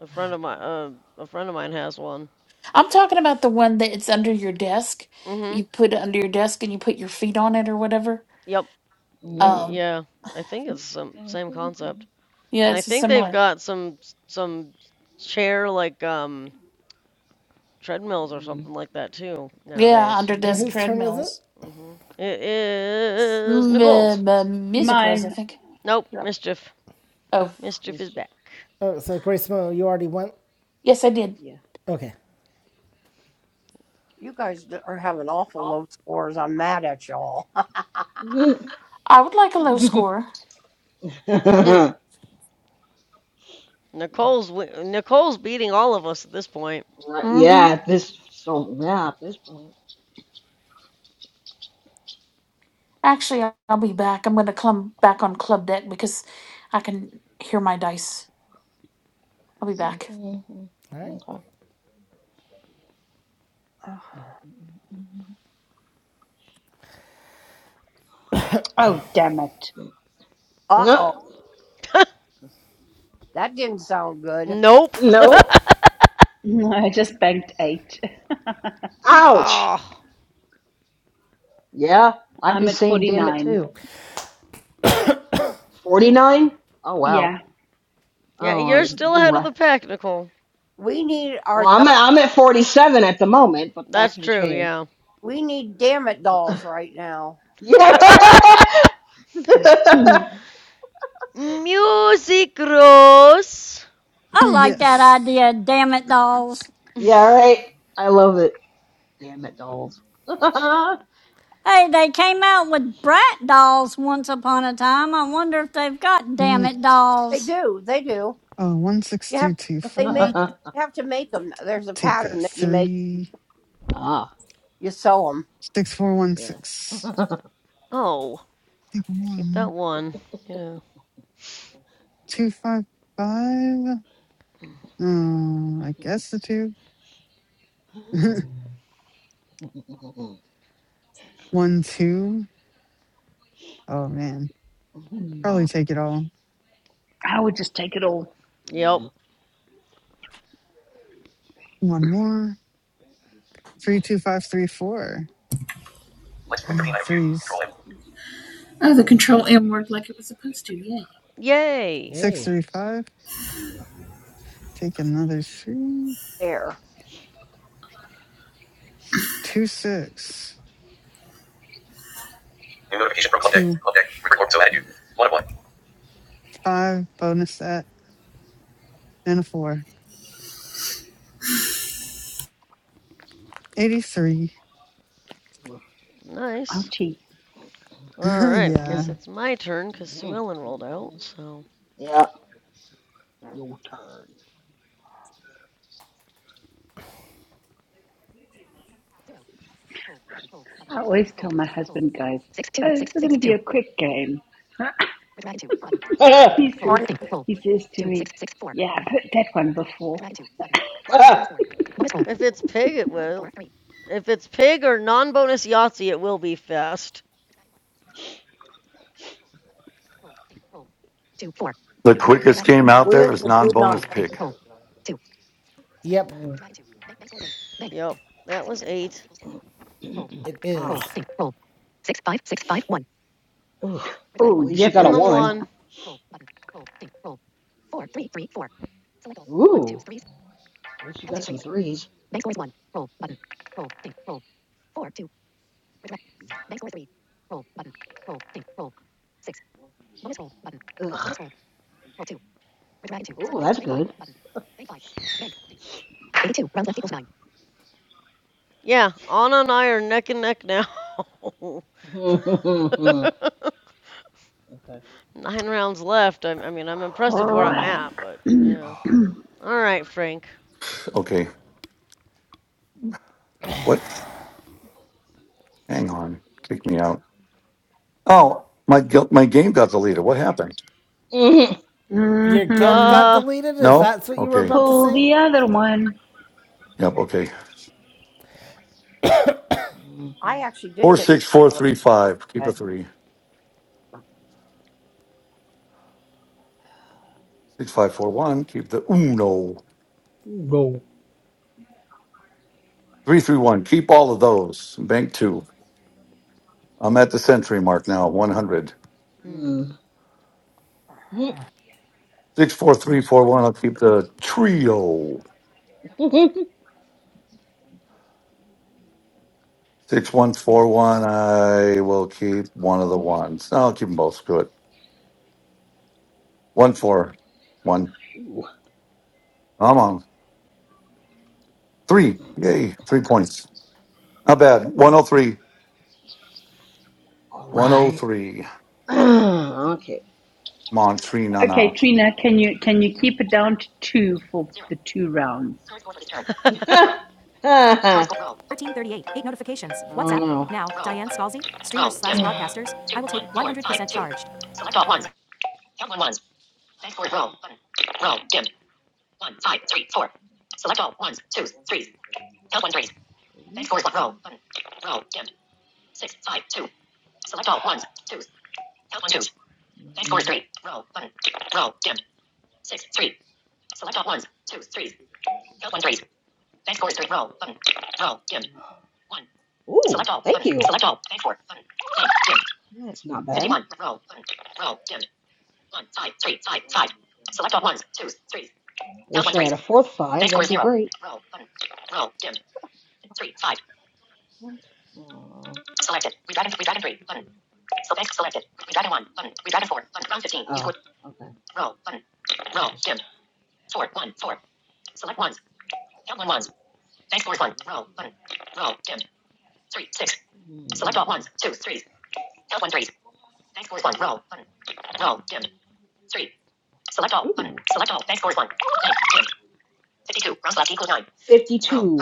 A friend of my uh, a friend of mine has one.
I'm talking about the one that it's under your desk.
Mhm.
You put it under your desk and you put your feet on it or whatever.
Yep. And
Um,
yeah, I think it's some same concept.
yeah,
And I
it's
think they've
similar.
got some some chair like um treadmills or something like that too
Yeah,
nowadays.
under
And
desk
whose turn is it?
treadmills.
Mhm. It is
M-
Nicole's.
m- Music Rose, I
mine.
think.
Nope,
Yep.
mischief.
Oh,
Mischief is
Mischief,
back.
Oh, so Grace Mo, you already went.
yes, I did.
yeah.
Okay.
You guys d- are having awful low scores. I'm mad at y'all. [LAUGHS]
[LAUGHS] right,
I would like a low score.
[LAUGHS] Nicole's Nicole's beating all of us at this point.
Mm-hmm.
yeah, at this, so, yeah, at this point.
Actually, I- I'll be back. I'm going to come back on club deck because I can hear my dice. I'll be back.
Mhm.
All right.
Okay.
uh
Oh damn it! [LAUGHS]
oh,
No,
that didn't sound good.
Nope.
no,
No, I just banked eight.
ouch.
Oh,
Yeah,
[LAUGHS]
I'd be
I'm at
saying
forty
damn it
nine.
too. 49? Oh wow.
Yeah,
yeah,
Oh,
you're
We,
you
still
you
ahead of
right.
the pack, Nicole.
we need our
Well, I'm
do-
at, I'm at 47 at the moment, but that
That's
can
true.
change.
Yeah.
we need damn it dolls right now.
Yeah.
[LAUGHS]
[LAUGHS]
Music Rose.
[LAUGHS]
I like that
yes.
idea, damn it dolls.
[LAUGHS]
yeah, right. I love it. Damn it, dolls. [LAUGHS] ah,
Hey, they came out with brat dolls once upon a time. I wonder if they've got damn it
Alright,
They
dolls.
do, they do.
uh, one six
You have
three two
they
four.
make you have to make them. There's a
Take the
pattern that you make.
three
You sew them
six four one
yeah.
six.
oh,
Take
keep that
one
one. Yeah.
two five five.
Mm.
Uh, I guess the two. [LAUGHS] one two. Oh man, probably take it all.
I would just take it all.
Yep. [SIGHS]
One more. Three two five three four. [SIGHS]
Oh.
Threes
Yay.
six
Yay.
three five. Take another three.
there.
Two six two five. Bonus that and a four. Eighty three.
Nice.
Ouchie!
[LAUGHS]
All right, I
yeah.
guess it's my turn because Sue Ellen rolled out. So
yeah, your turn.
I always tell my husband, guys, oh, this is going to be a quick game. [LAUGHS] he says,
Morning.
he says to me, yeah, I put that one before.
if it's pig, it will. If it's pig or non-bonus Yahtzee, it will be fast.
the quickest game out
We're
there is
gonna do
non
none.
bonus pig.
Yep.
Yep, that was eight.
It
[LAUGHS] ah.
is.
Ugh. At
Oh,
least you got a
Keeping the
yucky,
one.
one.
Ooh. At least you got some threes. Ugh. Ooh, that's good.
Yeah, Anna and I are neck and neck now. [LAUGHS]
[LAUGHS] okay.
Nine rounds left. I, I mean, I'm impressed with where I'm
Mm.
Frank.
at, but
[SIGHS]
yeah. All right, Frank.
Okay, what? Hang on, kick me out. Oh, my gu- my game got deleted. What happened?
Mhm.
Your guilt
Mm-hmm.
got
Uh,
deleted. Is
No.
that what you were
Okay.
about to
Pull
say?
the other one.
Yep. Okay.
I
Mhm.
actually did
Four
get
six
something
four
out of
three
it
five. Keep a
today.
three. Six five four one. Keep the uno. Three three one. Keep all of those. Bank two. I'm at the century mark now. One hundred.
hmm.
Mm.
Six four three four one. I'll keep the trio.
[LAUGHS]
Six one four one. I will keep one of the ones. No, I'll keep them both. Screw it. One four one.
Ooh.
I'm on three. Yay! Three points. Not bad.
Ooh.
One hundred three.
All
One hundred
right.
three.
[CLEARS THROAT] okay.
Come on, Trina.
Okay,
Now.
Trina, can you can you keep it down to two for the two rounds?
[LAUGHS]
[LAUGHS] I don't
1338. Eight notifications. WhatsApp.
know.
Now, Diane Scalzi, streamers
Roll, dim.
slash broadcasters. I will take 100% charged.
Thanks for roll, button. Thanks for three. Roll, button. Roll, dim. Ooh, thank you. Select all. Thanks for button. That's not bad. Roll, I Wish I had a fourth five. That'd be great. What? Aw. Oh, okay. Mm. Hmm. 52.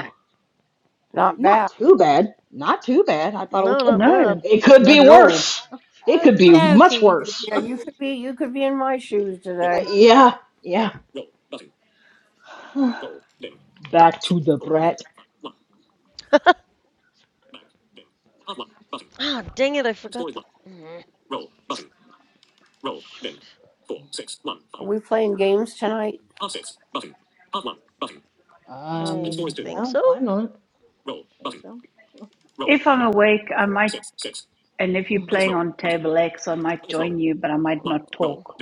Not
Not
bad.
too bad. Not too bad. I thought
no,
it was.
not
[LAUGHS]
No,
bad.
It could be
not at all.
worse. It could be much
Doki.
worse.
Yeah,
[LAUGHS]
you could be you could be in my shoes
Uh,
today.
yeah, yeah. [SIGHS] Back to the brat.
[LAUGHS] Ah, dang it! I forgot the. Mm, Shoot.
Are we playing games tonight?
I
Um,
think
yeah,
so.
why not? I think so.
If I'm awake, I might, and if you're playing on table X, I might join you, but I might not
Mm,
talk.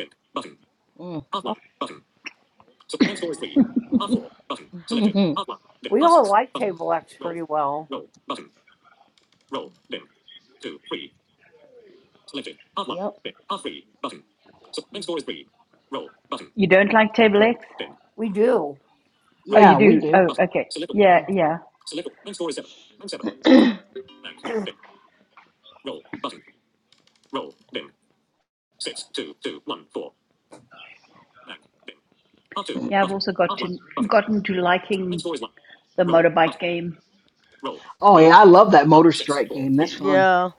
Mm,
Oh,
mm, mm.
we all like table X pretty well.
[LAUGHS] yep.
You don't like table X?
We do.
Oh, you
Yeah, we
do.
do.
Oh, okay. Yeah,
Yeah.
yeah,
[CLEARS THROAT]
[CLEARS THROAT]
yeah. I've also got to gotten to liking the motorbike game.
Oh yeah, I love that Motor Strike game. That's fun.
Yeah.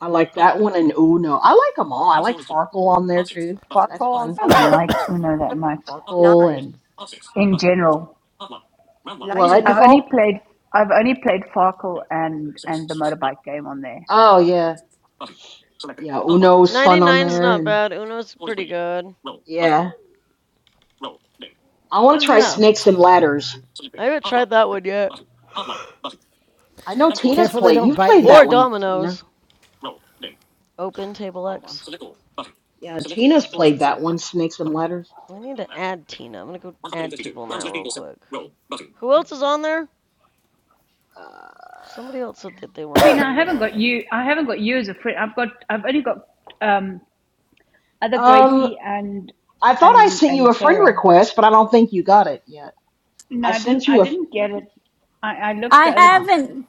I like that one and Uno. I like them all. I like Farkle on there too. That's
Bartolo's
fun.
I
on
don't
good
like Uno that much
Farkle
99.
and
in general.
what,
I've
99,
only
Nicole?
played I've only played Farkle and and the motorbike game on there.
Oh yeah, yeah. Uno's fun on
99's
there,
not
and
bad. Uno's pretty good.
yeah. I want
Oh,
to try
yeah.
Snakes and Ladders.
I haven't tried that one yet.
I know Tina's
Careful they
played.
don't
You've
bite
played
you.
Or
that one, Tina.
Domino's. Open Table
Hold on.
X.
Yeah, Tina's played that one, Snakes and Ladders.
I need to add Tina. I'm gonna go add people now, real quick. Who else is on there? Somebody else said
Uh,
that they were on there.
Trina,
I
I
need to
haven't
add
got
them.
you. I haven't got you as a friend. I've got. I've only got um, other
um,
Gracie and
I thought I
and
sent you
and
a friend
Tara.
request, but I don't think you got it yet.
No,
I
I didn't.
sent
I
you a.
didn't get it. I, I looked
I
the other
Huh.
haven't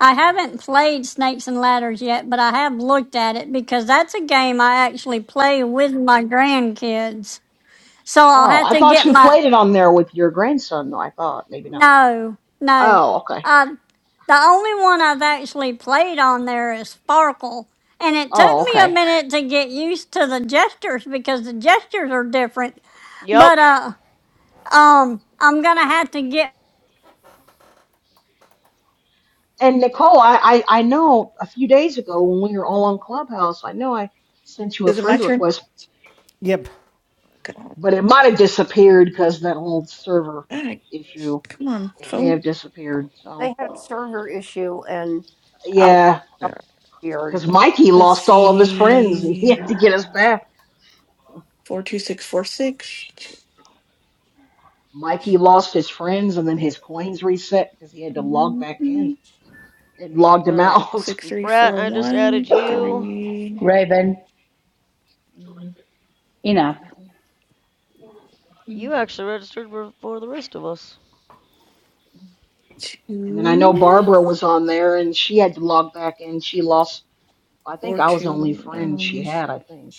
I haven't played Snakes and Ladders yet, but I have looked at it because that's a game I actually play with my grandkids. So I'll
Oh,
have
I
to
thought
get
you
my
played it on there with your grandson, though. I thought maybe not.
No, no.
Oh, okay.
Um, the only one I've actually played on there is Sparkle. And it took
Oh,
me a
okay.
minute to get used to the gestures because the gestures are different.
Yep.
But uh um I'm gonna have to get
And Nicole, I, I, I know a few days ago when we were all on Clubhouse, I know I sent you a
Is it my
friend
turn?
request,
Yep.
Okay.
but it might have disappeared because that old server
Alright,
issue.
come on,
It may
phone.
have disappeared. So,
they had a server issue and a lot of
yeah,
stuff
Yeah.
appeared.
because Mikey
Let's
lost all of his friends. [LAUGHS] He
see,
had to get us back.
four two six four six.
Mikey lost his friends and then his coins reset because he had to log back in
Mhm.
and logged him
Alright.
out. [LAUGHS]
Six three
Brat,
four
I just added
one
you.
three.
Raven.
Mm,
Enough.
mm, mm.
You actually registered before the rest of us.
And then I know
Two
Barbara was on there and she had to log back in. She lost, I think
or
I was the only
two.
friend
Um,
she had, I think.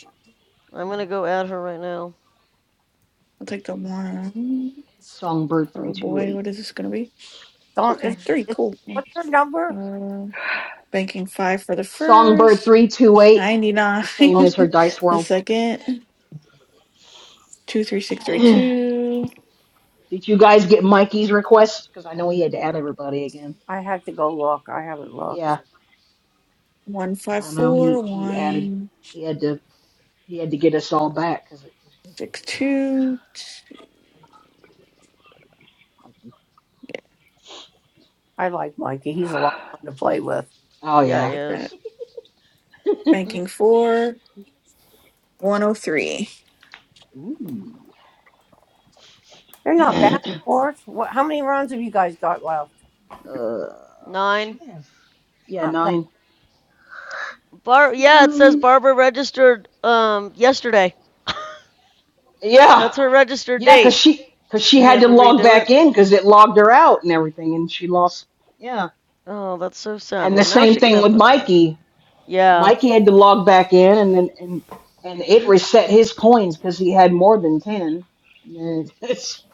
I'm
Uh,
gonna go add her right now.
I'll take the one. Oh boy, what
Songbird328.
is this gonna be?
So
Okay,
is,
three.
is,
Cool.
what's their number?
Uh, banking five for the first.
Songbird328,
Ninety nine.
the
[LAUGHS]
same
Okay,
as her Dice
the
World.
second. Two three six
[CLEARS THROAT]
three
Did
two.
you guys get Mikey's request? Because I know he had to add everybody again.
I have to go look. I haven't
Yeah,
looked.
One
because
five
I know
four.
he he added
One
he had to he had to get us all back because
six two.
Mikey.
I like Mikey. He's a lot of fun to play with.
Oh
Yeah, he
yeah.
Like that.
is.
[LAUGHS]
Banking four. One oh three.
Ooh.
They're
[CLEARS THROAT]
not
uh,
bad sports. What, how many rounds have you guys got left?
Nine.
should have. Yeah,
Not bad.
nine.
Bar yeah, it says
Nine.
Barbara registered um yesterday. [LAUGHS]
Yeah,
That's her registered
yeah, cause
date.
she cause
I
she had
had
to
to
log
redo it.
back in because it logged her out and everything, and she lost. Yeah,
Oh, that's so sad.
and the
Well, now
same
she can
thing
have
with
friends again.
Mikey.
Yeah.
Mikey had to log back in, and then and and it
That's
reset his coins because he had more than ten. And then [LAUGHS] it's,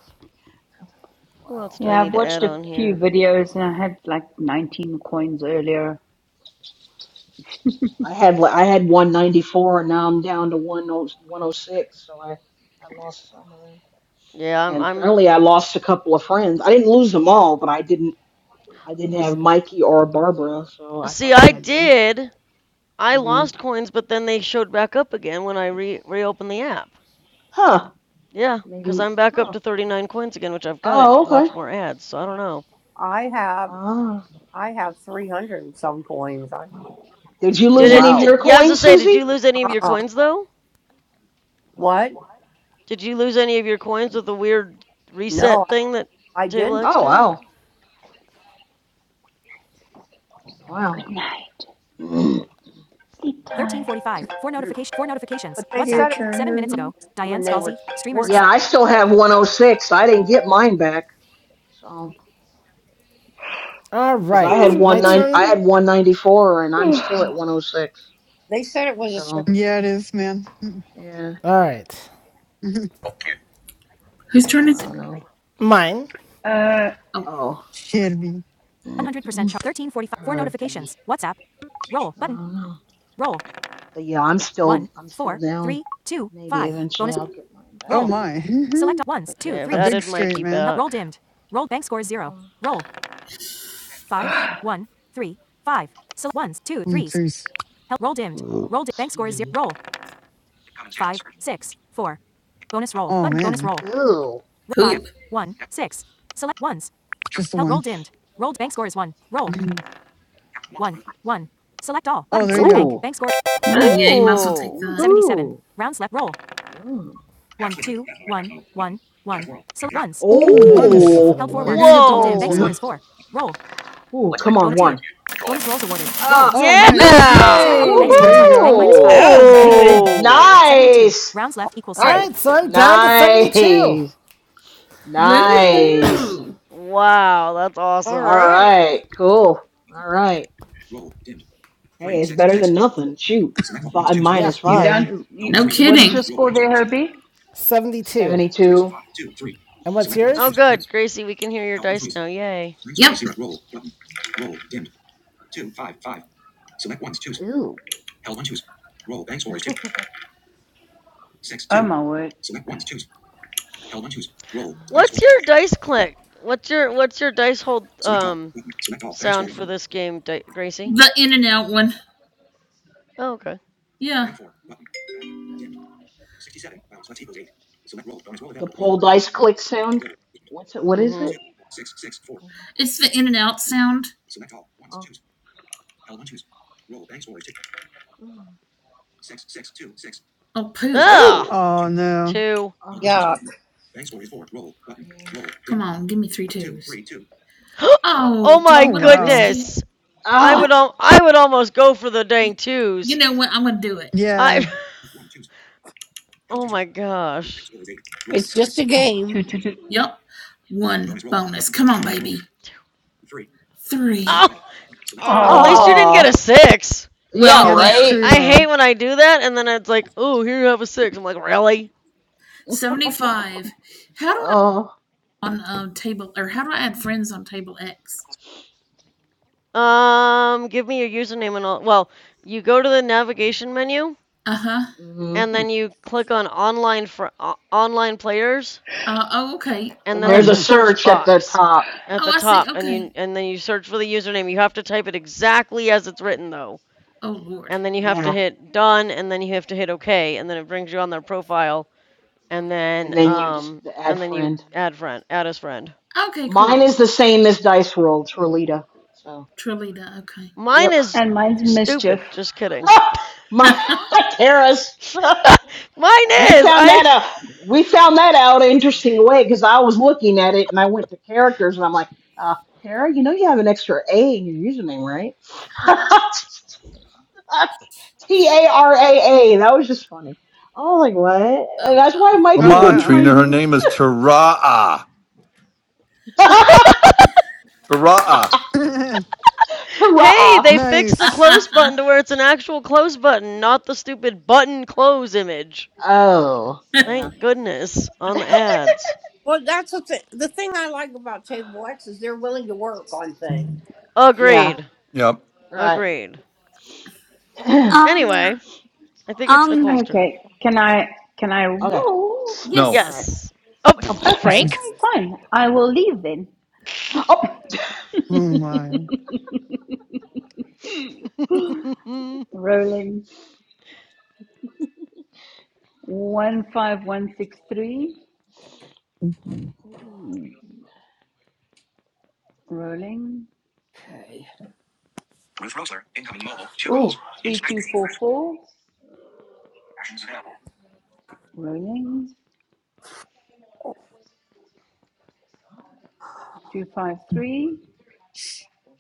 who else
wow,
do I
Yeah, I've
need to
watched
add
a
on
few
here?
videos and I had like 19 coins earlier.
I had li- I had one ninety four, and now I'm down to one oh, one oh six. So I I lost some of them,
Yeah, I'm
and
I'm
apparently I lost a couple of friends. I didn't lose them all, but I did. I didn't
s-
have Mikey or Barbara, so I
See,
thought I
I
had them.
did. I
hmm
lost coins, but then they showed back up again when I re reopened the app.
Huh.
Yeah, cuz I'm back up
Huh.
to 39 coins again, which I've got to
Oh,
watch
okay.
more ads, so I don't know.
I have
Ah.
I have 300 and some coins. I,
Did you
Did
lose any
it
of
d
your
Wow.
yeah, I was gonna
coins,
say, did
Susie?
you lose any of your
uh-uh.
coins though?
What?
Did you lose any of your coins with the weird
No,
reset thing that
I, I
Table
didn't.
X
Oh,
did?
wow. Wow. [CLEARS THROAT]
Good night.
Mm.
Sleep tight.
1345. Four
[CLEARS THROAT]
notification. Four notifications.
But they
WhatsApp.
Your
said it
turn,
Seven minutes ago.
Herbie.
Diane
when they
Scalzi.
were
Streamers.
working.
yeah,
Slash.
I still have 106. I didn't get mine back. So,
All
because I had
right, my
one nine,
turn.
I had 194, and I'm still at 106.
They said it was a
So,
certain.
Yeah, it is, man.
yeah.
All right,
[LAUGHS]
Whose
So
turn
I
is it?
don't know.
mine.
Uh,
Oh,
Oh.
Shit me.
100%
[CLEARS THROAT]
charge. 1345. Four notifications.
Herbie.
WhatsApp. Roll.
I
Button.
don't know.
Roll.
But yeah, I'm
One.
still I'm still
Four.
down.
Three. Two.
Maybe
Five.
eventually
Bonus.
I'll get mine back.
Oh
Roll.
my. [LAUGHS]
Select ones, two,
Okay, I've
A
threes.
big
added
straight,
Mikey
man.
Help. Roll
back.
dimmed. Roll bank score zero. Roll. Five. One. Three. Five. Select ones, two,
One,
threes.
threes.
Help. Roll dimmed.
Okay. Mm.
Roll di- bank score
Excuse
zero.
me.
Roll. Five. Six. Four. Bonus roll.
Oh
Button. Bonus
man.
roll.
Ew.
poop.
five, one, six. Select ones.
Just the
Help. Roll
one.
dimmed. Rolled bank score is one. Roll.
[LAUGHS]
One, one. Select all.
Oh,
Button.
there you
Select
go.
bank.
Oh,
Bank score.
Well,
that's
yeah,
good.
you might as well take
Ooh!
that.
77.
Woohoo.
Rounds left. Roll.
Mm.
One, two, one, one, one. Select ones.
Ooh,
No, you gotta go
ones.
for the
Oh.
Help four
You're gonna
ones. ones.
get the
Roll dim.
ones,
Bank
Whoa!
[LAUGHS]
score
man.
is four. Roll.
Ooh, come on,
Bonus two.
one.
Bonus rolls awarded. Roll.
Ah.
Oh,
Select all. Button.
nice.
Select all.
Yeah!
Bank
Woo!
score
There
is
yay!
you
minus bank
go.
minus five.
woohoo.
That
Button.
was
Bank. Dim.
good.
Ooh!
72.
Nice.
Rounds left equals All
All
seven. All
right.
right, so I'm down to 72.
Nice. Nice.
Woohoo!
Wow, that's
All
All
awesome.
right.
right. Cool. All right. Hey, it's better than nothing. Shoot. Five
Yeah,
minus
You
five.
Yeah.
done? You, what is your score there, Herbie?
72.
72.
And what's
Oh,
yours?
good, Gracie, we can hear your dice now. Yay!
Ooh.
Oh my word!
What's your dice click? What's your what's your dice hold um sound for this game, Di- Gracie?
The in and out one.
Oh, okay.
Yeah,
The poll dice click sound. What's it? What is
Mm-hmm.
it?
it's the in and out sound.
Oh. Oh.
Oh, poop.
Ew.
Ah,
Oh no.
two.
Oh.
Yeah,
Yeah.
Oh, give me three, two.
[GASPS] oh
Oh, do
my
I
Oh
want to risk
wow.
it?
goodness! I would
Ah.
al- I would almost go for the dang
You
twos.
know what? I'm going to do it.
Yeah.
I [LAUGHS] Oh my gosh.
it's just a game.
Two, two, two.
Yep. One, three.
Oh,
Uh,
well at least
Oh.
you didn't get a
Oh.
6.
Yeah.
Well,
Yeah, that's
yeah.
Right.
true
I
though.
hate when I do that and then it's like, "Oh, here you have a 6." I'm like, "Really?"
75. How do
Oh.
on um, table, or how do I add friends on table X?
Um, give me your username and all. Well, you go to the navigation menu
Uh huh.
hmm
and then you click on online for o- online players
Uh, oh, okay.
and
And
then
Oh
there's
there's
a
a
nice.
search
search at the
box
top.
at
Oh,
the
I see.
top and
Okay.
you and then you search for the username. You have to type it exactly as it's written though.
Oh, Lord.
and then you have to
Yeah.
hit done and then you have to hit okay and then it brings you on their profile and then
And then you just
um
add
and then you
friend.
add friend add as friend
Okay,
Mine
cool.
is the same as Dice Roll, Trelita. So,
Trilita. Okay.
mine
yep.
is
And mine's mischief.
stupid just kidding
[LAUGHS]
[LAUGHS]
My
oh,
[LAUGHS] Terrace. [LAUGHS]
[LAUGHS] mine
We
is
found
i
that out. We found that out an interesting way because I was looking at it and I went to characters and I'm like, uh, Tara, you know you have an extra A in your username, right? [LAUGHS] T A R A A. That was just funny. I was like, what? And
wow.
that's why
Come
Mikey
Oh
on,
couldn't
wow.
Trina.
find
Her
you.
name is Taraa.
[LAUGHS] Tara.
Taraa.
[LAUGHS]
[LAUGHS] hey they fixed the
nice.
close button to where it's an actual close button not the stupid button close image
Oh, yeah.
thank goodness on the ads
well, that's the, th- the thing I like about Table X is they're willing to work on things.
Yeah,
agreed
Yep.
right.
agreed
[CLEARS THROAT] okay.
anyway
um
i think it's nicole's
um
turn
Okay. Can I can I
All
[LAUGHS]
roll?
No.
yes.
right.
yes oh [LAUGHS]
Oh,
Okay,
[LAUGHS]
frank
Frank.
fine. I will leave then.
Oh.
Oh my.
[LAUGHS]
Rolling one five one six three.
[LAUGHS]
Rolling
Okay. Ruth Rosler, incoming mobile, two Ooh. Rolls.
three two
Inspecting
four four.
actions available.
Rolling two five three.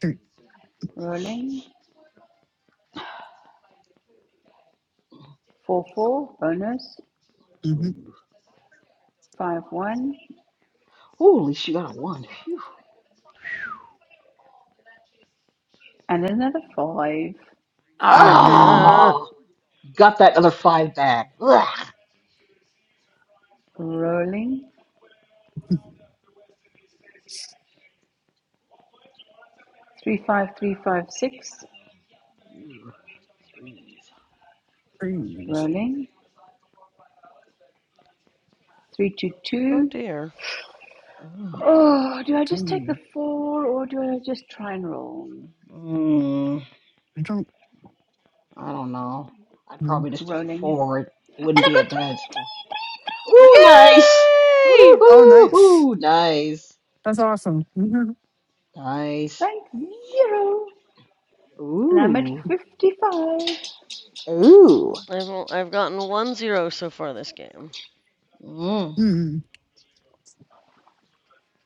Three.
Rolling four four. Bonus
Mhm.
Ooh.
five one
Holy, she got a one.
and another five.
Ah,
Oh man.
Uh,
Oh, you got that other five back. Ugh.
Rolling
[LAUGHS]
three five three five six.
Ooh, threes.
Three.
Rolling three two
Oh
two.
dear.
Ugh.
Oh, do I just take the
do.
four or do I just try and roll?
Mm,
I don't
I don't know. I'd
know.
probably just take
Rolling.
forward. It
And I
wouldn't
got
be a
three!
bad score. Ooh, nice.
Yay!
Oh, nice.
Ooh, nice.
That's awesome. Mhm.
Nice.
Bank zero. And I'm at
Ooh.
55.
Ooh.
I've o- I've gotten one zero so far this game.
Mm.
Hmm.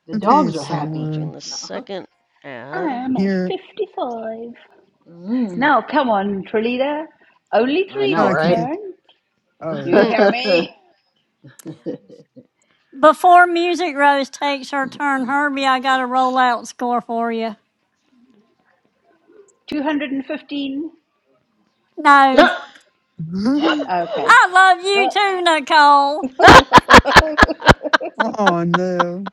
The
Okay,
dogs are
Okay, I'm
happy.
so
watching the
Uh-huh.
second ad.
I'm at
here.
55.
Mm.
Now, come on, Trelita. Only
I
three
No,
know,
I
this
can
right?
get.
turn.
Oh, yeah.
You
Hmm.
hear
[LAUGHS]
me?
before Music Rose takes her turn, Herbie, I got a rollout score for you.
215.
[LAUGHS]
No.
[LAUGHS]
Okay.
I love you
Well,
too, Nicole.
oh, no.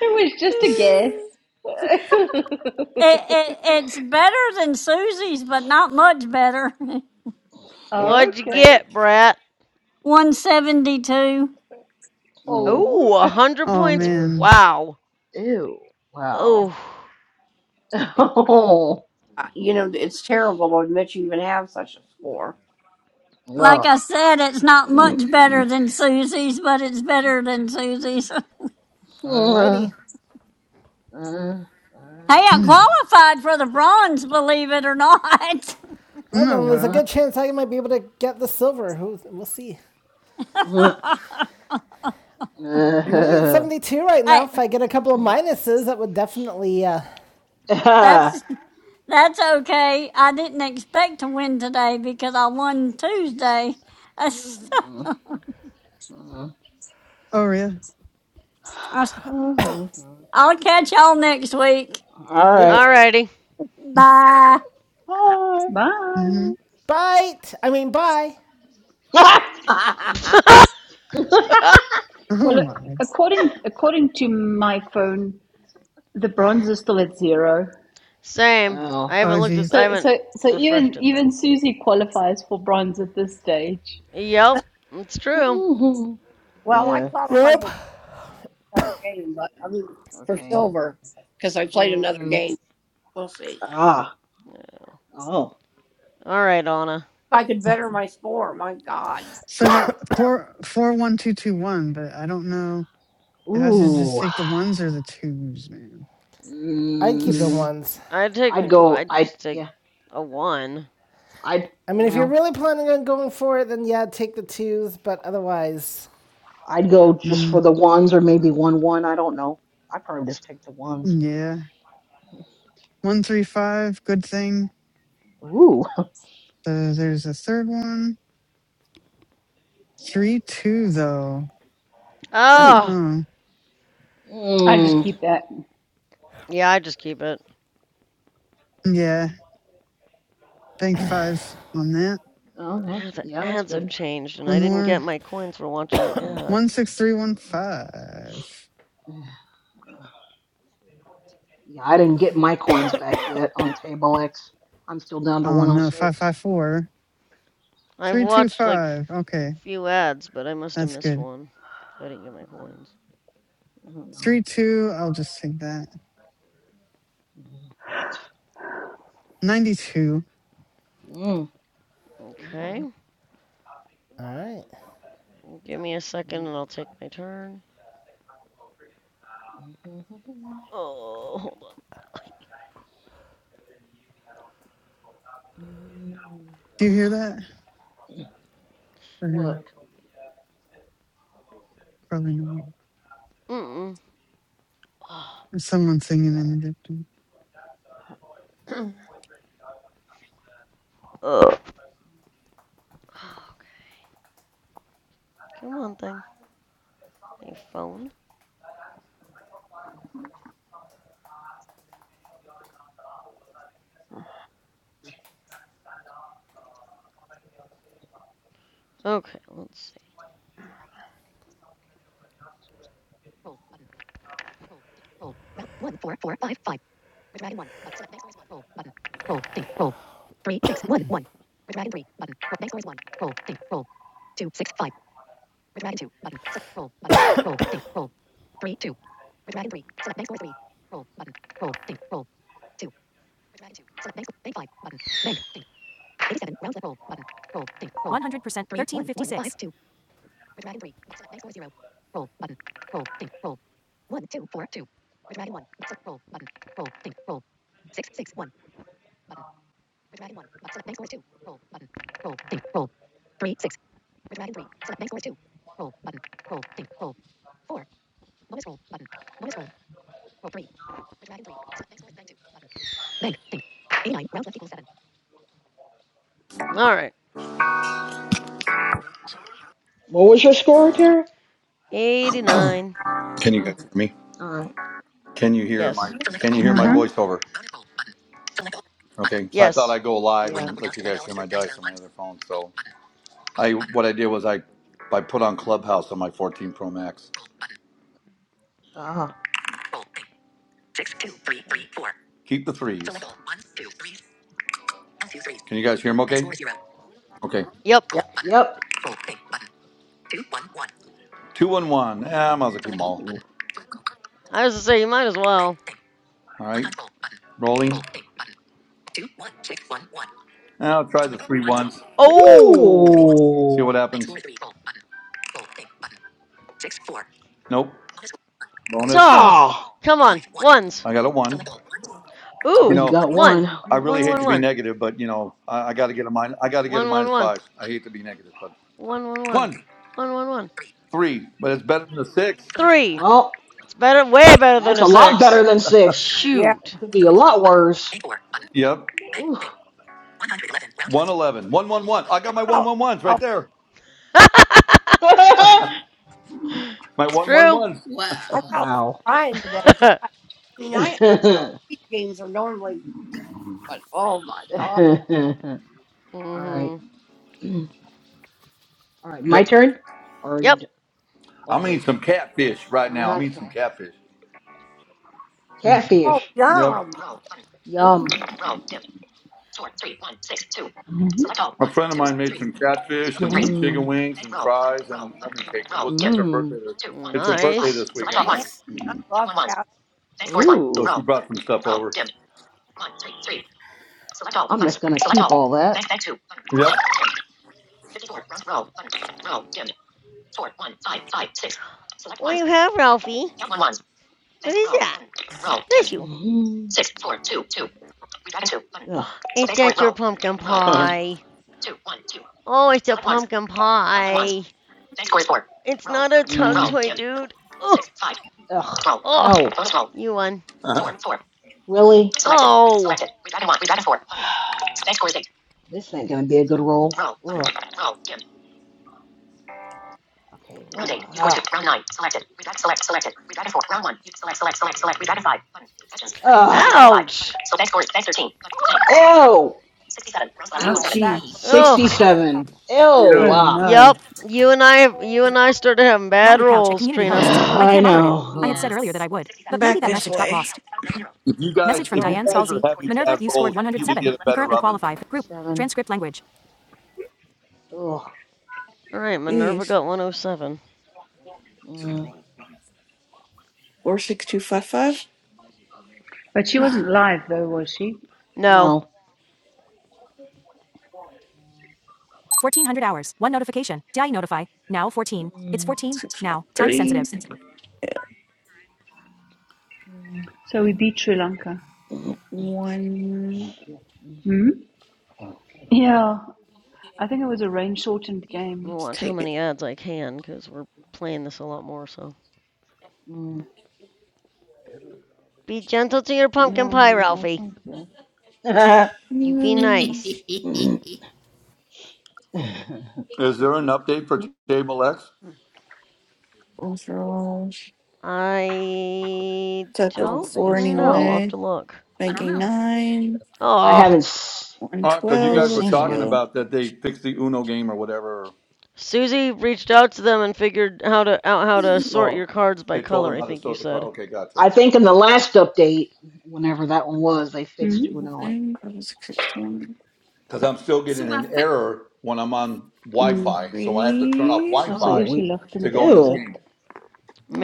it was just a guess. [LAUGHS]
It, it it's better than Susie's, but not much better. [LAUGHS]
yeah.
What'd you
okay.
get, Brat?
172.
Mm.
Oh.
Oh, a
[LAUGHS]
hundred
Oh,
points.
man.
Wow.
Ew. Wow.
Oh.
[LAUGHS]
Uh, You know, it's terrible to admit you even have such a score.
Oh.
Like
Ugh.
I said, it's not
[CLEARS THROAT]
much better than Susie's, but it's better than Susie's. [LAUGHS]
Alrighty.
Uh,
Hey, I
Mm.
qualified for the bronze, believe it or not. [LAUGHS]
Well,
Oh,
then there's a
wow.
good chance I might be able to get the silver. Who we'll see. I'm only at 72 right now.
hey,
If I get a couple of minuses, that would definitely. Uh,
that's that's okay. I didn't expect to win today because I won Tuesday.
Ugh.
Oh, yeah.
[LAUGHS] I'll catch y'all next week.
all
yep.
right.
Alrighty.
Bye.
All right.
Bye.
hmm
Bite. I mean, bye.
Bye.
[LAUGHS]
[LAUGHS]
Well,
Oh, my.
according according to my phone, the bronze is still at zero.
[LAUGHS]
Same.
oh.
I haven't
Oh,
looked at.
geez.
I
So
haven't
so so
refreshed
even
it though.
even Susie qualifies for bronze at this stage.
Yep, it's true.
well, I
Yeah.
qualified
Yep.
for another game, but I mean for
Okay.
silver because I played
Mm.
another
Mm.
game. We'll see.
Ah. Oh.
All right, Anna.
If I could better my score, my God.
So I got four, four, one, two, two, one, but I don't know if I should just
Ooh.
take the ones or the twos, man.
I'd keep the
[LAUGHS]
Mm.
ones.
I'd take
I'd
a.
go.
I'd
I.
just take
Yeah.
a one.
I'd.
I mean, if you're
Well.
really planning on going for it, then yeah, take the twos. But otherwise,
I'd go just for
mm.
the ones or maybe one one. I don't know. I probably just take the ones.
Yeah. One, three, five. Good thing.
Ooh,
So there's a third one. Three two though.
[LAUGHS]
I don't
dude.
Oh,
know.
I just
Mm.
keep that.
Yeah, I just keep it.
Yeah, bank five on that.
Oh,
Yeah,
that's
the
yeah, that's
ads have
good.
changed, and I
One
didn't
more.
get my coins for watching the
One
ads.
six three one five.
Yeah, I didn't get my coins back yet on table X. I'm still down to
Oh no, five
106.
five four.
I've
Three two
watched like f-
five. Okay,
few ads, but I must have
that's
missed
good.
one, so I didn't get my coins.
I don't
Three
know.
two. I'll just take that. Ninety two.
Mm.
Okay,
Okay.
all right.
give me a second, and I'll take my turn. Oh, hold on.
Do you hear that? Or no,
What?
Probably not.
Mm-mm. Oh,
There's someone singing in the distance.
[CLEARS THROAT]
ugh. [SIGHS] Okay. Come on, thing. Hey, phone. Okay, let's
100%, 1356.
see. All right.
What was your score, Tara?
89.
Can you guys
Mm,
hear me?
all right.
Can you hear my
Yes.
Can you hear my
Yeah.
Mm-hmm.
voiceover? Okay, so I thought
Yes.
I'd go live
Yeah.
and let you guys hear my dice on my other phone. So I what I did was I I put on Clubhouse on my 14 Pro Max.
Uh-huh. Okay.
Keep the threes. Can you guys hear them? Okay. Okay.
Yep.
yeah,
Yep.
Two one one. Ah, I might as well keep them all.
Ooh.
I was to say, you might as well.
All right. Rolling. I'll try the three ones.
Oh!
See
Ooh.
what happens. Nope. Bonus.
Duh!
Oh.
Come on. Ones.
I got a one.
Well,
You
Ooh.
you
know,
got
One.
one.
I
Ooh.
really
One,
hate
one,
to be
one.
negative, but you know, I, I got to get a minus. I got to get a
One, one,
minus
one.
five. I hate to be negative, but
One, one, one.
one,
One, one, one.
three, but it's better than a six.
Three.
Well,
It's better, way better than
that's
a
a lot better
six.
than six.
yeah.
That
Shoot.
could be a lot worse.
Yep.
Ooh.
One eleven. One one one. I got my
I
one
felt,
one ones
I
right
felt,
there.
[LAUGHS]
[LAUGHS]
My
It's
one one
true.
ones.
Wow.
I felt like
wow.
crying today
[LAUGHS]
because I, I mean I
[LAUGHS]
These games are normally deep, but oh my god.
All right.
mm-hmm.
[CLEARS THROAT] All right. My
Yep.
turn. Or are you?
Yep.
d-
I'm eating
Okay.
some catfish right now. I'm eating some
Okay.
catfish.
Oh,
Catfish.
Yep.
yum.
Yum.
Ooh,
A friend of mine made some catfish
Spiel
and
me.
some chicken
Mm.
wings and fries and lemon cake. It was, it's her
Mm.
birthday. This, it's her birthday
Nice.
this weekend,
Yeah,
nice.
I love cow.
so she
Ooh.
brought some stuff over.
all that.
Yep.
What do you have, Ralphie? What is that? Bless you.
Mhm. Ugh.
Is that your pumpkin
[LAUGHS]
pie? Oh, it's a pumpkin pie. It's not a tug toy, dude. Oh,
Ugh.
oh, you won.
Uh,
Really?
Oh.
This ain't gonna be a good roll. Ugh. Okay. Ugh.
Ouch.
Ew.
Ooh,
Ow,
Ouchie.
that
gee.
hurt.
Ugh.
Sixty-seven. Ew.
Oh
you.
Wow.
no.
Yep. You and I, you and I started having bad
Natalie Couch at
rolls,
[SIGHS]
Community
Trina.
Hosts. I
I
can't moderate it. I had
know.
said
Ugh.
earlier that I
Yes.
would, but maybe
Back
that
Ugh.
this
message got
way.
lost.
If you guys,
Message from
if you
Oh.
Diane
guys are
Scalzi.
having
Minerva,
bad
you scored
rolls, you need to
107.
get a
You
better
currently
oven.
qualify. for Group.
Seven.
Transcript language.
Ugh.
All right. Minerva
Jeez.
got 107.
Mm,
Four six two five five.
But she
[SIGHS]
wasn't live though, was she?
No.
no.
1400 hours. One notification. Did I notify? Now 14. It's
Mm,
14.
Six one
Now. Time
three.
sensitive.
mm,
So we beat Sri Lanka.
mm,
One.
Hmm? Yeah, I think it was a rain shortened game.
I'll
Let's
watch how
take it.
many ads I can, cause we're playing this a lot more. So
mm.
be gentle to your pumpkin
Yeah,
pie,
nee, lyk
Ralphie.
my so.
[LAUGHS]
You be
[LAUGHS]
Mm,
nice.
I
I
Is there an update for Table X?
Mm.
Overall.
I
Set the
don't
don't
four
think
know.
so.
I'll have
anyway.
to look.
don't
Making
know.
nine.
I
Oh.
haven't. s-
One
I
Because you
haven't
twelve.
guys were
Let's
seen
talking
one.
go.
about that they fixed the Uno game or whatever.
Susie reached out to them and figured how to out how to sort your
Oh,
cards by
they told
color.
them
I
how to
think you
sort the car.
said.
Okay, gotcha.
I think in the last update, whenever that one was, they
Hmm?
fixed Uno. You know, And
One. Five, six, six, one.
Because I'm still getting
So I
an
fa-
error when I'm on
Mm.
Wi-Fi,
Mhm.
so I have to turn off
Three.
Ons sal
oh,
Wi-Fi
eers die
we.
ligte
to
moet
go into the
Ew.
game,
afsit.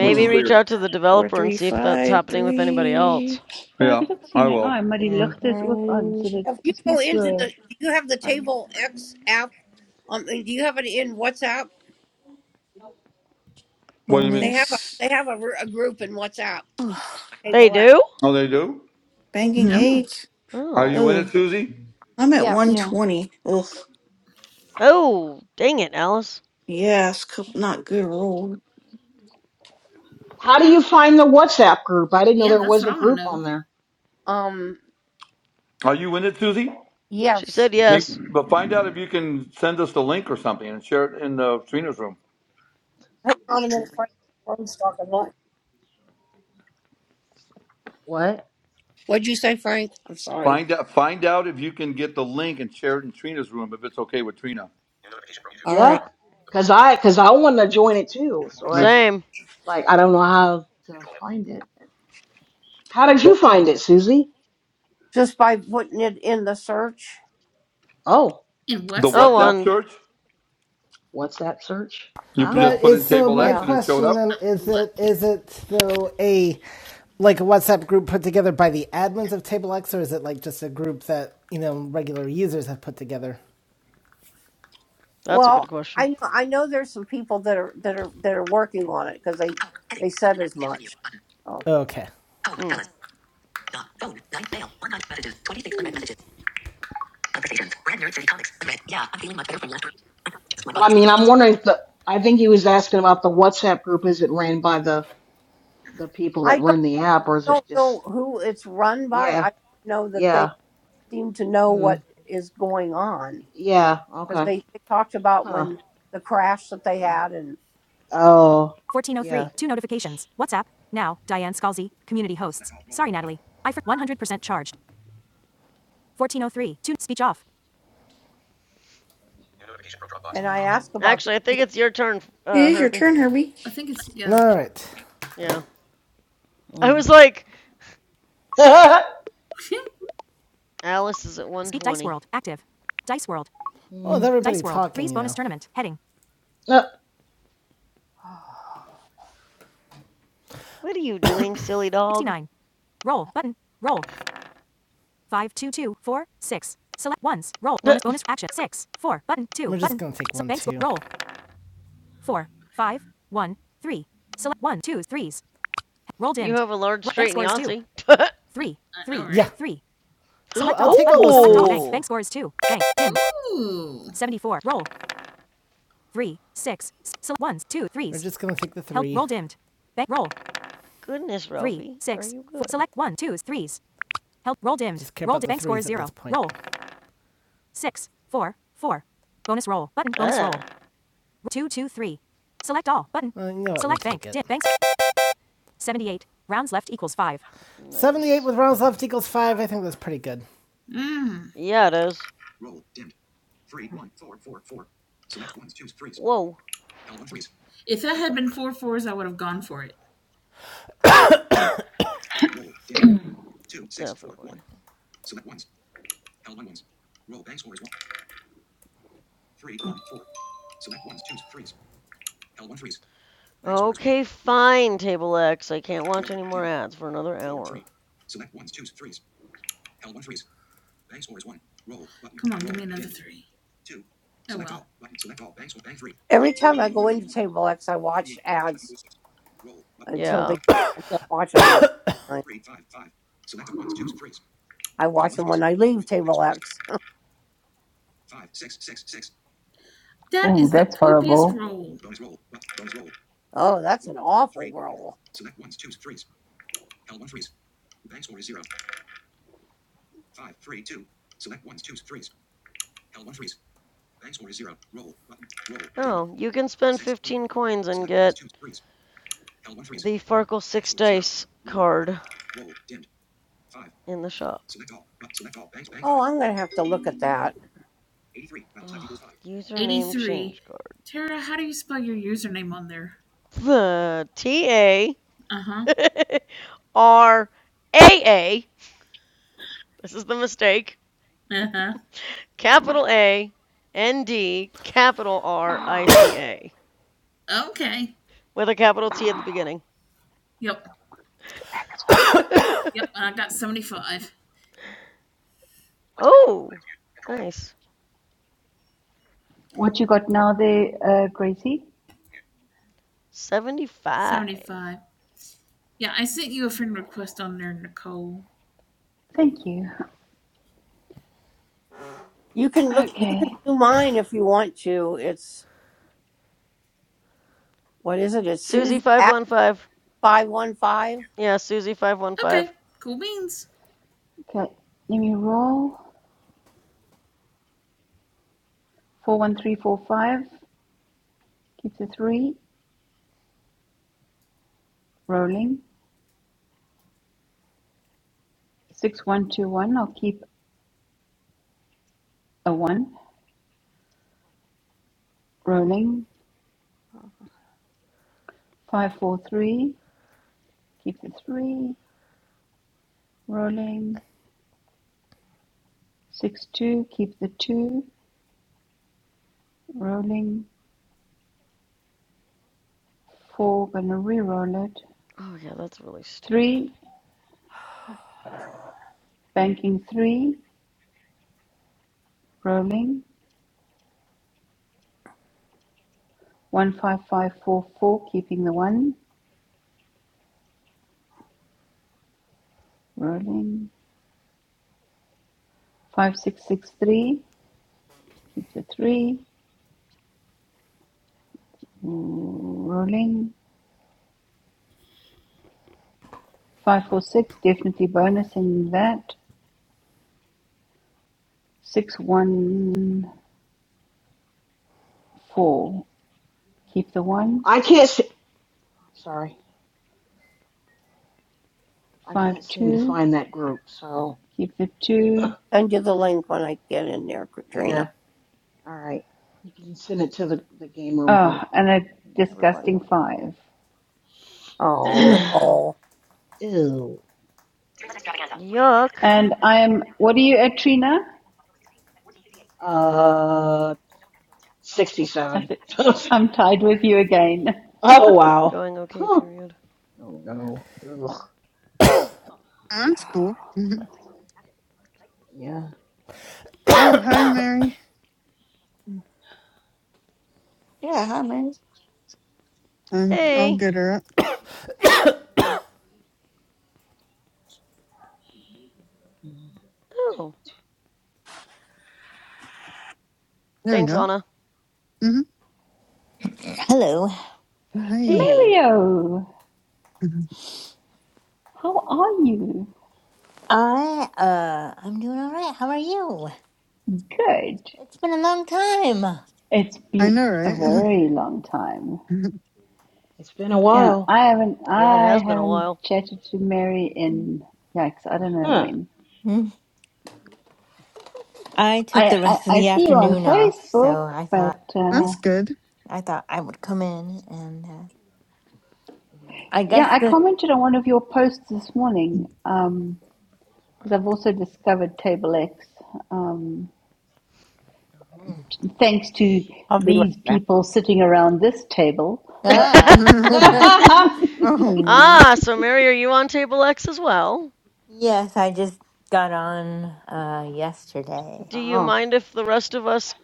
which is
reach
weird.
out to the
Four
developer and
three
see if that's
five
happening with anybody else.
three.
Ja, ek
Yeah,
het ook
I
sien hy aai,
will.
maar die
Yeah.
ligte is ook aan,
Roll.
so dit
If you
is nie
go into
so
the, do you have the
Five
Table
one.
X app? Um, and do you have it in WhatsApp?
What do you
They
mean?
have a
Bonus.
they have a, r- a group in WhatsApp.
Ugh.
They
Table X.
do?
Oh, they do.
Banking
Mhm.
Oh,
eight.
Are
Oh.
you in it,
Ugh.
Susie?
I'm at
Yes.
Yeah.
120. Ugh.
Oh, dang it, Alice.
Yes, cook not good rule.
How do you find the WhatsApp group? I didn't know
yeah,
there
that's
was
what
a
I want to
group on
know.
there.
Um.
Are you in it, Susie?
She
Yes.
said
Maybe,
yes.
but find out if you can send us the link or something and share it in uh, Trina's room.
Hang on a minute, Frank. Frank's talking. What?
What?
What'd you say, Frank? I'm sorry.
Find out find out if you can get the link and share it in Trina's room if it's okay with Trina.
All right.
Yeah, cause I cause I want to join it too. So
Which-
that's
Same.
like I don't know how to find it. How did
The
you find it, Susie?
just by putting it in the search.
Oh,
In
the
Oh,
WhatsApp?
okay.
WhatsApp
on.
search
WhatsApp search?
you just
But
Oh.
put
is
in
so
table
my
X
Yeah.
and it showed
question
up.
then is
What?
it is it so a like a WhatsApp group put together by the admins of TableX or is it like just a group that you know regular users have put together?
That's a good
Well,
question.
I know I know there's some people that are that are that are working on it because they they said as much. Oh,
Okay.
Hmm.
But I mean, I'm wondering if the, I think he was asking about the WhatsApp group. Is it ran by the, the people
I
that
don't
run the app or is it
don't
just,
know who it's run by.
yeah,
I know that they
yeah,
seem to know
mm,
what is going on
yeah,
because
okay,
they, they talked about
huh.
when the crash that they had and
Oh, yeah.
1403. Two notifications. WhatsApp. Now. Diane Scalzi. Community hosts. Sorry, Natalie. I for 100% charged. 1403. Two. Speech off.
and I ask
Uh,
about the,
Actually, I think it's your turn,
It
uh,
is your
Herbie.
turn, Herbie.
I think it's,
All
yeah.
right.
Yeah. I was
mm.
like,
[LAUGHS]
[LAUGHS]
Alice is at
Speak Dice
120.
World. Active. Dice World. Oh, is
Mm.
everybody Dice World. talking? Threes now? bonus know. tournament. Heading.
No,
What are you doing, silly dog?
69. Roll. Button. Roll. Five two two four six. Select ones. Roll. Bonus bonus action. Six. Four. Button. 2 We're button. just gonna take So one, bank sw- two. Roll. Four five one three. Select one twos, threes. Roll
[LAUGHS] you
dimmed.
have a large
Ro- bank
straight in
score is two
Yahtzee. [LAUGHS]
three
I know,
three Yeah.
right?
three. Ooh, Select I'll all. I'll take button. all those Select all. threes. All. Bank.
oh,
Bank score is two. Bank. Dimmed.
Ooh.
74. Roll. Three six. Select ones two threes. We're just gonna take the three. Help roll dimmed. Bank roll
goodness,
three,
Ralphie. Are
six,
you
four.
good?
Select one, twos, threes. Help. Roll dimmed. roll up dimmed. Bank score is zero. Roll. Six, four, four. Bonus roll. Button. Bonus roll.
Ah,
Two, two, three. Select all. Button. Well, you Select bank. like Dim. Banks. 78. Rounds left equals five. 78
nice.
with rounds left equals 5. I think that's pretty good.
Mm.
Yeah, it is. Whoa.
If that had been four fours, I would have gone for it.
Definitely. Okay, fine, Table X. I can't watch any more ads for another hour.
every time I go into Table X, I watch ads until
Yeah.
they I can't watch them. I, I watch them when I leave Table X
That
Oh,
is the
that's
poopiest roll.
horrible.
Oh, that's an awful roll.
Oh, you can spend 15 coins and get the Farkle 6 Dice card in the shop.
Oh, I'm gonna have to look at that.
Ugh, username
83.
change card.
Tara, how do you spell your username on there?
[LAUGHS] The T A
Uh huh.
R A A. This is the mistake.
Uh
Capital A N D capital R I C A
huh. Okay.
with a capital T at the beginning.
Yep.
[LAUGHS]
Yep. And I got 75.
oh, nice.
What you got now there, uh, Gracie?
75.
75. Yeah, I sent you a friend request on there, Nicole.
Thank you.
You can look. You can
Okay.
do mine if you want to. It's what is it? It's Susie at
Susie515.
five one five.
Yeah, Susie515.
Okay. Cool beans.
Okay. Let me roll. 41345. Keep the 3. Rolling. 6121. I'll keep a 1. Rolling.
Uh-huh.
543. Keep the 3. Rolling. six, two. Keep the 2. Rolling. 4. Gonna re roll it.
Oh, yeah, that's really stupid.
Three, banking three, rolling, one five five four four, keeping the one, rolling, five six six three, keep the three, rolling, five four six, definitely bonusing that, six one four, keep the one,
I can't see, sorry, I
five
can't seem to
two,
find that group. So,
keep the two two,
Send you the link when I get in there, Katrina.
yeah, all right. You can send it to the, the game room
oh,
group.
and a
Everybody
disgusting
will get
five.
Oh,
it.
Nicole.
[CLEARS THROAT] Ew.
Yuck.
And I am, what are you at, Trina?
Uh,
I
67.
th-
[LAUGHS] oh,
I'm tied with you again. [LAUGHS]
wow.
Going okay,
Huh.
period.
Oh, That's cool. Mhm.
Yeah.
Oh, hi, Mary.
Yeah, hi man.
Um, I'll
Hey.
get her up.
Oh,
There we
thanks,
go.
Anna.
hmm
Hello.
Hi.
Hey.
Mario,
Mhm.
how are you?
I uh I'm doing all right. How are you?
Good.
It's been a long time.
It's
I
been
know,
a very long time.
right?
It's been a
Yeah,
while.
I haven't
Yeah, it
I
has been a
haven't
while.
chatted to Mary in yikes, I don't know
Huh.
when.
Mm. I took
I,
the
I,
rest of
I
the
see you on
afternoon off,
Facebook,
so I thought
but
[LAUGHS]
I
uh,
That's good.
I thought I would come in and uh, I
yeah,
guess
I
the
commented on one of your posts this morning because I've also discovered Table X. Um, thanks to
I'll be right
these
back.
people sitting around this table.
[LAUGHS]
[LAUGHS]
ah
[LAUGHS]
[LAUGHS]
[LAUGHS]
Oh
[LAUGHS]
my.
ah, so Mary, are you on Table X as well?
yes, I just got on uh yesterday.
Do you
oh.
mind if the rest of us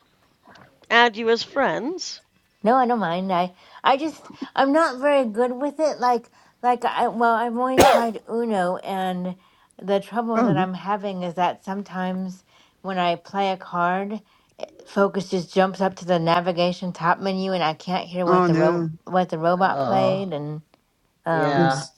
add you as friends?
No, I don't mind. I I just I'm not very good with it. Like like I well, I've only tried Uno and the trouble that
Oh,
I'm having is that sometimes when I play a card, focus just jumps up to the navigation top menu and I can't hear what
oh
the ro
no.
what the robot
Oh.
played and
Yeah.
um
Oops.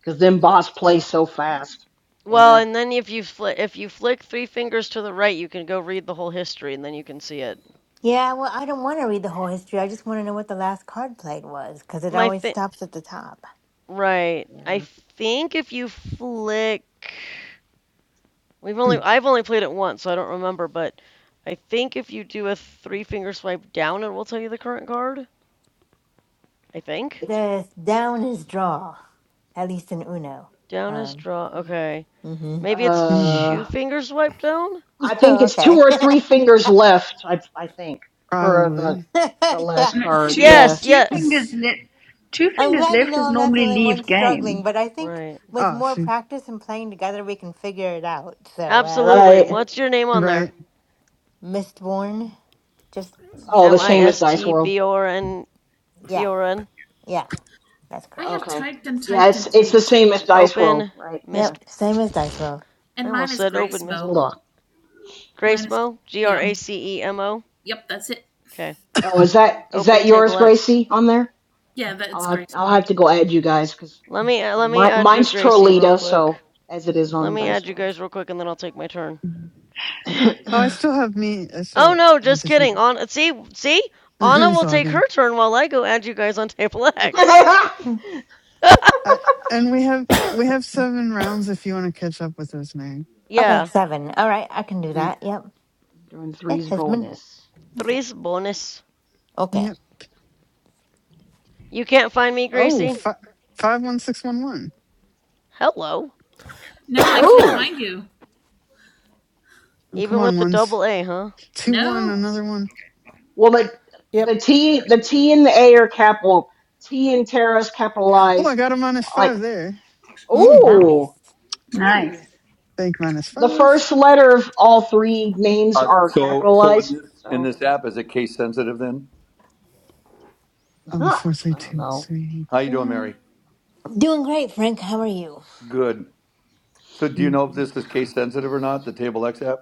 Because then boss plays so fast.
Well,
Yeah.
and then if you fli if you flick three fingers to the right, you can go read the whole history, and then you can see it.
yeah, well, I don't want to read the whole history. I just want to know what the last card played was because it
My
always
thing.
stops at the top.
Right. I
Yeah.
think if you flick we've only
Mm,
I've only played it once, so I don't remember, but I think if you do a three finger swipe down, it will tell you the current card. I think.
It's,
The down is draw, at least in Uno.
Down is
Um,
draw.
yeah.
Okay.
mhm.
Maybe it's
mm,
two
Uh,
finger swipe down?
I think
Oh,
it's two
okay.
or three fingers left, I, I think, for the
probably.
the
[LAUGHS] yeah,
last
No,
card.
two
yeah.
Yeah.
Yes,
two
yeah.
fingers left. Two
I'm
fingers
glad to
left
know
is
I'm not the
normally
only one
leave
struggling,
game.
but I think
Right.
with
Oh,
more
shoot.
practice and playing together, we can figure it out. So, uh,
Absolutely.
Right.
What's your name on there?
Right.
Mistborn, just, just,
Oh, the
M I
same as
S
Dice
T
World.
B O R N B
yeah,
O R N.
yeah, that's
I
correct.
have
Okay.
typed and
Yeah,
typed
it's
and
it's the
typed.
same as dice roll,
Open
right? Yeah.
Yep,
Mist [SNIFFS]
same as Dice Roll.
I
And mine
almost
is
said open
Grace
Hold
Mo.
Mistborn.
on.
Mine is,
Gracemo. G R
yeah.
A C E M O.
Yep. That's it.
Okay.
Oh, is that is
Open
that yours,
table X.
Gracie, on there?
Yeah,
I'll
that's
have,
Grace
I'll
Mo.
have to go add you guys because
Let me uh,
yeah,
let me
my
add you,
mine's
Gracie, real
Trolita,
quick.
so as it is
Let
on
me
dice
add you
roll.
guys real quick, and then I'll take my turn.
Oh, I still have meat. I
Oh
still
no,
have
just
to take.
kidding. On see see
[LAUGHS]
Anna
it's
will
all
take
good.
her turn while I go add you guys on table X.
Hmm.
[COUGHS]
[LAUGHS]
I, and we have we have seven rounds if you want to catch up with us, Mary.
Okay,
yeah,
seven. All right, I can do
Yeah.
that. Yep.
[LAUGHS] Doing
It
threes
has been.
bonus.
three's bonus.
Okay.
Yep.
You can't find me,
Oh,
Gracie.
fi- five one six one one.
Hello.
No, I can't
Oh,
find you.
Oh, come
Even
on,
with the double
ones
A, huh?
two one.
No.
Another one.
well the the
Yep.
T the T and the A are capital. T and Tara's
Oh, I
capitalized.
got a minus
Like
five there.
Mm, nice.
oh,
Nice,
Bank minus
the
five.
first letter of all three names
Uh,
are
so so in
capitalized.
this in
So.
this app is it case sensitive then?
Oh,
Huh,
four three
I don't
two
know.
three
How you doing,
four.
Mary?
Doing great, Frank. How are you?
Good. So do you
Mm.
know if this is case sensitive or not? The table X app.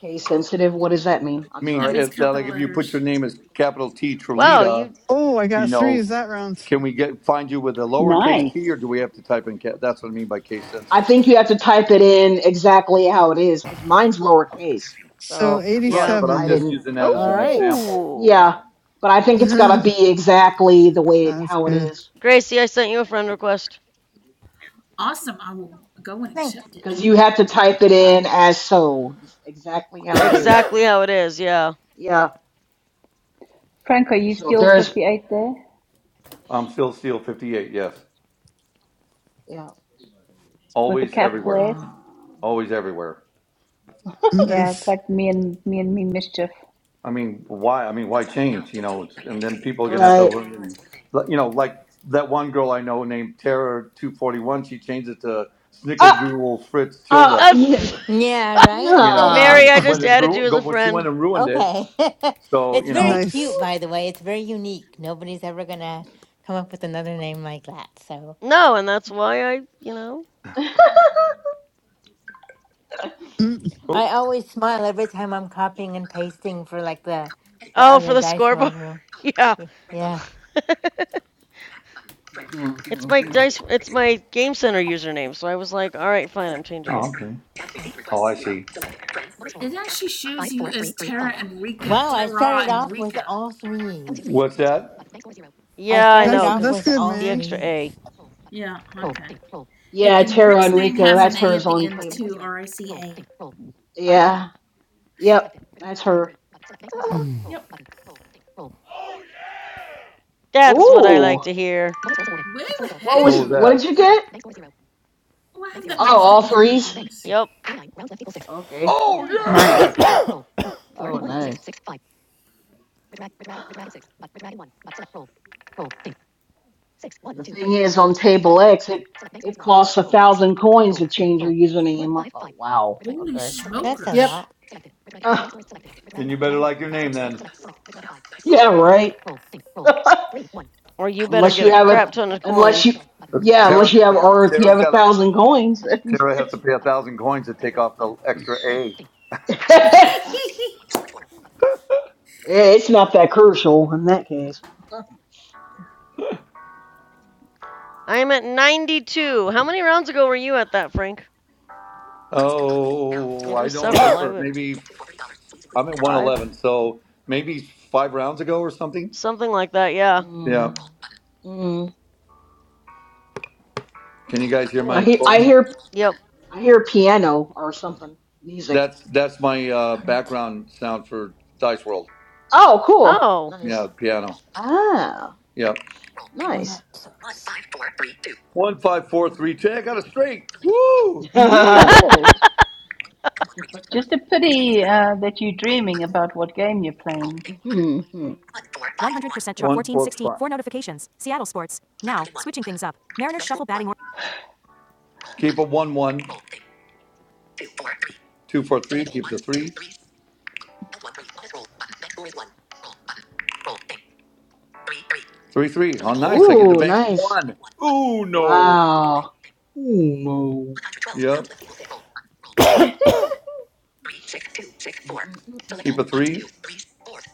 Case sensitive. What does that mean?
I
I'm
mean,
That
sorry.
means
if like
capital
if you put
letters.
your name as capital T
Wow, you
Trelita,
Oh, I
you
got
know
threes that round.
Can we get find you with a lowercase
nice.
t, or do we have to type in? cat? that's what I mean by case
I
sensitive.
think you have to type it in exactly how it is because mine's lowercase.
So
So
Right,
yeah.
but I'm
I
87.
just
didn't.
using that as
All
an
right.
example.
Oh,
Yeah, but I
[LAUGHS]
think it's gotta
That's
be exactly the way it, how it
good.
is
Gracie, I sent you a friend request.
Awesome. I will go and
Thanks.
accept it.
because you have to type it in as so, just exactly how it is.
Exactly how it is. Yeah.
Yeah.
Frank, are you
So if
still
there's
fifty eight there
I'm still Steel 58. Yes,
yeah.
with a
always everywhere,
capital S?
Um,
always everywhere.
Yeah, it's
Nice. [COUGHS]
like me and me and me mischief.
I mean, why? I mean, why change? You know, it's- and then people are gonna have to
right.
learn. but, You know, like that one girl I know named Tara 241. She changed it to Snickle
Ah.
Doodle Fritz
Uh, uh,
[LAUGHS]
Tilda.
[LAUGHS] yeah.
Yeah,
You know,
Nah.
right?
Mary,
and
[LAUGHS]
I
she
Oh,
went
just
and
added
ru-
you as a
go. She
friend.
went and ruined it.
Okay. [LAUGHS]
So
It's
you
very
know.
cute,
nice.
by the way. It's very unique. Nobody's ever gonna come up with another name like that. So
No, and that's why I, you know.
Mm,
I
Oh,
always smile every time I'm copying and pasting for like the the
Oh, for
other
the
dice roll
scoreboard.
room.
[LAUGHS] yeah.
Y- Yeah.
[LAUGHS] it's my
[LAUGHS]
dice. It's my Game Center username. So I was like, all right, fine, I'm changing it.
oh okay. Oh, I see.
It actually shows you as Tara Enrica.
Wow, I
Tara
started off with
Enrica.
all threes.
What's that?
I
Yeah, I
started
That's
know, because
off
that's
with
good,
it's
all
the
Mary.
extra A.
threes.
Yeah, okay. It,
Yeah,
and
Tara
Rick's name
Enrico,
has
that's
an A
hers
at
on
the
the
end
table.
too, R I C A.
Yeah, yep, that's her.
Yep.
That's what I
Ooh,
like to hear.
what
What
was,
was
Woo-hoo!
what did
that?
you get?
Oh, I have that
Oh,
little
all
thing for my
threes?
bonus.
Yep.
Okay.
Oh
Yay.
yeah!
Nice.
Oh, nice. The thing is, on table X, it it costs a thousand coins to change your username. I thought, wow,
Holy
okay. [LAUGHS]
That's a
Yep.
smokers.
lot.
Uh,
Then you better like your name then.
yeah, right. [LAUGHS]
Or you better
unless
get
you
a
have a,
crap ton of
unless you,
coins.
yeah, unless
Tara's
you have,
got
or
a,
if you
Tara's
have a
got a,
thousand coins, [LAUGHS]
Tara has to pay a thousand coins to take off the extra A.
it's not that crucial in that case.
I'm at 92. How many rounds ago were you at that, Frank?
Oh,
It
I
was
don't
several. I
remember.
went
Maybe I'm at one
five,
eleven, so maybe five rounds ago or something.
something like that. Yeah.
Mm.
Yeah.
Mm.
Can you guys hear
Oh, I
my
hear, I
phone?
hear,
Yep.
I hear piano or something, music.
That's that's my uh,
Darn it.
background sound for Dice World.
Oh, cool,
Oh.
nice.
Yeah, piano.
Ah,
Yeah.
Well,
nice.
that sucks.
One five four three ten. I got a straight. Woo!
You
[LAUGHS]
[LAUGHS]
did. Just a pity uh, that you're dreaming about what game you're playing.
Mhm.
100% chart.
One
Fourteen,
four
sixteen.
five.
Four notifications. Seattle sports. Now, switching things up. Mariners shuffle batting order.
Keep a one one. Two four three. Keep the three. Three three. Oh, nice! I get the
Ooh,
bank
nice.
one. Ooh no!
Wow. Ooh.
Yep.
[LAUGHS]
Keep a
Mm-mm-mm-mm-mm-mm.
three. [SIGHS]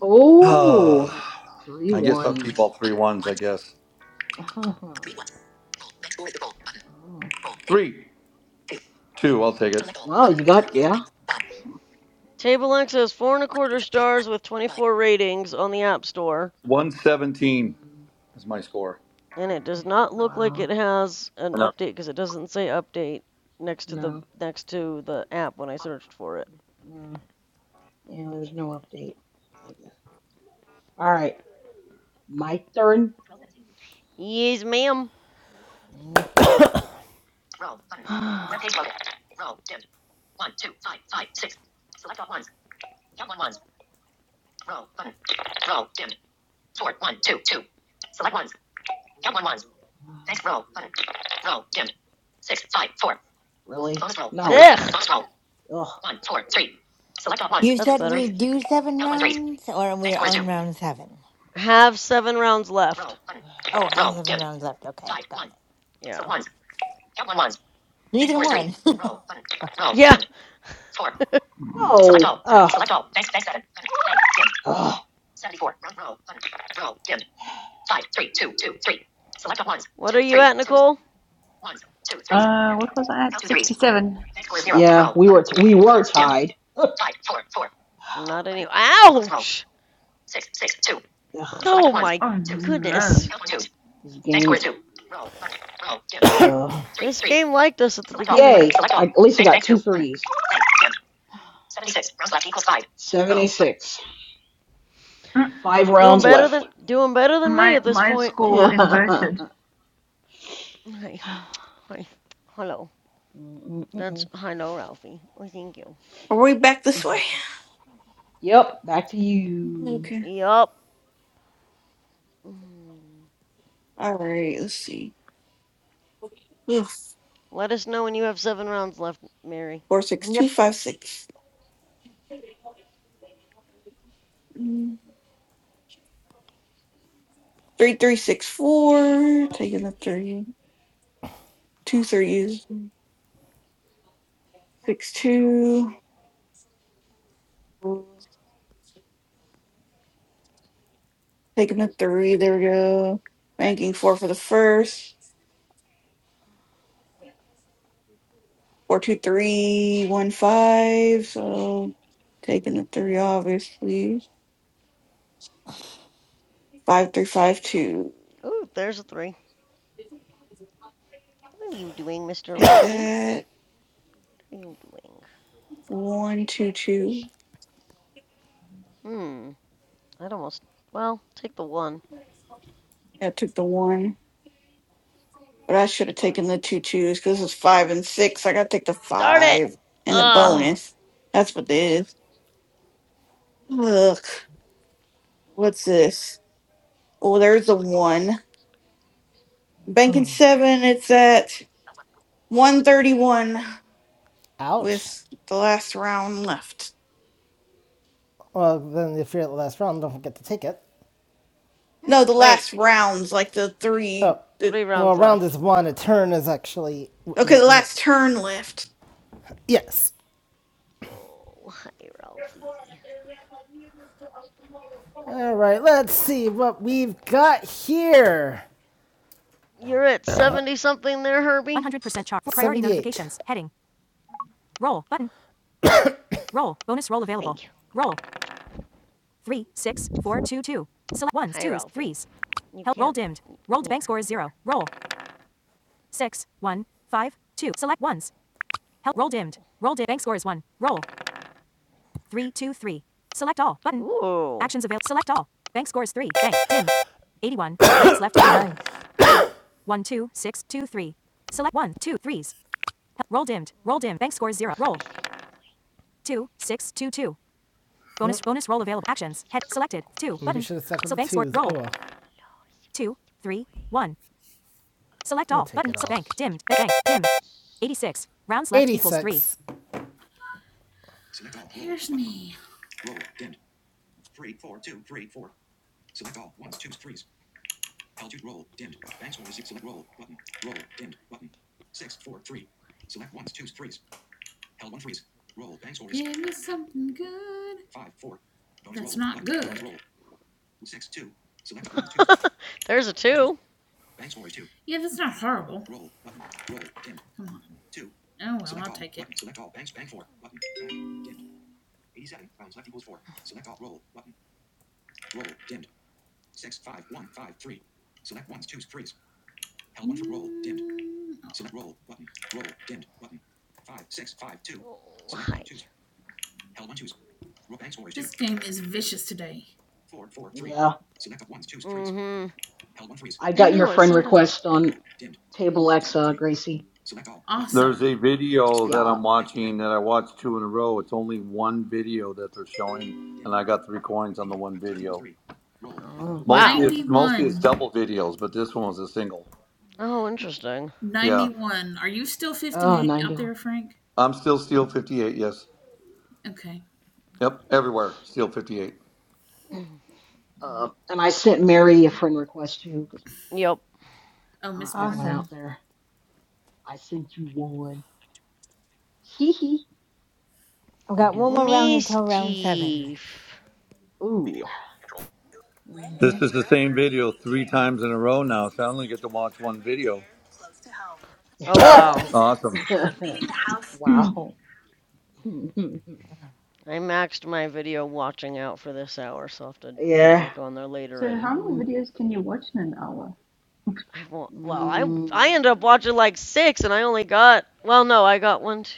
Oh,
Ah,
three
I guess I'll keep
ones.
all three ones. I guess
[LAUGHS] Uh-huh. Oh.
three, two. I'll take it.
Wow, you got yeah. Nice.
Table X has four and a quarter stars with 24 ratings on the App Store,
One seventeen
Mm,
is my score.
and it does
okay.
not look like
Wow.
it has an
And up
update
there.
because it doesn't say update next to the
No.
next to the app when I searched for it.
Yeah, there's no update. I guess. All right, my turn.
Yes, ma'am.
Okay. Roll button. [SIGHS] Web page loaded. Thanks. Roll button. Really? No.
Ugh,
Ugh.
You
that's
said
better.
we do seven rounds, or we're on round seven?
Have seven rounds left.
Oh, have seven rounds left. Okay, got it.
Yeah.
Neither one.
Yeah.
No. Ugh. Ugh.
What are you at, Nicole?
Uh, what was I at? Sixty seven.
Yeah, we were we were tied.
Not any. Ouch!
Ugh.
Oh my
Oh no,
goodness.
This game. Ugh.
This game liked us at the
Yay!
beginning.
I, at least I got two threes. Seventy-six. Five
Doing
rounds
better than
left.
doing better than me
my
at this
my
point.
[LAUGHS]
score
Mm-mm-mm.
inverted.
Hi. Hi. Hello. That's I know, Ralphie. Oh, thank you.
Are we back this way?
yep. Back to you.
Okay.
Yup. Mm.
All right. Let's see. Ugh.
Let us know when you have seven rounds left, Mary.
Four six two
[LAUGHS]
five six. Mm, Three three six four. Taking the three. Two threes. Six two. Taking the three. There we go. Banking four for the first. Four two three one five. So taking the three, obviously. Five three five two.
Ooh, there's a three. What are you doing, Mr.
Take
Ralphie?
that.
What are you doing?
One, two, two.
Hmm. I'd almost. Well, take the one.
I took the one, but I should have taken the two twos because it's five and six. I got to take the
Darn it!
five and the
Ugh.
bonus. That's what it is. Look, what's this? Oh, there's the one. Banking
yep.
seven. It's at one thirty-one
Ouch.
with the last round left.
Well, then if you're at the last round, don't forget to take it.
No, the
Wait.
last rounds, like the
Oh,
three. The,
Three
well,
rounds
round
left.
is one.
Yeah.
A turn is actually is
okay, the
what you meant.
last turn left.
Yes.
Oh, hi, Ralphie.
All right. Let's
Oh.
see what we've got here.
You're at 70 something there, Herbie?
100% chart. priority notifications. Heading. Roll. Button. Roll. Bonus roll
Hi.
available. Roll. Three, six, four, two, two. Select ones,
Hi,
twos,
Ralphie.
threes.
You
Help. Roll
can't.
dimmed. Rolled bank
Here,
score is
there.
zero. Roll. Six, one, five, two. Select ones. Help. Roll
Oh.
dimmed. Roll Bank score is one. Roll. three, two, three. Select all button.
Ooh.
Actions available. Select all. Bank scores three. Bank dim. 81. [COUGHS] Banks left equal.
Nice.
One, two, six, two, three. Select one, two, threes. Hel- Roll dimmed. Roll
Mm,
dimmed. Bank scores zero. Roll.
[LAUGHS] Sweet boy.
Two, six, two, two. Bonus nope. bonus roll available.
My
Actions. Head
sweet
selected. Two.
boy.
maybe Button. so bank score. twos. Roll. Oh, well.
Hello,
Two,
sweet
three, one.
boy.
Select all. Button. So bank dimmed. Bank dim. 86. Rounds left eighty-six. equals three.
[LAUGHS] something good.
[LAUGHS] Oh, sweet boy. [LAUGHS] There's a two.
Yeah, that's not horrible. Come on. Oh. well. mm, oh,
Oh, hi.
This game is vicious today.
Yeah.
Mm-hmm.
I
I
got your
know, it
friend
sounded...
request on Table X, uh, Gracie.
There's a
Awesome.
video that
Yeah.
I'm watching that I watched two in a row. It's only one video that they're showing, and I got three coins on the one video.
Oh,
Mostly
Wow.
it's mostly it's
91.
double videos, but this one was a single.
Oh, interesting.
Yeah.
91. Are you still
oh
58 out
ninety-one.
there, Frank?
I'm still Steel 58, yes.
Okay.
Yep, everywhere, Steel 58.
[CLEARS THROAT]
Uh, and I sent Mary a friend request too, 'cause
Yep.
Oh,
uh,
Miss
I went
Bourne.
out
Awesome.
there. I sent you one. Hee hee.
I've
Do
got
do
one more
do
round
do do.
until round seven.
Mischief.
Ooh.
This
Mm-hmm.
is the same video three times in a row now, so I only get to watch one video.
Oh, wow.
Awesome.
[LAUGHS] wow. [LAUGHS]
I maxed my video watching out for this hour, so I'll have to get
yeah.
back on there later
So
and
how many
Mm,
videos can you watch in an hour?
I won't, well, I I
mm.
ended up watching like six, and I only got well, no, I got one. Two,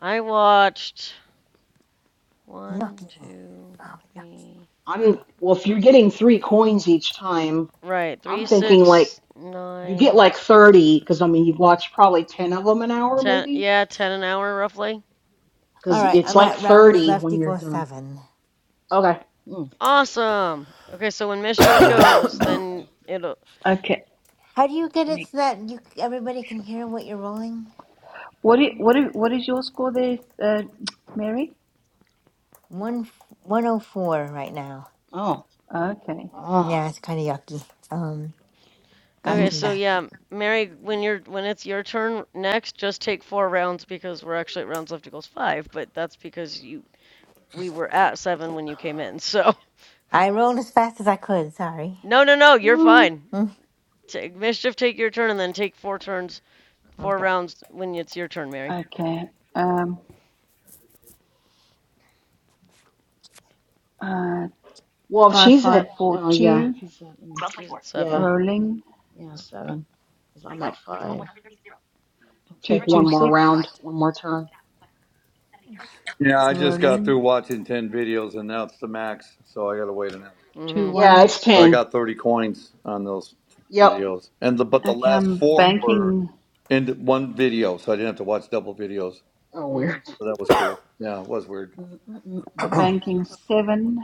I watched one,
Yucky.
two,
Oh, yuck.
three,
I'm well. If you're getting three coins each time,
right, three,
I'm thinking like.
six,
You get
nine,
like 30, because I mean, you've watched probably 10 of them an hour,
ten.
maybe?
Yeah, ten an hour roughly.
All
Because
right,
it's
I'm
Okay.
like
at rounds
30
left
when you're
equals
done.
seven.
Okay. Mm,
Awesome. Okay, so when
all
mischief
right.
goes,
Mm,
then it'll.
Okay.
How do you get
Let
it
me.
so that you everybody can hear what you're rolling?
What do what
mhm.
do- what is your score there, uh, Mary?
One one oh four right now.
Oh.
Okay,
Ah.
Yeah, it's kind of yucky. Um, got
Okay,
Mm,
some
so
back.
yeah, Mary, when you're when it's your turn next, just take four rounds because we're actually at rounds left equals five, but that's because you we were at seven when you came in, [LAUGHS] so.
I rolled as fast as I could. Sorry.
No, no, no, you're
mm.
fine.
Mm,
Take mischief, take your turn, and then take four turns, four
okay.
rounds when it's your turn, Mary.
okay. Um, uh,
Well,
five
she's at,
five four
oh, yeah.
two.
She's at, mm,
She's at
yeah.
seven.
Rolling
Yeah, seven. Because I'm at five.
two
Take one
two
more
six.
round, one more turn.
Yeah, I just got through
Rolling
watching 10 videos, and now it's the max, so I got to wait an hour.
two
Mm-hmm.
Yeah, it's
ones.
So I
10.
got 30 coins on those
Yep.
videos. and the, But the
Okay,
last
I'm
four
Mm.
were
banking
in one video, so I didn't have to watch double videos.
Oh, weird.
Mm.
So that was cool. Yeah, it was weird.
Mm, mm, mm, mm, mm.
banking seven.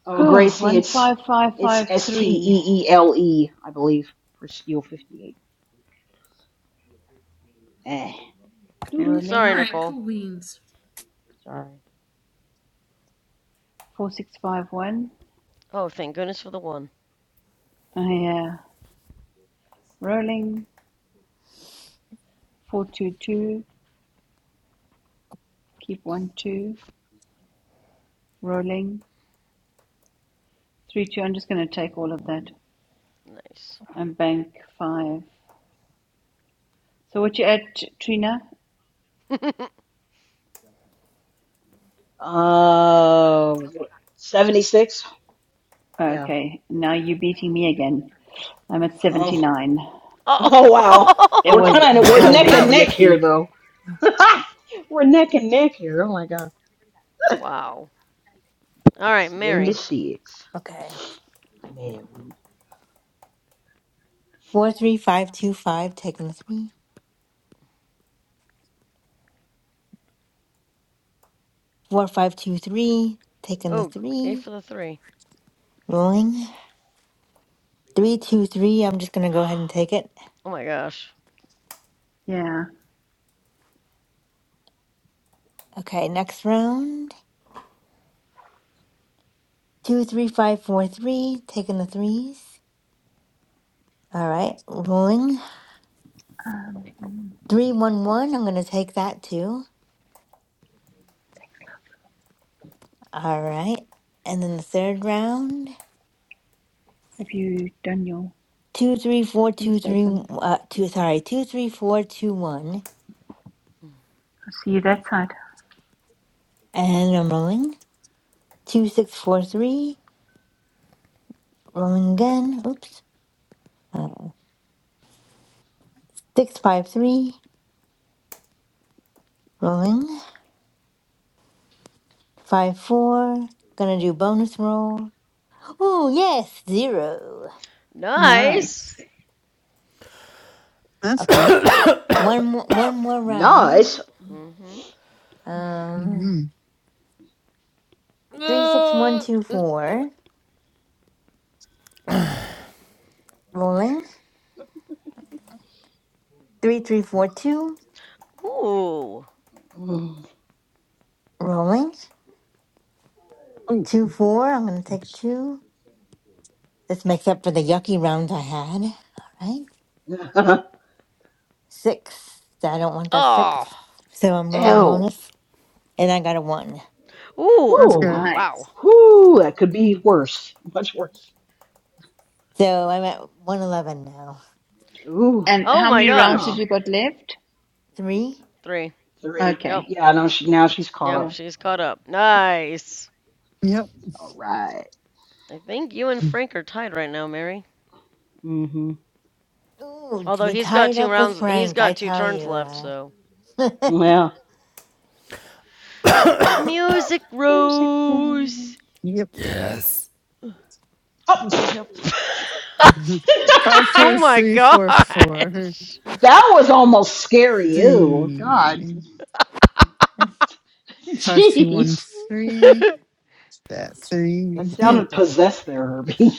[SIGHS]
Oh, Gracie,
one
it's
five five
it's
five
S T
three.
E E L E, I believe, for Steel 58. Eh.
Sorry,
Rolling
All right,
Nicole.
cool beans.
four six five one.
Oh, thank goodness for the one.
Oh, Yeah. Rolling four two two. Keep one two. Rolling three two. I'm just going to take all of that.
Nice.
and bank five. So what you at, Trina?
[LAUGHS]
Uh, 76? Yeah.
Okay, now you're beating me again. I'm at
Oh.
79.
oh.
Oh wow.
It
We're
was
[LAUGHS]
kind of
it
we're
was a
neck
Wow.
and neck here
yucky.
though. [LAUGHS] we're neck and neck here. Oh my god.
wow. All right, Mary.
76.
Okay.
Man. we-
Four three five two five. Taking the three. Four five two three. Taking the
Oh, yay
three.
for the three.
Rolling. Three, two, three. I'm just gonna go ahead and take it.
Oh my gosh.
Yeah.
Okay, next round. Two, three, five, four, three. Taking the threes. All right, rolling. Three, one, one. I'm gonna take that too. All right, and then the third round.
Have you done your
Two, three, four,
hands
two,
both
three.
them?
Uh, two.
I'll
Sorry, two, three, four, two, one.
see you that side.
And I'm rolling. Two, six, four, three. Rolling again. Oops. Uh, six, five, three. Rolling. Five, four. Gonna do bonus roll. Oh, yes, zero.
Nice.
Nice.
That's
Okay.
good.
One more, one more round.
Nice.
Mm-hmm.
Um,
hmm
three, six, one, two, four. Rolling. Three, three, four, two.
Ooh.
Mm.
Rolling.
Oh,
Two, four. I'm gonna take two. This makes up for the yucky round I had. All right.
[LAUGHS]
Six. I don't want that
Oh.
six. So I'm rolling
Ew.
bonus, and I got a one.
that's
Ooh.
Whoo,
good.
Wow.
Nice.
whoo, that could be worse, much worse.
So I'm at one eleven now.
Ooh,
And
Oh
how
my
many rounds have
gosh.
oh,
you got left?
Three.
Three.
three.
Yep.
Okay.
Yeah, no, she now she's caught
Yep.
up.
Cool.
She's caught up. Nice.
Yep.
All right.
I think you and Frank are tied right now, Mary.
Mm-hmm.
Ooh, to
Although
be
he's got
tied
two
up with
rounds, he's
Frank, I
got two
tell
turns left,
you.
so.
Uh.
Well,
Music
Music rolls.
Rose!
Yep.
Yes.
oh,
We
pfft.
have. [LAUGHS]
[LAUGHS] Five,
[LAUGHS]
four,
oh my
three, four, four,
gosh!
that was almost scary. Ew, God,
three,
[LAUGHS]
five, two, one,
jeez,
[LAUGHS] oh,
three. That
that
three, [LAUGHS]
sounded possessed there, Herbie.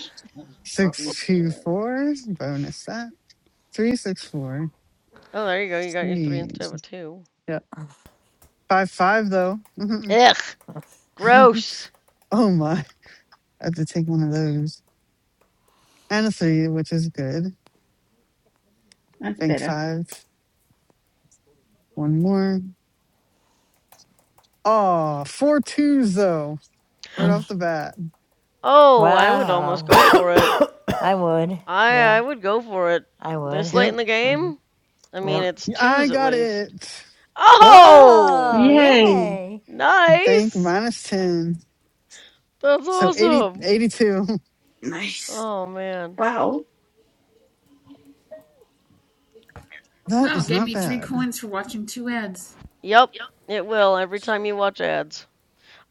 six, two, four. Bonus that three, six, four,
there you go. You got your three
three.
instead of a two.
Yep. Five, five though.
Ugh!
[LAUGHS]
Gross!
Oh my. I have to take one of those. And a three, which is good.
That's
Bank
better.
five. One more. Aw, four twos though.
[LAUGHS]
Right off the bat.
Oh, I would almost
Wow.
go for it.
I would.
I, I
Yeah,
would go for it.
I
This
would.
late in
Yep.
the
hmm
game? I mean,
Yep.
it's
I
twos at
got
least.
it.
Oh!
Oh,
Yay.
yay.
Bank
Nice!
minus 10.
That's
So eighty,
awesome!
eighty [LAUGHS]
Nice.
Oh man.
Wow.
That
Wow, it
is
gave
not
me three
bad.
coins for watching two ads.
Yep, it will every time you watch ads.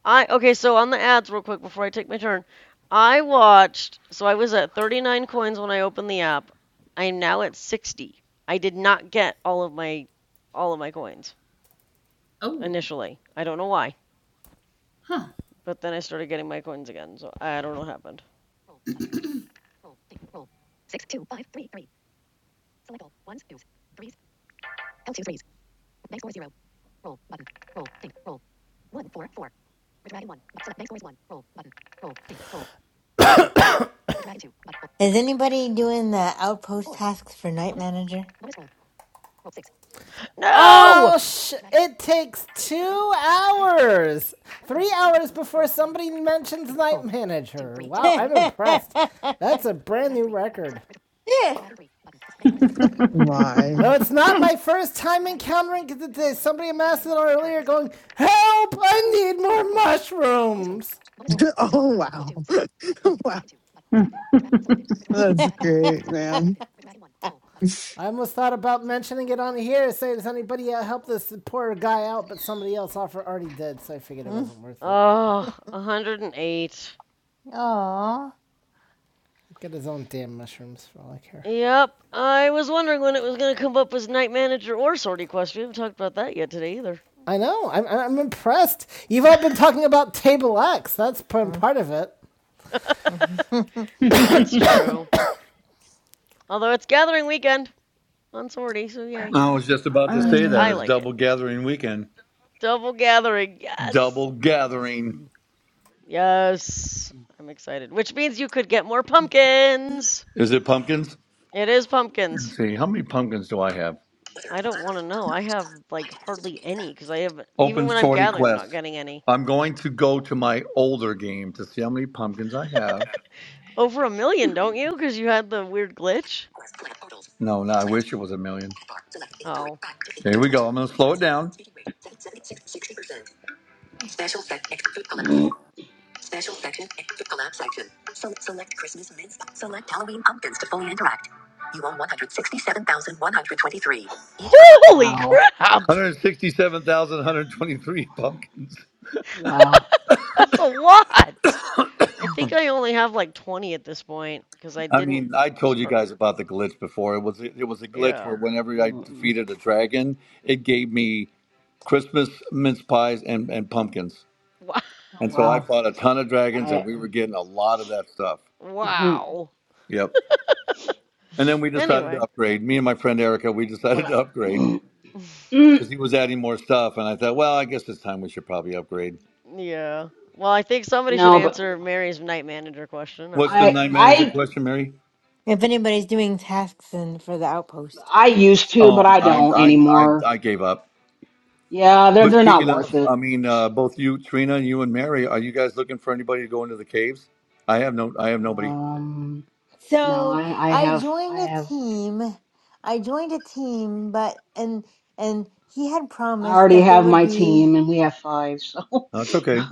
I okay, so on the ads real quick before I take my turn. I watched so I was at 39 coins when I opened the app. I am now at 60. I did not get all of my all of my coins
Oh,
initially. I don't know why,
huh.
but then I started getting my coins again. So I don't know what happened.
[CLEARS THROAT]
Is anybody doing the outpost tasks for Night Manager?
No!
Oh, sh- it takes two hours. Three hours before somebody mentions Night Manager.
[LAUGHS]
Wow, I'm
Aww.
impressed. That's a brand new record.
Why?
Though it's not my first time encountering it Somebody asked it earlier going, Help! I need more mushrooms!
[LAUGHS] Oh, wow. [LAUGHS] wow. That's great, man.
I almost thought about mentioning it on here, saying, Does anybody uh, help this poor guy out? But somebody else offered already did, so I figured it wasn't worth it.
Oh, 108.
[LAUGHS]
Get his own damn mushrooms for all I care.
Yep, I was wondering when it was going to come up as night manager or sortie quest. We haven't talked about that yet today either.
I know. I'm, I'm impressed. You've all been talking about Table X. That's p- part of it.
[LAUGHS] It's true. Although it's gathering weekend on sorority, so yay.
I was just about
Or
to
at
Oh
least
say
yeah.
that
I
it's
like it.
double gathering weekend.
Double gathering, yes.
Double gathering.
Yes. I'm excited. Which means you could get more pumpkins.
Is it pumpkins?
It is pumpkins.
Let's see, how many pumpkins do I have?
I don't want to know. I have like hardly any because I have, even
Open
when I'm
sortie
gathering, I'm
quest.
not getting any.
I'm going to go to my older game to see how many pumpkins I have.
Over a million, don't you? Because you had the weird glitch.
No, no, I wish it was a million.
Oh.
Here we go. I'm going to slow it down.
[LAUGHS]
Holy
wow,
crap!
167,123 [LAUGHS] pumpkins.
wow,
[LAUGHS] That's a lot! I think I only have like 20 at this point because I
I
didn't
mean, I told you
start.
guys about the glitch before. It was it was a glitch
Yeah.
where whenever I
Mm-mm.
defeated a dragon, it gave me Christmas mince pies and, and pumpkins.
Wa-
oh,
And so I
wow.
fought a ton of dragons and
I,
we were getting a lot of that stuff.
Mhm.
Wow.
Yep. And then we decided to
Anyway.
upgrade. Me and my friend Erica, we [LAUGHS] decided to
but.
upgrade
[LAUGHS]
[CLEARS THROAT]
because he was adding more stuff. And I thought, well, I guess it's time we should probably upgrade.
Yeah. Well, I think somebody should
No, but.
answer Mary's night manager question. I
What's the
I
mean,
night manager
I
question, Mary?
if anybody's doing tasks in, for the outpost.
I used to, but
Oh,
I
I,
don't
I, I,
anymore.
I gave up.
Yeah, they're
But
they're not
speaking
worth
of,
it.
I mean, uh, both you, Trina, and you and Mary, are you guys looking for anybody to go into the caves? I have no, I have nobody.
Um, no,
So
I I
I
have I
joined a
have
team. I joined a team, but and and he had
I
promised
already
that there
have
would
my
be
team, and we have five. So, [LAUGHS]
That's okay.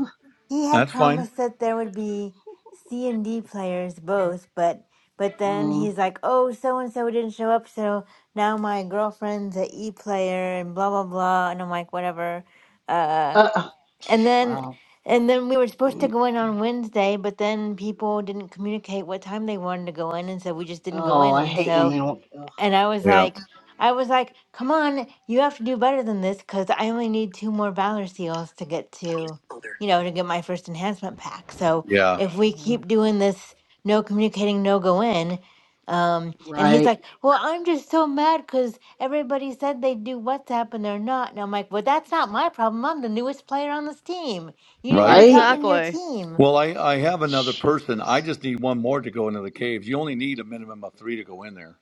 He had
That's fine.
promised that there would be C and D players both, but but then
um,
he's like, "Oh, so and so didn't show up, so now my girlfriend's a E player and blah blah blah." And I'm like, "Whatever." Uh,
uh,
and then
wow.
and then we were supposed to go in on Wednesday, but then people didn't communicate what time they wanted to go in, and so we just didn't go
Oh,
in.
I
And
hate when
so
they don't. Ugh,
and I was
Yeah.
like, I was like, come on, you have to do better than this because I only need two more Valor Seals to get to, you know, to get my first enhancement pack. So
Yeah.
if we
yeah,
keep doing this, no communicating, no go in. Um, and he's
right,
like, well, I'm just so mad because everybody said they do WhatsApp and they're not. And I'm like, well, that's not my problem. I'm the newest player on this team. You need to
mm,
Right.
be talking
right.
to your
exactly.
team.
Well, I, I have another person. I
Jeez.
just need one more to go into the caves. You only need a minimum of three to go in there,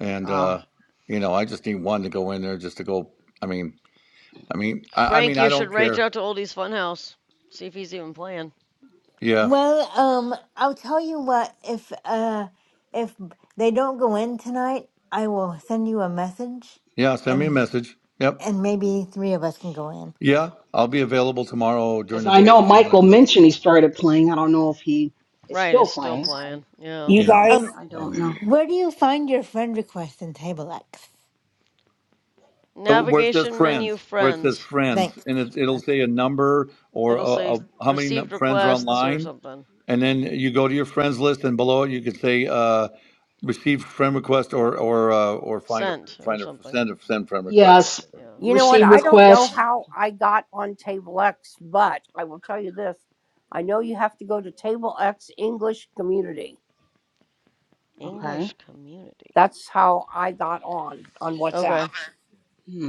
and
Oh,
uh, you know, I just need one to go in there just to go. I mean, I mean, I, I
Frank,
mean, I
you should
don't
reach
care.
out to Oldie's Funhouse. See if he's even playing.
Yeah,
Well, um, I'll tell you what, if uh if they don't go in tonight, I will send you a message
yeah. Send me a
and
message. Yep.
and maybe three of us can go in.
Yeah, I'll be available tomorrow during
because
the
I
day if
know
you want
Michael
to do it
mentioned he
tomorrow.
started playing. I don't know if he is
Right,
still
is still
playing. I
playing. Yeah.
You
You know,
guys,
Um,
I don't
um,
know.
where do you find your friend request in Table X?
so where it says
Navigation menu
friends, where it says
friends.
friends,
Thanks.
and it, it'll
Okay.
say a number or a,
It'll say
a, how many nu-
received
friends are
requests or
online.
something.
And then you go to your friends list, and below it you can say uh, receive friend request or or uh, or find a
Sent or
find a
something.
send a send friend request or
Yes,
whatever.
Yeah.
You know what?
receive
I don't know
request.
how I got on Table X, but I will tell you this. I know you have to go to Table X English Community.
Okay.
English community.
That's how I got on on WhatsApp.
Okay,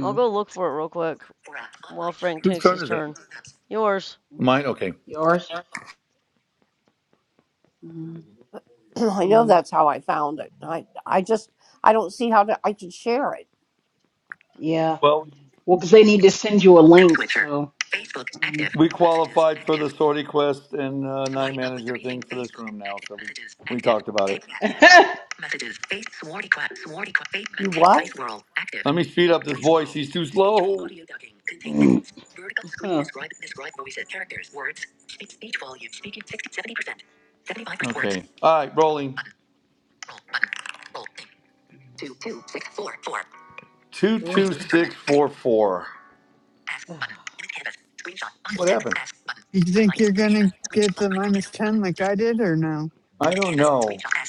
I'll go look for it real quick
For app, online
while
shopping.
Frank
Whose
takes
turn
his
is it?
turn. Yours.
Mine. Okay.
Yours. Mm,
[CLEARS THROAT] I know
mm,
that's how I found it. I I just I don't see how to, I can share it.
yeah.
Well,
Well, 'cause they need to send you a link, so.
Facebook
Um,
active. we qualified Messages, for the active. sortie quest and uh, night Line number manager three. thing for this Facebook room now, active. so we, Messages, we active. talked about it. Take that.
[LAUGHS] huh.
Messages. Face swarty quack. Swarty quack. Face
You
take
what?
dice world. Active. Let me speed up this Dice voice. World. He's too slow. Audio ducking. Contain headings. Vertical screen. Describe. Describe voices. Characters. Words. Okay. All right, rolling.
Ugh.
22644. What happened?
You think you're going to get the minus 10 like I did or no?
I don't know.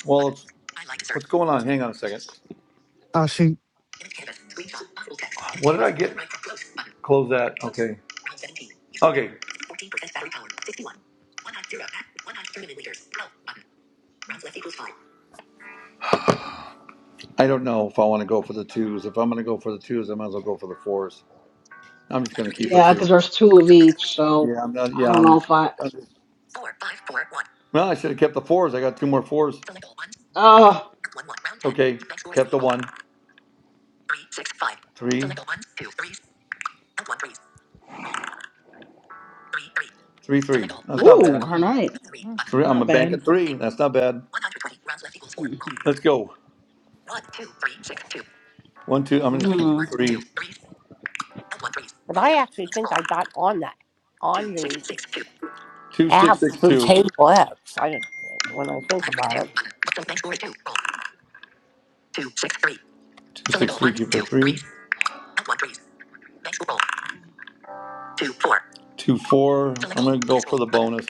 Well, it's, what's going on? Hang on a second.
Oh, shoot.
What did I get? that. Okay. Okay. I don't know if I want to go for the twos. If I'm going to go for the twos, I might as well go for the fours. I'm just going to keep a
Yeah, 'cause
two.
there's two of each, so
Yeah, I'm not.
I
Yeah,
don't know
I'm.
if I.
I'm just, well, I should have kept the fours. I got two more fours.
Oh,
Okay, kept the one. Three, three, three. That's
ooh,
not bad.
her night.
i I'm a
Not
bank
bad.
at three. That's not bad.
[LAUGHS]
Let's go. One, two. I'm gonna keep
Mm.
three.
But I actually think I got on that on the
Two, six,
app
six,
through
two.
Table X. I don't when I think about it.
Two, six, three. Keep the three. Two, four. I'm gonna go for the bonus.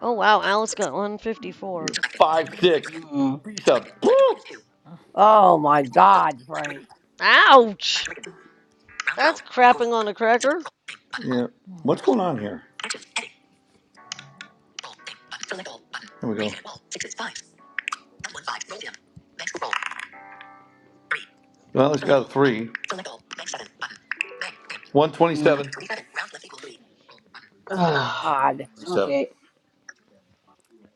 Oh wow, Alice got 154.
Five, six. Selected.
Mm,
up. Woo!
Oh my God, Frank.
Ouch! That's crapping on a cracker.
Yeah. What's going on here? There we go. Well, at has got a three. One
mm.
twenty-seven. twenty-seven. Seven.
Ugh.
God.
okay.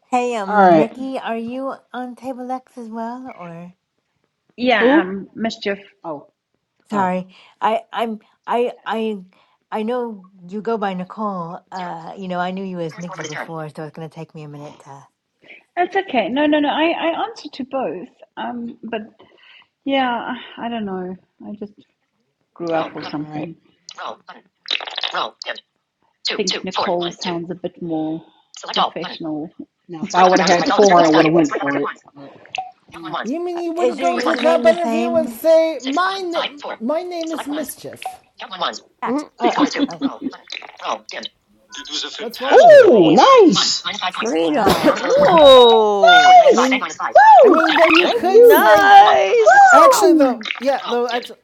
Hey,
All
um,
right.
Nikki, are you on Table X as well, or?
Yeah,
Who?
um mischief.
Oh. Oh, oh.
Sorry, I I'm I I I know you go by Nicole. Uh, you know, I knew you as Nikki before, so it's gonna take me a minute to.
That's okay. No, no, no. I, I answer to both. Um, but yeah, I I don't know. I just grew up
All
or
right.
something. I think Nicole sounds a bit more professional
Now, if I would have had four, I would have went for it.
You mean
Uh,
you
Is
wouldn't
your
go into a
username
job
the
interview and
same?
say, my, na- my name is Mischief? Act.
Mhm.
Uh,
Okay.
What's wrong with
oh,
you?
One. nice.
Wow. [LAUGHS]
Trina.
Whoa!
I
Bank Nice.
mean, I
Woo.
mean, though you
Thank
could
you.
say,
Nice!
actually, though, yeah, though, actually,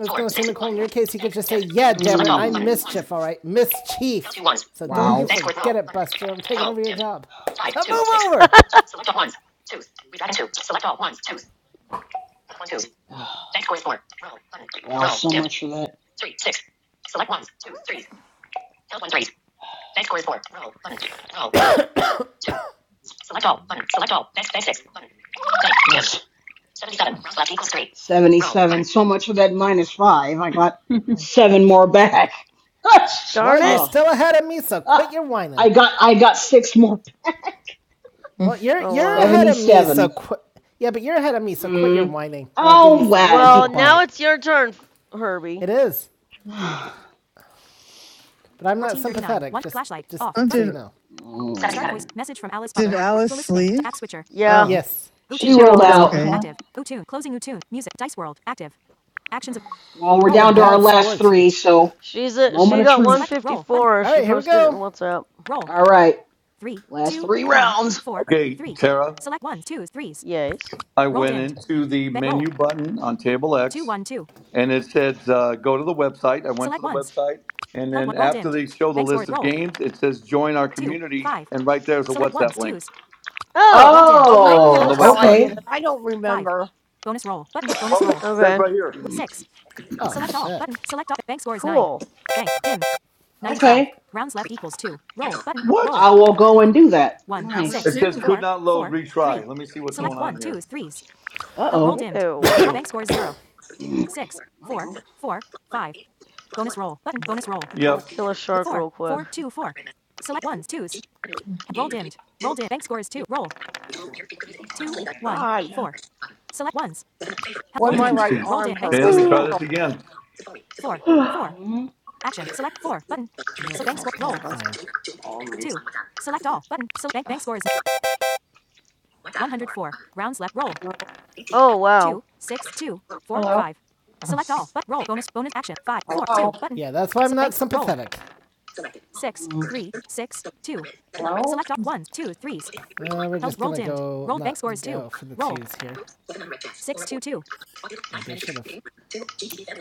I was gonna say Nicole. In your case, you could just say, "Yeah,
left
damn
Woo.
it, I'm
Mm,
mischief, all right, mischief." So don't
wow.
you forget it, Buster. I'm taking over your job. So move over.
[LAUGHS]
[SIGHS] Well, so much for that. Bank. Yes. 77. So much for that minus five. I got seven more back. [LAUGHS]
Well,
Darn
you're
it!
Oh.
still ahead of me, so quit
Ah,
your whining.
I got I got six more. back.
Mm.
Well,
Mm.
you're
[LAUGHS]
Oh
you're
wow.
ahead of me, so
77.
quit. Yeah, but you're ahead of me, so quit your
Mm.
whining, or I'll give
mm,
you
Oh,
something to
wow. Be
whine
Well,
about.
now
quiet.
it's your turn, Herbie.
It is,
[SIGHS]
but I'm not sympathetic. One just, flashlight. just Off. Button.
Oh,
so
did,
you know. Start voice.
Mm.
Message from Alice
did
Butler.
Alice
Feliciping. To
leave?
app switcher.
Yeah,
Oh,
Yes.
if
She
she
Utunes.
rolled
rolled
Dice
out.
World.
out.
okay.
Yeah,
Active. Utune. Closing Utune. Music. Dice World. Active. Actions. of-
Well, we're
Roll. Got a button.
down to
bad
our
button.
last
score too.
three, so
she's a,
moment
she
of
got
truth.
Select. Roll. Button.
154.
All
She
right, here we
posted it in
go.
WhatsApp.
Roll.
All right,
Three,
last
two,
three
one,
rounds.
four,
Okay,
three.
Tara.
Select ones, twos, threes.
Yes.
I
Roll
went
dimmed.
into the
Ba- roll.
menu button on table
Two,
X
one, two.
and it said uh, go to the website. I went to
Select
the
ones.
website. And
Held one.
then
Roll
after
dimmed.
they show the
Bank score.
list of
Roll.
games, it says join our
Two.
community.
Five.
And right there's a
Select
WhatsApp
ones,
link
twos. Held. Roll
Oh.
dimmed.
Oh maybe
on
oh,
Roll.
the
that's
Oh,
how I
website.
okay,
did it.
awesome.
I don't
Five.
remember.
Bonus roll. Button. Bonus
Well,
roll.
that says
Okay.
right here.
Six. Oh, Select shit. all. Button. Select all. Bank score is nine.
Cool.
Bank. Dim. 95.
okay.
Rounds left equals two. Roll. Button.
What?
Roll.
I will go and do that.
One.
I will
It
Nice.
Six.
says
too.
could
Four.
not load,
Four.
retry.
Three.
Let me see what's going
Select
on
one,
here.
twos, threes.
Uh
Held. Roll
oh.
dimmed. [COUGHS]
Uh
Ew.
oh.
bank score is zero. Six. Four. Four. Five. Bonus roll. Button. Bonus roll. R-
I'm gonna
Yep.
kill a shark
Four.
real
Four.
quick.
Two. Four. Select ones, twos. Roll dimmed. Roll dimmed. Bank score is two. Roll. two,
Oh
one,
God.
four. Select ones.
When
Roll
my
dimmed.
right
Interesting.
Roll
arm
dimmed. Bank
Okay, let
scores
me
hurts.
three.
try
Roll.
this
Oh,
again.
Four. Four. Action. Select four. Button. Well, so bank
my
score. Roll.
God.
Fine.
Oh,
Two. Select all. Button. So bank bank scores. 104. Rounds left. Roll.
Oh wow.
Two. Six. Two. Four. Five. Select all. But roll. Bonus. Bonus action. Five. Four. Two. Button. Yeah, that's why I'm So not sympathetic. Roll. Six. Three. Six. Two. Select all. Ones. Two. Threes. Uh, we're Help. just Roll gonna dimmed. go Roll bank scores two. for the Roll. twos here. Six. Two. Two. Maybe I should have.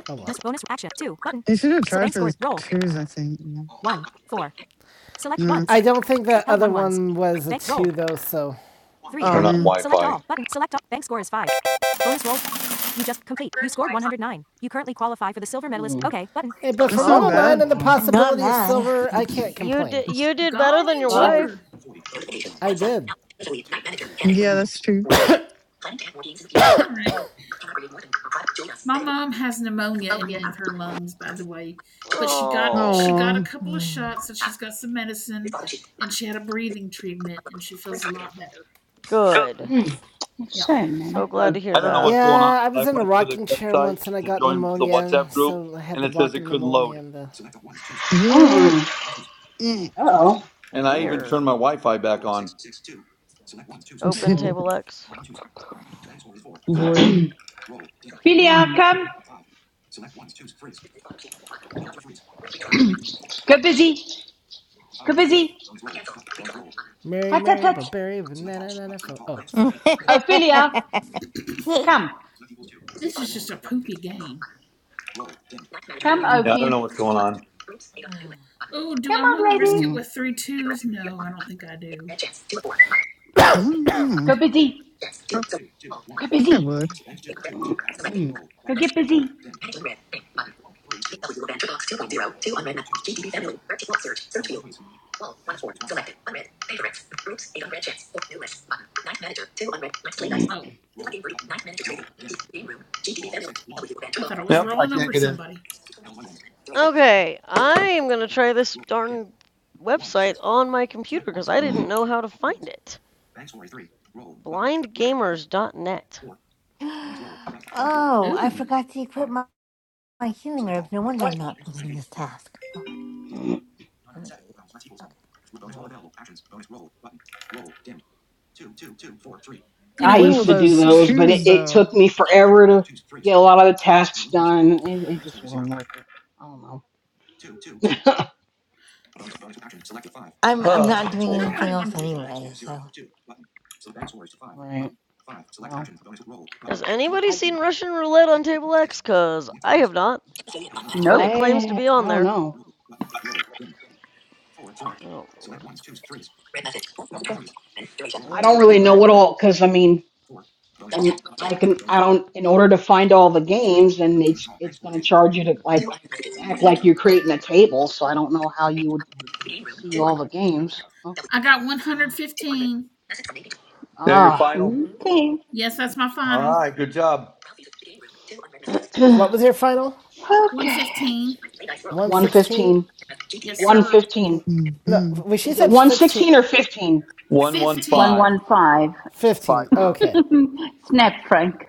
Oh well. bonus action two button.
You should have
So
tried
bank
for
score
the
roll
twos, I think. Yeah.
one four. Select
Yeah.
one. I don't think the other one was a two though, so
my
three.
Oh
Turn on
man,
Wi
Select
Fi.
all button. Select all. Bank score is five. Bonus roll. You just complete. You scored 109. You currently qualify for the silver medalist. Okay button. Hey, but for
that's not
109
bad.
and the
Oh,
mm. Not
possibility of
bad.
silver, I
Okay.
can't
you
complain.
did
That's
you did better
Golly
than your
God.
jeeper.
wife.
I did.
yeah, that's true.
All right. My mom has pneumonia in one of her lungs, by the way, but she got she got
Oh,
a
Oh,
couple of
Mm.
shots and she's got some medicine and she had a breathing treatment and she feels a lot better.
good.
Yeah.
shame,
So
I've
man.
glad to
done.
hear
I don't know
that.
what's going on,
Yeah, I
but
was
I
in a
went to the
rocking chair
website
once and I
to
got
join the
pneumonia,
WhatsApp group
so I had
and
the
it says it
rocking
couldn't load.
pneumonia and the
you
Uh
And I even turned
Weird.
my Wi-Fi back on.
Open
[LAUGHS]
table X.
boy. I
Ophelia, come. Go busy. Go busy.
Mary
Hut, hut,
Mary but
hut.
Barry but Oh, sorry, sorry.
Ophelia,
[LAUGHS]
come.
This is poopy game.
Come,
Yeah, I
oh.
don't
Ophi.
know what's going on.
Oh, do
Come
I want to
on,
risk
lady.
[CLEARS THROAT]
it with three twos? No, I don't think I do.
don't know.
Go busy.
I
Go
think I
busy.
would.
Go get busy.
Oh, I thought
Yep, I can't
was
get in.
somebody.
Okay, I am gonna try this darn website on my computer because I didn't know how to find it. blind gamers dot net.
oh, I
Ooh,
forgot to equip my, my healing herbs. No wonder I'm not completing this task. Oh, I'm an idiot. Okay.
you
I
know what?
used
Oh,
to
I'm,
do
those
ooh,
those, but it,
twos
it
though.
took me forever to get a lot of the tasks done. It, it just wasn't worth it. I don't know. [LAUGHS]
[SIGHS]
I'm I'm not
Oh
doing
boy.
anything else anyway, so.
right. Well,
Has anybody
I
seen Russian roulette on table X? Cause I have not, but
Nope.
it claims to
I
be
I
on
don't
there.
know.
Oh lord.
I
I
don't
will be
really know
right
what all
back.
because I mean, and I can I don't in order to find all the games, and it's it's going to charge you to like act like you're creating a table. So I don't know how you would see all the games.
I got
Oh.
115.
There, your
Ah,
final.
Okay.
Yes, that's my
All
final.
right, good job.
What was
[CLEARS THROAT]
your final?
Okay.
115.
one
116?
fifteen.
Yes,
One
sir.
fifteen.
No,
hmm
well, she
Is it
said
one
16.
sixteen or fifteen?
One one five
15.
115.
15.
fiver.
Okay.
[LAUGHS] snap, Frank.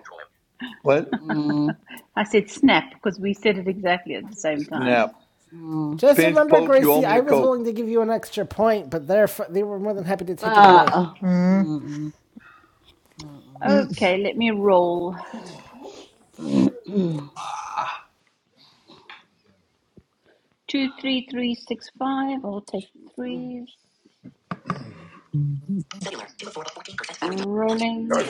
What?
Mm,
[LAUGHS] I said snap because we said it exactly at the same time.
Snap.
mm,
Just
Pinch
remember,
poke. You owe
Gracie,
me
I
a
was
coke.
willing to give you an extra point, but they're, they were more than happy to
uh,
take it away.
uh, mm, mm, mm, mm,
Okay, let me roll.
mm, mm,
Two, three, three, six, five. I'll take the threes. Rolling.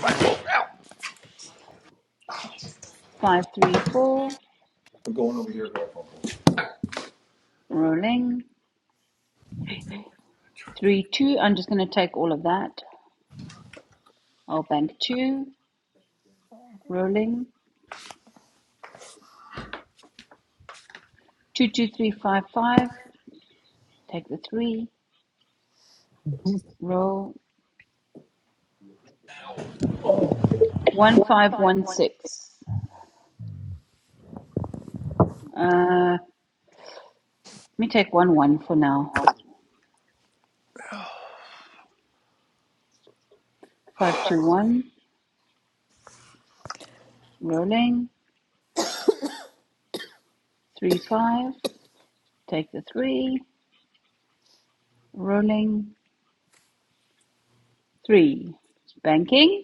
Five, three, four. Rolling. Three, two. I'm just going to take all of that. I'll bank two. Rolling. Two, two, three, five, five. Take the three. Roll. One, five, one, six. Uh, let me take one, one for now. Five, two, one. Rolling three five. Take the three. Rolling three. Banking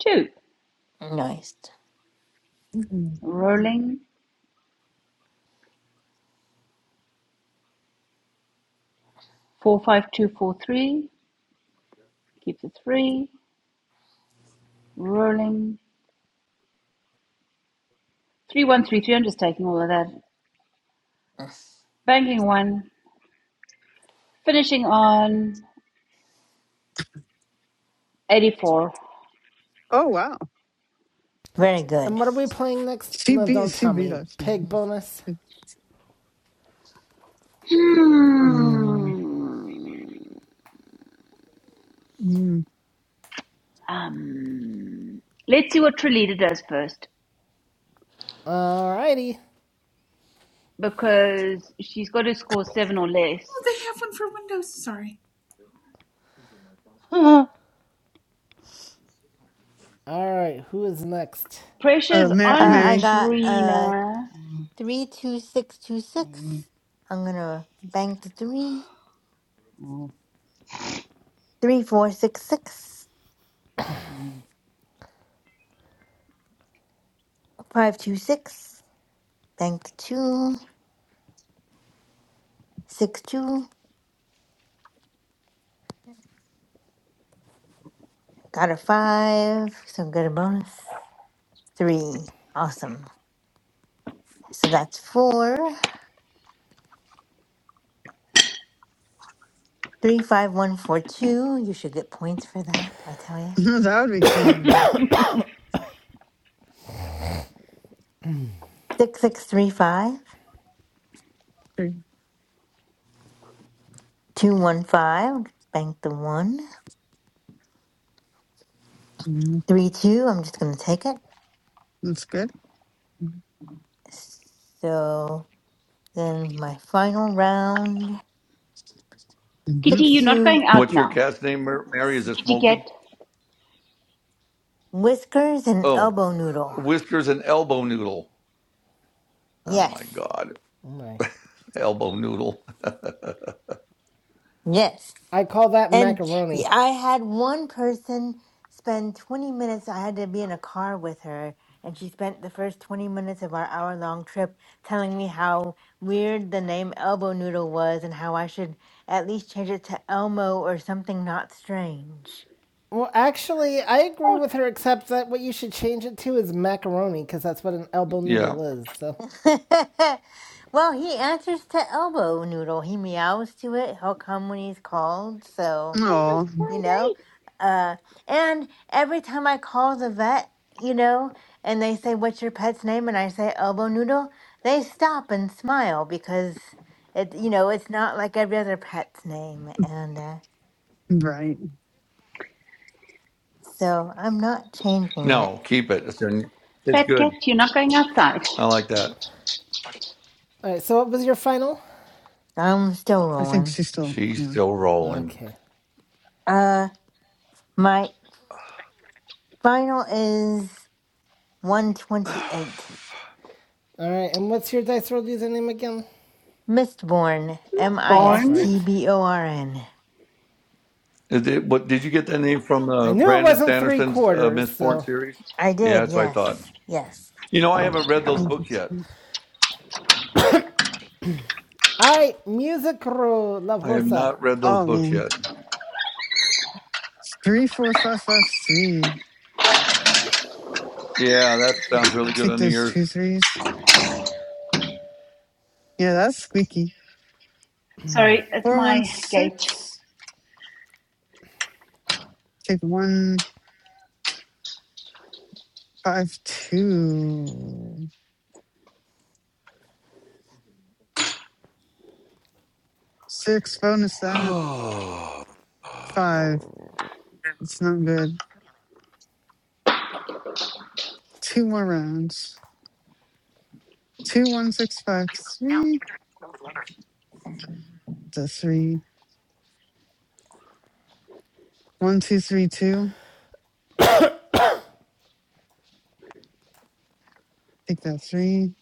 two.
Nice.
Rolling four five two four three. Keep the three. Rolling three one three three. I'm just taking all of that. Banking one. Finishing on eighty four.
Oh wow,
Very
And
good.
what are we playing next?
she
No,
beat
don't
she
tell
beat
me.
us, man.
Pig
Uh,
bonus.
Good. Oh,
Hmm.
Mm.
Um. Let's see what Trilita does first
Alrighty.
because she's got to score seven or less.
Oh, they have one for Windows. Sorry.
mm,
Alright, who is next?
uh,
Pressure's
Mary,
on
I
Mary.
got uh
Trina.
three two six two six. I'm gonna bank the three.
mm, mm,
Three four six six
mm,
five two six. Bank the two six two. Got a five. So get a bonus. Three. Awesome. So that's four. Three five one four two. You should get points for that. I tell
[LAUGHS]
you.
that would be cool, man.
Six six three five two one five. Bank the one.
Mm,
Three two. I'm just gonna take it.
That's good.
So then my final round
Mm-hmm.
Kitty, you're
sticks
not
to
going out
What's your
now.
cat's name, Mar- Mary? Is it
Kitty cat.
Smokey?
whiskers and
Oh,
elbow noodle.
whiskers and elbow noodle. Oh my
Yes,
God,
Oh my.
elbow noodle. [LAUGHS]
yes.
I call that
And yeah,
macaroni.
I had one person spend 20 minutes. I had to be in a car with her, and she spent the first 20 minutes of our hour long trip telling me how weird the name elbow noodle was and how I should at least change it to Elmo or something not strange.
Well, actually, I agree
Oh,
with her, except that what you should change it to is macaroni, because that's what an elbow
yeah.
noodle is. So,
[LAUGHS] well, he answers to elbow noodle. He meows to it. He'll come when he's called. So,
Oh,
you know, uh, and every time I call the vet, you know, and they say, What's your pet's name? And I say, Elbow noodle, they stop and smile because it, you know, it's not like every other pet's name. And uh,
right.
so I'm not changing it.
No, keep it. It's, it's
fat cat,
good.
you're not going outside.
I like that.
all right. So, what was your final?
I'm still
I think
rolling.
she's still,
She's
yeah.
still rolling.
Okay.
Uh, my final is
[SIGHS]
128.
All right, and what's your dice roll username again?
Mistborn,
Miss
M I
That's
S
Bourne.
right.
T B O R N.
Is it, what did you get that name from
I
uh,
knew it
Brandon
wasn't three
Sanderson's uh,
quarters,
Mistborn
so.
series?
I
Yeah,
did,
that's what I thought.
yes. Yes.
You know, I haven't read
I
those
think
books
it's-
yet.
All right, music roll, La
I have
Rosa.
not read those
Oh
books
man.
yet.
Three, four, five, five, three.
Yeah, that sounds really good
Take
on the
those
ears.
two threes. Yeah, that's squeaky.
Sorry, it's
Four, one,
my gate.
six. Take one, five, two. Six, bonus that.
[SIGHS]
Five.
Oh,
It's not good. Two more rounds. Two, one, six, five, three. The three. One, two, three, two. Take that three.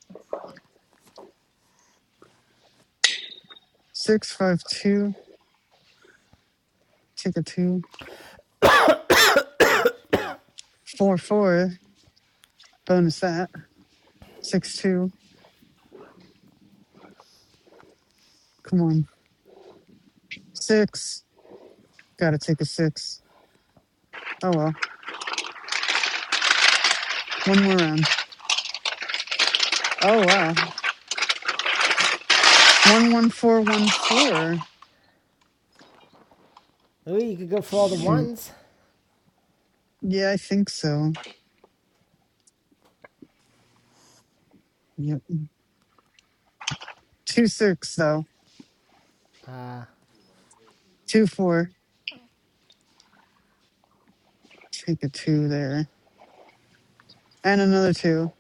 Six, five, two. Take a two. Four, four. Bonus that. Six, two. Come on. Six. Gotta take a six. Oh well. One more round. Oh wow. One one four one four.
Ooh, you could go for all the
Shoot.
ones.
Yeah, I think so. Yep. Two six though.
Uh,
Two four. Take a two there. And another two.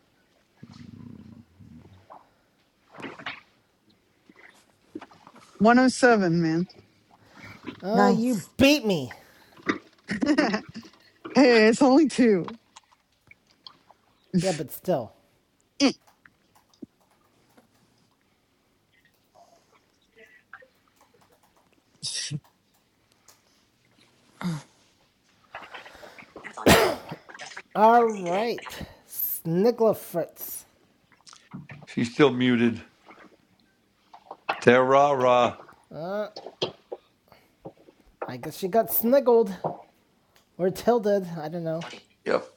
One oh seven, man.
uh, you
Nice.
beat me.
[LAUGHS] hey, it's only two. [LAUGHS]
Yeah, but still. All right, Snigla Fritz.
She's still muted. Terra.
I guess she got sniggled or tilted. I don't know.
Yep.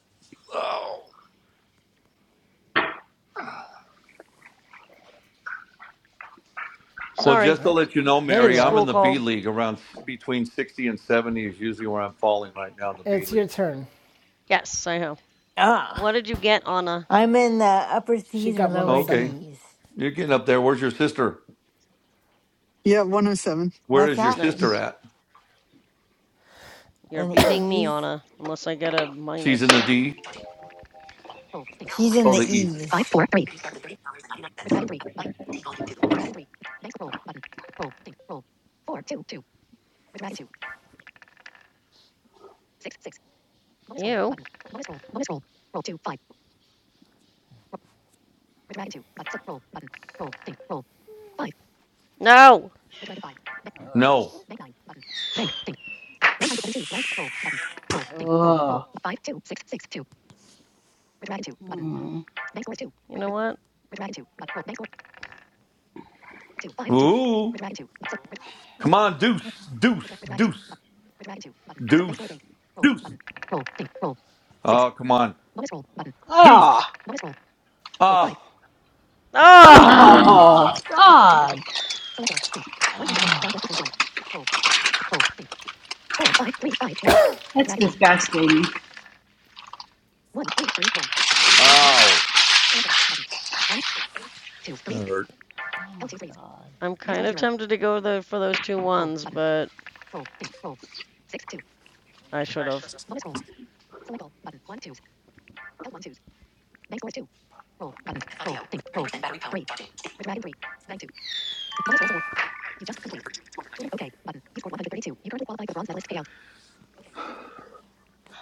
Well,
Sorry.
just
All
to
right,
let you know,
there
Kids
you
Mary, I'm
are.
school
in the B
called.
League around s- between 60 and 70 is usually where I'm falling right now in the B
It's your
League.
turn.
Yes, I have.
Ah,
What did you get, Anna?
I'm in the upper
She
C's or
got
lower
Okay.
107.
D's.
You're getting
Dep-
up there. Where's your sister?
yeah, 107.
Where
What's
is your
that?
sister
Nice.
at?
You're
An
beating me,
E's?
Anna, unless I get a
She's in
minus.
the D.
She's in
Oh,
the
the east.
E's.
You? No.
uh,
No.
uh, mm.
You know what?
Ooh. Come on, deuce, deuce, deuce, deuce, deuce. Oh, come on. Deuce.
Ah,
Ah.
Ah!
oh, God. Ah,
That's disgusting.
Ah. That hurt.
Oh, my God.
I'm kind of tempted to go the, for those two ones, but I should have.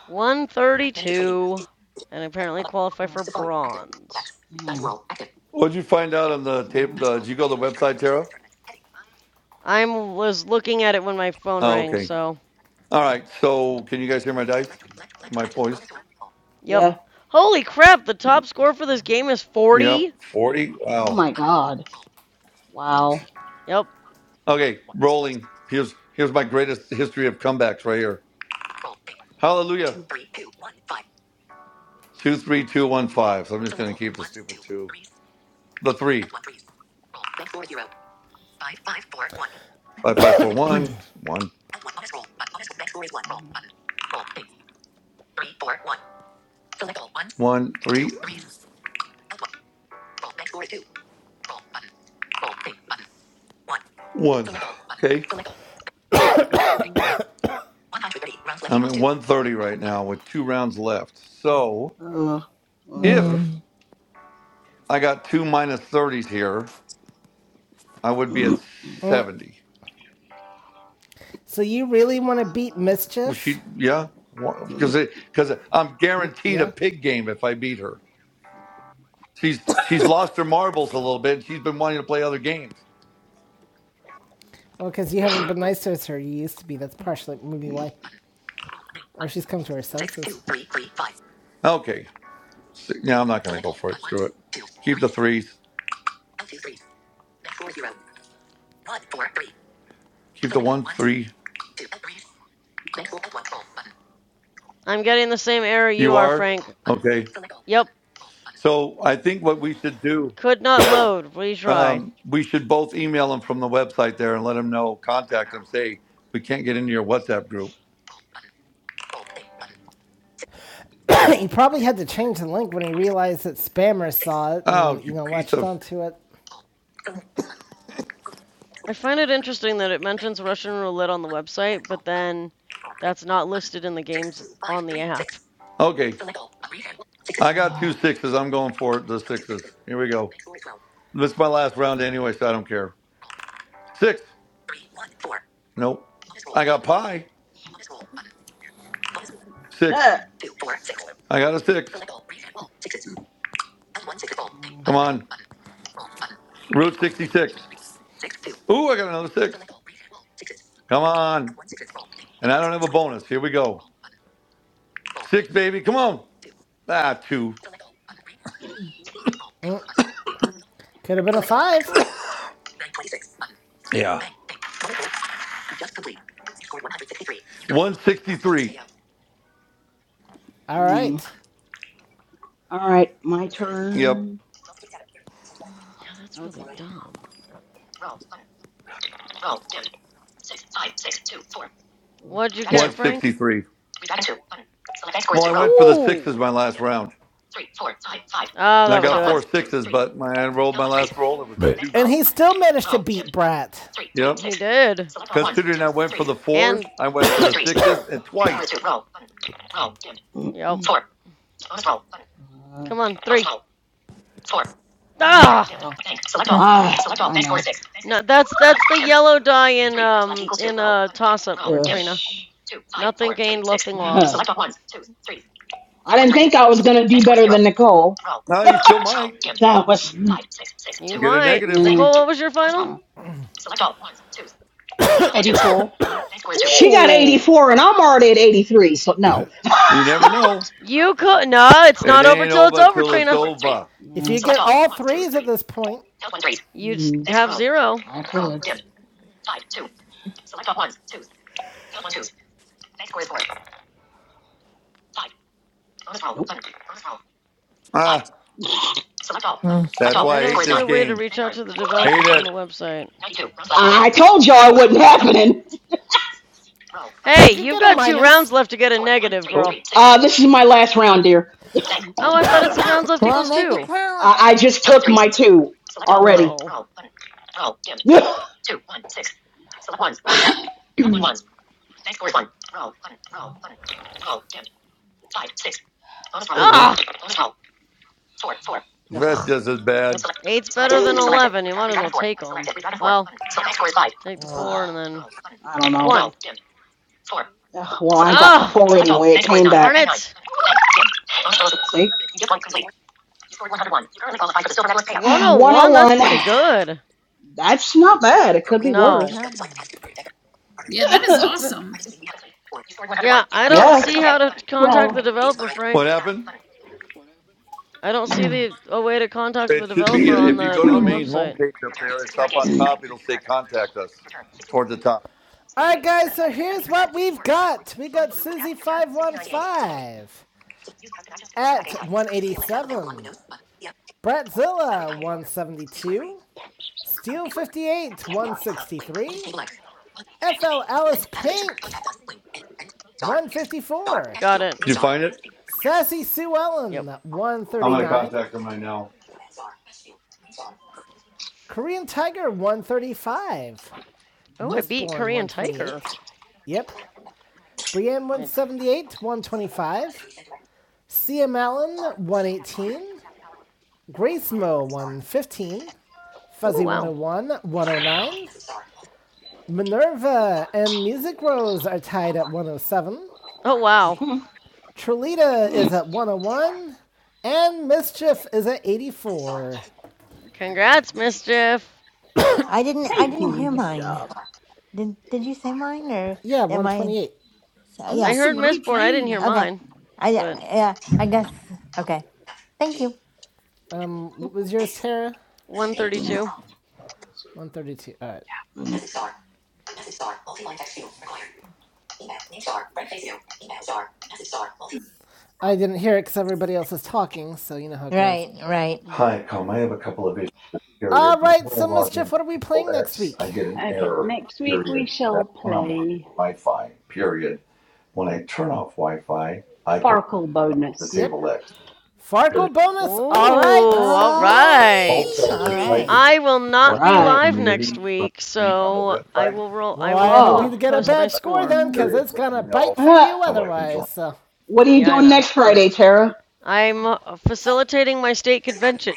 132, and apparently qualify
Okay.
for bronze.
Mm,
What'd you find out on the tape?
mm,
Uh, did you go to the website, Tara?
I was looking at it when my phone
Oh,
rang,
okay.
so.
All right. So, can you guys hear my dice? My voice?
Yep.
Yeah.
Holy crap, the top score for this game is
Yep.
40?
40.
Oh,
Wow.
my God. Wow.
Yep.
Okay. Rolling. Here's here's my greatest history of comebacks right here. Hallelujah. Two, three, two, one, five. So I'm just going to keep the stupid two. The three. Five, five, four, one. One,
Mm,
one, three,
mm,
one. Okay.
mm, Okay.
I'm at 130 right now with two rounds left. So
Uh,
if
Mm.
I got two 30s here, I would be at
uh.
Mm.
70.
So you really want to beat
[CLEARS THROAT]
Well,
Mischief?
she, yeah,
Ah,
because because I'm
W-
guaranteed a
yeah.
pig game if I beat her. She's she's lost her marbles a little bit. She's been wanting to play other games.
Well, because you haven't been nice to her. You used to be. That's partially maybe why. Or she's come to her senses.
Okay, so, yeah, I'm not going to go for it. Screw it. Keep the threes. Keep the one three.
I'm getting the same error you
You
are,
are
Frank.
okay.
Yep,
So I think what we should do,
could not load. Retry.
um, we should both email them from the website there and let them know. Contact them. Say we can't get into your WhatsApp group.
[COUGHS] he probably had to change the link when he realized that spammers saw it
Oh,
and,
you
you know,
piece
latched
of
onto it.
I find it interesting that it mentions Russian roulette on the website, but then that's not listed in the games on the app.
okay. I got two sixes. I'm going for the sixes. Here we go. This is my last round anyway, so I don't care. Six. Nope. I got pie. Six.
huh.
I got a six.
Mm,
Come on. Route 66. Ooh, I got another six. Come on. And I don't have a bonus. Here we go. Six, baby. Come on. Ah, two.
Could have been a five.
Yeah. 163.
All right.
mm. All right, my
Yep.
turn.
Yeah, that's really
Okay.
dumb. What'd you get, Frank?
163. Well, I went for the
Ooh.
sixes my last round.
Ah,
And I
that would
got
do it.
four sixes, but my, I rolled my last roll. It was a
But
deuce.
And he still managed to beat Brat.
Yep.
He did.
Considering I went for the fours,
And
I went for the sixes and twice.
yep.
Four. Uh,
Come on, three.
oh, Bank,
Ah.
dim, well. bank, select all. Ah, select all. I Bank score six. Bank
No,
six.
that's that's the
dim.
yellow die in
83. Round left
um
equals two.
in
Roll.
a
Button.
toss up,
Roll. Ugh. Dim.
Trina. Nothing gained, nothing
[LAUGHS]
lost.
select all ones, twos, threes. I didn't think I was going to do better than Nicole.
Now you still might
[LAUGHS] That was.
You
get a
might.
Bank. Yeah,
negative.
Bonus
Nicole, what was your final?
yeah.
84.
two. She got
Ooh.
84 and I'm already at 83, so no.
You
[LAUGHS]
never know.
You could. No, it's
It
not over
ain't
till it's
over
over,
till it's
Trina.
over.
If
Yeah.
you get all threes at this point,
You would
Mm.
have
roll.
zero.
I Roll. could.
Ah,
mm.
that's
nope,
I
why I
don't
hate
see
this
a way to
game.
reach out to the developer
Hate
from the
it.
website.
I told y'all it wasn't happening.
you
Hey,
could
you've
get a
got two rounds
minus.
left to get a negative,
Oh,
girl.
Uh, this is my last round, dear.
Oh, I thought it said rounds left
Well,
equals
make it
two.
I,
count.
I just took my two already.
Oh.
[LAUGHS] Ew. Ugh. [SIGHS] Ugh,
Ah!
that's just as bad.
That's eight's better than 11. You might as well take them. Well, take the four and then
I don't know.
one.
Ugh, well, I got the
Ah!
four anyway. It came
Darn
back.
it!
See? [SIGHS]
101? That's
101.
pretty good.
That's not bad. It could be
It's
No.
worse.
not bad.
Yeah, that
[LAUGHS]
is awesome.
Yeah, I don't
Yes.
see how to contact
Well,
the developer,
What
Frank.
happened?
I don't see
Okay.
the a way to contact the
It should be
developer
uh,
on
if you
the
go to the
on the
main
website.
homepage up there. It's up on top. It'll say "Contact Us" towards the top.
All right, guys, so here's what we've got. We got Susie515 at 187, Bratzilla 172, Steel 58,
can not borrow that.
163.
Let's go to
FL Alice Pink,
Star,
154.
text
Got
field,
it.
Did you find it?
Sassy Sue Ellen,
Yep.
I'm gonna
139.
contact them right now.
Korean Tiger, 135.
Oh, I beat
Mistborn,
Korean Tiger.
128. Yep. Brienne,
I,
178, 125. CM Allen, 118. Grace Mo, 115.
oh
Fuzzy
wow.
101, 109. Minerva and Music Rose are tied at 107.
Oh wow.
Trelita
Button.
is at 101, and Mischief is at 84.
Congrats, Mischief.
I
bed.
didn't. I
Thank
didn't
[LAUGHS]
hear
you.
nice
mine.
job.
Did Did you say mine or
Yeah,
am I?
128.
So,
Oh,
yeah.
I
so
heard
what are we
Mistborn. I didn't hear
playing?
Okay.
mine,
I
but
yeah. I guess. Okay. Thank you.
Um, what was yours, Tara?
All
132.
132. All right. I didn't hear it because everybody else is talking, so you know how it goes.
Right. Right.
Hi, I have a couple of issues here. Here,
All
When
right,
I
so
log
Mischief,
into
what are we playing next
POX,
week?
I get an
Okay,
error.
next week we
Period.
shall
That's when I'm on
play
Wi-Fi. Period. When I turn off Wi-Fi, I can
Foracle
the
Bonus.
Yep.
table X.
Farkle
Ooh,
bonus. All right.
all
Oh,
Also,
right.
all
I tried
Wee.
to
right.
join
I will not be
WhatsApp
right.
live
community
next
from
week,
the link on the
so I
website.
will roll. I
Well,
will
This
I hope
spoke
po-
you
Oh. [LAUGHS]
to
get a
people
post
in
my
bad
my
score
score.
then, because
Aw.
area,
it's
so
going
I
to
know
bite for
Ah,
you
how I can join.
otherwise. So,
what are you
Yeah, I
doing
know.
next
it.
Friday, Tara?
I'm uh, facilitating my state convention.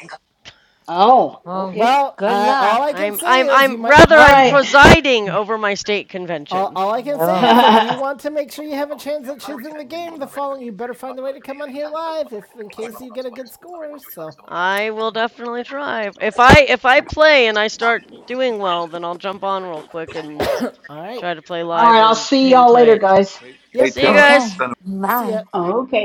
Oh,
Well,
okay.
well,
good
I,
luck.
all I can
I'm
say
I'm
is you
I'm
might
rather
All
I'm
right.
Mhm.
presiding over my state
All,
convention.
all I can say
Oh,
is if you want to make sure you have a chance at choosing the game the following, you better find a way to come on here live if in case you get a good score. So,
I will definitely try. If I if I play and I start doing well, then I'll jump on real quick and
all right.
try to play
[LAUGHS] All
live
right. I'll
or
see
hang
y'all later,
tight.
guys.
Hey,
Yep.
See you
Tara, I
guys.
okay.
just sent
See
Bye.
ya.
Okay.